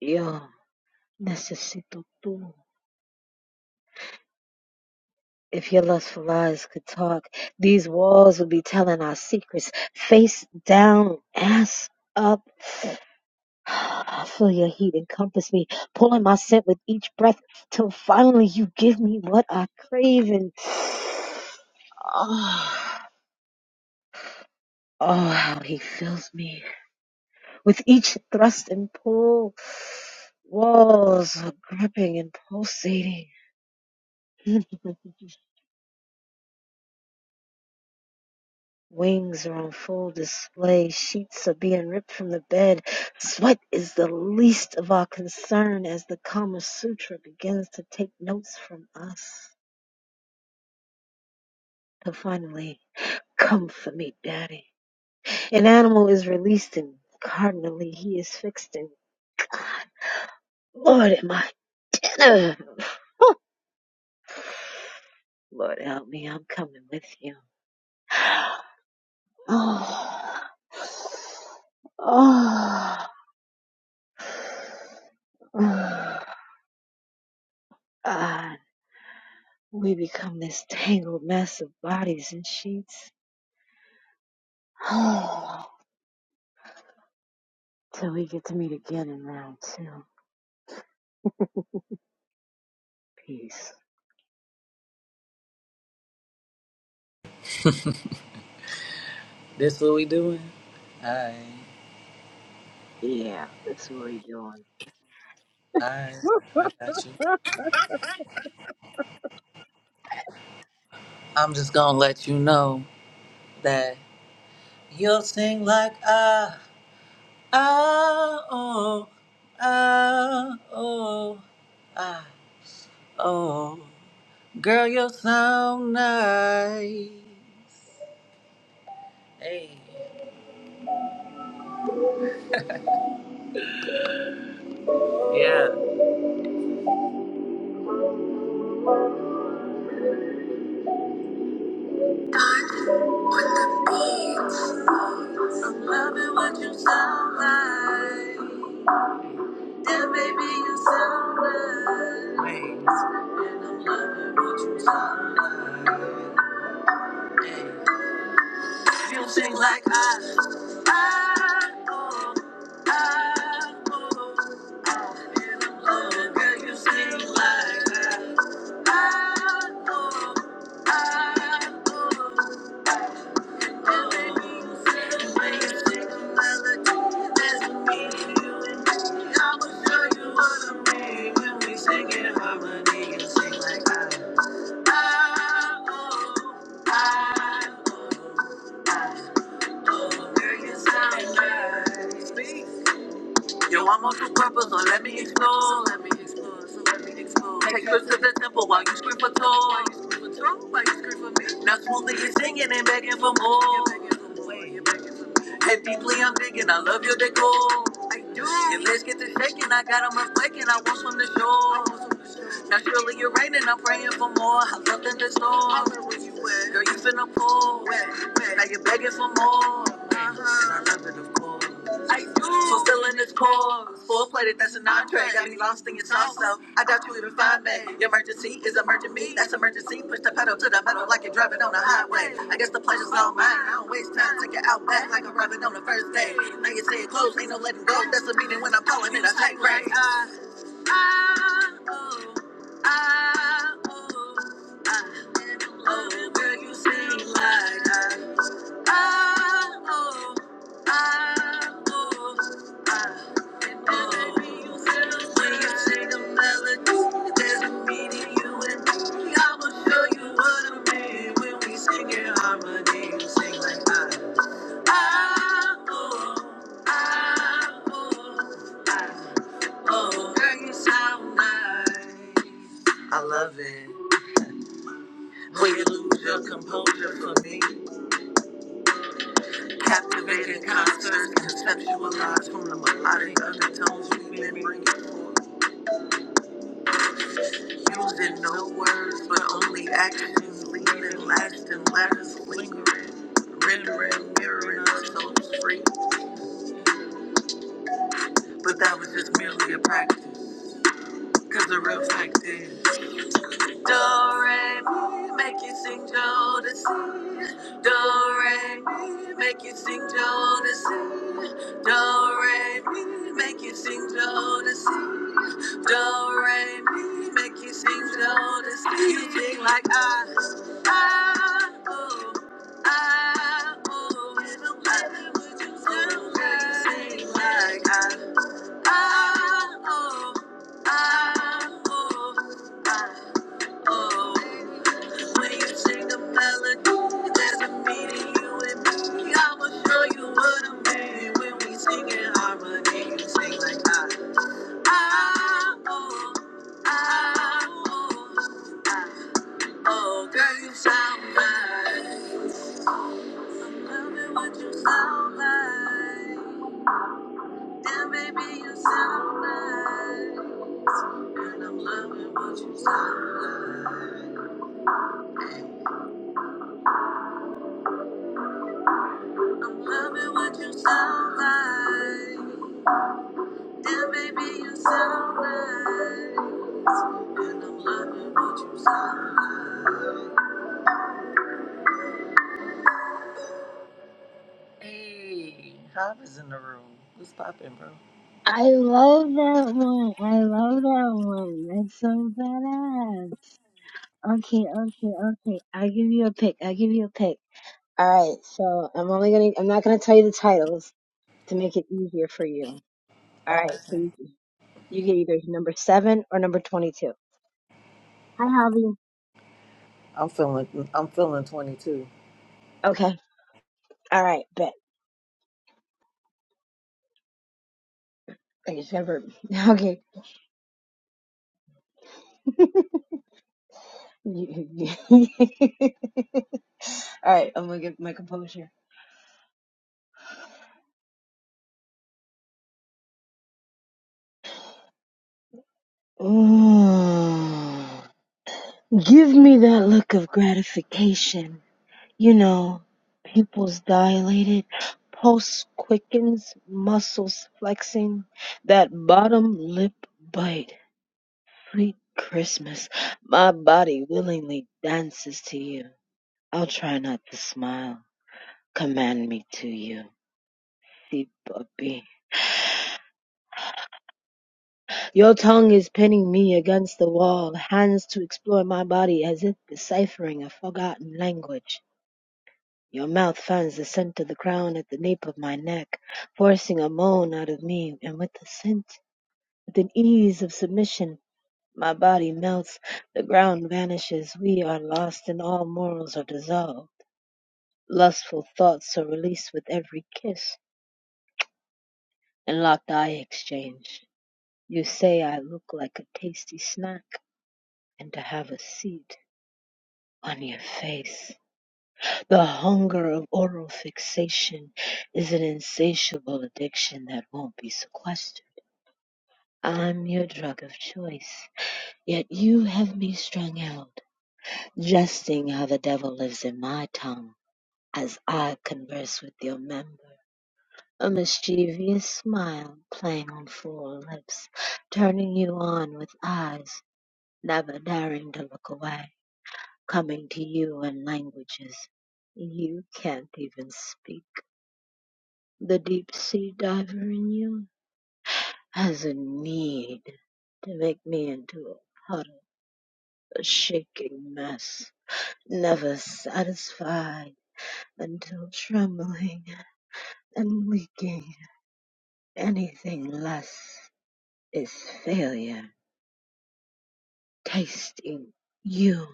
Yo necesito tú. If your lustful eyes could talk, these walls would be telling our secrets. Face down, ass up. I feel your heat encompass me, pulling my scent with each breath till finally you give me what I crave and oh, oh how he fills me with each thrust and pull. Walls are gripping and pulsating. Wings are on full display, sheets are being ripped from the bed. Sweat is the least of our concern as the Kama Sutra begins to take notes from us. To finally, come for me, Daddy. An animal is released and cardinally he is fixed in. God, Lord, am I dinner? Lord, help me, I'm coming with you. Oh. Oh. Oh. Ah. We become this tangled mess of bodies and sheets. Till we get to meet again in round two. Peace. This what we doing? Alright. Yeah, that's what we doing. Alright. I got you. I'm just gonna let you know that you'll sing like ah ah oh ah oh ah oh Girl you sound nice. Hey. Yeah. Loving what you sound like. Yeah, baby, you sound right. And I'm loving what you sound like. You sing like I, I, oh, I, oh. Oh, girl, you sing like I, I, oh, I, oh. Yeah, baby, you sing like you sing another dance with me. And I will show you what I mean when we sing in harmony. You sing like I. Yo, I'm on some purpose, so let me explore. So let me explore, so let me explore. Take trips to the temple while you scream for tour. While you scream for tour, while you scream for me. Now smoothly you're singing and begging for more. And deeply I'm digging, I love your decor. I do. Your legs get to shaking, I got 'em a flaking, I want some to show. Naturally, you're right, and I'm praying for more. I felt in the storm. I heard where you at. Girl, you finna pull. Wet, wet. Now you're begging for more. Uh-huh. And I do. Fulfilling this cause. Full plated, that's an entree. Got me lost in your sauce, so I doubt you even find me. Your emergency is emerging me. That's emergency. Push the pedal to the metal like it way. I just know mine. I don't waste time. Take it out back like a baby. Get close, ain't no letting go. That's the meaning when I'm calling it a tight race. Sing like I, ah, oh, ah, oh. Oh, hurts how much. I love it. When you lose your composure for me, captivating concerts, conceptualized from the melodic undertones we've been bringing forth. Using no words, but only actions, leaving lasting letters lingering, rendering, mirroring our souls free. But that was just merely a practice, cause the real fact is. Do re mi, make you sing Don't Jodeci. Do re mi, make you sing Don't Jodeci. Do re mi, make you sing Jodeci. Do re mi, make you sing Jodeci. You sing like I, I, oh, I, oh. Little baby, would you do that? You sing like I, I, oh, I, oh, I, oh. When you sing the melody, there's a meaning you and me. I'ma show you what I mean when we sing in harmony. You sing like I, I, oh, I, oh, I, oh, girl, you sound right. Loving what you sound like. Damn, baby, you sound right. And I'm loving what you sound like. I'm loving what you sound like. Yeah, baby, you sound right. And I'm loving what you said. Hey, Hop is in the room. What's poppin', bro? I love that one. I love that one. That's so badass. Okay, okay, okay. I'll give you a pick. I'll give you a pick. Alright, so I'm only gonna I'm not gonna tell you the titles to make it easier for you. Oh, Alright, so okay. you, you get either number seven or number twenty two. Hi Javi. I'm feeling, I'm feeling 22. Okay. Alright, bet. I just never. Okay. All right, I'm gonna get my composure. Mm. Give me that look of gratification. You know, pupils dilated, pulse quickens, muscles flexing, that bottom lip bite. Sweet Christmas, my body willingly dances to you. I'll try not to smile. Command me to you, see puppy. Your tongue is pinning me against the wall, hands to explore my body as if deciphering a forgotten language. Your mouth fans the scent of the crown at the nape of my neck, forcing a moan out of me, and with the scent, with an ease of submission, my body melts, the ground vanishes, we are lost and all morals are dissolved. Lustful thoughts are released with every kiss and locked eye exchange. You say I look like a tasty snack and to have a seat. on your face. The hunger of oral fixation is an insatiable addiction that won't be sequestered. I'm your drug of choice, yet you have me strung out, jesting how the devil lives in my tongue as I converse with your member. A mischievous smile playing on full lips, turning you on with eyes never daring to look away. coming to you in languages you can't even speak. The deep sea diver in you has a need to make me into a puddle, a shaking mess, never satisfied until trembling and leaking. Anything less is failure. Tasting you,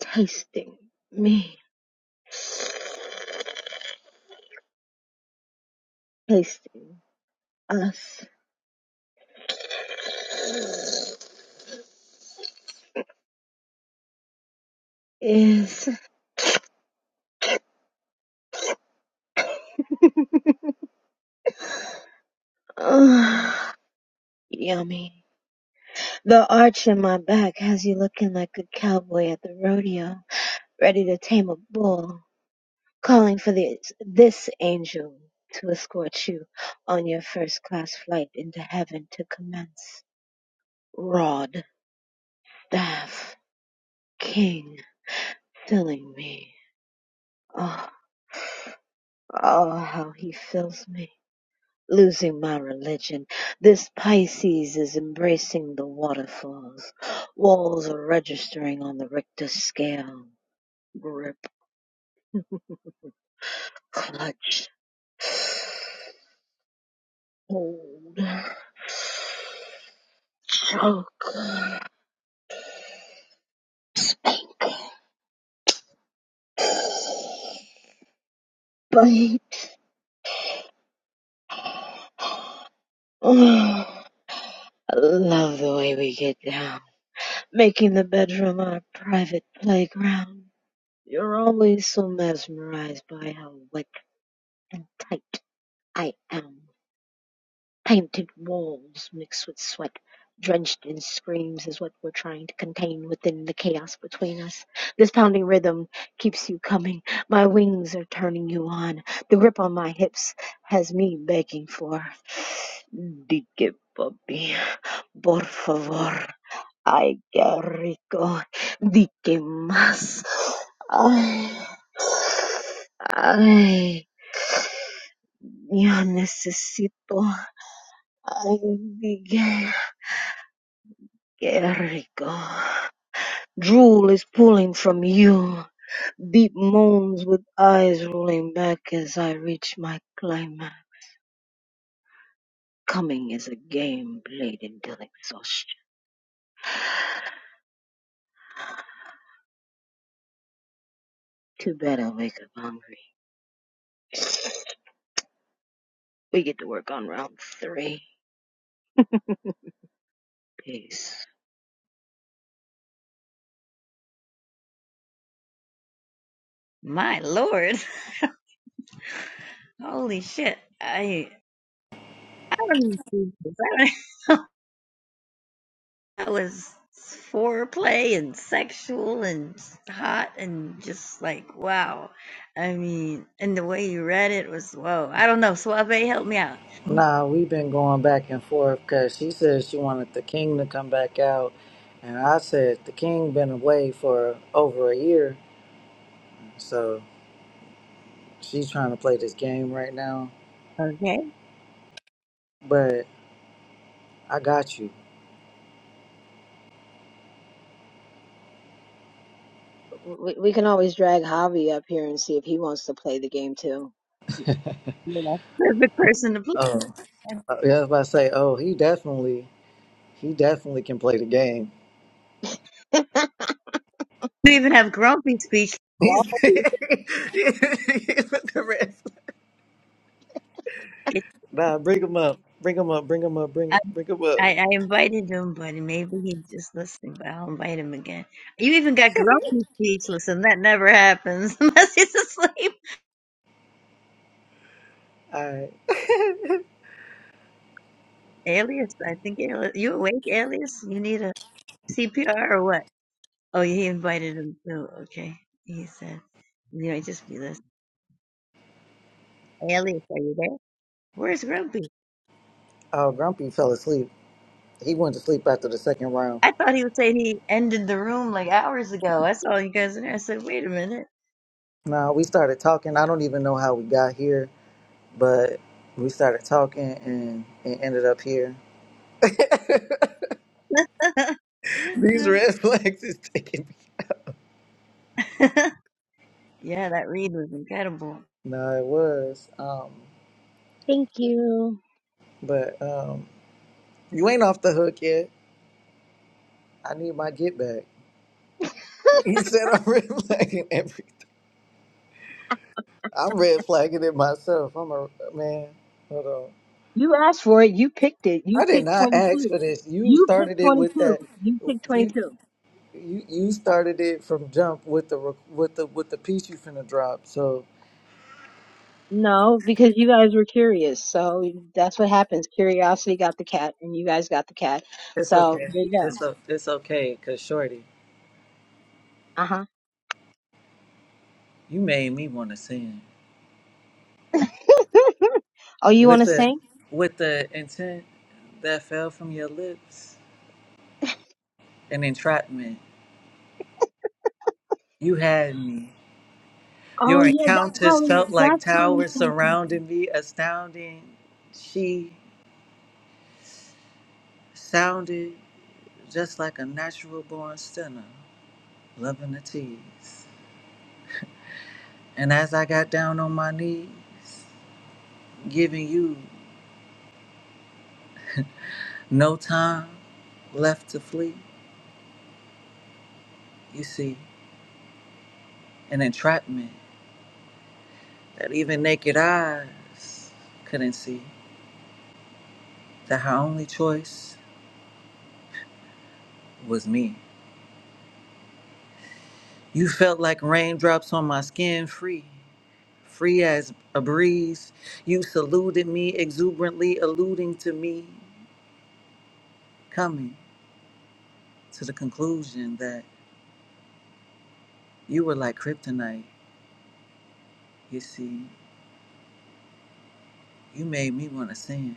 tasting me, tasting us is. Ugh, yummy. The arch in my back has you looking like a cowboy at the rodeo, ready to tame a bull, calling for this, this angel to escort you on your first class flight into heaven to commence. Rod, staff, king, filling me. Oh, oh, how he fills me. losing my religion. This Pisces is embracing the waterfalls. Walls are registering on the Richter scale. Grip, clutch, hold, choke, think, bite. Oh, I love the way we get down, making the bedroom our private playground. You're always so mesmerized by how wet and tight I am. Painted walls mixed with sweat, drenched in screams, is what we're trying to contain within the chaos between us. This pounding rhythm keeps you coming. My wings are turning you on. The grip on my hips has me begging for. Di que papi, por favor. Ay, qué rico. Di que más. Ay. Ay, yo necesito. Ay, di que. Jericho. Drool is pooling from you, deep moans with eyes rolling back as I reach my climax. Coming is a game played until exhaustion. Too bad i wake up hungry. We get to work on round three. Peace. My lord. Holy shit. I I don't That was foreplay and sexual and hot and just like wow. I mean, and the way you read it was whoa. I don't know. Suave, help me out. Nah, we've been going back and forth because she said she wanted the king to come back out, and I said the king been away for over a year, so she's trying to play this game right now. But I got you. We, we can always drag Javi up here and see if he wants to play the game too. You're the perfect person to play. Oh, uh, yeah, I was about to say. Oh, he definitely, he definitely can play the game. You even have grumpy speech. He's with the rest. It, Nah, bring him up. Bring him up. Bring him up. I, Bring bring him up. I I invited him, but maybe he's just listening. But I'll invite him again. You even got grumpy speech. Listen, that never happens unless he's asleep. All right. Alias, I think Alias, you awake, Alias? You need a CPR or what? Oh, he invited him too. Okay. He said, you know, just be listening. Alias, are you there? Where's Grumpy? Oh, Grumpy fell asleep. He went to sleep after the second round. I thought he was saying he ended the room like hours ago. I saw you guys in there. I said, wait a minute. Nah, we started talking. I don't even know how we got here, but we started talking and it ended up here. These red flags is taking yeah, that read was incredible. me. Nah, it was. Um, Thank you. but um, you ain't off the hook yet. I need my get back. He said I'm red flagging everything. I'm red flagging it myself. I'm a man. Hold on. You asked for it. You picked it. You I did picked not ask 22. for this. You You picked started it with 22. that. You picked You 22. you you started it from jump with the rec- with the with the piece you finna drop. So No, because you guys were curious. So that's what happens. Curiosity got the cat, and you guys got the cat. it's So okay. there you It's o- it's okay. Cause shorty, go. Uh huh. you made me want to sing Oh, you want with to the sing? with the intent that fell from your lips and entrapment. You had me. Oh Your yeah, that's how encounters we. felt like That's how we towers can sing. surrounding me, astounding. She. sounded just like a natural born sinner, loving the tease. And as I got down on my knees, giving you no time left to flee, you see, an entrapment that even naked eyes couldn't see, that her only choice was me. You felt like raindrops on my skin, free, free as a breeze. You saluted me exuberantly, alluding to me coming. to the conclusion that you were like kryptonite. You see, you made me want to sin.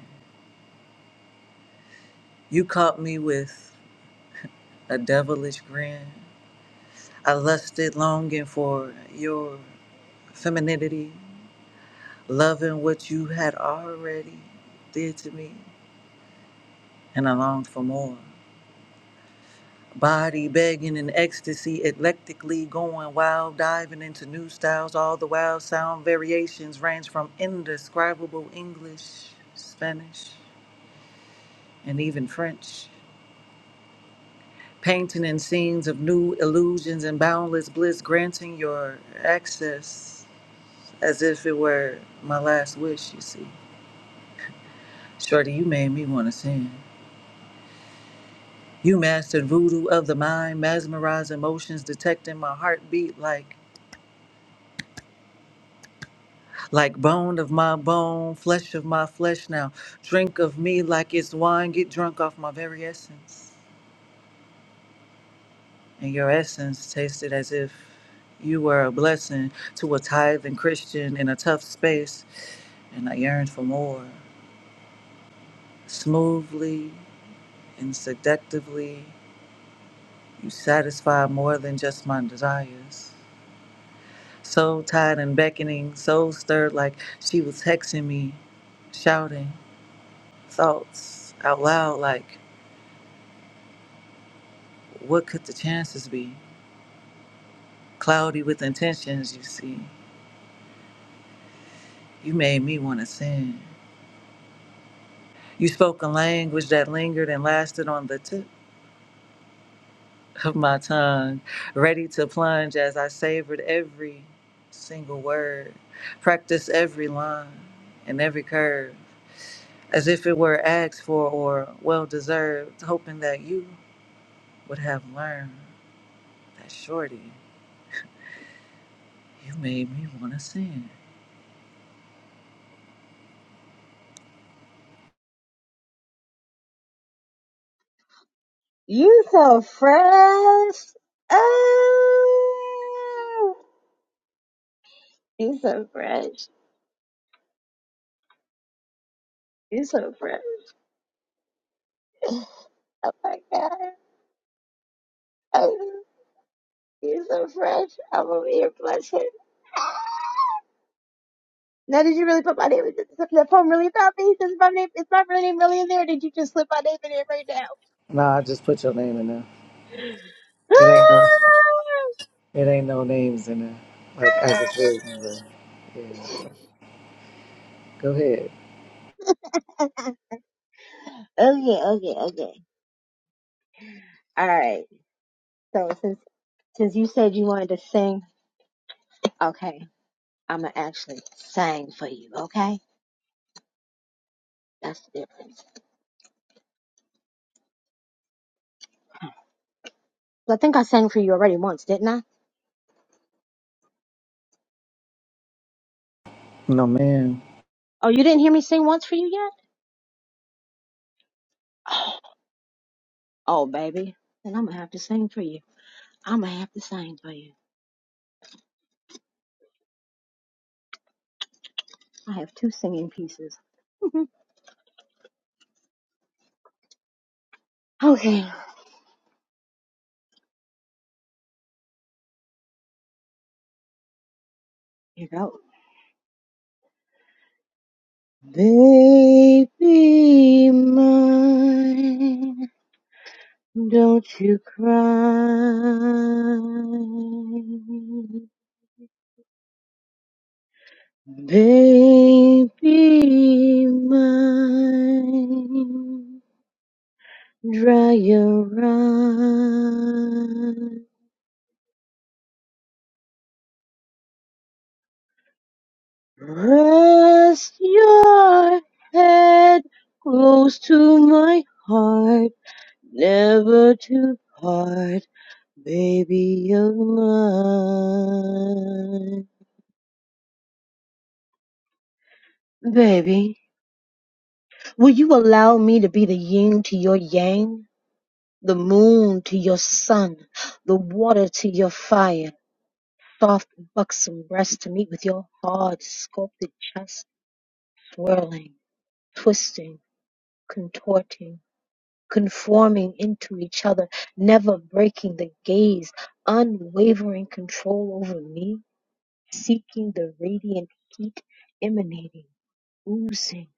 You caught me with a devilish grin. I lusted longing for your femininity, loving what you had already did to me, and I longed for more. Body begging in ecstasy, eclectically going wild, diving into new styles. All the wild sound variations range from indescribable English, Spanish, and even French painting in scenes of new illusions and boundless bliss, granting your access as if it were my last wish, you see. Shorty, you made me want to sing. You mastered voodoo of the mind, mesmerizing emotions, detecting my heartbeat like like bone of my bone, flesh of my flesh now. Drink of me like it's wine, get drunk off my very essence. And your essence tasted as if you were a blessing to a tithing Christian in a tough space and I yearned for more. Smoothly and seductively, you satisfy more than just my desires. So tied and beckoning, so stirred like she was hexing me, shouting thoughts out loud like, What could the chances be? Cloudy with intentions, you see. You made me want to sin. You spoke a language that lingered and lasted on the tip. of my tongue, ready to plunge as I savored every single word, practiced every line and every curve, as if it were asked for or well deserved, hoping that you would have learned that shorty, you made me want to sing. You so fresh. Oh, you so fresh. You so fresh. Oh my god. Oh, you so fresh. I'm over here blushing. Now, did you really put my name in this if that poem really about me? Does my name is my real name really in there? Or did you just slip my name in there right now? Nah, I just put your name in there. It ain't no, it ain't no names in there. Like as a written, but yeah. Go ahead. okay, okay, okay. All right. So since since you said you wanted to sing, okay, I'ma actually sing for you. Okay, that's the difference. I think I sang for you already once, didn't I? No, ma'am. Oh, you didn't hear me sing once for you yet? Oh, baby, then I'm gonna have to sing for you. I'm gonna have to sing for you. I have two singing pieces. okay, here goes. Baby mine, don't you cry. Baby mine, dry your eyes. Rest your head close to my heart, never to part. Baby, you're mine. Baby, will you allow me to be the yin to your yang, the moon to your sun, the water to your fire, soft buxom breast to meet with your hard sculpted chest, swirling, twisting, contorting, conforming into each other, never breaking the gaze, unwavering control over me, seeking the radiant heat emanating oozing,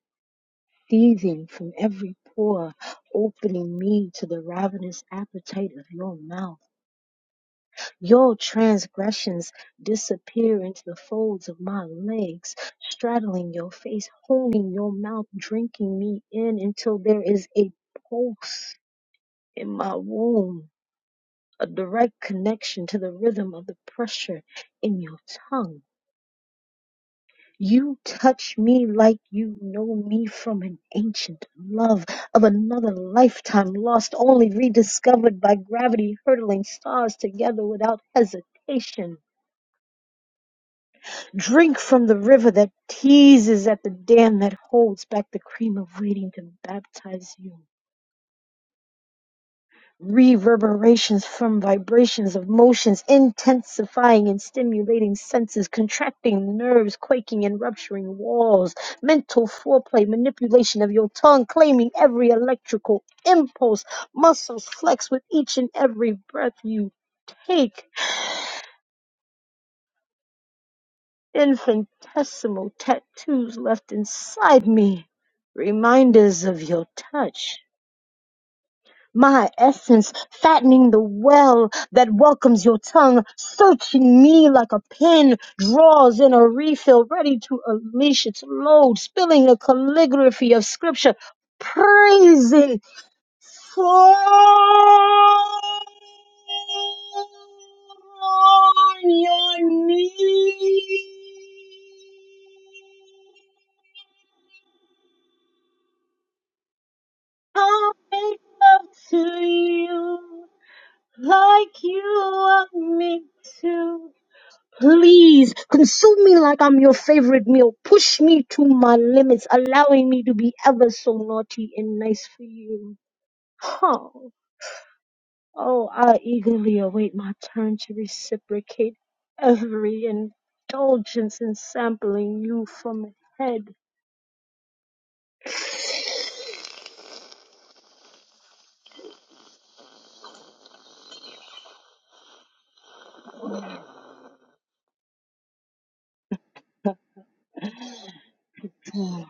thieving from every pore, opening me to the ravenous appetite of your mouth. Your transgressions disappear into the folds of my legs, straddling your face, holding your mouth, drinking me in until there is a pulse in my womb. A direct connection to the rhythm of the pressure in your tongue You touch me like you know me from an ancient love of another lifetime lost, only rediscovered by gravity hurtling stars together without hesitation. Drink from the river that teases at the dam that holds back the cream of waiting to baptize you. reverberations from vibrations of motions intensifying and stimulating senses contracting nerves quaking and rupturing walls mental foreplay manipulation of your tongue claiming every electrical impulse muscles flex with each and every breath you take infinitesimal tattoos left inside me reminders of your touch my essence, fattening the well that welcomes your tongue, searching me like a pen draws in a refill, ready to unleash its load, spilling a calligraphy of scripture, praising for on your knees. I'll make love to you like you want me to. Please consume me like I'm your favorite meal. Push me to my limits, allowing me to be ever so naughty and nice for you. Oh, oh, I eagerly await my turn to reciprocate every indulgence in sampling you from head to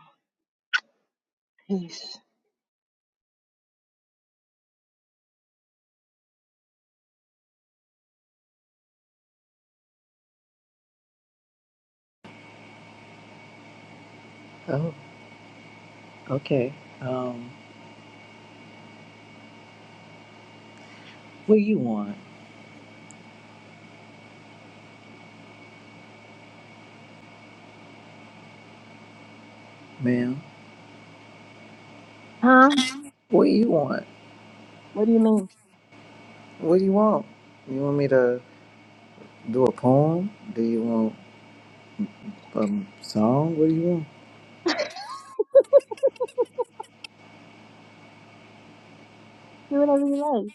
piece. Oh, okay. Um, what do you want, ma'am? Huh? What do you want? What do you mean? What do you want? You want me to do a poem? Do you want a um, song? What do you want? Do whatever you like.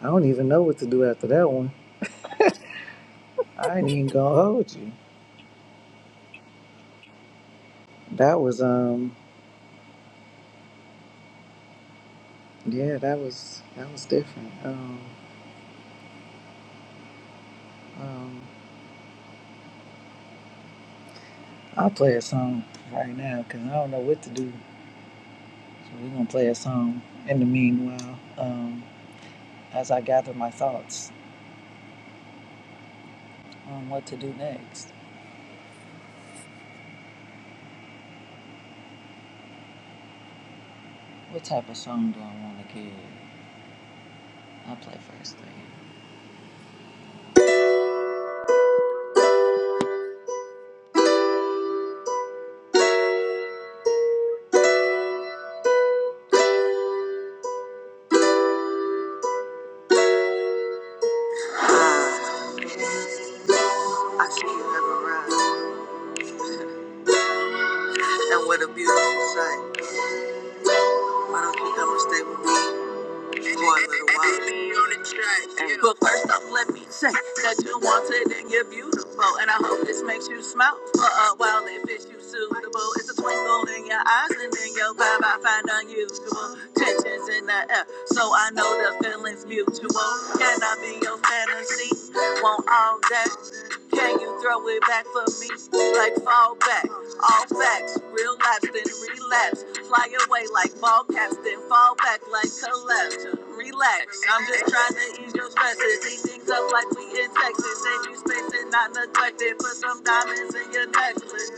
I don't even know what to do after that one. I ain't even gonna hold you. That was um yeah, that was that was different. Um um I'll play a song right now because I don't know what to do. So we're gonna play a song in the meanwhile, um, as I gather my thoughts on what to do next. What type of song do I wanna give? I'll play first thing. I see you every round. And what a beautiful sight. Why don't you come and stay with me for a little while? Hey, But first off, let me say that you're wanted and you're beautiful. And I hope this makes you smile for a while if it's you suitable. It's a twinkle in your eyes and in your vibe. I find unusual tensions in the air. So I know the feeling's mutual. Can I be your fantasy? Want all that? Can you throw it back for me? Like fall back, all facts, real life, then relapse. Fly away like ball caps, then fall back like collapse. Relax, I'm just trying to ease your stresses. Eat things up like we in Texas. Save you space and not neglected. Put some diamonds in your necklace.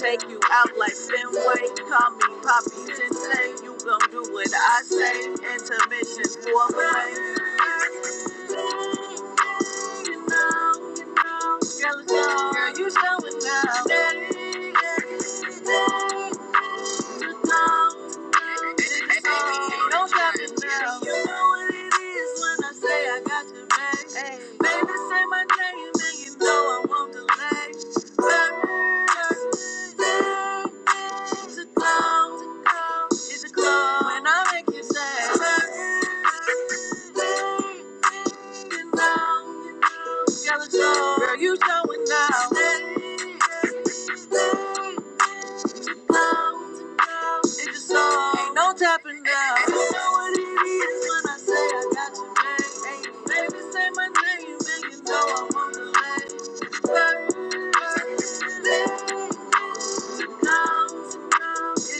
Take you out like Fenway. Call me Poppy Sensei. You gon' do what I say. Intermission for a play. Girl, you showing now. Day, day, day, Don't stop it now. You know what it is when I say I got your back. Hey. Baby, say my name and you know I won't delay. Birthday to come, to is a club when I make you say. Birthday, you know, you gotta show. Girl, you showing now. It's your song. Ain't no tapping down. You know what it is when I say I got your name. Baby, say my name, then you know I want to let One in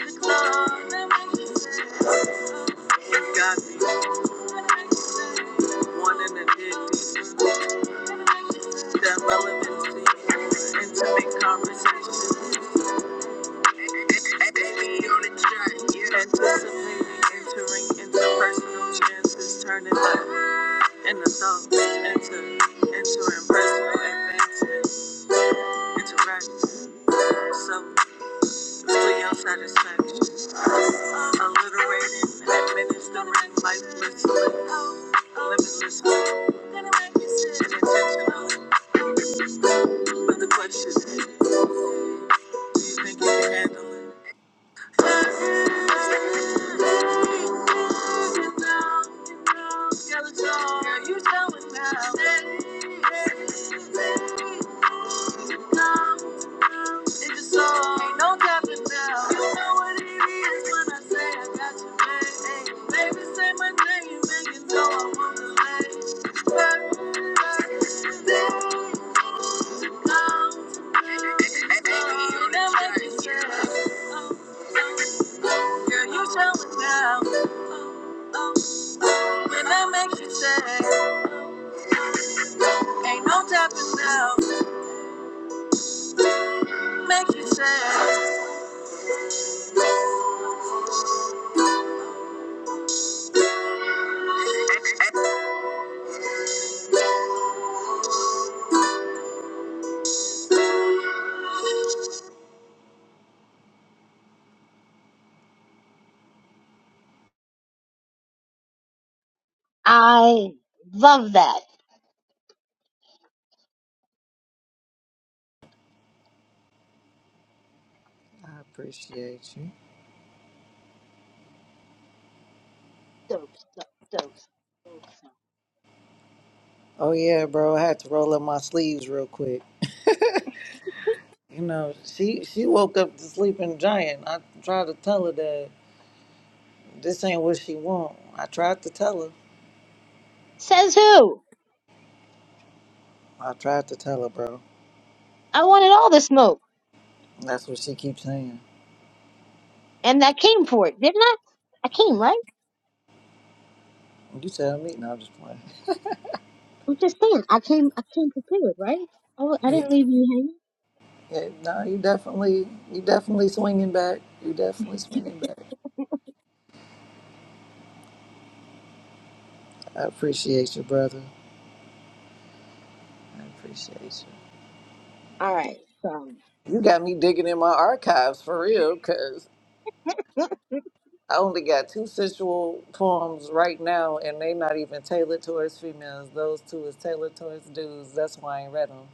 the club. That makes you say, oh, you got me. One in a ditty. That relevancy, intimate conversation. Hey, yeah. Anticipating entering into personal chances, turning life in the dark into entering personal advancements, interactions, self, for your satisfaction. Alliterating, administering lifelessly, limitlessly, and intentionally. But the question is, do you think you can handle it? Thank you. never can tell Girl, you show it now. When I make you sad, ain't no topping now. Make you sad. I love that. I appreciate you. Dope, dope, dope. dope. Oh yeah, bro. I had to roll up my sleeves real quick. You know, she she woke up to sleeping giant. I tried to tell her that this ain't what she want. I tried to tell her. Says who? I tried to tell her, bro. I wanted all the smoke, That's what she keeps saying. and I came for it, didn't I? I came, right? You tell me. No, I'm just playing. I'm just saying, I came, I came prepared, right? I, wa- I didn't leave you hanging. Yeah, no, you definitely, you definitely swinging back. You definitely swinging back. I appreciate you, brother. I appreciate All right, so you. You got me digging in my archives for real, cause no. I only got two sensual poems right now, and they not even tailored towards females. Those two is tailored towards dudes. That's why I ain't read them.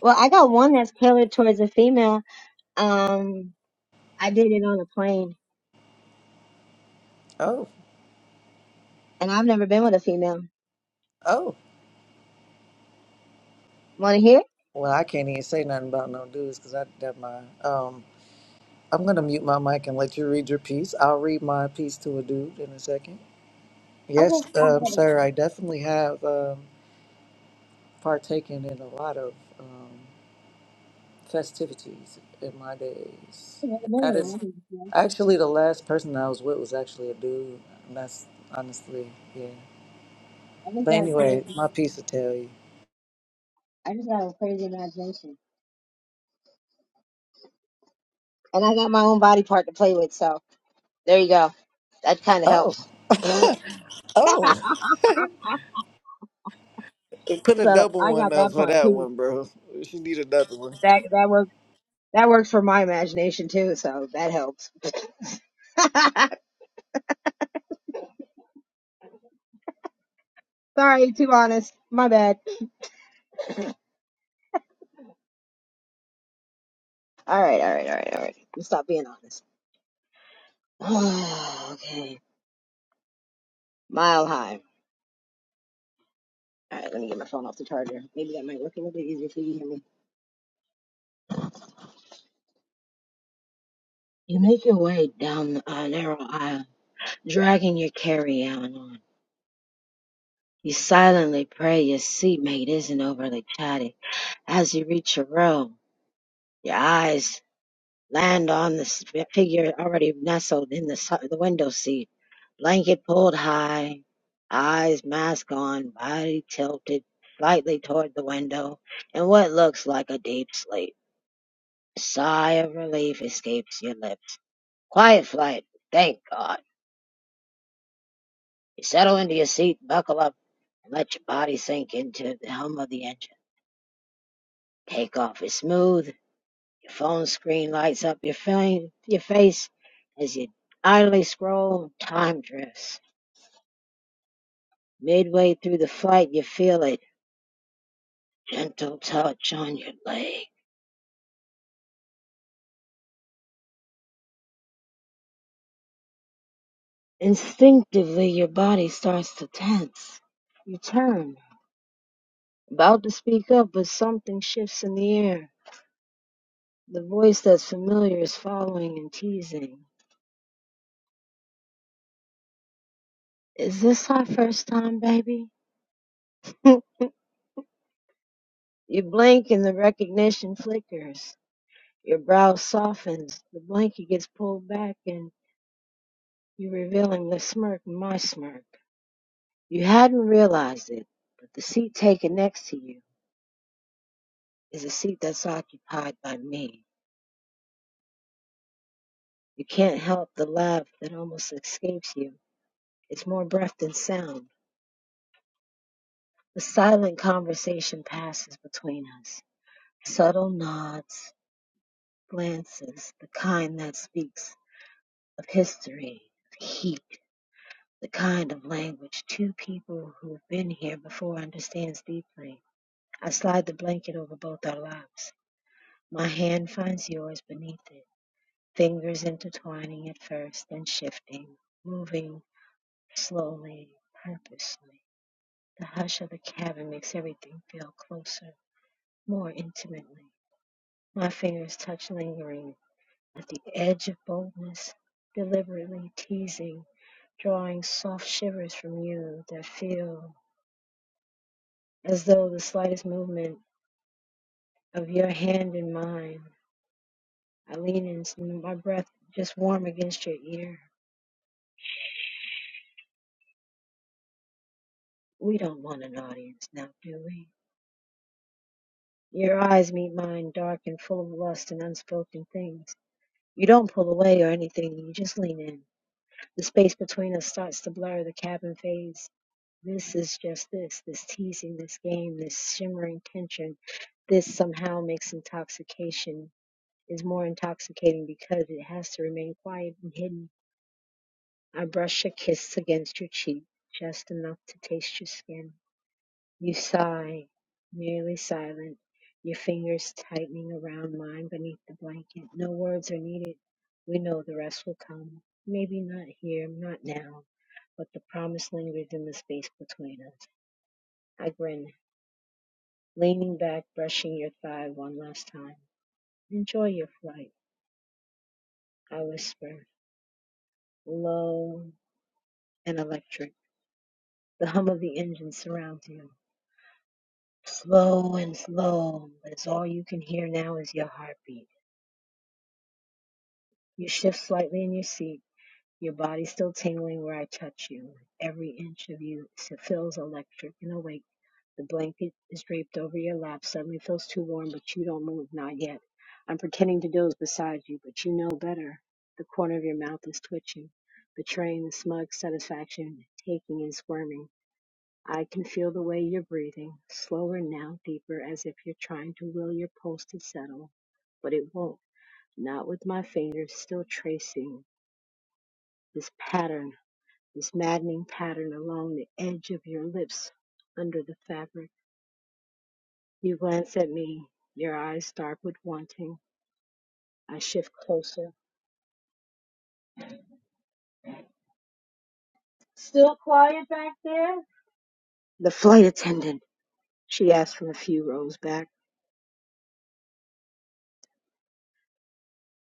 well, I got one that's tailored towards a female. Um, I did it on a plane, Oh, and I've never been with a female. oh. Want to hear? Well, I can't even say nothing about no dudes, cause I got my um. I'm gonna mute my mic and let you read your piece. I'll read my piece to a dude in a second. Okay, Yes, I um, got it. sir, I definitely have um, partaken in a lot of um, festivities in my days. I've never been That with a is woman before. actually the last person I was with was actually a dude. And that's honestly, yeah. I just But got a creative, anyway, my piece will tell you. I just got a crazy imagination, and I got my own body part to play with. So there you go. That kind of Oh, helps. oh, put a So double I one got up that for part that too. one, bro. She need another one. That that works. That works for my imagination too. So that helps. Sorry, too honest. My bad. All right, all right, all right, all right. Let's stop being honest. okay. Mile high. All right, let me get my phone off the charger. Maybe that might work a little bit easier for you to hear me. You make your way down a narrow aisle, dragging your carry-on on. You silently pray your seatmate isn't overly chatty. As you reach your row, your eyes. land on the s- figure already nestled in the, si- the window seat, blanket pulled high, eyes mask on, body tilted slightly toward the window, and what looks like a deep sleep. A sigh of relief escapes your lips. Quiet flight, thank God. You settle into your seat, buckle up, and let your body sink into the hum of the engine. Takeoff is smooth. Your phone screen lights up your, fa- your face as you idly scroll. Time drifts Midway through the fight, you feel a gentle touch on your leg. Instinctively, your body starts to tense. You turn, about to speak up, but something shifts in the air. The voice that's familiar is following and teasing. Is this our first time, baby? you blink and the recognition flickers. Your brow softens, the blanket gets pulled back, and you're revealing the smirk, my smirk. You hadn't realized it, but the seat taken next to you is a seat that's occupied by me. You can't help the laugh that almost escapes you. It's more breath than sound. The silent conversation passes between us. Subtle nods, glances, the kind that speaks of history, of heat, the kind of language two people who've been here before understands deeply. I slide over blocks, my hand floors beneath it, fingers intertwined shifting, moving slowly, purposely, the hypser, mournfully, muttering at the edge of boldness, deliberately teasing, drawing soft shivers from their film, as though the slightest movement of your hand in mine. I lean in, my breath just warm against your ear. We don't want an audience now, do we? Your eyes meet mine, dark and full of lust and unspoken things. You don't pull away or anything, you just lean in The space between us starts to blur, the cabin fades. This is just this, this teasing, this game, this shimmering tension. This somehow makes intoxication, is more intoxicating because it has to remain quiet and hidden. I brush a kiss against your cheek, just enough to taste your skin. You sigh, nearly silent, your fingers tightening around mine beneath the blanket. No words are needed. We know the rest will come. Maybe not here, not now but the promised land rhythm is space between us. I grin, leaning back, brushing your thigh one last time. Enjoy your flight, I whisper, low and electric. The hum of the engine surrounds you. Slow and slow, but it's all you can hear now is your heartbeat. You shift slightly in your seat, your body still tingling where I touch you. Every inch of you feels electric and awake. The blanket is draped over your lap. Suddenly feels too warm, but you don't move, not yet. I'm pretending to doze beside you, but you know better. The corner of your mouth is twitching, betraying the smug satisfaction, taking and squirming. I can feel the way you're breathing, slower now, deeper, as if you're trying to will your pulse to settle, but it won't. Not with my fingers still tracing this pattern, this maddening pattern along the edge of your lips under the fabric. You glance at me. Your eyes start with wanting. I shift closer. Still quiet back there? The flight attendant, she asks from a few rows back.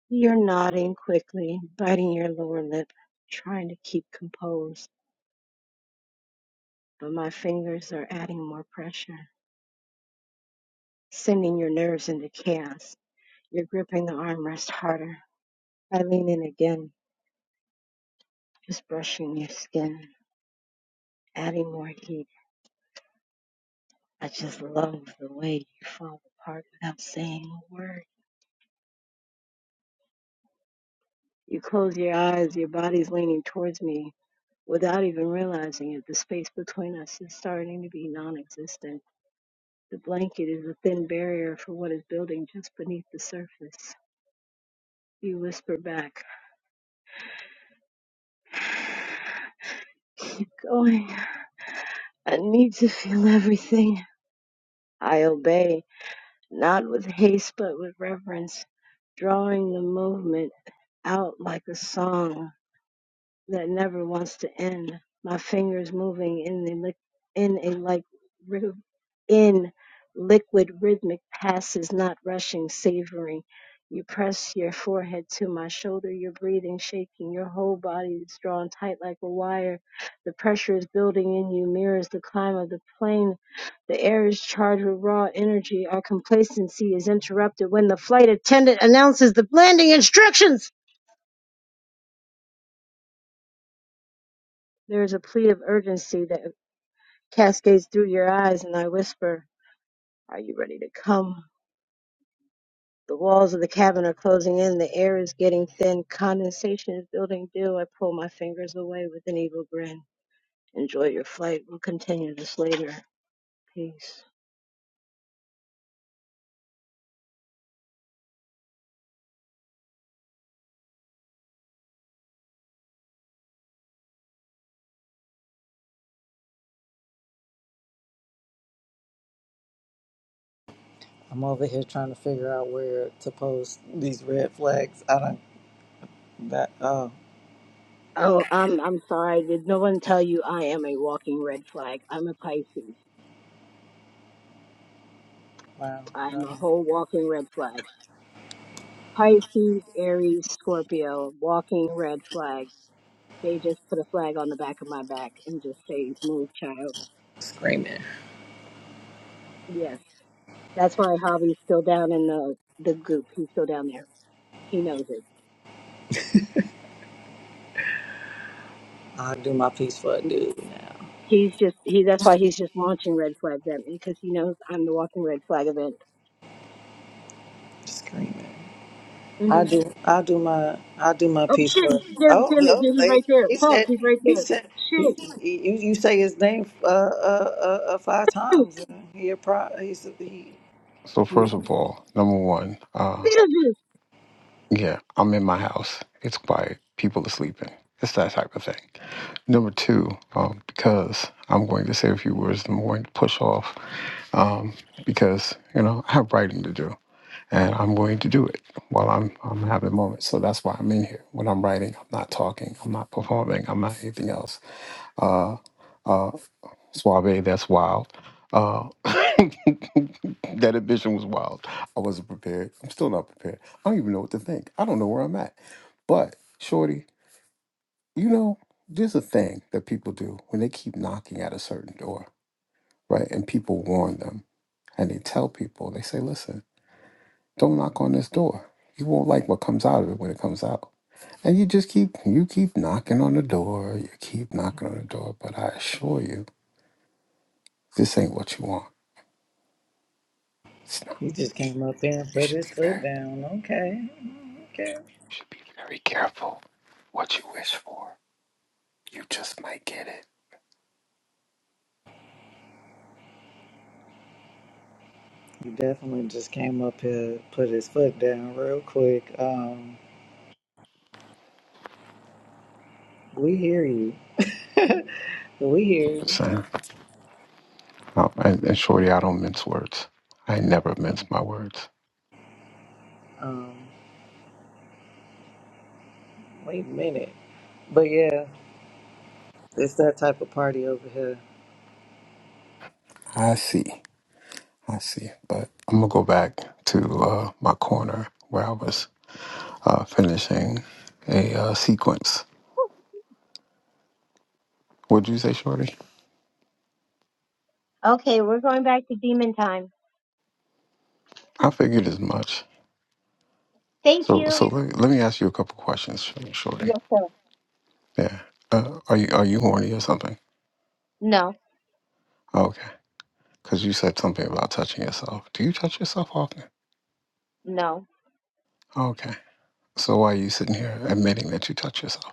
You're nodding quickly, biting your lower lip, trying to keep composed, but my fingers are adding more pressure, sending your nerves into chaos. You're gripping the armrest harder. I lean in again, just brushing your skin, adding more heat. I just love the way you fall apart without saying a word. You close your eyes, your body's leaning towards me without even realizing it. The space between us is starting to be non existent. The blanket is a thin barrier for what is building just beneath the surface. You whisper back, Keep going. I need to feel everything. I obey, not with haste but with reverence, drawing the movement out like a song that never wants to end. My fingers moving in the lic- in a like ri- in liquid rhythmic passes, not rushing, savoring. You press your forehead to my shoulder, your breathing shaking, your whole body is drawn tight like a wire. The pressure is building in you, mirrors the climb of the plane. The air is charged with raw energy. Our complacency is interrupted when the flight attendant announces the landing instructions. There is a plea of urgency That. cascades through your eyes, and I whisper, Are you ready to come? The walls of the cabin are closing in. The air is getting thin. Condensation is building dew. I pull my fingers away with an evil grin. Enjoy your flight. We'll continue this later. Peace. I'm over here trying to figure out where to post these red flags. I don't, that, oh, Oh, I'm I'm sorry. Did no one tell you I am a walking red flag? I'm a Pisces. wow. Um, I'm a whole walking red flag. Pisces, Aries, Scorpio, walking red flag. They just put a flag on the back of my back and just say, move, child. screaming. Yes. That's why Javi's still down in the the goop. He's still down there. He knows it. I'll do my piece for a dude now. He's just he. That's why he's just launching red flags at me because he knows I'm the walking red flag event. Screaming. I hmm do. I do my. I do my Oh piece shit! first. Damn, Oh, damn it! oh Yeah, he's they, right there. he Fuck! said. He's right He there. said. He, Shit! he, you, you say his name uh, uh, uh, uh, five times. And he, a pro, he's, he So first he of all, number one, uh, Beetlejuice. yeah, I'm in my house. It's quiet. People are sleeping. It's that type of thing. Number two, um, because I'm going to say a few words. I'm going to push off um, because you know I have writing to do, and I'm going to do it while I'm I'm having moments. So that's why I'm in here. When I'm writing, I'm not talking. I'm not performing. I'm not anything else. Uh, uh, Suave, that's wild. Uh, that ambition was wild. I wasn't prepared. I'm still not prepared. I don't even know what to think. I don't know where I'm at. But, Shorty, you know, there's a thing that people do when they keep knocking at a certain door, right? And people warn them and they tell people, they say, listen, don't knock on this door. You won't like what comes out of it when it comes out. And you just keep, you keep knocking on the door, you keep knocking on the door. But I assure you, This ain't what you want. It's not. he just came up there and You put should be his very, foot you down. Okay, okay. should be very careful what you wish for. You just might get it. He definitely just came up here, put his foot down real quick. Um, we hear you. we hear I'm just you. saying. No, and, and shorty, I don't mince words. I never mince my words. Um, wait a minute. But yeah, it's that type of party over here. I see. I see. But I'm gonna go back to uh, my corner where I was uh, finishing a uh, sequence. Would you say, shorty? Okay, we're going back to demon time. I figured as much. Thank So, so you. let, let me ask you a couple questions, shorty. Yes. Yeah. Uh, are you are you horny or something? No, Oh, okay. Because you said something about touching yourself. Do you touch yourself often? no. Okay. So why are you sitting here admitting that you touch yourself?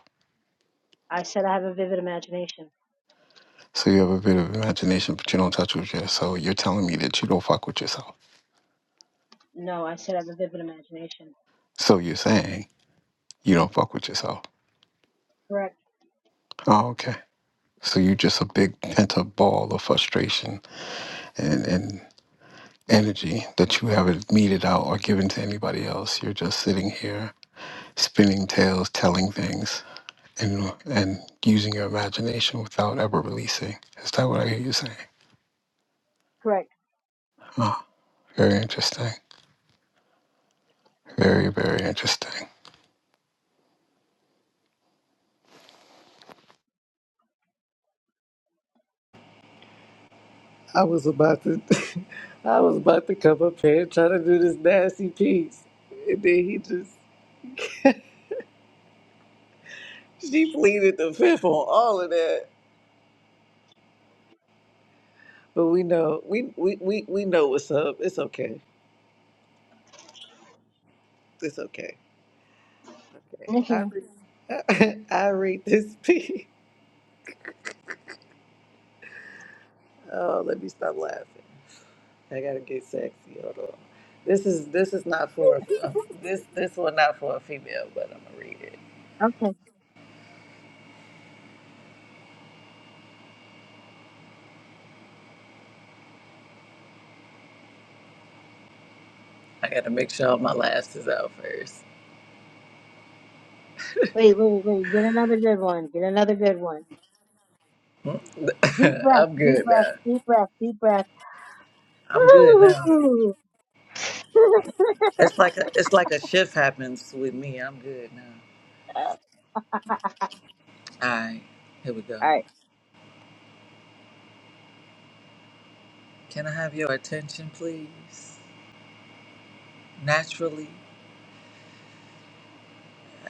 I said I have a vivid imagination. So you have a bit of imagination, but you don't touch with yourself. So you're telling me that you don't fuck with yourself. No, I said I have a vivid imagination. So you're saying you don't fuck with yourself. Correct. Oh, okay. So you're just a big pent up ball of frustration and, and energy that you haven't meted out or given to anybody else. You're just sitting here spinning tales, telling things. and and using your imagination without ever releasing. Is that what I hear you saying? Correct. Huh. Very interesting. Very, very interesting. I was about to, I was about to come up here and try to do this nasty piece, and then he just she pleaded the fifth on all of that. But we know, we we we, we know what's up. It's okay. It's okay. I Okay. read, I read this piece. Oh, let me stop laughing. I gotta get sexy. Hold on. This is this is not for a, a- this this one not for a female, but I'm gonna read it. I gotta make sure all my laughs is out first. Wait, wait, wait. Get another good one. Get another good one. Deep breath, I'm deep good breath, now. deep breath, deep breath. I'm good now. All It's like a it's like a shift happens with me. I'm good now. All right, here we go. right. Can I have your attention, please? Naturally,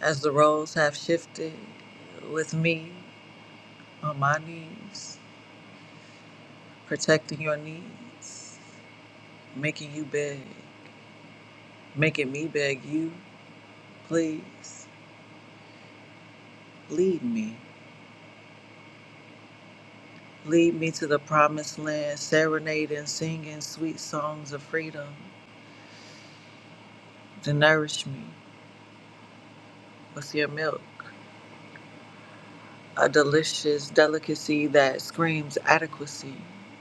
as the roles have shifted, with me on my knees, protecting your needs, making you beg, making me beg you, please lead me. Lead me to the promised land, serenading, singing sweet songs of freedom to nourish me with your milk. a delicious delicacy that screams adequacy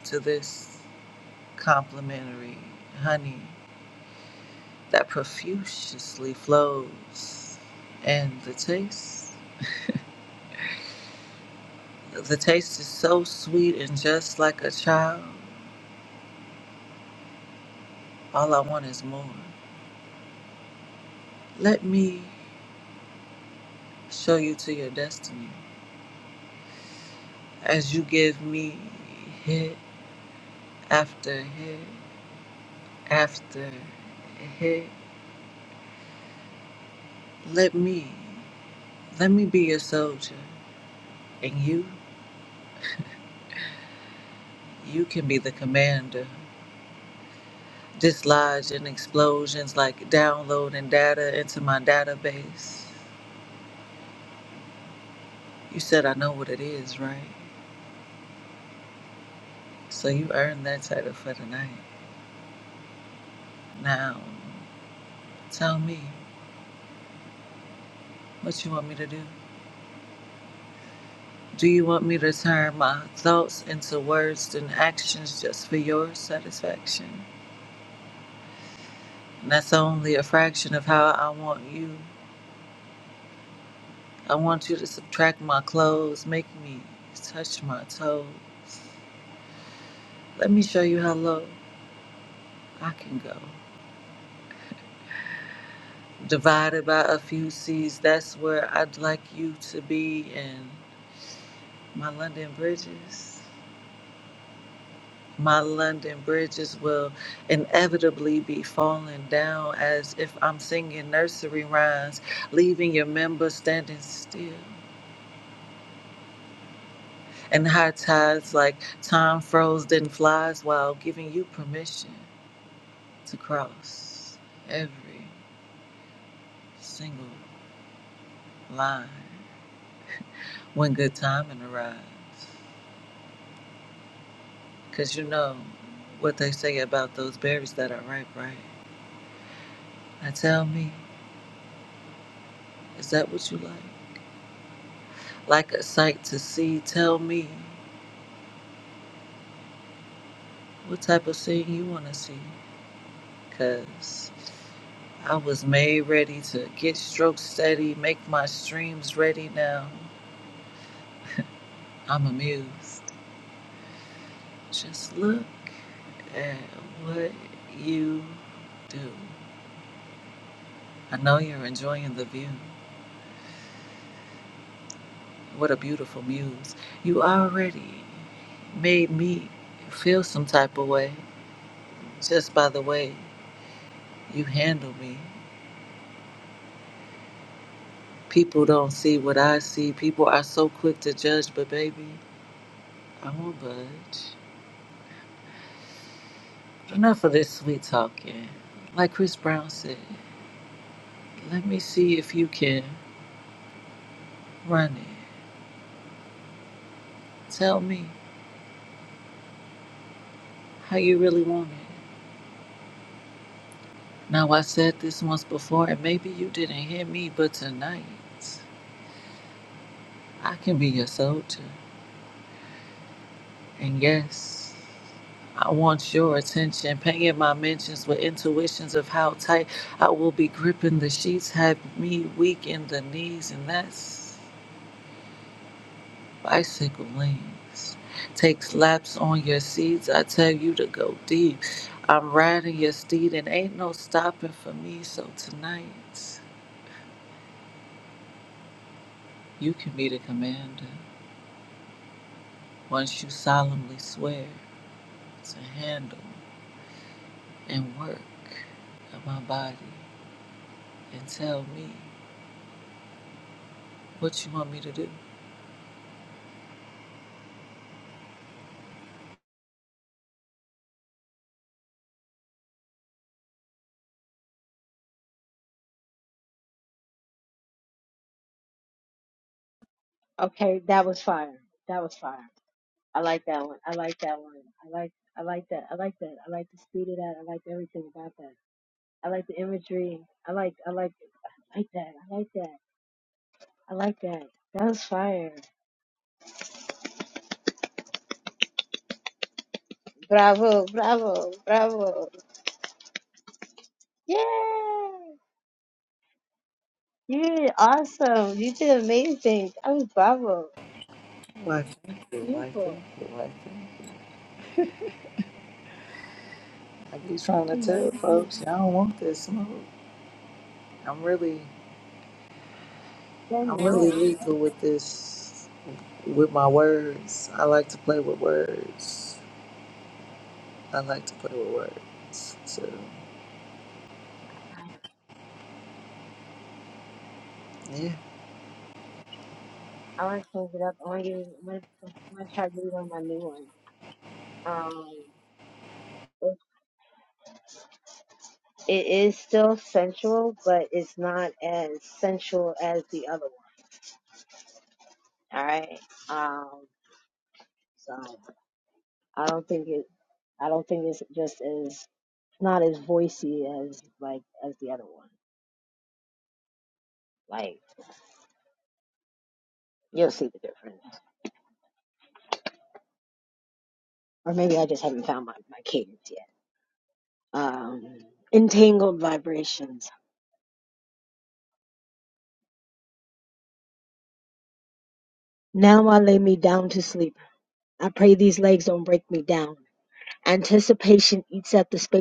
to this complimentary honey that profusely flows. And the taste, the taste is so sweet and just like a child. All I want is more. Let me show you to your destiny as you give me hit after hit after hit. Let me, let me be your soldier and you. You can be the commander. Dislodging explosions like downloading data into my database. You said I know what it is, right? So you earned that title for tonight. Now, tell me, what you want me to do? Do you want me to turn my thoughts into words and actions just for your satisfaction? And that's only a fraction of how I want you. I want you to subtract my clothes, make me touch my toes. Let me show you how low. I can go. Divided by a few seas, that's where I'd like you to be. And my London bridges, my London bridges will inevitably be falling down as if I'm singing nursery rhymes, leaving your members standing still. And high tides like time froze then flies while giving you permission to cross every single line when good timing arrives. Because you know what they say about those berries that are ripe, right? Now tell me, is that what you like? Like a sight to see, tell me what type of scene you want to see. Because I was made ready to get strokes steady, make my streams ready now. I'm amused. Just look at what you do. I know you're enjoying the view. What a beautiful muse. You already made me feel some type of way just by the way you handle me. People don't see what I see. People are so quick to judge, but baby, I won't budge. Enough of this sweet talking. Like Chris Brown said, let me see if you can run it. Tell me how you really want it. Now, I said this once before, and maybe you didn't hear me, but tonight I can be your soldier. And yes, I want your attention. Paying my mentions with intuitions of how tight I will be gripping the sheets Have me weak in the knees, and that's bicycle lanes. Take slaps on your seats. I tell you to go deep. I'm riding your steed, and ain't no stopping for me. So tonight, you can be the commander once you solemnly swear to handle and work of my body and tell me what you want me to do. Okay, that was fire. That was fire. I like, I like, I like, I like, I like. I like. That was fire. Bravo, bravo, bravo. Yeah! You did awesome. You did amazing. I was bravo. Why, thank you, why, thank Beautiful. you, why, thank you. I be trying to tell Amazing. folks, y'all don't want this smoke. I'm really, Very I'm really nice. lethal with this, with my words. I like to play with words. I like to play with words. So, Nice, yeah. nice. I want to change it up. I want to, I want to try to do it on my new one. Um. It is still sensual, but it's not as sensual as the other one. All right. Um, so I don't think it. I don't think it's just as not as voicey as like as the other one. Like you'll see the difference, or maybe I just haven't found my my cadence yet. Um, entangled vibrations. Now I lay me down to sleep. I pray these legs don't bound. Anticipation eats at the space.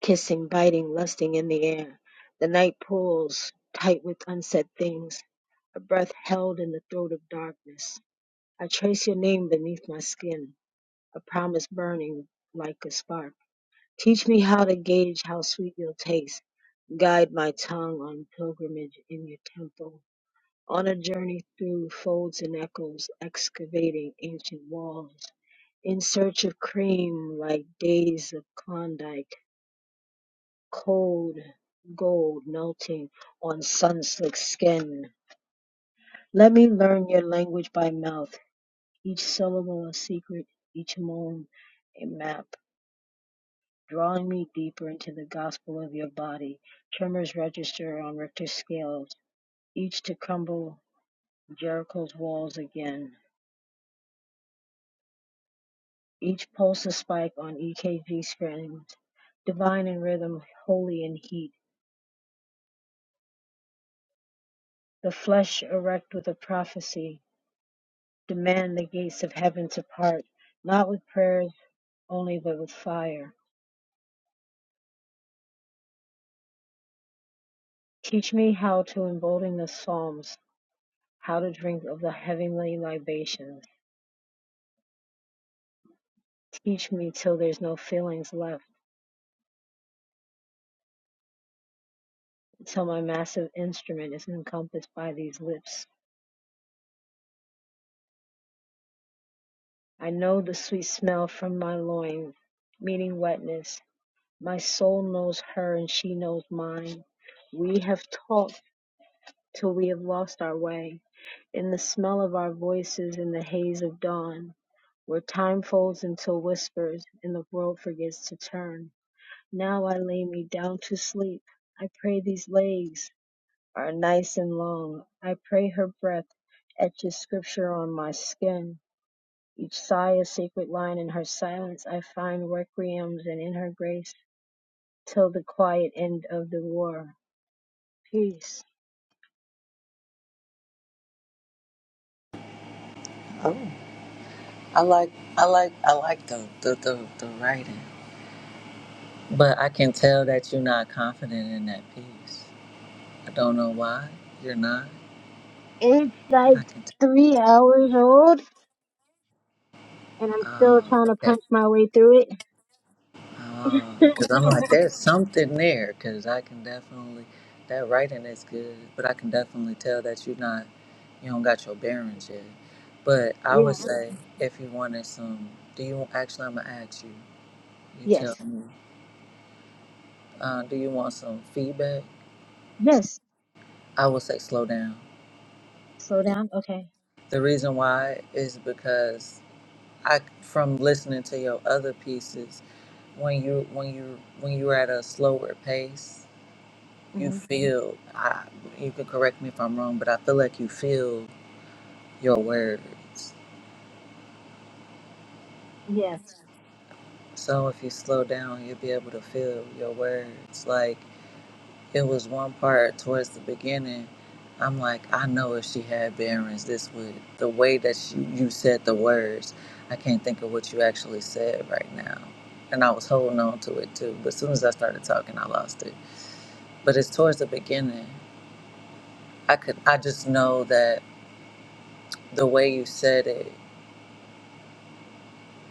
kissing, biting, lusting in the air. The night pulls tight with unsaid things, a breath held in the throat of darkness. I trace your name beneath my skin, a promise burning like a spark. Teach me how to gauge how sweet your taste. Guide my tongue on pilgrimage in your temple, on a journey through folds and echoes, excavating ancient walls, in search of cream like days of Klondike cold gold melting on sun-slick skin. Let me learn your language by mouth, each syllable a secret, each moan a map, drawing me deeper into the gospel of your body. Tremors register on Richter scales, each to crumble Jericho's walls again. Each pulse a spike on EKG screens, divine in rhythm, holy in heat. The flesh erect with a prophecy, Demand the gates of heaven to part, not with prayers only, but with fire. Teach me how to embolden the psalms, how to drink of the heavenly libations. Teach me till there's no feelings left, till my massive instrument is encompassed by these lips. I know the sweet smell from my loins, meaning wetness. My soul knows her and she knows mine. We have talked till we have lost our way, in the smell of our voices in the haze of dawn. Where time folds into whispers and the world forgets to turn. Now I lay me down to sleep. I pray these legs are nice and long. I pray her breath etches scripture on my skin. Each sigh a sacred line in her silence. I find requiems and in her grace till the quiet end of the war. Peace. Oh, I like, I like, I like the, the, the, the writing. But I can tell that you're not confident in that piece. I don't know why you're not, It's but I like can tell. three hours old and I'm still trying to Oh, punch my way through it. Because I'm like, there's something there. Because I can definitely, that writing is good, but I can definitely tell that you're not, you don't got your bearings yet. But I would Yeah. say, if you wanted some, do you, actually, I'm going to ask you, you tell Yes. me, uh, do you want some feedback? Yes. I would say slow down. Slow down. Okay. The reason why is because I, from listening to your other pieces, when you when you when you're at a slower pace, Mm-hmm. you feel I, you can correct me if i'm wrong but i feel like you feel your words Yes, so if you slow down you'll be able to feel your words like it was one part towards the beginning i'm like i know if she had bearings this would the way that she, you said the words i can't think of what you actually said right now and i was holding on to it too but as soon as i started talking i lost it but it's towards the beginning i could i just know that the way you said it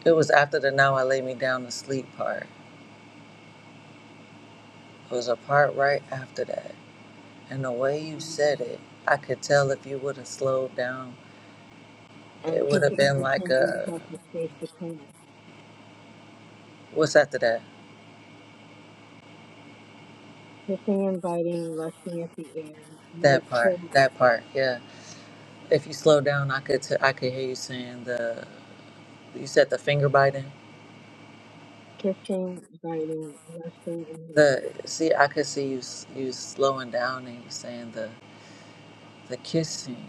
It was after the now I lay me down to sleep part. It was a part right after that. And the way you and said it, I could tell if you would have slowed down. It would have been like anticipation eats a up the space between us. what's after that? Kissing and biting, lusting at the air. Night That part. cold. That part. Yeah. If you slow down, I could t- I could hear you saying the you said the finger biting. Kissing, biting, lusting in the air. The see, I could see you s- you slowing down and you saying the the kissing,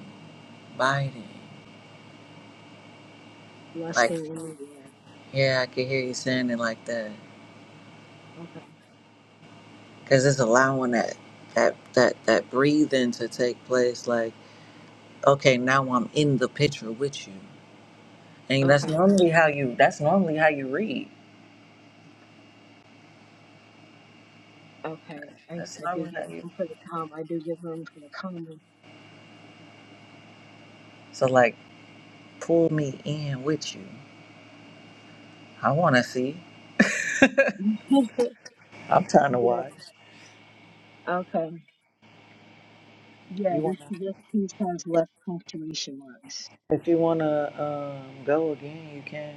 biting. Like Lusting in the air. yeah, I could hear you saying it like that. Okay, because it's allowing that that that that breathing to take place like okay now i'm in the picture with you and that's okay, normally how you that's normally how you read okay. I, that's I do normally give how you room for the calm. I do give room for the calm. so like pull me in with you i want to see i'm trying to yeah, watch okay. Yeah, you want this, to this piece has less punctuation marks. if you want to um, go again you can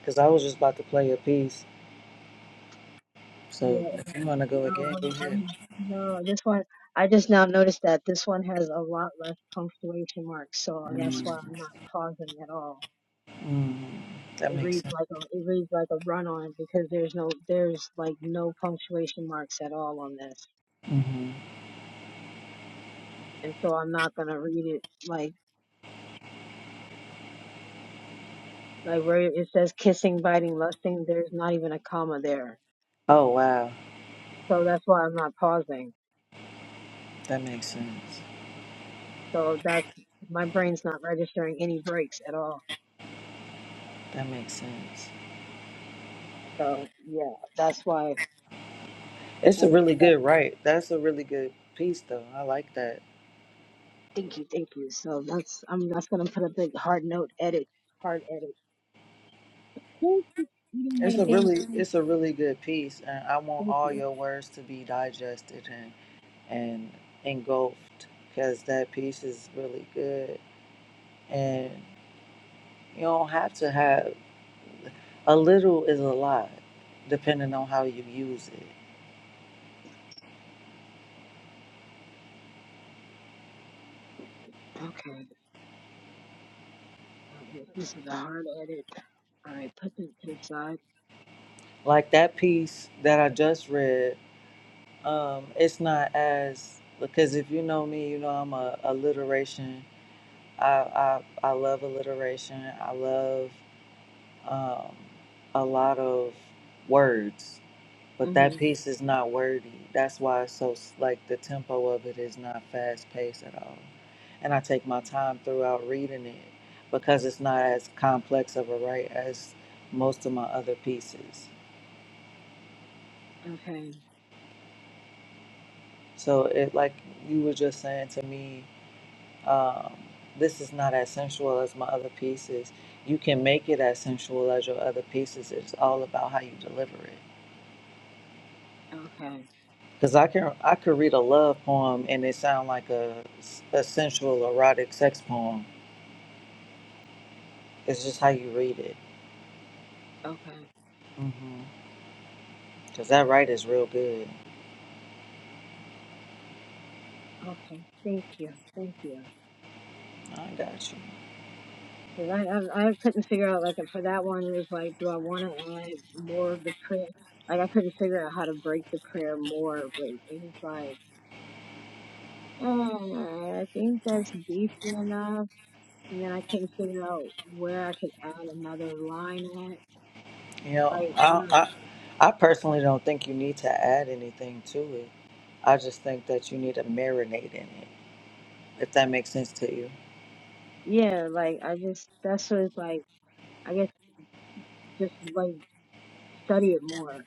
because i was just about to play a piece Yeah. so if you want to go No, again go I'm, ahead I'm, no, this one, I just now noticed that this one has a lot less punctuation marks, so that's mm-hmm. why I'm not pausing at all. Mm-hmm. that It makes reads sense like a, it reads like a run on because there's no, there's like no punctuation marks at all on this. hmm And so I'm not gonna read it like, like where it says kissing, biting, lusting, there's not even a comma there. oh wow So that's why I'm not pausing. that makes sense So that's, my brain's not registering any breaks at all. That makes sense. So yeah, that's why. It's a really good right. That's a really good piece though. I like that. Thank you, thank you. So that's I'm that's gonna put a big hard note edit, hard edit. Who keeps eating It's that a damn really food? it's a really good piece and I want Thank all you. your words to be digested and and engulfed cuz that piece is really good. And you don't have to have a little is a lot depending on how you use it. Okay, uh, well, this is a hard edit. All right, put this to the side. Like that piece that I just read, um it's not as because if you know me, you know I'm a alliteration I, I, I love alliteration. I love um, a lot of words, but that hmm piece is not wordy. That's why it's so, s- like, the tempo of it is not fast paced at all. And I take my time throughout reading it because it's not as complex of a write as most of my other pieces. Okay, So it, like you were just saying to me, um, this is not as sensual as my other pieces. You can make it as sensual as your other pieces. It's all about how you deliver it. okay, Because I can I could read a love poem and it sound like a, a sensual erotic sex poem. It's just how you read it. okay, Because that right is real good. okay. Thank you, thank you. I got you. Cause I, I I couldn't figure out like for that one it was like do I want to add more of the prayer? Like I couldn't figure out how to break the prayer more, but it was like. Uh, I think that's decent enough. and then I couldn't figure out where I could add another line at. You know, Like, I, um, I I personally don't think you need to add anything to it. I just think that you need to marinate in it. If that makes sense to you. yeah, like I just that's what it's like. I guess just like study it more,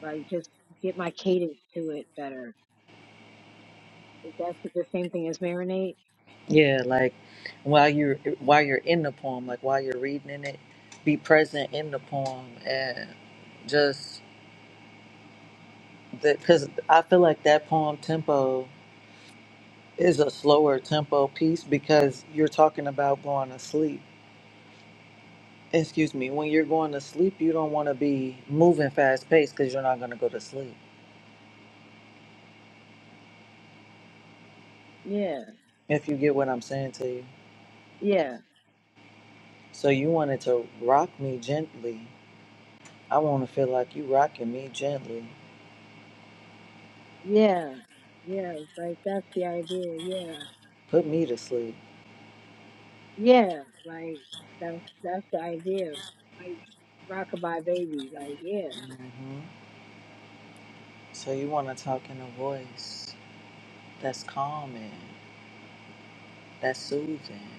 like just get my cadence to it better. If that's the same thing as marinate, Yeah, like while you're while you're in the poem, like while you're reading in it, be present in the poem and just because I feel like that poem tempo is a slower tempo piece because you're talking about going to sleep. Excuse me, when you're going to sleep, you don't want to be moving fast paced because you're not going to go to sleep. yeah, If you get what I'm saying to you, yeah, so you wanted to rock me gently. I want to feel like you rocking me gently. yeah, yeah. Like that's the idea, yeah, Put me to sleep. yeah. Like that's that's the idea. Like rockabye baby, like yeah, Mm-hmm. So you want to talk in a voice that's calming, that's soothing,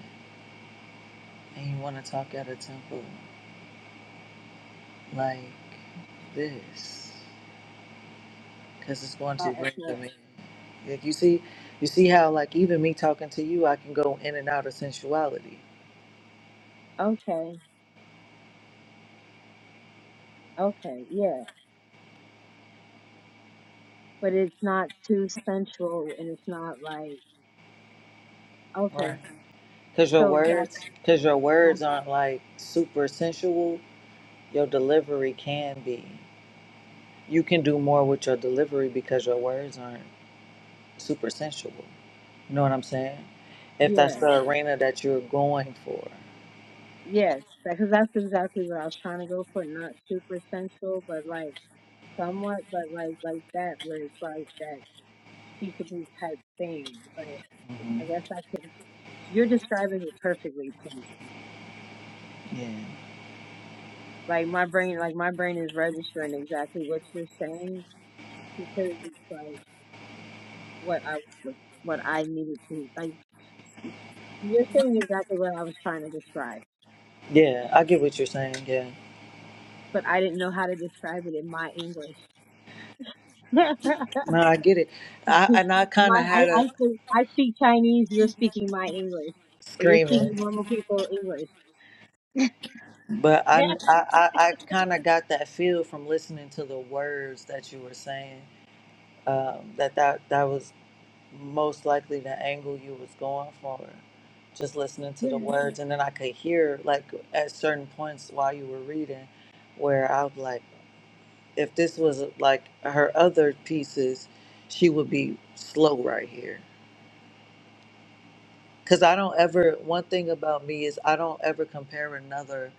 and you want to talk at a tempo like this, because it's going to that's bring not them in. Like you see, you see how like even me talking to you, I can go in and out of sensuality, okay, okay, yeah. but it's not too sensual and it's not like okay right? Because your so that's, words, because your words that's aren't like super sensual. Your delivery can be. You can do more with your delivery because your words aren't super sensual. You know what I'm saying? If that's yeah the arena that you're going for. yes because that's exactly what i was trying to go for not super sensual but like somewhat but like like that where it's like that peaceable type thing but hmm i guess i could you're describing it perfectly to me Yeah. like my brain like my brain is registering exactly what you're saying because it's like what i what, what i needed to like you're saying exactly what i was trying to describe Yeah, I get what you're saying. Yeah. but I didn't know how to describe it in my English. my, No, I get it. I and I kind of I, had a I speak, I speak Chinese. You're speaking my English, or you're screaming, speaking normal people English. but yeah. I I I kind of got that feel from listening to the words that you were saying. Um, that that that was most likely the angle you was going for. Just listening to the words, and then I could hear like at certain points while you were reading, where I was like. if this was like her other pieces, she would be slow right here. Cause I don't ever. One thing about me is I don't ever compare another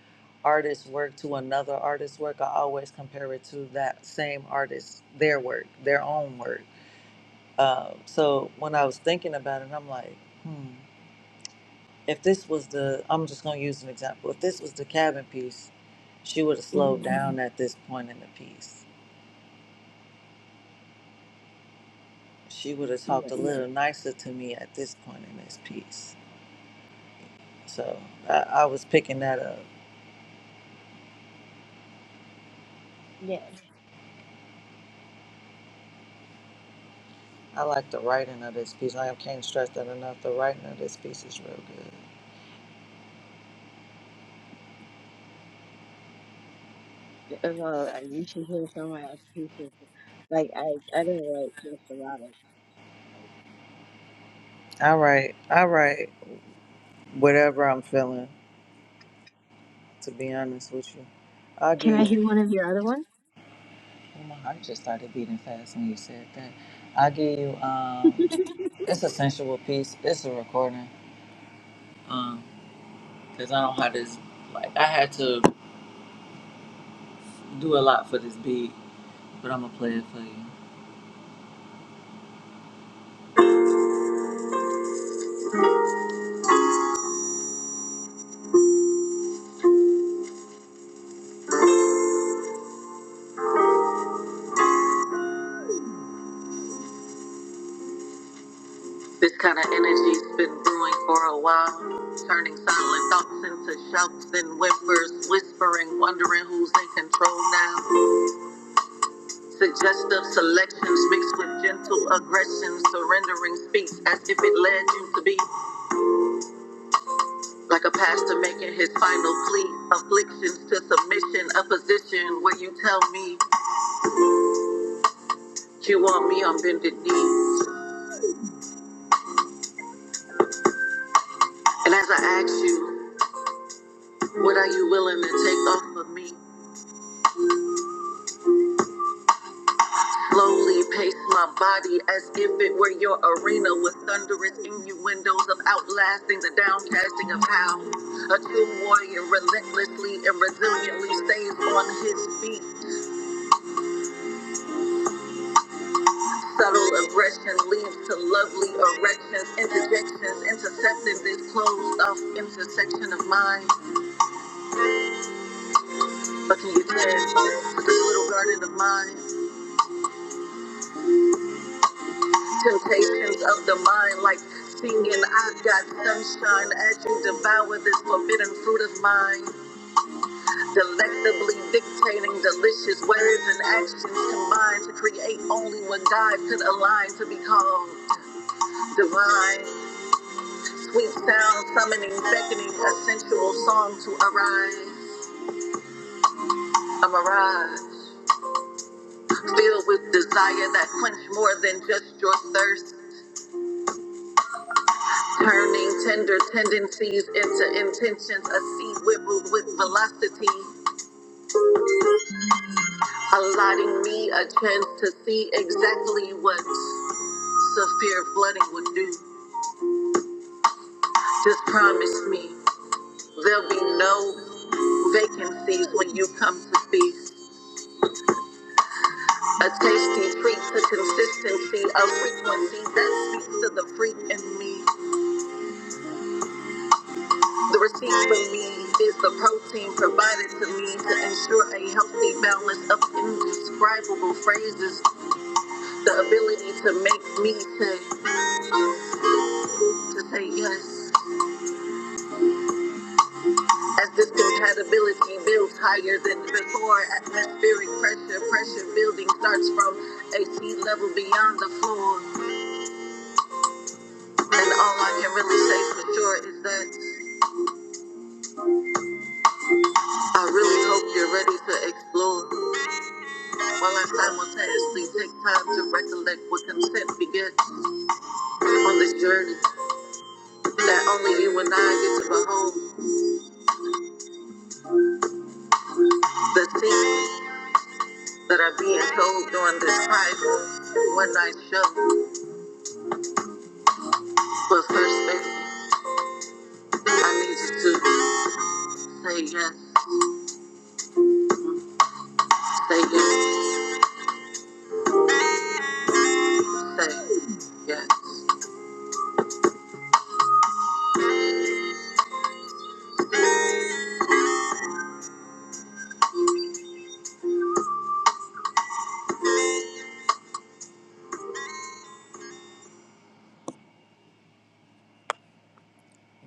artist's work to another artist's work. I always compare it to that same artist, their work, their own work. Um, so when I was thinking about it, I'm like, hmm. If this was the, I'm just gonna use an example. If this was the cabin piece, she would have hmm slowed down at this point in the piece she would have talked yeah, a little nicer to me at this point in this piece. So I, I was picking that up. yeah. I like the writing of this piece. I can't stress that enough. The writing of this piece is real good. Uh, Well, I- you should hear some of my other pieces. Like I, I don't write just erotic. Like, I write, I write whatever I'm feeling, to be honest with you. I'll can give you, I hear oh, one? my heart just started beating fast when you said that. I'll give you, um, it's a sensual piece. It's a recording. Um, cause I don't have this. Like I had to do a lot for this beat, but I'm gonna play it for you. This kind of energy's been brewing for a while, turning silent thoughts into shouts and whimpers, whispering, wondering who's in control now. Suggestive selections mixed with gentle aggression, surrendering speech as if it led you to be like a final uppers relentlessly and resiliently stays on his feet. Subtle aggression leads to lovely erections, interjections, intercepting this closed off intersection of minds. But can you tell a little garden of mine? temptations of the mind, like singing, I've got sunshine as you devour this forbidden fruit of mine, delectably dictating delicious words and actions combined to create only what God could align to be called divine. Sweet sound summoning, beckoning a sensual song to arise, a mirage filled with desire that quench more than just your thirst. Turning tender tendencies into intentions, a seed whittled with velocity, allotting me a chance to see exactly what severe flooding would do. Just promise me there'll be no vacancies when you come to speak. A tasty treat to consistency, a frequency that speaks to the freak in me. The receipt for me is the protein provided to me to ensure a healthy balance of indescribable phrases the ability to make me say to say yes. As this compatibility builds higher than before, atmospheric pressure, pressure building starts from a sea level beyond the floor. And all I can really say for sure is that I really hope you're ready to explore while I simultaneously take time to recollect what consent begets on this journey that only you and I get to behold the secrets that are being told during this private one night show. But first, baby, I need you to say yes, say yes, say yes.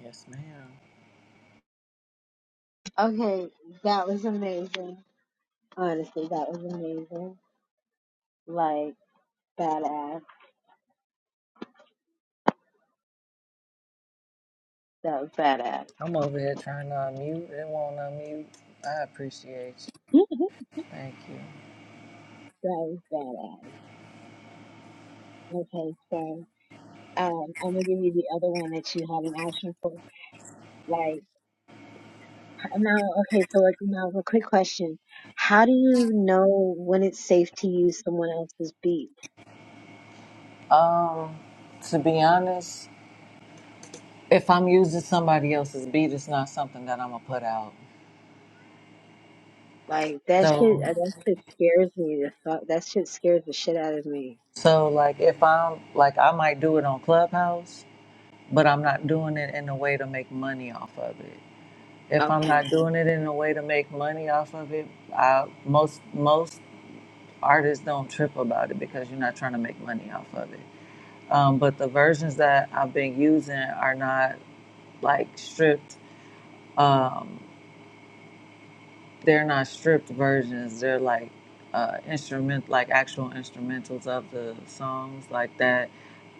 Yes, ma'am. Okay, that was amazing. Honestly, that was amazing. Like badass. That was badass. I'm over here trying to unmute. It won't unmute. I appreciate you. Thank you. That was badass. Okay, so um, I'm gonna give you the other one that you had an action for. Like Now, okay, so like now a quick question. How do you know when it's safe to use someone else's beat? Um, to be honest, if I'm using somebody else's beat, it's not something that I'm gonna put out. Like that shit So, uh, that shit scares me. The fuck that shit scares the shit out of me. so like if I'm like I might do it on Clubhouse, but I'm not doing it in a way to make money off of it. if I'm Okay. not doing it in a way to make money off of it, I, most most artists don't trip about it because you're not trying to make money off of it. Um, but the versions that I've been using are not like stripped. Um, they're not stripped versions. They're like uh, instrument, like actual instrumentals of the songs, like that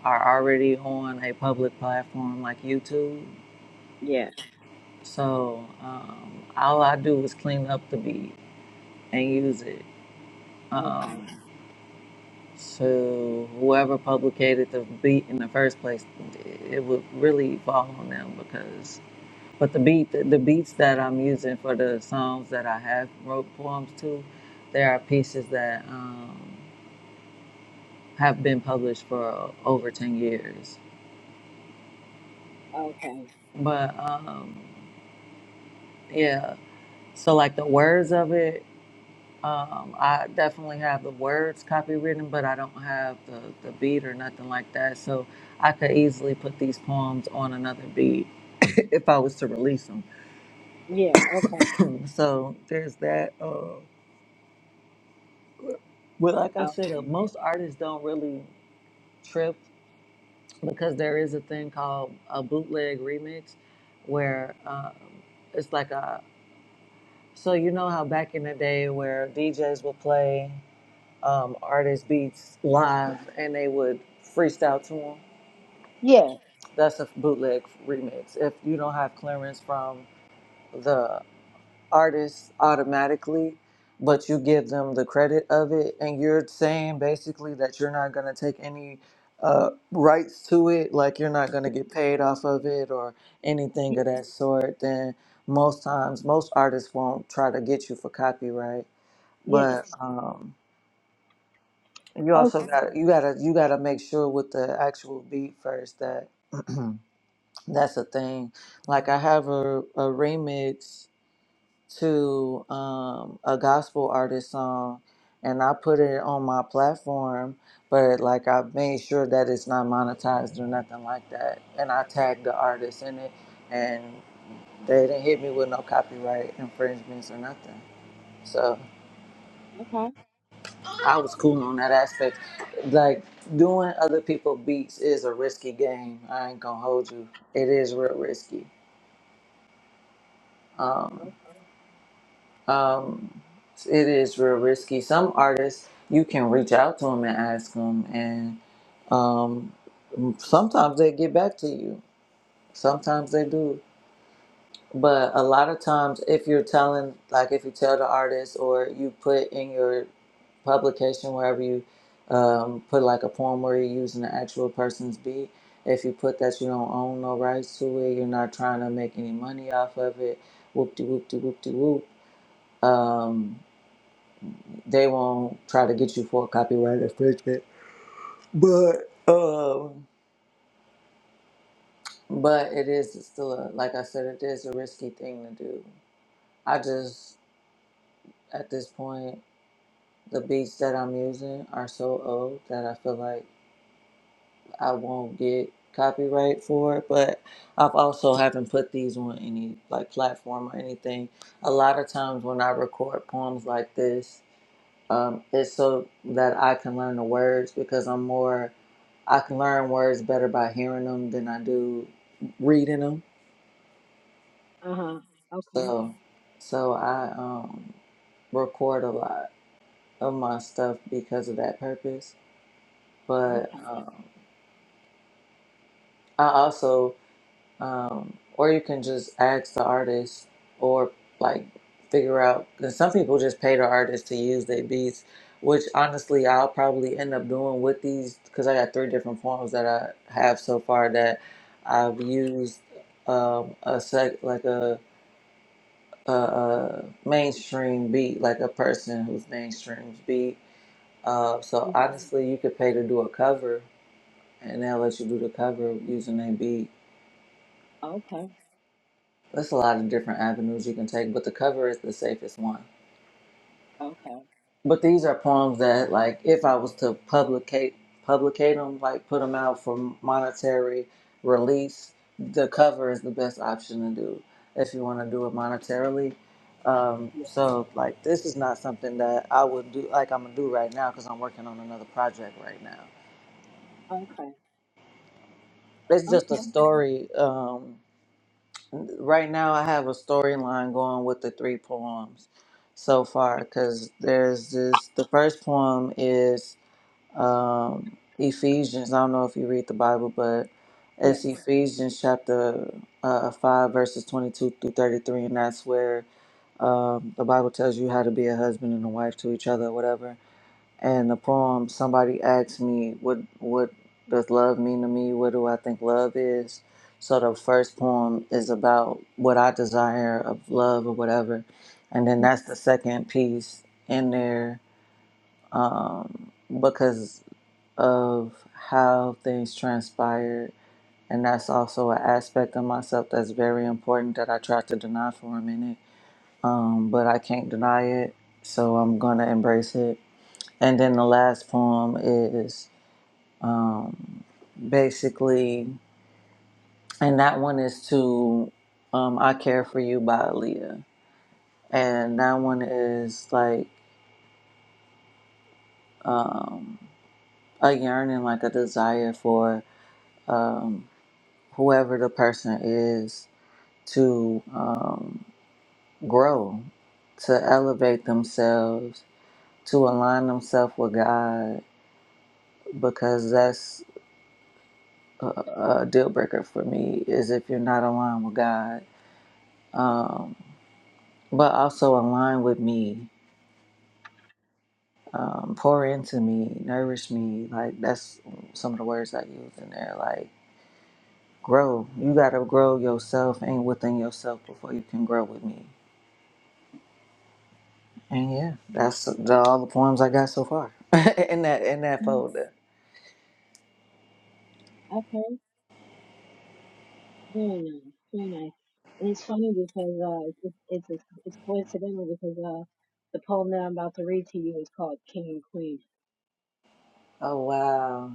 are already on a public platform like YouTube. Yeah. So um, all I do is clean up the beat and use it Okay. um, to whoever publicated the beat in the first place, it would really fall on them because. But the beat, the, the beats that I'm using for the songs that I have wrote poems to, there are pieces that um, have been published for over ten years. Okay. But um, yeah, so like the words of it. Um, I definitely have the words copywritten, but I don't have the, the beat or nothing like that. So I could easily put these poems on another beat if I was to release them. Yeah. Okay. So there's that. Uh, but like I Oh, said, uh, most artists don't really trip because there is a thing called a bootleg remix where um, it's like a. So you know how back in the day where DJs would play. um, artist beats live and they would freestyle to them. yeah. That's a bootleg remix. If you don't have clearance from the artist automatically, but you give them the credit of it, and you're saying basically that you're not going to take any uh, rights to it, like you're not going to get paid off of it or anything Yeah. of that sort, then most times, most artists won't try to get you for copyright. But, Yes. um, You Okay. also got you gotta you gotta make sure with the actual beat first that that's a thing. Like I have a, a remix to um, a gospel artist song, and I put it on my platform, but like I made sure that it's not monetized or nothing like that, and I tagged the artist in it, and they didn't hit me with no copyright infringements or nothing. So. Okay. I was cool on that aspect. Like doing other people beats is a risky game. I ain't gonna hold you. It is real risky. Um, um, it is real risky. Some artists you can reach out to them and ask them, and um, sometimes they get back to you. Sometimes they do. But a lot of times, if you're telling, like if you tell the artist or you put in your publication wherever you um, put like a poem where you're using the actual person's beat, if you put that you don't own no rights to it, you're not trying to make any money off of it, whoop de whoop de whoop de whoop, um, they won't try to get you for copyright infringement. But um, but it is still, a, like I said, it is a risky thing to do. I just, at this point, The beats that I'm using are so old that I feel like I won't get copyright for it. But I've also haven't put these on any like platform or anything. A lot of times when I record poems like this, um, it's so that I can learn the words because I'm more I can learn words better by hearing them than I do reading them. Uh-huh. Okay. So, so I um, record a lot of my stuff because of that purpose. But Okay. um, I also, um, or you can just ask the artist or like figure out, because some people just pay the artist to use their beats, which honestly I'll probably end up doing with these because I got three different forms that I have so far that I've used um, a sec, like a, a, a mainstream beat, like a person who's mainstream beat. Uh, so Mm, honestly, you could pay to do a cover and they'll let you do the cover using their beat Okay. There's a lot of different avenues you can take, but the cover is the safest one. Okay. But these are poems that, like, if I was to publicate, publicate them, like put them out for monetary release, the cover is the best option to do if you want to do it monetarily. Um, so, like, this is not something that I would do, like, I'm gonna do right now because I'm working on another project right now. Okay. It's just a Okay. story. Um, right now I have a storyline going with the three poems so far because there's this the first poem is um, Ephesians. I don't know if you read the Bible, but Yeah. it's Ephesians chapter uh, uh, 5, verses 22 through 33, and that's where um, the Bible tells you how to be a husband and a wife to each other, whatever and the poem, somebody asked me, what, what does love mean to me? What do I think love is? So the first poem is about what I desire of love or whatever. And then that's the second piece in there um, because of how things transpired. And that's also an aspect of myself that's very important that I try to deny for a minute. Um, but I can't deny it. So I'm going to embrace it. And then the last poem is um, basically, and that one is to um, I Care for You by Aaliyah. And that one is like um, a yearning, like a desire for um, whoever the person is to um, grow, to elevate themselves, to align themselves with God, because that's a deal breaker for me is if you're not aligned with God um, but also align with me, um, pour into me, nourish me. Like that's some of the words I use in there. Like grow. You gotta grow yourself and within yourself before you can grow with me. And yeah, that's the, all the poems I got so far in that in that Mm, folder. Okay. Very nice, very nice. And it's funny because uh, it's it's it's it's coincidental because uh, the poem that I'm about to read to you is called King and Queen. Oh wow,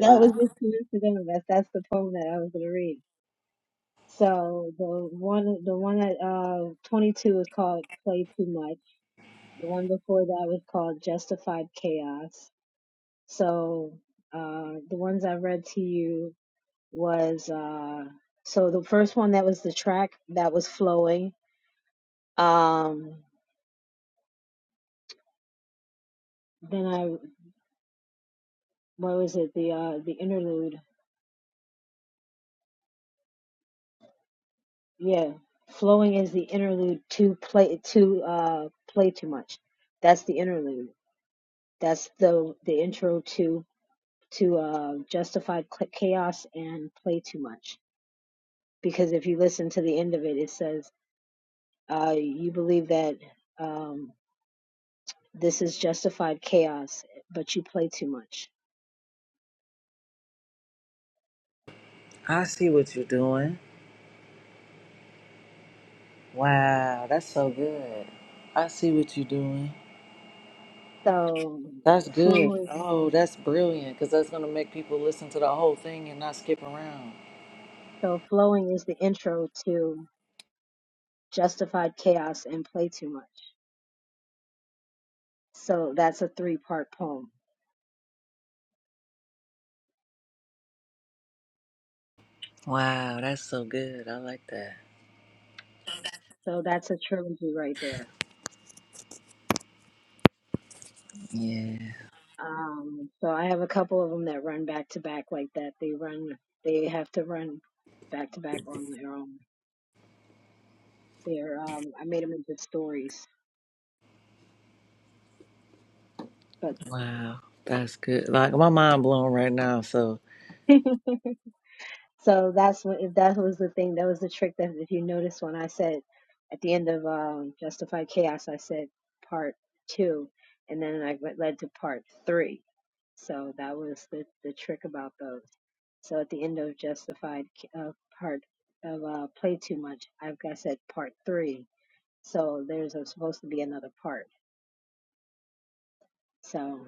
That was just coincidental. That's that's the poem that I was going to read. So one that uh 22 was called Play Too Much. The one before that was called Justified Chaos. So uh, the ones I read to you was uh, so the first one that was the track that was flowing. Um, then what was it the uh the interlude yeah flowing is the interlude to play to uh play too much that's the interlude that's the the intro to to uh justified Cl- chaos and play too much because if you listen to the end of it it says uh you believe that um this is justified chaos but you play too much I see what you're doing. Wow, that's so good. I see what you're doing. so That's good. flowing Oh, that's brilliant because that's going to make people listen to the whole thing and not skip around. so flowing is the intro to justified chaos and play too much So that's a three part poem. Wow, that's so good. I like that. So that's a trilogy right there. Yeah. Um, so I have a couple of them that run back to back like that. They run, they have to run back to back on their own. They're, um, I made them into stories. But Wow. That's good. Like my mind blown right now. So so that's what, if that was the thing, that was the trick that if you notice when I said at the end of um, Justified Chaos, I said part two, and then I went led to part three. So that was the, the trick about those. So at the end of Justified uh, part of uh, Play Too Much, I've got said part three. So there's a, supposed to be another part. So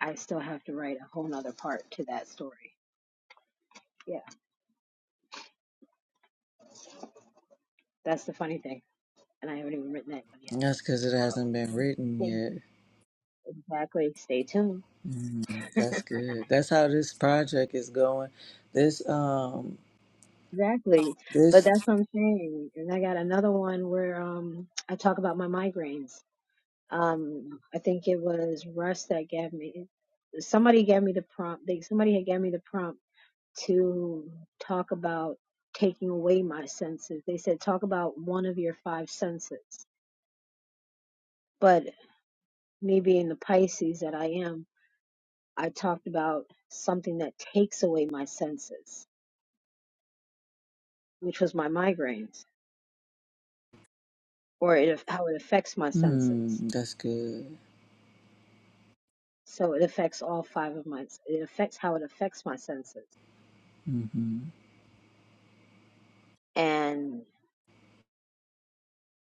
I still have to write a whole nother part to that story. Yeah, that's the funny thing. And I haven't even written that one yet. that's because it hasn't So been written yet. exactly. Stay tuned. Mm, that's good. That's how this project is going. This um Exactly. But this that's what I'm saying. And I got another one where um I talk about my migraines. Um, I think it was Russ that gave me. somebody gave me the prompt they somebody had gave me the prompt to talk about taking away my senses they said talk about one of your five senses but me being the pisces that i am i talked about something that takes away my senses which was my migraines or it, how it affects my senses hmm that's good. so it affects all five of my it affects how it affects my senses hmm and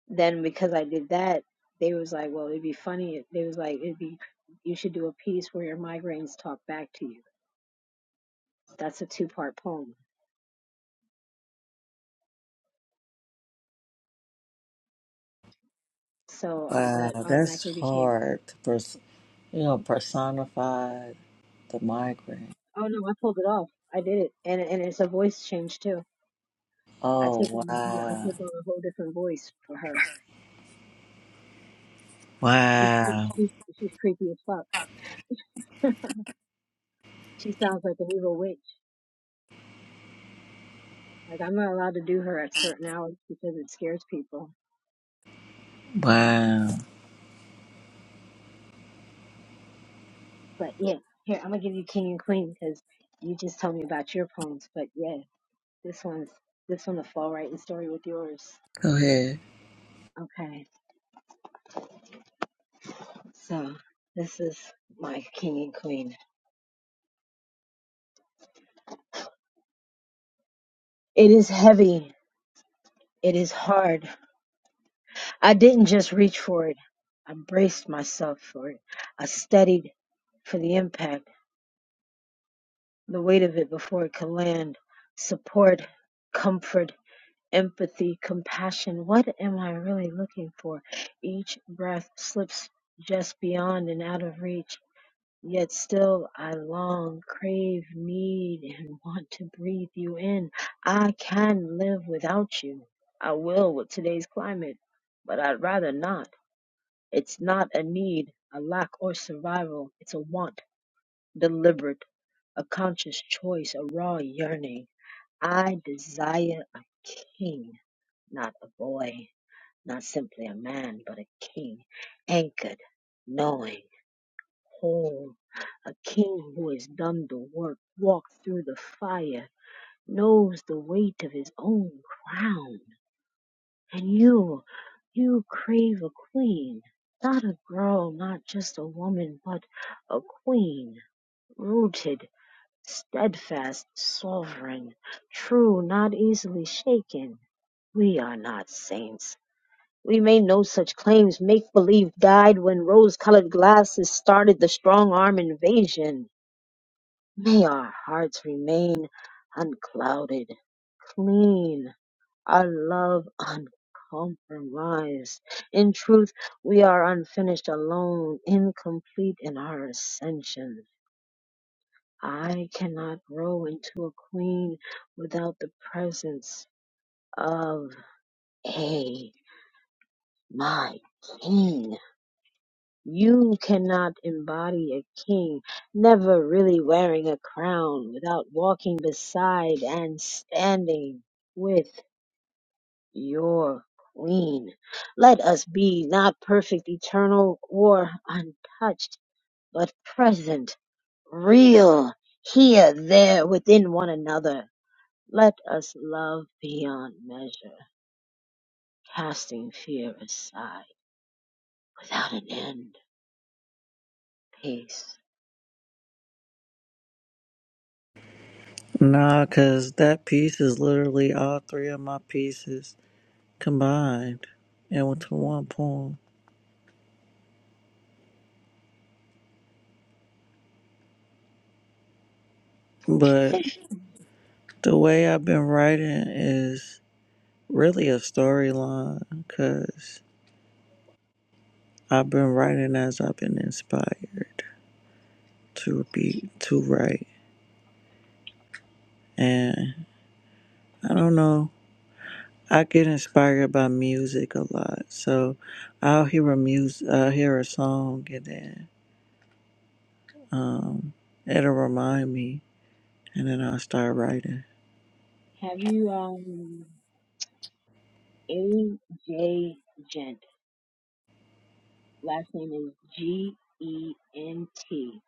then because I did that, they was like, well, it'd be funny. if- They was like, it'd be, you should do a piece where your migraines talk back to you. That's a two part poem. So I, Wow, that that's automatically became, hard to pers- you know personify the migrant. oh no, I pulled it off. I did it. And, and it's a voice change too. I Oh take on a whole, I wow. take on a whole different voice for her. She, she, Wow. she she's creepy as fuck. She sounds like an evil witch. Like I'm not allowed to do her at certain hours because it scares people. Wow. But yeah, here, I'm gonna give you King and Queen because you just told me about your poems, but yeah. This one's this one will fall right in story with yours. Go ahead. Okay, so this is my king and queen. It is heavy. It is hard. I didn't just reach for it. I braced myself for it. I studied for the impact, the weight of it before it could land. Support, comfort, empathy, compassion. What am I really looking for? Each breath slips just beyond and out of reach Yet still I long, crave, need, and want to breathe you in. I can live without you. I will with today's climate, but I'd rather not. It's not a need, a lack, or survival. It's a want, deliberate, a conscious choice, a raw yearning. I desire a king, not a boy, not simply a man, but a king, anchored, knowing whole. A king who has done the work, walked through the fire, knows the weight of his own crown. And you, you crave a queen. Not a girl, not just a woman, but a queen, rooted, steadfast, sovereign, true, not easily shaken. We are not saints. We made no such claims. Make believe died when rose colored glasses started the strong arm invasion. May our hearts remain unclouded, clean, our love uncompromised. In truth, we are unfinished, alone, incomplete in our ascension. I cannot grow into a queen without the presence of a my king. You cannot embody a king, never really wearing a crown without walking beside and standing with your queen. Let us be not perfect, eternal, or untouched, but present, real, here, there, within one another. Let us love beyond measure, casting fear aside without an end. Peace. Nah, cause that piece is literally all three of my pieces combined into one poem. But Think, the way I've been writing is really a storyline, cause I've been writing as I've been inspired to be to write, and I don't know. I get inspired by music a lot, so I'll hear a mus uh, hear a song, and then um, it'll remind me, and then I'll start writing. have you, um, AJ Gent. Last name is G E N T.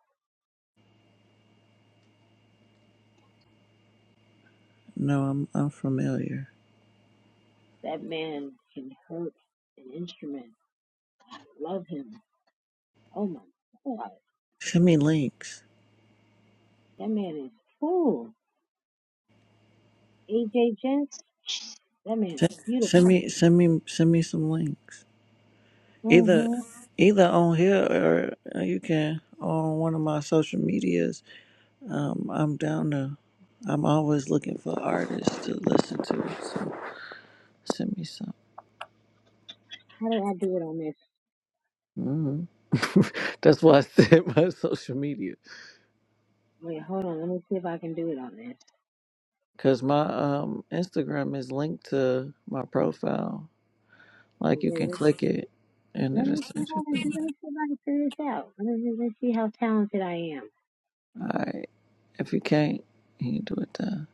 No, I'm I'm familiar. That man can hurt an instrument. Love him. Oh my god. Send me links. That man is cool. AJ Gent. That man is Send, beautiful. send me send me send me some links. Either hmm either on here or uh, you can on one of my social medias. Um, I'm down to. I'm always looking for artists to listen to. So send me some. How do I do it on this? Mm. That's why I said my social media Wait, hold on. Let me see if I can do it on this. because my um, Instagram is linked to my profile. Like Wait, you wait, can wait. click it and Let it'll me see if send you I can to do it. it. Let me see if I can figure this out. Let me, let me see how talented I am. All right. If you can't, you can do it then.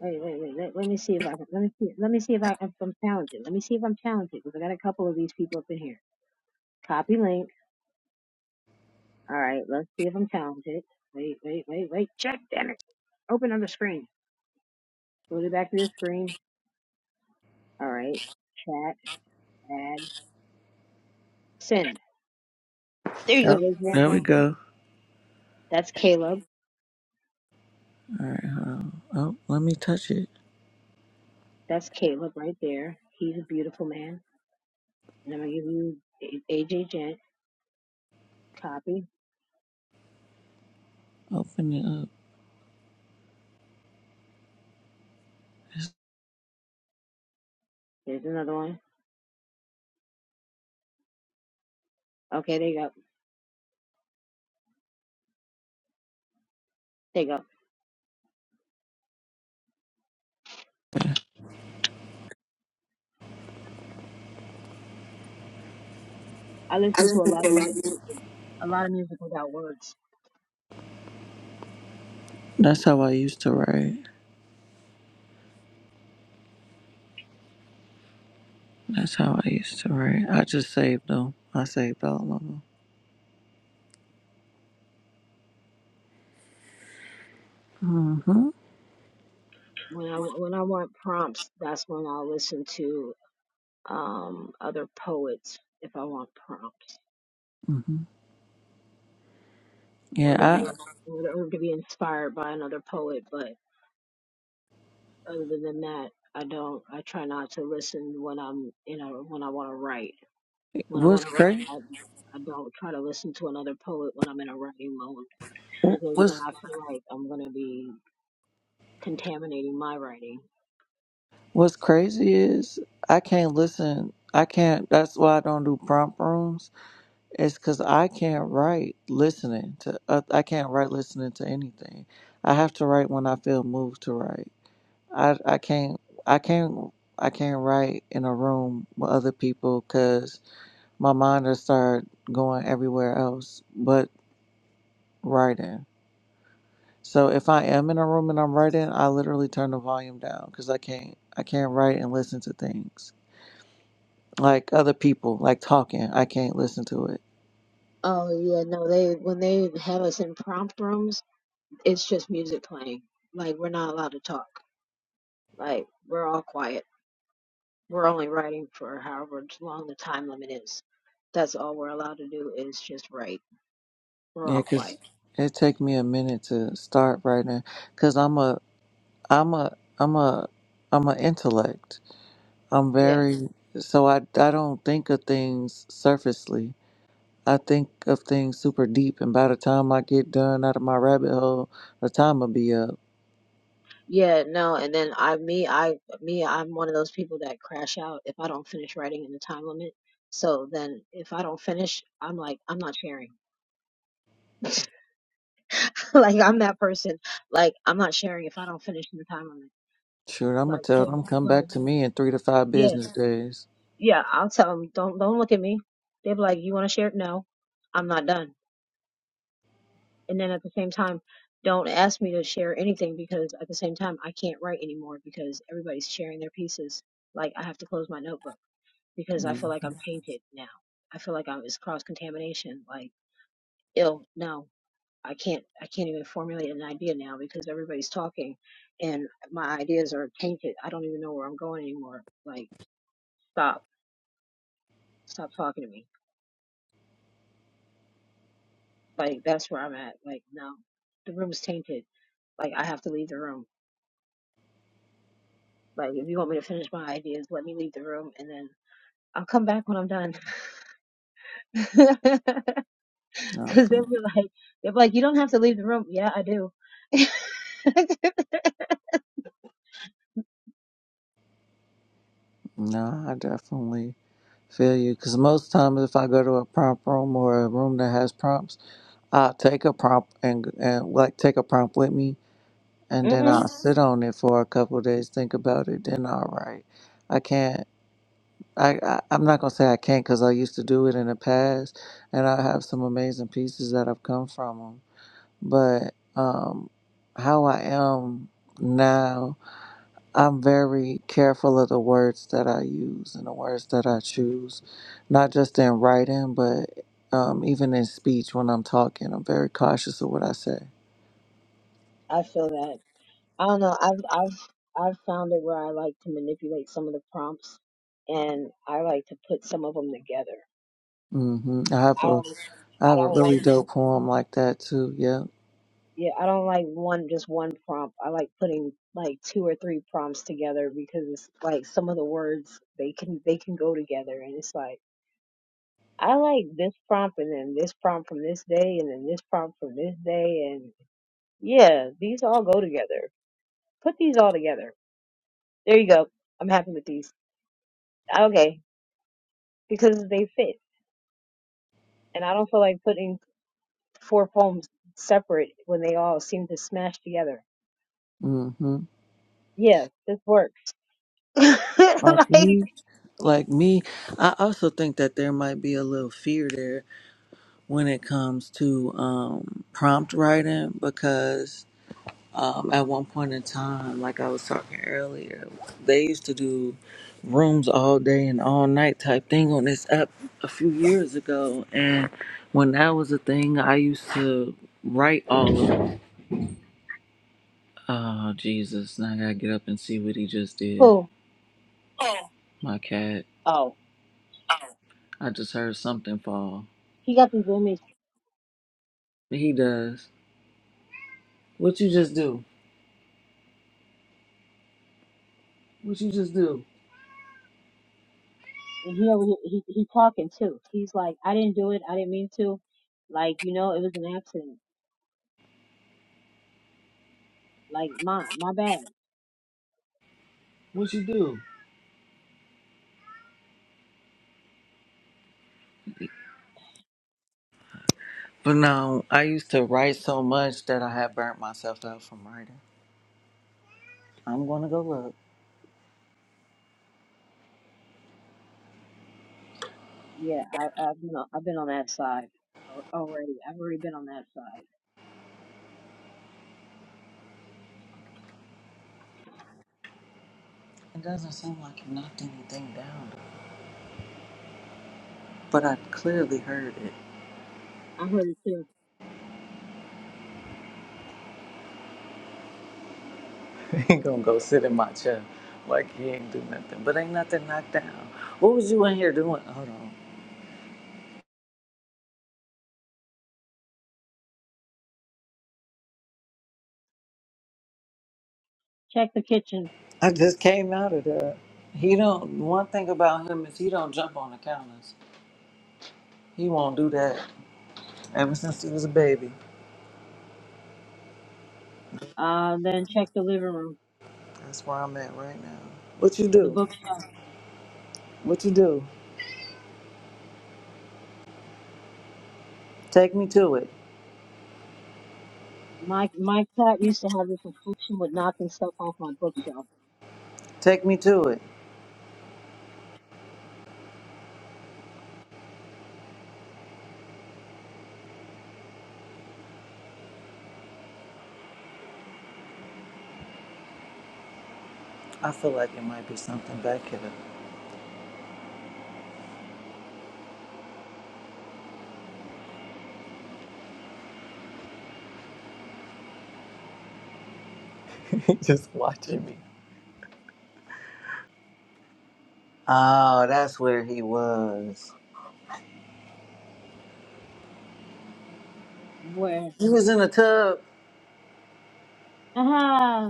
Wait, wait, wait. Let, let me see if I can. Let me see. Let me see if, I, if I'm talented. Let me see if I'm talented because I got a couple of these people up in here. Copy link. All right, let's see if I'm talented. Wait, wait, wait, wait. Check, damn it. Open on the screen. Go to back to the screen. All right. Chat, add, send. There you Oh, go. There's one. there we go. That's Caleb. All right. Hold on. Oh, let me touch it. That's Caleb right there. He's a beautiful man. And I'm going to give you A- AJ Gent. Copy. Open it up. There's another one. Okay, there you go. There you go. I listen to a lot of music, a lot of music without words. That's how I used to write. That's how I used to write. I just saved them. I saved all of them. Mhm. When I, when I want prompts, that's when I'll listen to um, other poets if I want prompts. Mhm. or to be Yeah. I or to be inspired by another poet. But other than that, I don't. I try not to listen when I'm you know when I want to write. When I was want to write, crazy. I I don't try to listen to another poet when I'm in a writing mode because What's then I feel like I'm gonna be contaminating my writing. What's crazy is I can't listen. I can't. That's why I don't do prompt rooms. It's because I can't write listening to. Uh, I can't write listening to anything. I have to write when I feel moved to write. I I can't. I can't. I can't write in a room with other people because my mind will start going everywhere else but writing. So if I am in a room and I'm writing, I literally turn the volume down because I can't. I can't write and listen to things. like other people, like talking. I can't listen to it. Oh yeah, no, it's it's just music playing. Like we're not allowed to talk. Like we're all quiet. We're only writing for however long the time limit is. That's all we're allowed to do is write. We're Yeah, all cause quiet. it take me a minute to start writing. Cause I'm a, I'm a, I'm a, I'm a intellect. I'm Yeah very so I I don't think of things surfacely. I think of things super deep, and by the time I get done out of my rabbit hole, the time will be up. I, me, I, me, I crash out if I don't finish writing in the time limit. So then if I don't finish, I'm like, I'm not sharing. like, I'm that person. Like, I'm not sharing if I don't finish in the time limit. Sure, I'm gonna Like, so, tell them come so back to me in three to five yeah, business days. yeah, I'll tell them, don't, don't look at me. They'll be like, you want to share? No, I'm not done. And then at the same time, don't ask me to share anything because at the same time, I can't write anymore because everybody's sharing their pieces. Like, I have to close my notebook. because I feel Mm, like I'm tainted now. I feel like I'm it's cross contamination. Like, ill, no, I can't. I can't even formulate an idea now because everybody's talking, and my ideas are tainted. I don't even know where I'm going anymore. Like, stop, stop talking to me. Like, that's where I'm at. Like, no, the room's tainted. Like, I have to leave the room. Like, if you want me to finish my ideas, let me leave the room, and then I'll come back when I'm done. No, Because for- they'll be like, they'll be like, you don't have to leave the room. Yeah, I do. no, I definitely Feel you? Because most times, if I go to a prompt room or a room that has prompts, I'll take a prompt and, and like take a prompt with me, and then hmm I'll sit on it for a couple of days, think about it, then I'll write. I can't. I, I I'm not gonna say I can't because I used to do it in the past, and I have some amazing pieces that have come from them. But um, how I am now I'm very careful of the words that I use and the words that I choose, not just in writing, but um, even in speech when I'm talking. I'm very cautious of what I say. I feel that. I don't know. I've I've I've found it where I like to manipulate some of the prompts, and I like to put some of them together. hmm I have I a don't I I have a don't really like just dope poem like that too. Yeah. yeah I don't like one just one prompt. I like putting like two or three prompts together because it's like some of the words they can they can go together, and it's like I like this prompt and then this prompt from this day and then this prompt from this day and yeah these all go together. Put these all together. There you go. I'm happy with these. Okay, because they fit. And I don't feel like putting four poems separate when they all seem to smash together. hmm Yeah, this works. like, Like me, like me. I also think that there might be a little fear there when it comes to um, prompt writing because um, at one point in time, like I was talking earlier, they used to do rooms all day and all night type thing on this app a few years ago. And when that was a thing, I used to write all of. Oh Jesus! Now I gotta get up and see what he just did. who? Oh. My cat. Oh, Oh. I just heard something fall. he got these images, He does. What you just do? What you just do? and he over here, he he talking too. He's like, I didn't do it. I didn't mean to. Like, you know, it was an accident. Like, my my bad. What you do? But no, I used to write so much that I had burnt myself out from writing. I'm gonna go look. Yeah, I, I've been on, I've been on that side al- already. I've already been on that side. It doesn't seem like you knocked anything down, though. but I clearly heard it. I heard it too. He gonna go sit in my chair like he ain't do nothing. But ain't nothing knocked down. What was you in here doing? Hold on. Check the kitchen. I just came out of there. He don't. One thing about him is he don't jump on the counters. He won't do that. Ever since he was a baby, Uh, then check the living room. that's where I'm at right now. What you The do? book What you do? Take me to it. Take me to it. I feel like it might be something back here. He just watching me. Oh, that's where he was. where. He was in the tub. Aha!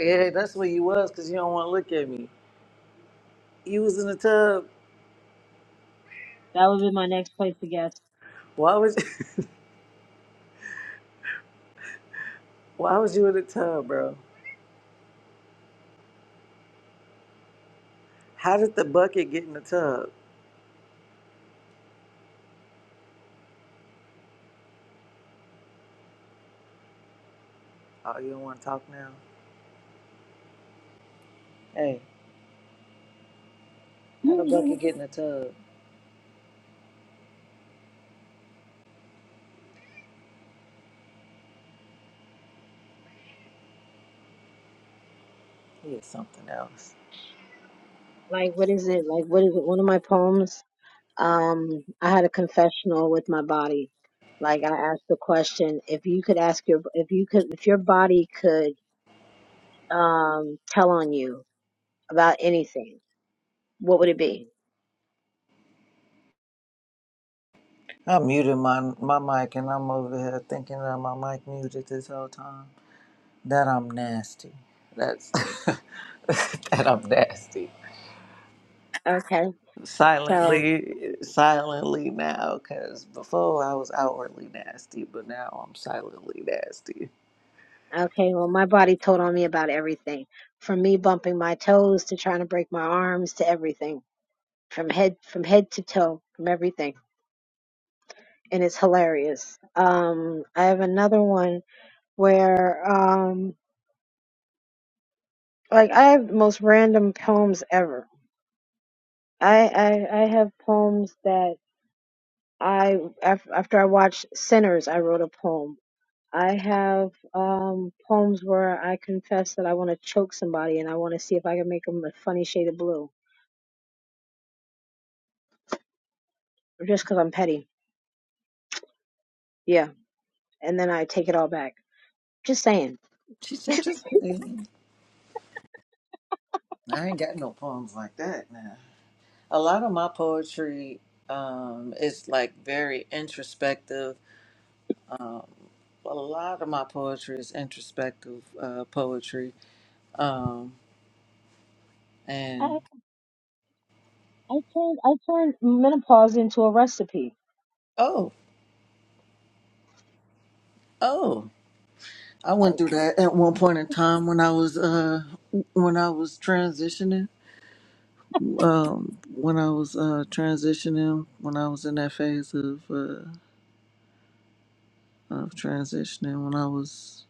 Yeah, that's where he was because you don't want to look at me. He was in the tub. That would be my next place to guess. Why was Why was you in the tub, bro? How did the bucket get in the tub? Oh, you don't want to talk now. Hey, how the bucket like, get in the tub? He is something else. what is it? Like, what is it? One of my poems. Um, I had a confessional with my body. Like, I asked the question: if you could ask your, if you could, if your body could, um, tell on you about anything, what would it be? I muted my my mic and I'm over here thinking that my mic muted this whole time. That I'm nasty. That's that I'm nasty. Okay, so silently silently now because before i was outwardly nasty but now i'm silently nasty okay, well, my body told on me about everything, from me bumping my toes to trying to break my arms to everything, from head from head to toe, from everything. and it's hilarious. Um, I have another one where, um, like, I have the most random poems ever. I I, I have poems that I af- after I watched Sinners, I wrote a poem. I have um, poems where I confess that I want to choke somebody and I want to see if I can make them a funny shade of blue, just 'cause I'm petty. Yeah, and then I take it all back. Just saying. she said just kidding. i ain't got no poems like that now a lot of my poetry um is like very introspective um a lot of my poetry is introspective uh poetry um and I I turned I turned menopause into a recipe. oh oh i went through that at one point in time when i was uh when i was transitioning um, when I was uh, transitioning, when I was in that phase of uh, of transitioning, when I was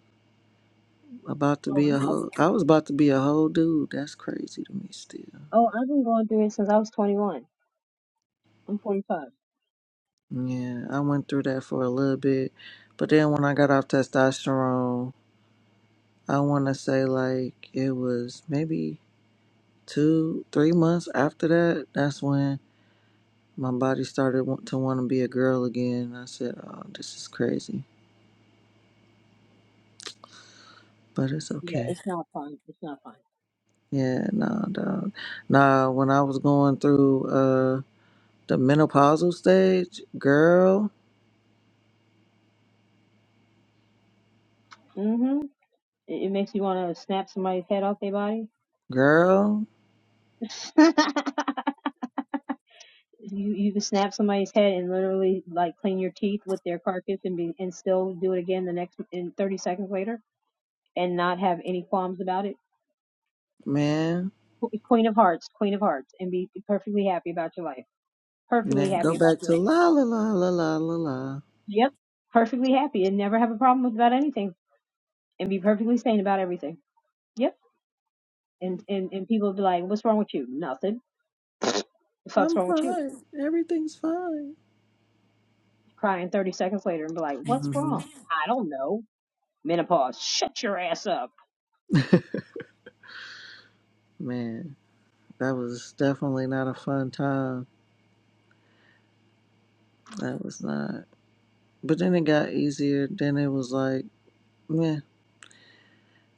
about to be a whole, I was about to be a whole dude. That's crazy to me still. Oh, I've been going through it since I was 21. I'm 45. Yeah, I went through that for a little bit, but then when I got off testosterone, I want to say like it was maybe two, three months after that. That's when my body started want to want to be a girl again. I said, "Oh, this is crazy," but it's Yeah, okay. it's not fun. It's not fun. Yeah, nah, dog. Nah, when I was going through uh the menopausal stage, girl, hmm It, it makes you want to snap somebody's head off their body. girl, you you can snap somebody's head and literally like clean your teeth with their carcass and be and still do it again the next in 30 seconds later and not have any qualms about it. man, Qu- Queen of Hearts, Queen of Hearts, and be perfectly happy about your life. Perfectly man, happy go about back your to life. la la la la la la la. Yep. Perfectly happy and never have a problem with about anything and be perfectly sane about everything. Yep. And and and people be like, "What's wrong with you? Nothing. The fuck's I'm wrong with you?" fine. Everything's fine. Crying thirty seconds later and be like, "What's hmm wrong? I don't know." Menopause. Shut your ass up. Man, that was definitely not a fun time. That was not. But then it got easier. Then it was like, meh,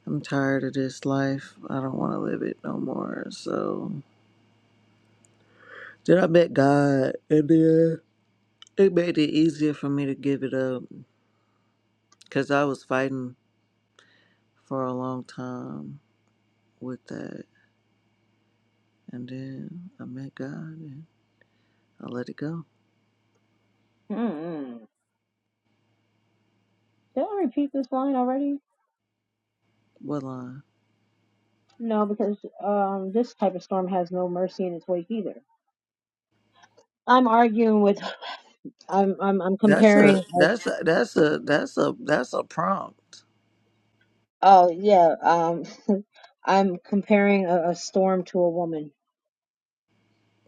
I'm tired of this life. I don't want to live it no more. So, did I bet God? And then It made it easier for me to give it up because I was fighting for a long time with that. And then I met God and I let it go. Hmm. Did I repeat this line already? What line? No, because um, this type of storm has no mercy in its wake either. I'm arguing with. I'm I'm I'm That's a comparing. A, that's a that's a that's a that's a prompt. oh yeah. Um, I'm comparing a, a storm to a woman.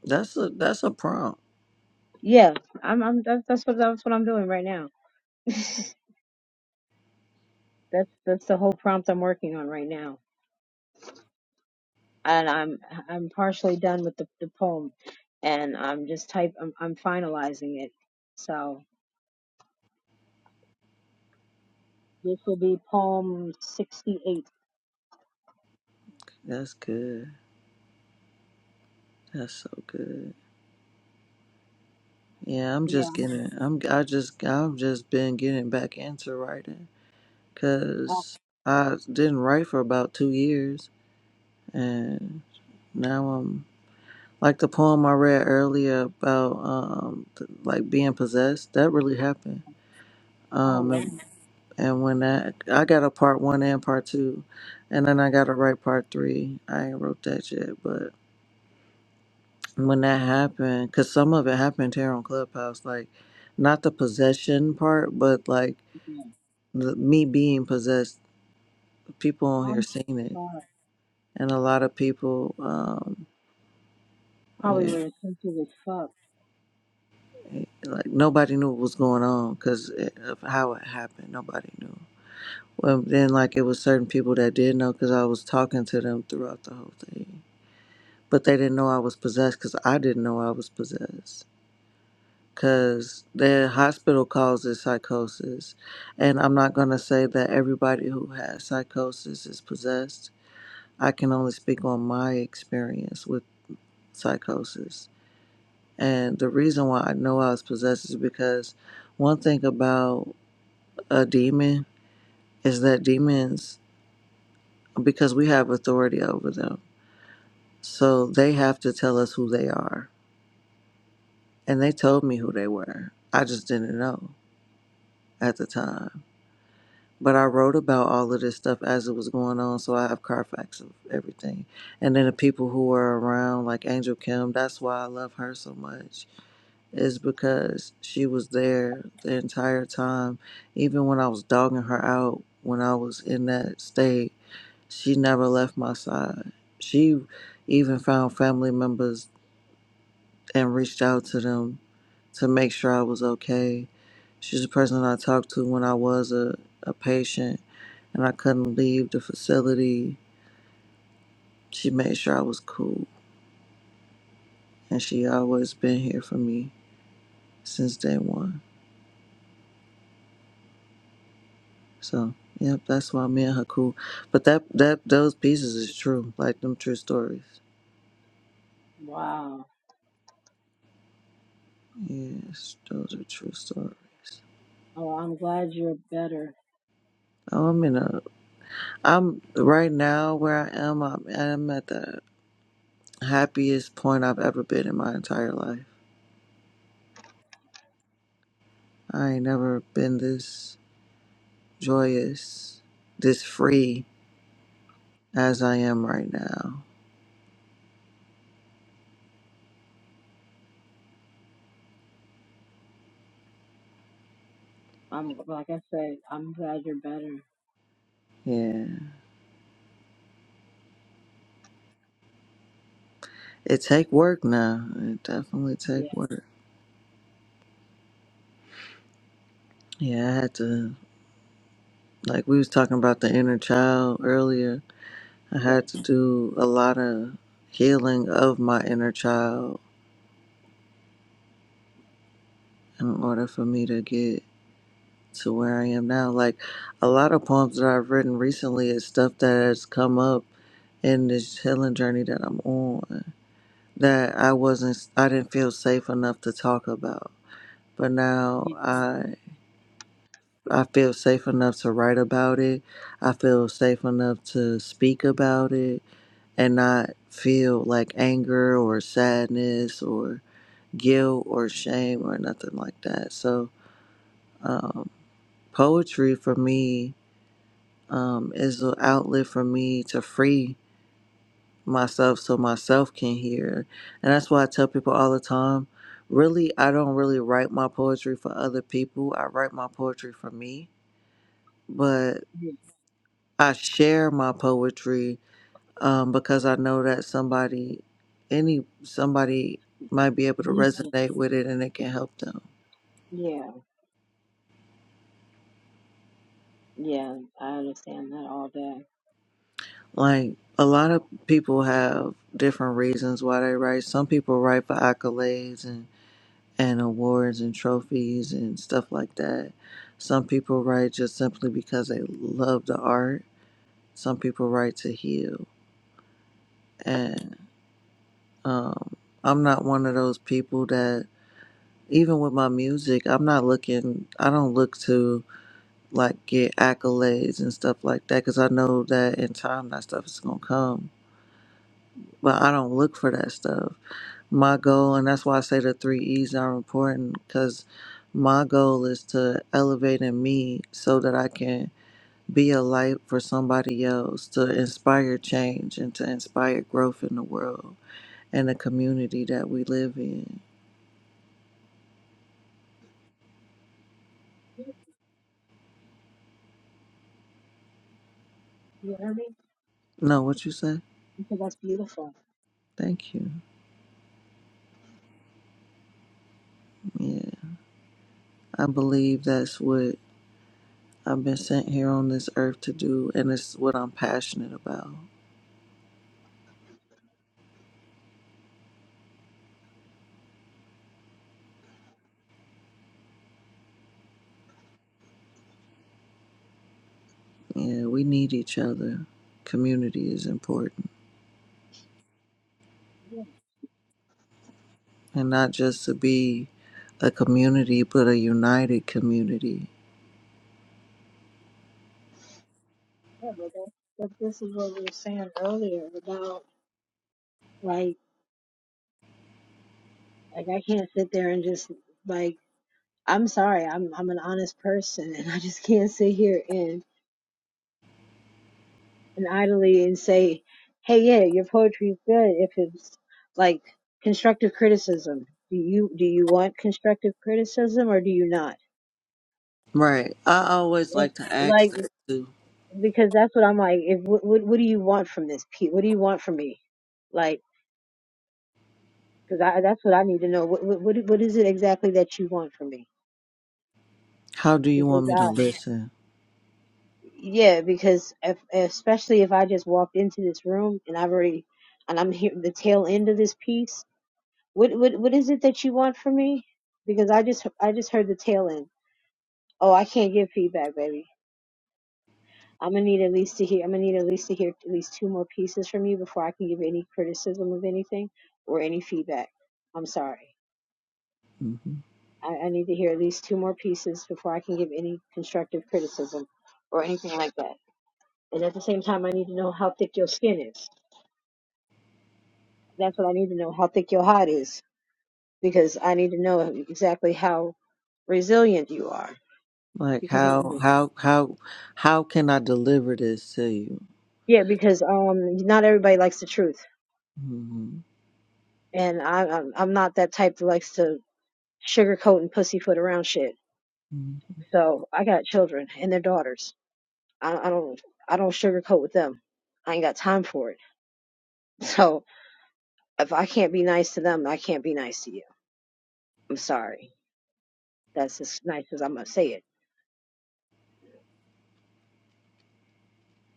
That's a that's a prompt. Yeah. I'm I'm that's that's what that's what I'm doing right now. that's that's the whole prompt I'm working on right now. and I'm I'm partially done with the, the poem, and I'm just type I'm, I'm finalizing it. So this will be poem sixty eight. That's good. That's so good. Yeah, I'm Yeah, just getting I'm I just I've just been getting back into writing cuz I didn't write for about 2 years and now I'm. Like the poem I read earlier about um, th- like being possessed, that really happened. Um, and, and when that I got a part one and part two, and then I got to write part three. I ain't wrote that yet, but when that happened, cause some of it happened here on Clubhouse, like not the possession part, but like the, me being possessed. People on here seen it, and a lot of people um, probably yeah, where it's simple as fuck. like nobody knew what was going on because of how it happened. Nobody knew. Well, then, like, it was certain people that did know because I was talking to them throughout the whole thing. But they didn't know I was possessed because I didn't know I was possessed. Because the hospital calls it psychosis. And I'm not going to say that everybody who has psychosis is possessed. I can only speak on my experience with psychosis. And the reason why I know I was possessed is because one thing about a demon is that demons, because we have authority over them So they have to tell us who they are. And they told me who they were. I just didn't know at the time. But I wrote about all of this stuff as it was going on, so I have Carfax of everything. And then the people who were around, like Angel Kim, that's why I love her so much, is because she was there the entire time. Even when I was dogging her out, when I was in that state, she never left my side. She even found family members and reached out to them to make sure I was okay. She's the person I talked to when I was a, a patient and I couldn't leave the facility. She made sure I was cool and she always been here for me since day one. So yep, that's why me and her cool. But that that those pieces is true. Like them true stories. Yes, those are true stories. Oh, I'm in a I'm right now where I am, I'm I'm at the. happiest point I've ever been in my entire life. I ain't never been this joyous, this free as I am right now. Um, Yeah. It take work now. It definitely take yeah, work. Yeah, I had to like we was talking about the inner child earlier. I yeah, had to do a lot of healing of my inner child in order for me to get to where I am now. Like a lot of poems that I've written recently is stuff that has come up in this healing journey that I'm on that I wasn't I didn't feel safe enough to talk about. But now you, I I feel safe enough to write about it. I feel safe enough to speak about it and not feel like anger or sadness or guilt or shame or nothing like that. So um, poetry for me um, is an outlet for me to free myself so myself can hear. And that's why I tell people all the time really, I don't really write my poetry for other people, I write my poetry for me. But you I share my poetry um, because I know that somebody, any somebody might be able to leave it. resonate with it and it can help them. Yeah, yeah, I understand that all day. Like a lot of people have different reasons why they write. Some people write for accolades and and awards and trophies and stuff like that. Some people write just simply because they love the art. Some people write to heal. And um, I'm not one of those people that, even with my music, I'm not looking, I don't look to like get accolades and stuff like that because I know that in time that stuff is going to come. But I don't look for that stuff. my goal, and that's why I say the three E's are important because my goal is to elevate in me so that I can be a light for somebody else, to inspire change and to inspire growth in the world and the community that we live in. You heard me? No, what you say? I said that's beautiful. Thank you. Yeah, I believe that's what I've been sent here on this earth to do, and it's what I'm passionate about. Yeah, we need each other. Community is important. Yeah, and not just to be a community, but a united community. yeah, but that, but this is what we were saying earlier about like like I can't sit there and just like I'm sorry, I'm I'm an honest person, and I just can't sit here and and idly and say, "Hey, yeah, your poetry is good." If it's like constructive criticism, do you do you want constructive criticism or do you not? Right. I always Yeah, like to ask Like, that too. because that's what I'm like. If what what, what do you want from this, Pete? What do you want from me? Like, because I that's what I need to know. What what what what is it exactly that you want from me? How do you Because want me to I listen? yeah, because if, especially if I just walked into this room and I've already and I'm here the tail end of this piece What what what is it that you want from me? Because I just I just heard the tail end. Oh, I can't give feedback, baby. I'm gonna need at least to hear. I'm gonna need at least to hear at least two more pieces from you before I can give any criticism of anything or any feedback. I'm sorry. hmm I, I need to hear at least two more pieces before I can give any constructive criticism or anything like that. And at the same time, I need to know how thick your skin is. That's what I need to know. How thick your hide is, because I need to know exactly how resilient you are. Like Because how I'm how how how can I deliver this to you? Yeah, because um, not everybody likes the truth, hmm and I, I'm I'm not that type that likes to sugarcoat and pussyfoot around shit. hmm So I got children and their daughters. I, I don't I don't sugarcoat with them. I ain't got time for it. So if I can't be nice to them, I can't be nice to you. I'm sorry. That's as nice as I'm gonna say it.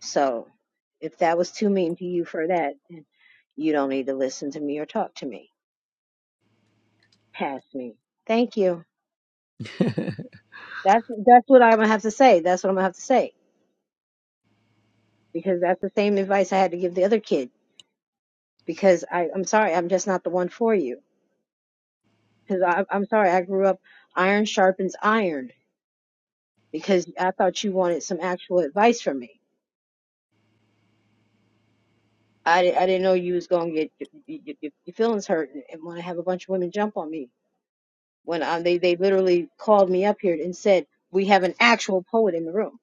So if that was too mean to you for that, then you don't need to listen to me or talk to me. Pass me. Thank you. That's that's what I'm gonna have to say. That's what I'm gonna have to say because that's the same advice I had to give the other kid. Because I, I'm sorry, I'm just not the one for you. Because I, I'm sorry, I grew up iron sharpens iron. Because I thought you wanted some actual advice from me. I, di- I didn't know you was gonna get your, your, your your feelings hurt and, and want to have a bunch of women jump on me when I, they they literally called me up here and said we have an actual poet in the room.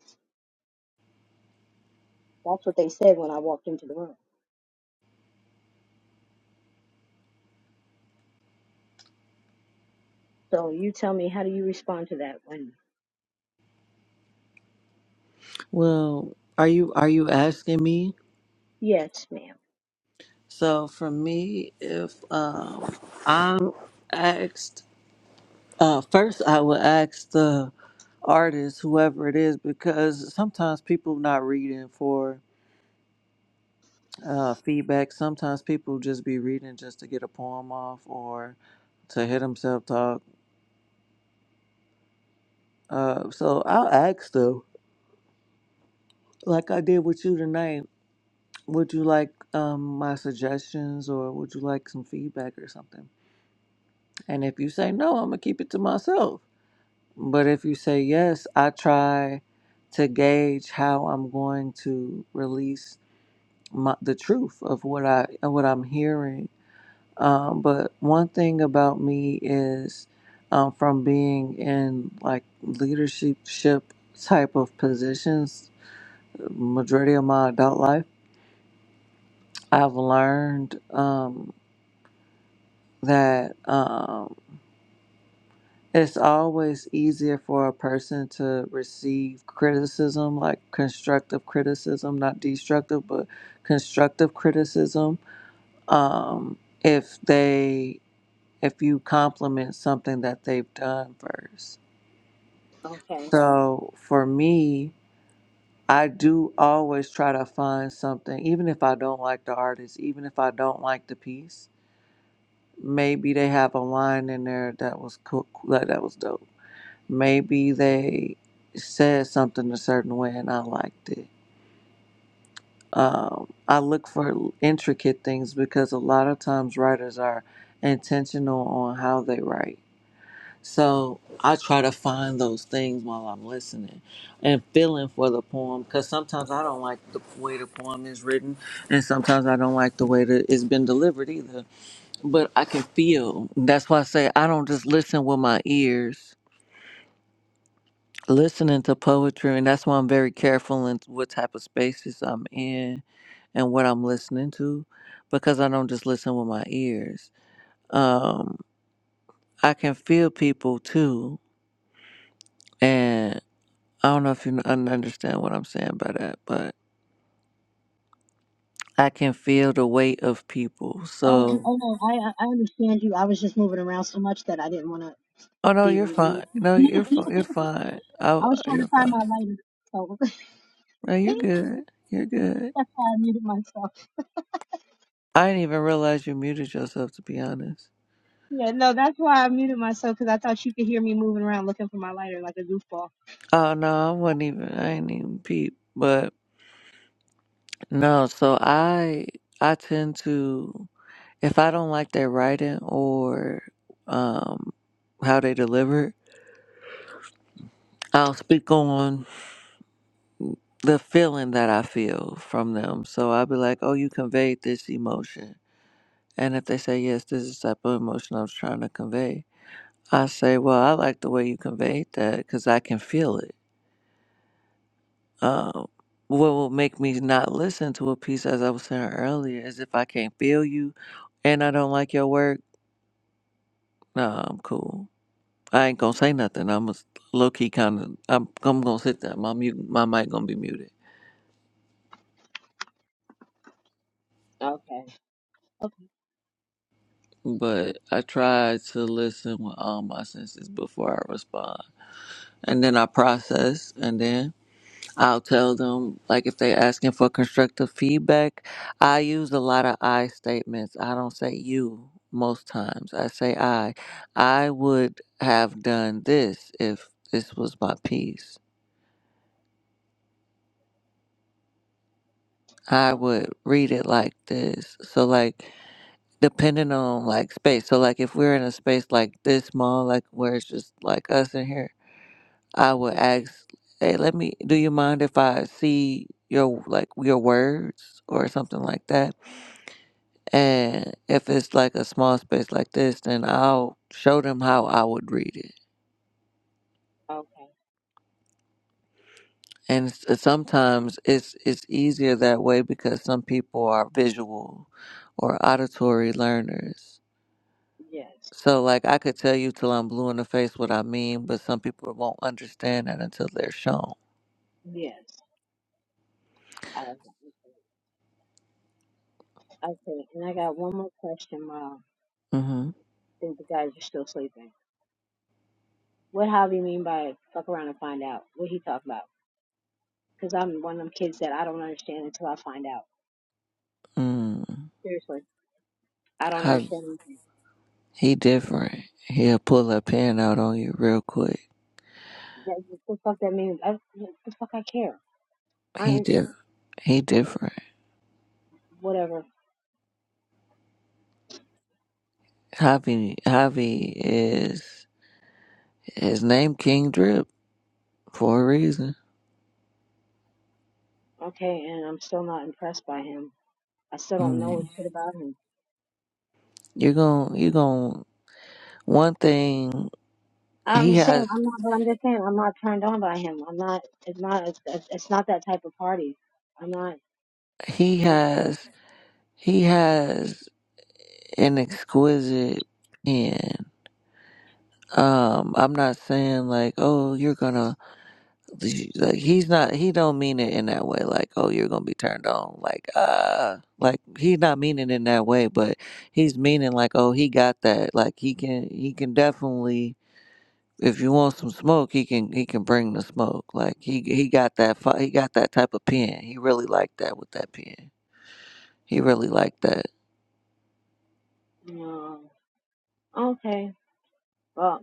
That's what they said when I walked into the room. So you tell me, how do you respond to that? When Well, are you are you asking me? yes, ma'am. So for me, if um, I'm asked Uh, first, I would ask the artist, whoever it is, because sometimes people not reading for uh, feedback. Sometimes people just be reading just to get a poem off or to hit themselves talk. Uh, so I'll ask them, like I did with you tonight, would you like um, my suggestions or would you like some feedback or something? And if you say no, I'm going to keep it to myself. But if you say yes, I try to gauge how I'm going to release my, the truth of what I what I'm hearing. Um, but one thing about me is um, from being in like leadership type of positions, majority of my adult life, I've learned um, that um, it's always easier for a person to receive criticism, like constructive criticism, not destructive, but constructive criticism. Um, if they if you compliment something that they've done first. Okay. So for me, I do always try to find something, even if I don't like the artist, even if I don't like the piece. Maybe they have a line in there that was cool, like that was dope. Maybe they said something a certain way and I liked it. Um, I look for intricate things because a lot of times writers are intentional on how they write So I try to find those things while I'm listening and feeling for the poem because sometimes I don't like the way the poem is written and sometimes I don't like the way that it's been delivered either. But I can feel. That's why I say I don't just listen with my ears. Listening to poetry, and that's why I'm very careful in what type of spaces I'm in and what I'm listening to because I don't just listen with my ears. Um, I can feel people too. I don't know if you un- understand what I'm saying by that, but I can feel the weight of people. Oh, n- So, oh no, I I I understand you. I was just moving around so much that I didn't want to oh no, be you're fine. rude. No, you're fi- you're fine. I, I was trying you're to find fine. my lighter, so No, you're good. You're good. that's why I muted myself. I didn't even realize you muted yourself. To be honest. Yeah, no, that's why I muted myself because I thought you could hear me moving around looking for my lighter like a goofball. Oh no, I wasn't even. I ain't even peep. But no, so I I tend to if I don't like their writing or um how they deliver, I'll speak on. the feeling that I feel from them. So I'll be like, oh, you conveyed this emotion. And if they say, yes, this is the type of emotion I was trying to convey, I say, well, I like the way you conveyed that because I can feel it. Um, what will make me not listen to a piece, as I was saying earlier, is if I can't feel you and I don't like your work, nah, I'm cool. I ain't gonna say nothing. I'm a low key kind of. I'm, I'm gonna sit there. My mute, my mic gonna be muted. Okay. Okay. but I try to listen with all my senses before I respond. And then I process, and then I'll tell them, like, if they're asking for constructive feedback, I use a lot of I statements. I don't say you most times. I say I. I would have done this if this was my piece. I Oh, would read it like this. So, like, depending on like space. So like if we're in a space like this small, like where it's just like us in here, I would mhm. ask, hey, let me, do you mind if I see your, like, your words or something like that? And if it's like a small space like this, then I'll show them how I would read it. Okay. And s- uh, sometimes it's, it's easier that way because some people are visual or auditory learners. Yes. So, like, I could tell you till I'm blue in the face what I mean, but some people won't understand that until they're shown. Yes. I, okay. And I got one more question, Mom. Mm-hmm. Think about it. What? Because Mm. seriously, I don't understand. He different. He'll pull a pin out on you real quick. That, what the fuck that means? I, what the fuck I care? I He ain't different. He different. whatever. Javi Javi is his name King Drip for a reason. Okay, and I'm still not impressed by him. I still don't know what Mm. shit about him. You're going you're going one thing I'm he saying has I'm not, but I'm just saying I'm not turned on by him. I'm not. It's not. It's, it's it's not that type of party. I'm not. he has he has an exquisite pen. Um, I'm not saying like, oh, you're gonna like he's not he don't mean it in that way like oh you're gonna be turned on like uh like he's not meaning in that way but he's meaning like oh he got that like he can he can definitely if you want some smoke he can he can bring the smoke like he he got that fi- he got that type of pen he really liked that with that pen he really liked that Okay. Well,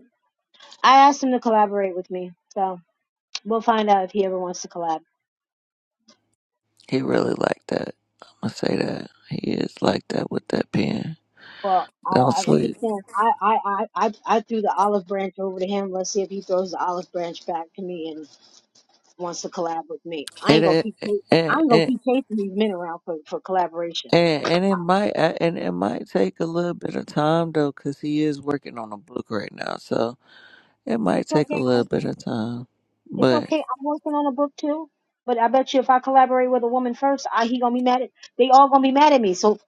I asked him to collaborate with me, so we'll find out if he ever wants to collab. He really like that. I'm gonna say that he is like that with that pen. Well, I, Don't I'm sleep. just saying I, I, I, I I threw the olive branch over to him. Let's see if he throws the olive branch back to me and wants to collab with me. I It, ain't gonna it, keep. I and ain't gonna and keep chasing these men around for for collaboration. and and it might and it might take a little bit of time though, cause he is working on a book right now. So it might It's okay. take a little bit of time, It's but okay. I'm working on a book too. But I bet you if I collaborate with a woman first, I he gonna be mad at they all gonna be mad at me. So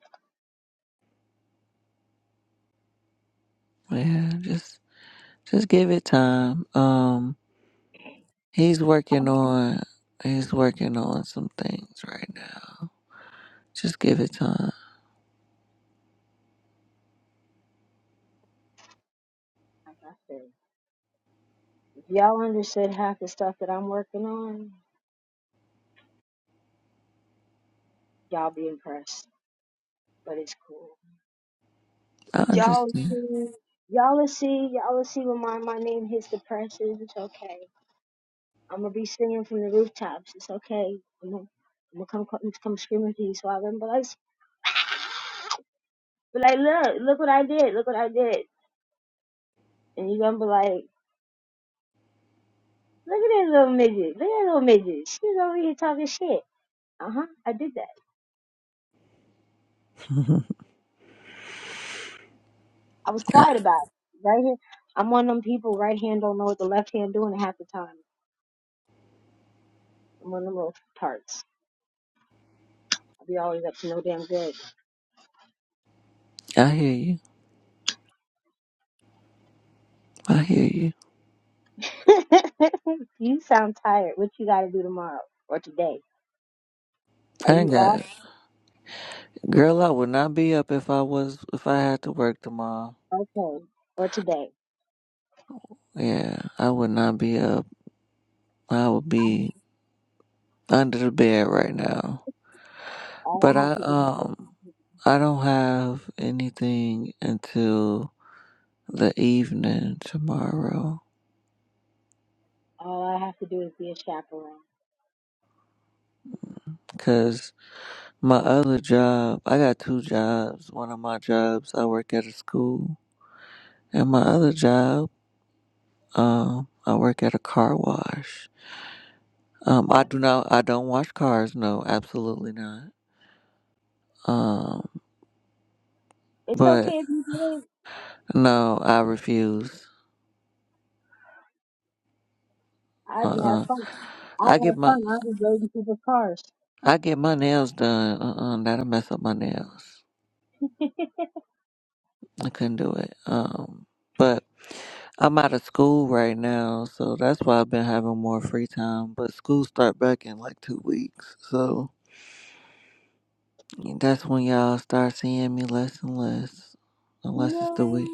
yeah, just just give it time. Um, he's working on he's working on some things right now. Just give it time. yeah, y'all but it, I y'all understand. y'all see I'm because but like look, look what I did, look what I did. And you gonna be like, Look at that little midget, look at that little midget. She's over here talking shit. Uh huh. I did that. I was I, quiet about it. Right here I'm one of them people right hand don't know what the left hand doing half the time. I'm one of them little parts. I'll be always up to no damn good. I hear you. I hear you. you sound tired. What you got to do tomorrow or today? Are I ain't you got off? Girl, I would not be up if I was if I had to work tomorrow. Okay. Or today? Yeah, I would not be up. I would be under the bed right now. All I But I have, to, um I don't have anything until the evening tomorrow all I have to be a chaperone. cuz my other job, I got two jobs. One of my jobs I work at a school and my other job um I work at a car wash. Um I do not I don't wash cars, no, absolutely not. Um. It's But okay if you do it. no, I refuse. Uh uh I- I get my I get my nails done. Uh uh that'll mess up my nails. I couldn't do it. Um but I'm out of school right now, so that's why I've been having more free time. But school start back in like two weeks, so that's when y'all start seeing me less and less, unless it's the week.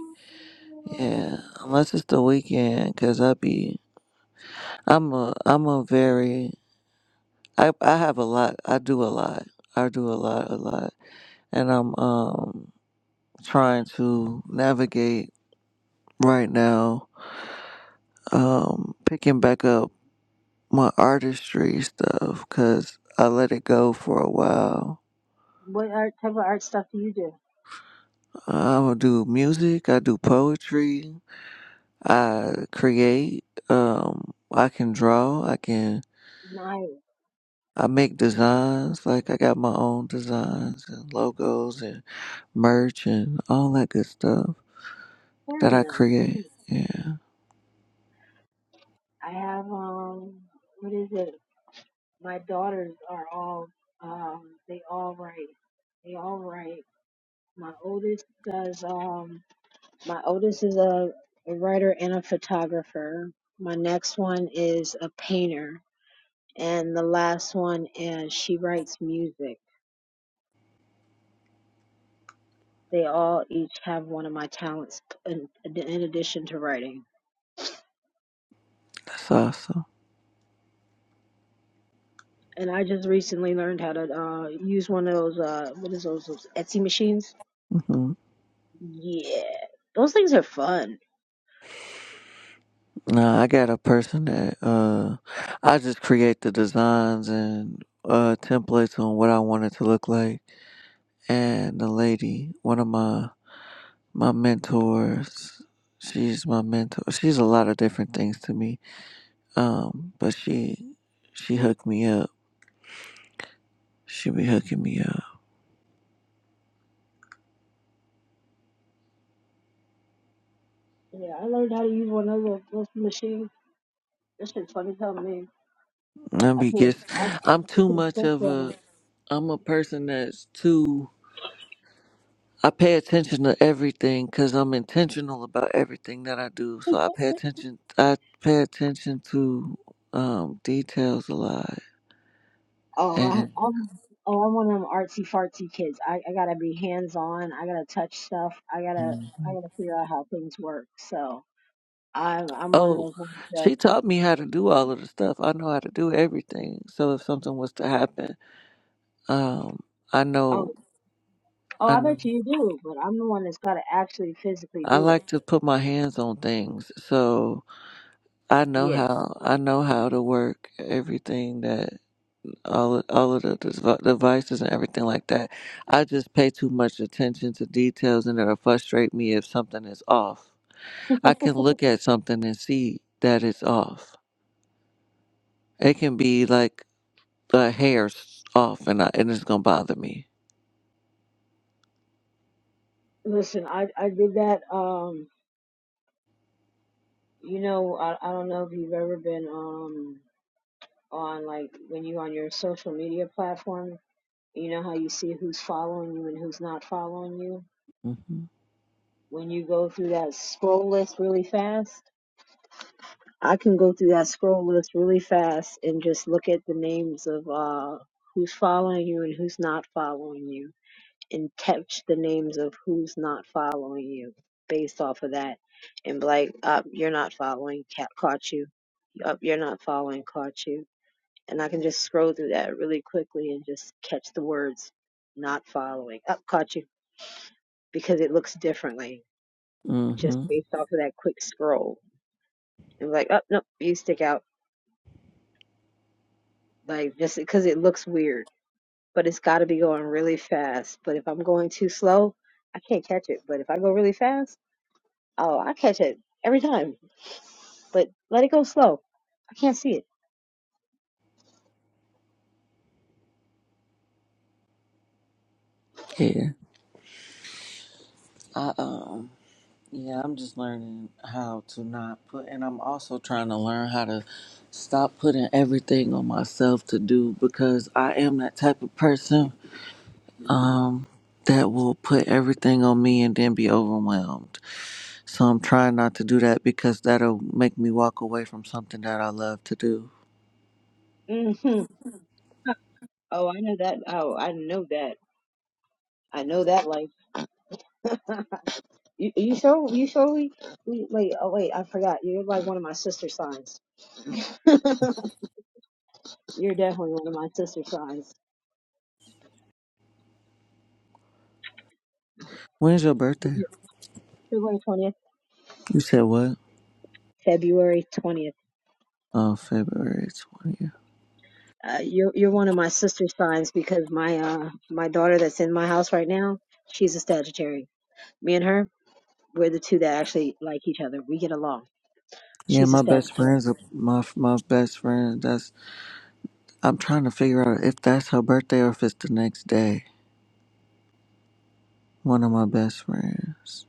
Yeah, unless it's the weekend, cause I be I'm a I'm a very I I have a lot. I do a lot. I do a lot, a lot, and I'm um trying to navigate right now. Um, picking back up my artistry stuff because I let it go for a while. What art, type of art stuff do you do? I will do music. I do poetry. I create. Um, I can draw. I can. Nice. I make designs. Like I got my own designs and logos and merch and all that good stuff. that Very I nice. create. Hmm. Yeah, I have, um, what is it? My daughters are all, um, they all write. They all write. My oldest does, um. My oldest is a, a writer and a photographer. My next one is a painter. And the last one is she writes music. They all each have one of my talents in, in addition to writing. that's awesome. And I just recently learned how to uh, use one of those, uh, what is those, those Etsy machines? hmm Yeah. Those things are fun. Nah, I got a person that uh, I just create the designs and uh, templates on what I want it to look like. And the lady, one of my my mentors, she's my mentor. She's a lot of different things to me. Um, but she she hooked me up. She be hooking me up. Yeah, I learned how to use one of those, those machines. That shit's funny, tell me. I I be put, guess I, I'm I too put a much of software on a I'm a person that's too. I pay attention to everything because I'm intentional about everything that I do. So I pay attention. I pay attention to um, details a lot. Oh, I, And I'm oh I'm one of them artsy fartsy kids. I, I gotta be hands on. I gotta touch stuff. I gotta I Mhm. gotta figure out how to work. So I'm I'm one of oh, those ones that she taught me how to do all of the stuff. I know how to do everything. So if something was to happen, um, I oh know. oh I I, know. I like to put my hands on things, so I know yeah how. I know how to work everything that all all of the, the devices and everything like that. I just pay too much attention to details, and it'll frustrate me if something is off. I can look at something and see that it's off. It can be like a hair's off, and I, and it's gonna bother me. Listen, I I did that. Um, you know, I I don't know if you've ever been um on like when you on your social media. it's not following you Mhm. when you go through that scroll list really fast i can go through that scroll list really fast and just look at the names of uh who's following you and who's not following you and catch the names of who's not following you based off of that and be like up you're not following ca- caught you up you're not following caught you and i can just scroll through that really quickly and just catch the words not following up caught you because it looks differently just Mhm. based off of that quick scroll. And like, oh no, you stick out like just because it looks weird. But it's got to be going really fast. But if I'm going too slow, I can't catch it. But if I go really fast, oh, I catch it every time. But let it go slow. I can't see it. Yeah. I um. Yeah, I'm just learning how to not put, and I'm also trying to learn how to stop putting everything on myself to do because I am that type of person um, that will put everything on me and then be overwhelmed. So I'm trying not to do that because that'll make me walk away from something that I love to do. hmm Oh, I know that. Oh, I know that. I know that. Like, you, you show, you show me. we- Wait, oh wait, I forgot. You're like one of my sister signs. You're definitely one of my sister signs. When's your birthday? February twentieth. You said what? February twentieth. Oh, February 20th. Uh, you're you're one of my sister signs because my uh my daughter that's in my house right now, she's a Sagittarius. Me and her, we're the two that actually like each other. We get along. Yeah, She's a my best Sagittarius. friends, are- my my best friend. That's. I'm trying to figure out if that's her birthday or if it's the next day. One of my best friends.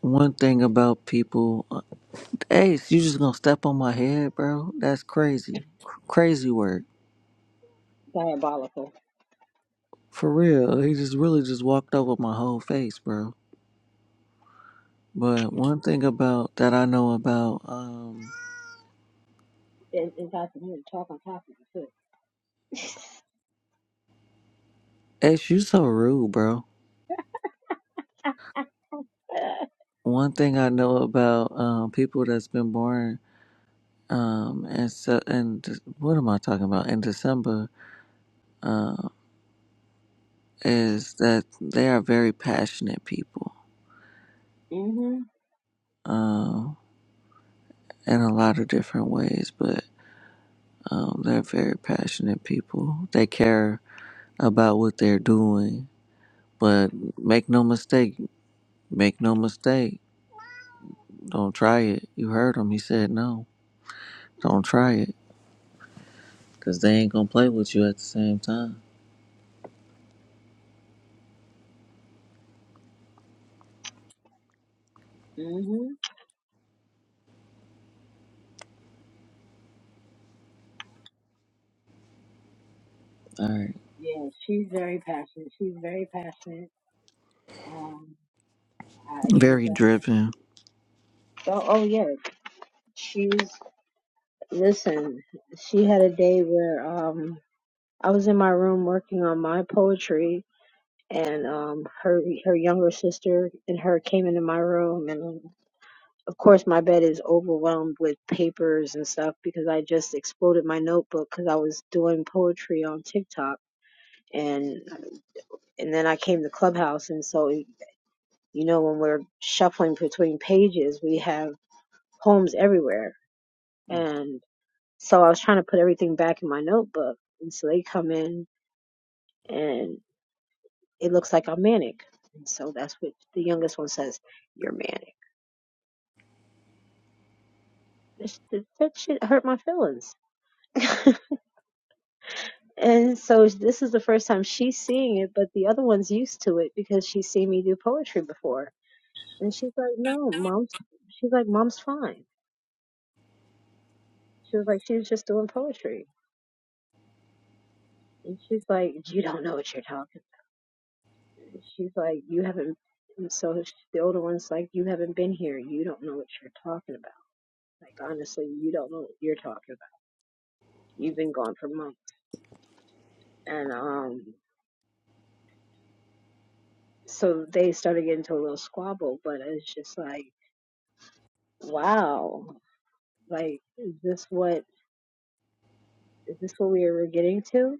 One thing about people, Ace, you just gonna step on my head, bro? That's crazy. Cr- crazy work. Diabolical. For real, he just really just walked over my whole face, bro. But one thing about that I know about, um, It, it's hard got some to talk on top of it too. Ace, you so rude, bro. One thing I know about um, people that's been born um, and so and what am I talking about in December? um, is that they are very passionate people Mhm. um, in a lot of different ways, but um, they're very passionate people. They care about what they're doing, but make no mistake, make no mistake. Don't try it. You heard him. He said no. Don't try it because they ain't going to play with you at the same time. Mhm. All right. Very passionate. She's very passionate. Um, I I Very don't. driven. Oh, oh yeah. She's Listen, she had a day where um I was in my room working on my poetry and um her her younger sister and her came into my room and of course my bed is overwhelmed with papers and stuff because I just exploded my notebook cuz I was doing poetry on TikTok and and then I came to Clubhouse and so you know when we're shuffling between pages we have poems everywhere and. So I was trying to put everything back in my notebook. And so they come in and it looks like I'm manic. And so that's what the youngest one says, You're manic. This- That that shit hurt my feelings. And so this is the first time she's seeing it, but the other one's used to it because she's seen me do poetry before. And she, Mom's, she's like, Mom's fine doing poetry. And she's like, You don't know what you're talking about. And so sh- the older one's like, You haven't been here. You don't know what you're talking about. Like, honestly, you don't know what you're talking about. You've been gone for months. and um so they started getting into a little squabble but it's just like wow like is this what is this what we were getting to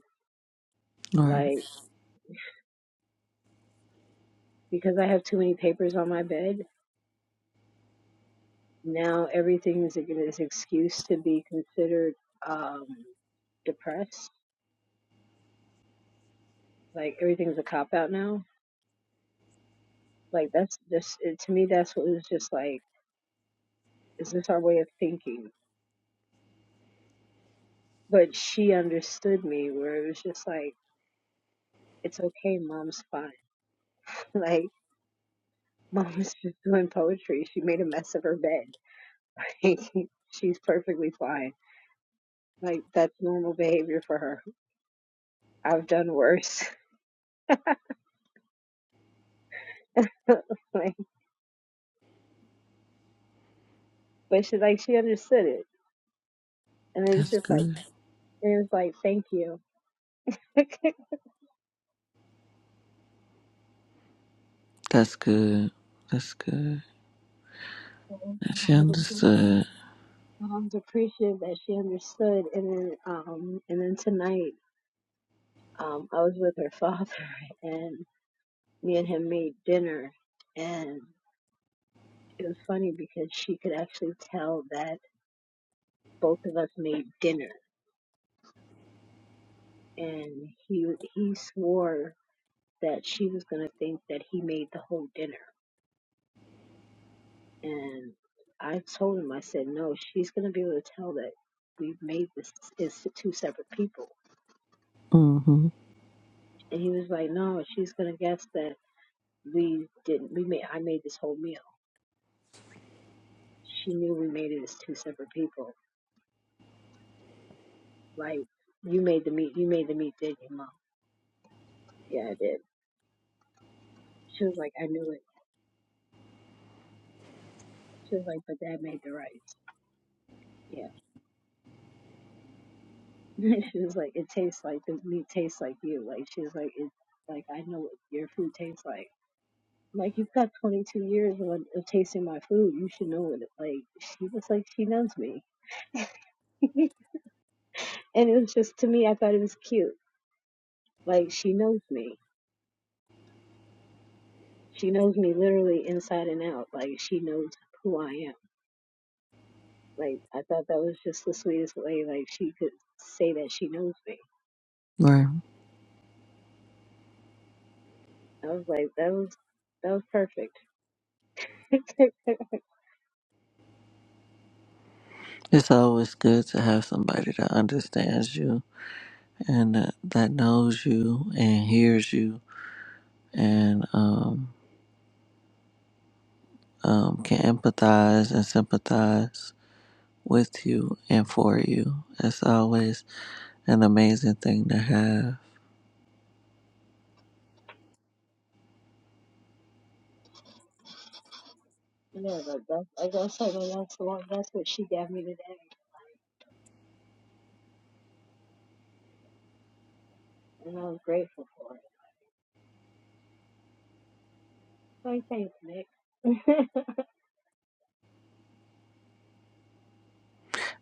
All right. like because i have too many papers on my bed now this excuse to be considered um depressed like no like like is thinking but me where it was just like it's okay mom's fine like mom's just doing poetry she made a mess of her bed like she's perfectly fine like that's normal behavior for her i've done worse like, but she like she understood it, and it was That's just like good. it was like thank you. it That's good. That's good. was like She I was appreciative, understood. and I was appreciative that she understood. And then um and then tonight um I was with her father, and me and him made dinner, and it was funny because she could actually tell that both of us made dinner, and he he swore that she was gonna think that he made the whole dinner And I told him, I said, no, she's going to be able to tell that we made this is two separate people. Mm-hmm. And he was like, no, she's going to guess that we didn't, we made, I made this whole meal. She knew we made it as two separate people. Like, you made the meat, you made the meat, didn't you, mom? Yeah, I did. She was like, I knew it. She was like, but dad made the rice. Yeah. she was like, it tastes like, the meat tastes like you. Like, she was like, it, like, I know what your food tastes like. Like you've got 22 years of, of tasting my food, you should know it. Like she was like she knows me, and it was just to me, I thought it was cute. Like she knows me, she knows me literally inside and out. Like she knows who I am. Like I thought that was just the sweetest way. Like she could say that she knows me. Right. I was like, that was that was perfect. It's always good to have somebody that understands you and that, that knows you and hears you and um, um, can empathize and sympathize with you and for you. It's always an amazing thing to have. Yeah, but that, like I said, man, that's the one. That's what she gave me today, and I was grateful for it. So thanks, Nick.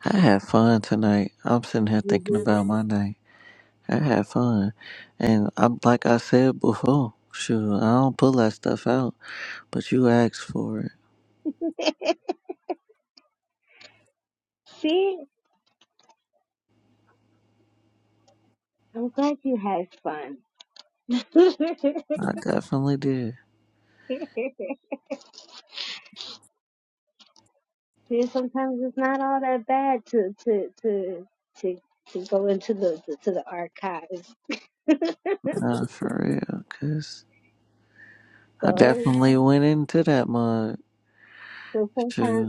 I had fun tonight. I'm sitting here You thinking did about my night. I had fun. And I'm, like I said before, shoot, I don't pull that stuff out, but you asked for it. it. I'm glad you had fun. I definitely did. Yeah, sometimes it's not all that bad to to to to to go to, to the artist. Nah, for real, 'cause I So definitely went into that mud. so Sure.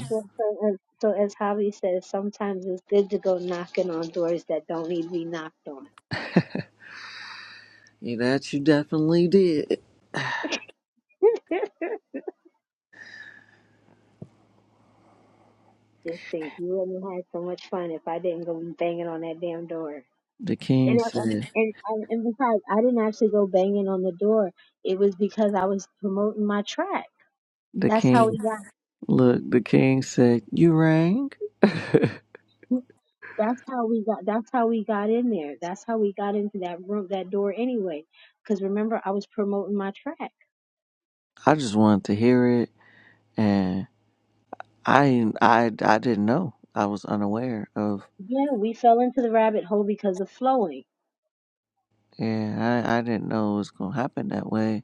uh, so Yeah, that you definitely did. uh, The king and said, and or it, The that's king, look, the king said, You rang? that's because I just wanted to hear it. And I, I, I didn't know. I was unaware of, my yeah, I, I didn't know it was going to happen that way.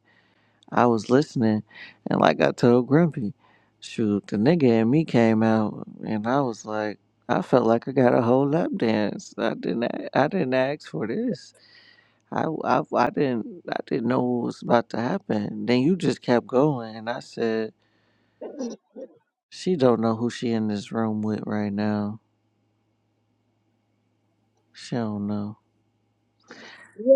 I was listening. And like I told Grumpy, shoot, the nigga and me came out. And I was like, I felt like I got a whole lap dance. I didn't, a- I didn't ask for this I, I I didn't I didn't know what was about to happen. Then you just kept going, and I said, "She don't know who she in this room with right now. She don't know."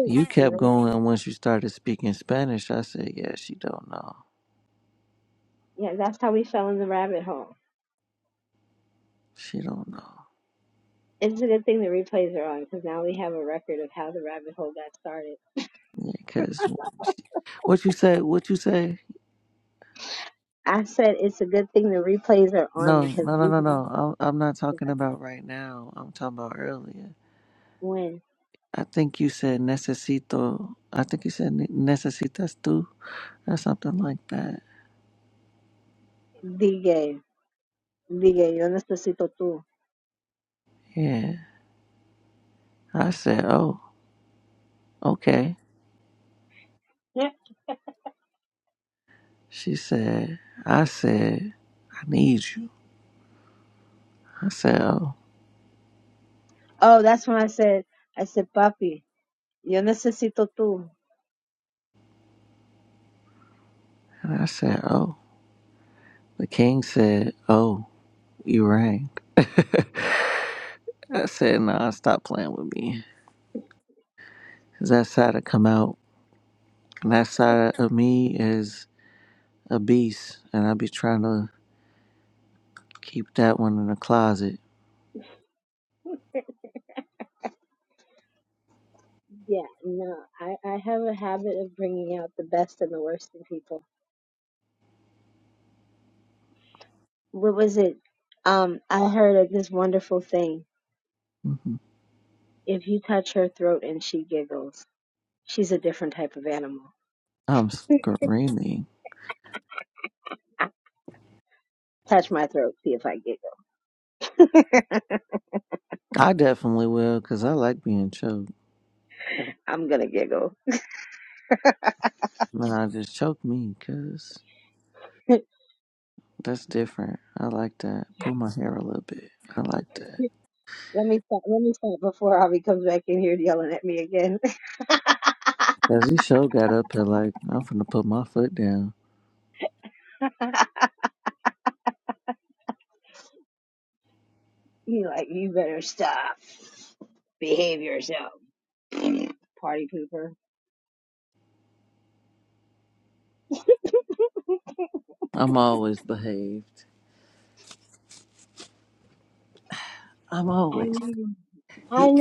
You kept going, and once you started speaking Spanish, I said, "Yeah, she don't know. She don't know." rabbit hole got started. Yeah, cause what you say, what you say? I said it's a good thing the replays are on No, because no, no, we no, can no. I'm I'm not talking about right now. I'm talking about earlier. when I think you said necesito. I think you said necesitas tú or something like that. DJ DJ yo necesito tú. Yeah. I said, oh. Okay. She said, I said, I need you. I said, oh. Oh, that's when I said I said papi yo necesito tú. And I said, oh. The king said, oh, you rang. I said, nah, stop playing with me, cause that side of come out. And that side of me is a beast. And I be trying to keep that one in the closet. Yeah, no, I, I have a habit of bringing out the best and the worst in people. What was it? Um, I heard of this wonderful thing. hmm If you touch her throat and she giggles, she's a different type of animal. I'm screaming. Ah, touch my throat, see if I giggle. I definitely will, cause I like being choked. I'm gonna giggle. And I just choke me, cause that's different. I like that. Pull my hair a little bit. I like that. Let me stop. Let me stop before Avi comes back in here yelling at me again. Cause he sure got up and like, I'm finna put my foot down. he like, you better stop. Behave yourself, party pooper. I'm always behaved. I'm always. I He,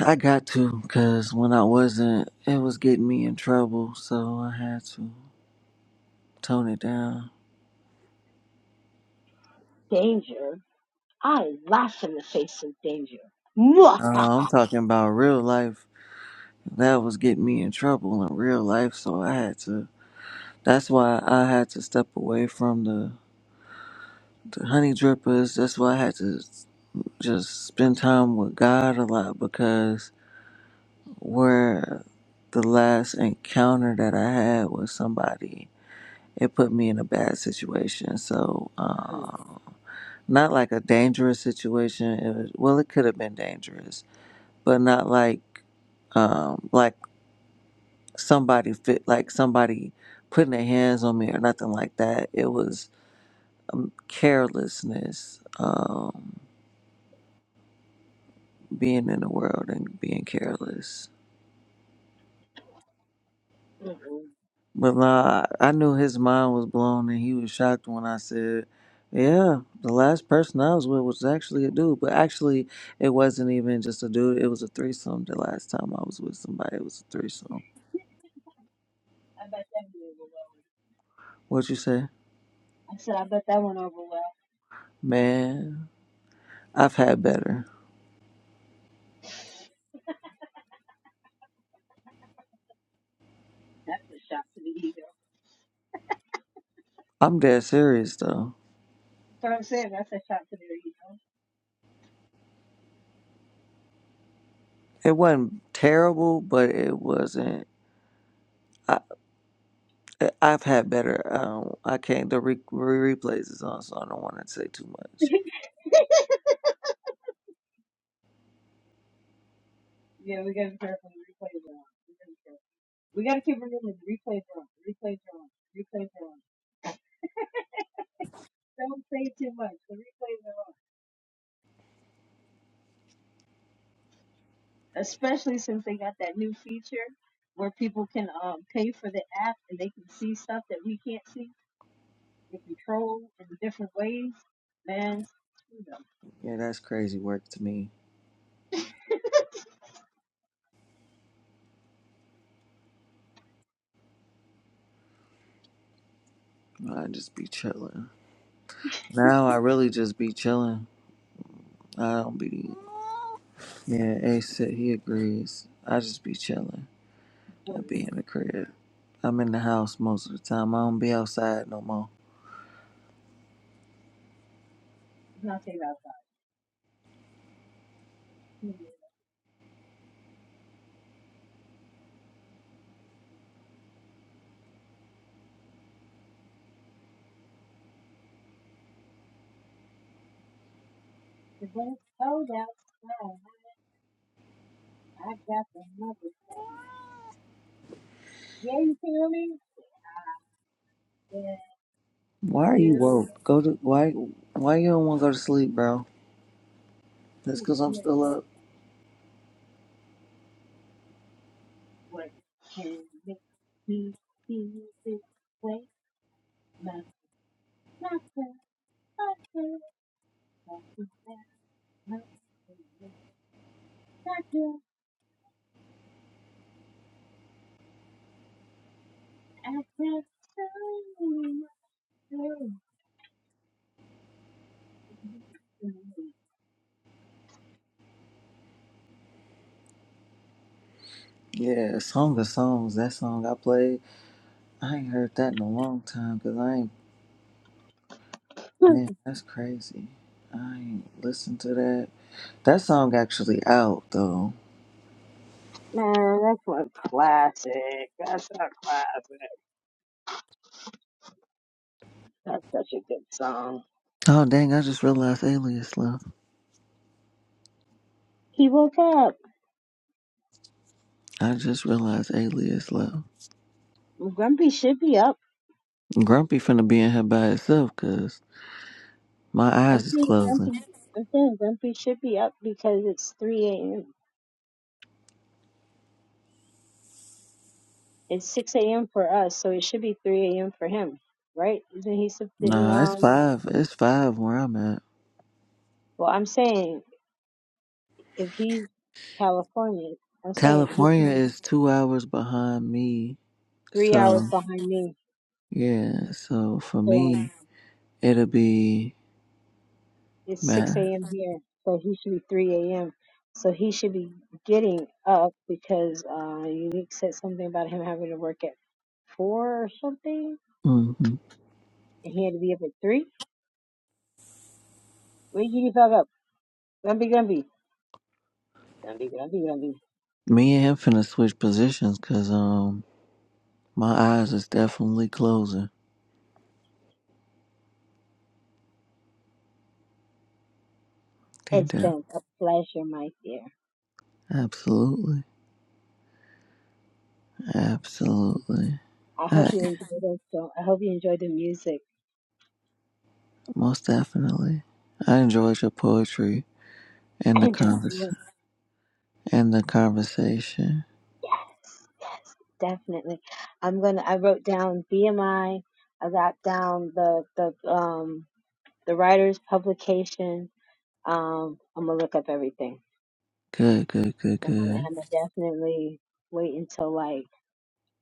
I got to, cause when I wasn't, it was getting me in trouble, so I had to tone it down. change. I mwah. Uh, I'm talking about real life. That was getting me in trouble in real life, so I had to. That's why I had to step away from the, the honey drippers. That's why I had to just spend time with God a lot because where the last encounter that I had with somebody, it put me in a bad situation. So, Mm, um, not like a dangerous situation. It was, well, it could have been dangerous, but not like, um, like somebody fit, like somebody putting their hands on me or nothing like that. It was um, carelessness, um, being in the world and being careless. mm. But nah, I I knew his mind was blown, and he was shocked when I said, "Yeah, the last person I was with was actually a dude." But actually, it wasn't even just a dude; it was a threesome. The last time I was with somebody, it was a threesome. What'd you say, man? I've had better. I'm dead serious though. It wasn't terrible, but it wasn't. I, I've had better. Um, I can't. The re- re- replays is on, so I don't want to say too much. Yeah, we gotta be careful. The replays are on. We gotta be careful. We gotta keep remembering the replays are on. The replays are on. The replays are on. Don't say too much. The replays are on. Especially since they got that new feature where people can um pay for the app and they can see stuff that we can't see. They control in different ways. Man, you know. Yeah, that's crazy work to me. I just be chilling. Now I really just be chilling. I don't be. Yeah, Ace said he agrees. I just be chilling. I be in the crib. I'm in the house most of the time. I don't be outside no more. Why are you woke? Go to why? Why you don't want to go to sleep, bro? That's cause I'm still up. Yeah, song of songs. That song I played. I ain't heard that in a long time. Cause I ain't. Man, that's crazy. I ain't listened to that. That song actually out though. Man, that's one classic. That's a classic. That's such a good song. Oh dang! I just realized Alias left. He woke up. I just realized Alias left. Grumpy should be up. Grumpy finna be in here by itself cause my I'm eyes is saying closing. Grumpy. I'm saying Grumpy should be up because it's 3 a.m. It's 6 a.m. for us, so it should be 3 a.m. for him, right? Isn't he something? Nah, it's Um. five. It's five where I'm at. Well, I'm saying if he's California, I'm saying he California should be is two hours behind me. three hours So behind me. yeah, so for so me it'll be It's 6 man. a.m. here, so he should be 3 a.m. So he should be getting up because uh, Unique said something about him having to work at 4 or something, hmm and he had to be up at 3. Where you fog up? Grumpy, grumpy. Grumpy, grumpy, grumpy. Me and him finna switch positions cause um my eyes is definitely closing. They It's do. been a pleasure, my dear. Absolutely. Absolutely. I hope I, you enjoyed the show. I hope you enjoyed the music. most definitely. I enjoyed your poetry. and I the enjoyed convers you. and the conversation. Yes, yes, definitely. I'm gonna. I wrote down BMI. I I got down the the um the writer's publication Um, I'm gonna look up everything. Good, good, good, Um, and good, I'm gonna definitely wait until like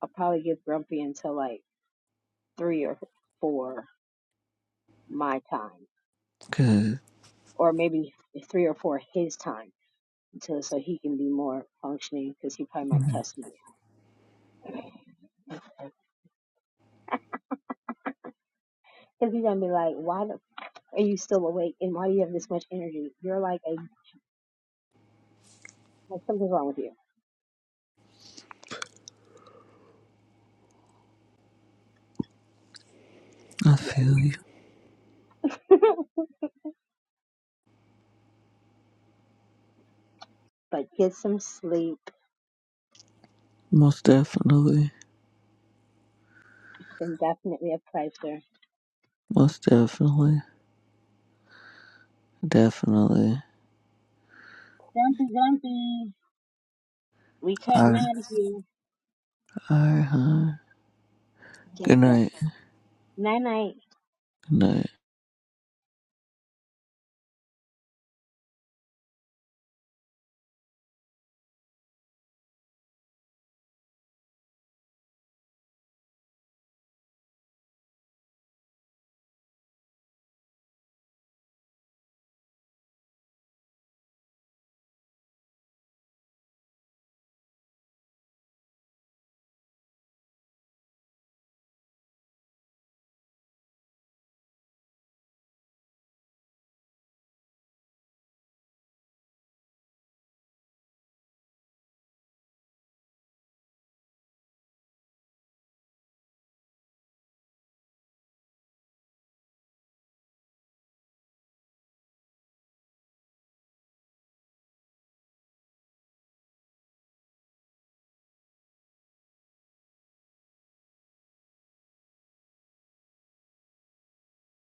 I'll probably get grumpy until like three or four my time, good. or maybe three or four his time, until so he can be more functioning because he probably might cuss me. Because he's gonna be like, "Why the, are you still awake? And why do you have this much energy? You're like a like, something's wrong with you." I Yeah, feel you. but get some sleep. Most definitely. Then definitely a pleasure. Most definitely. Definitely. All right. All right, huh? Good night. Good night.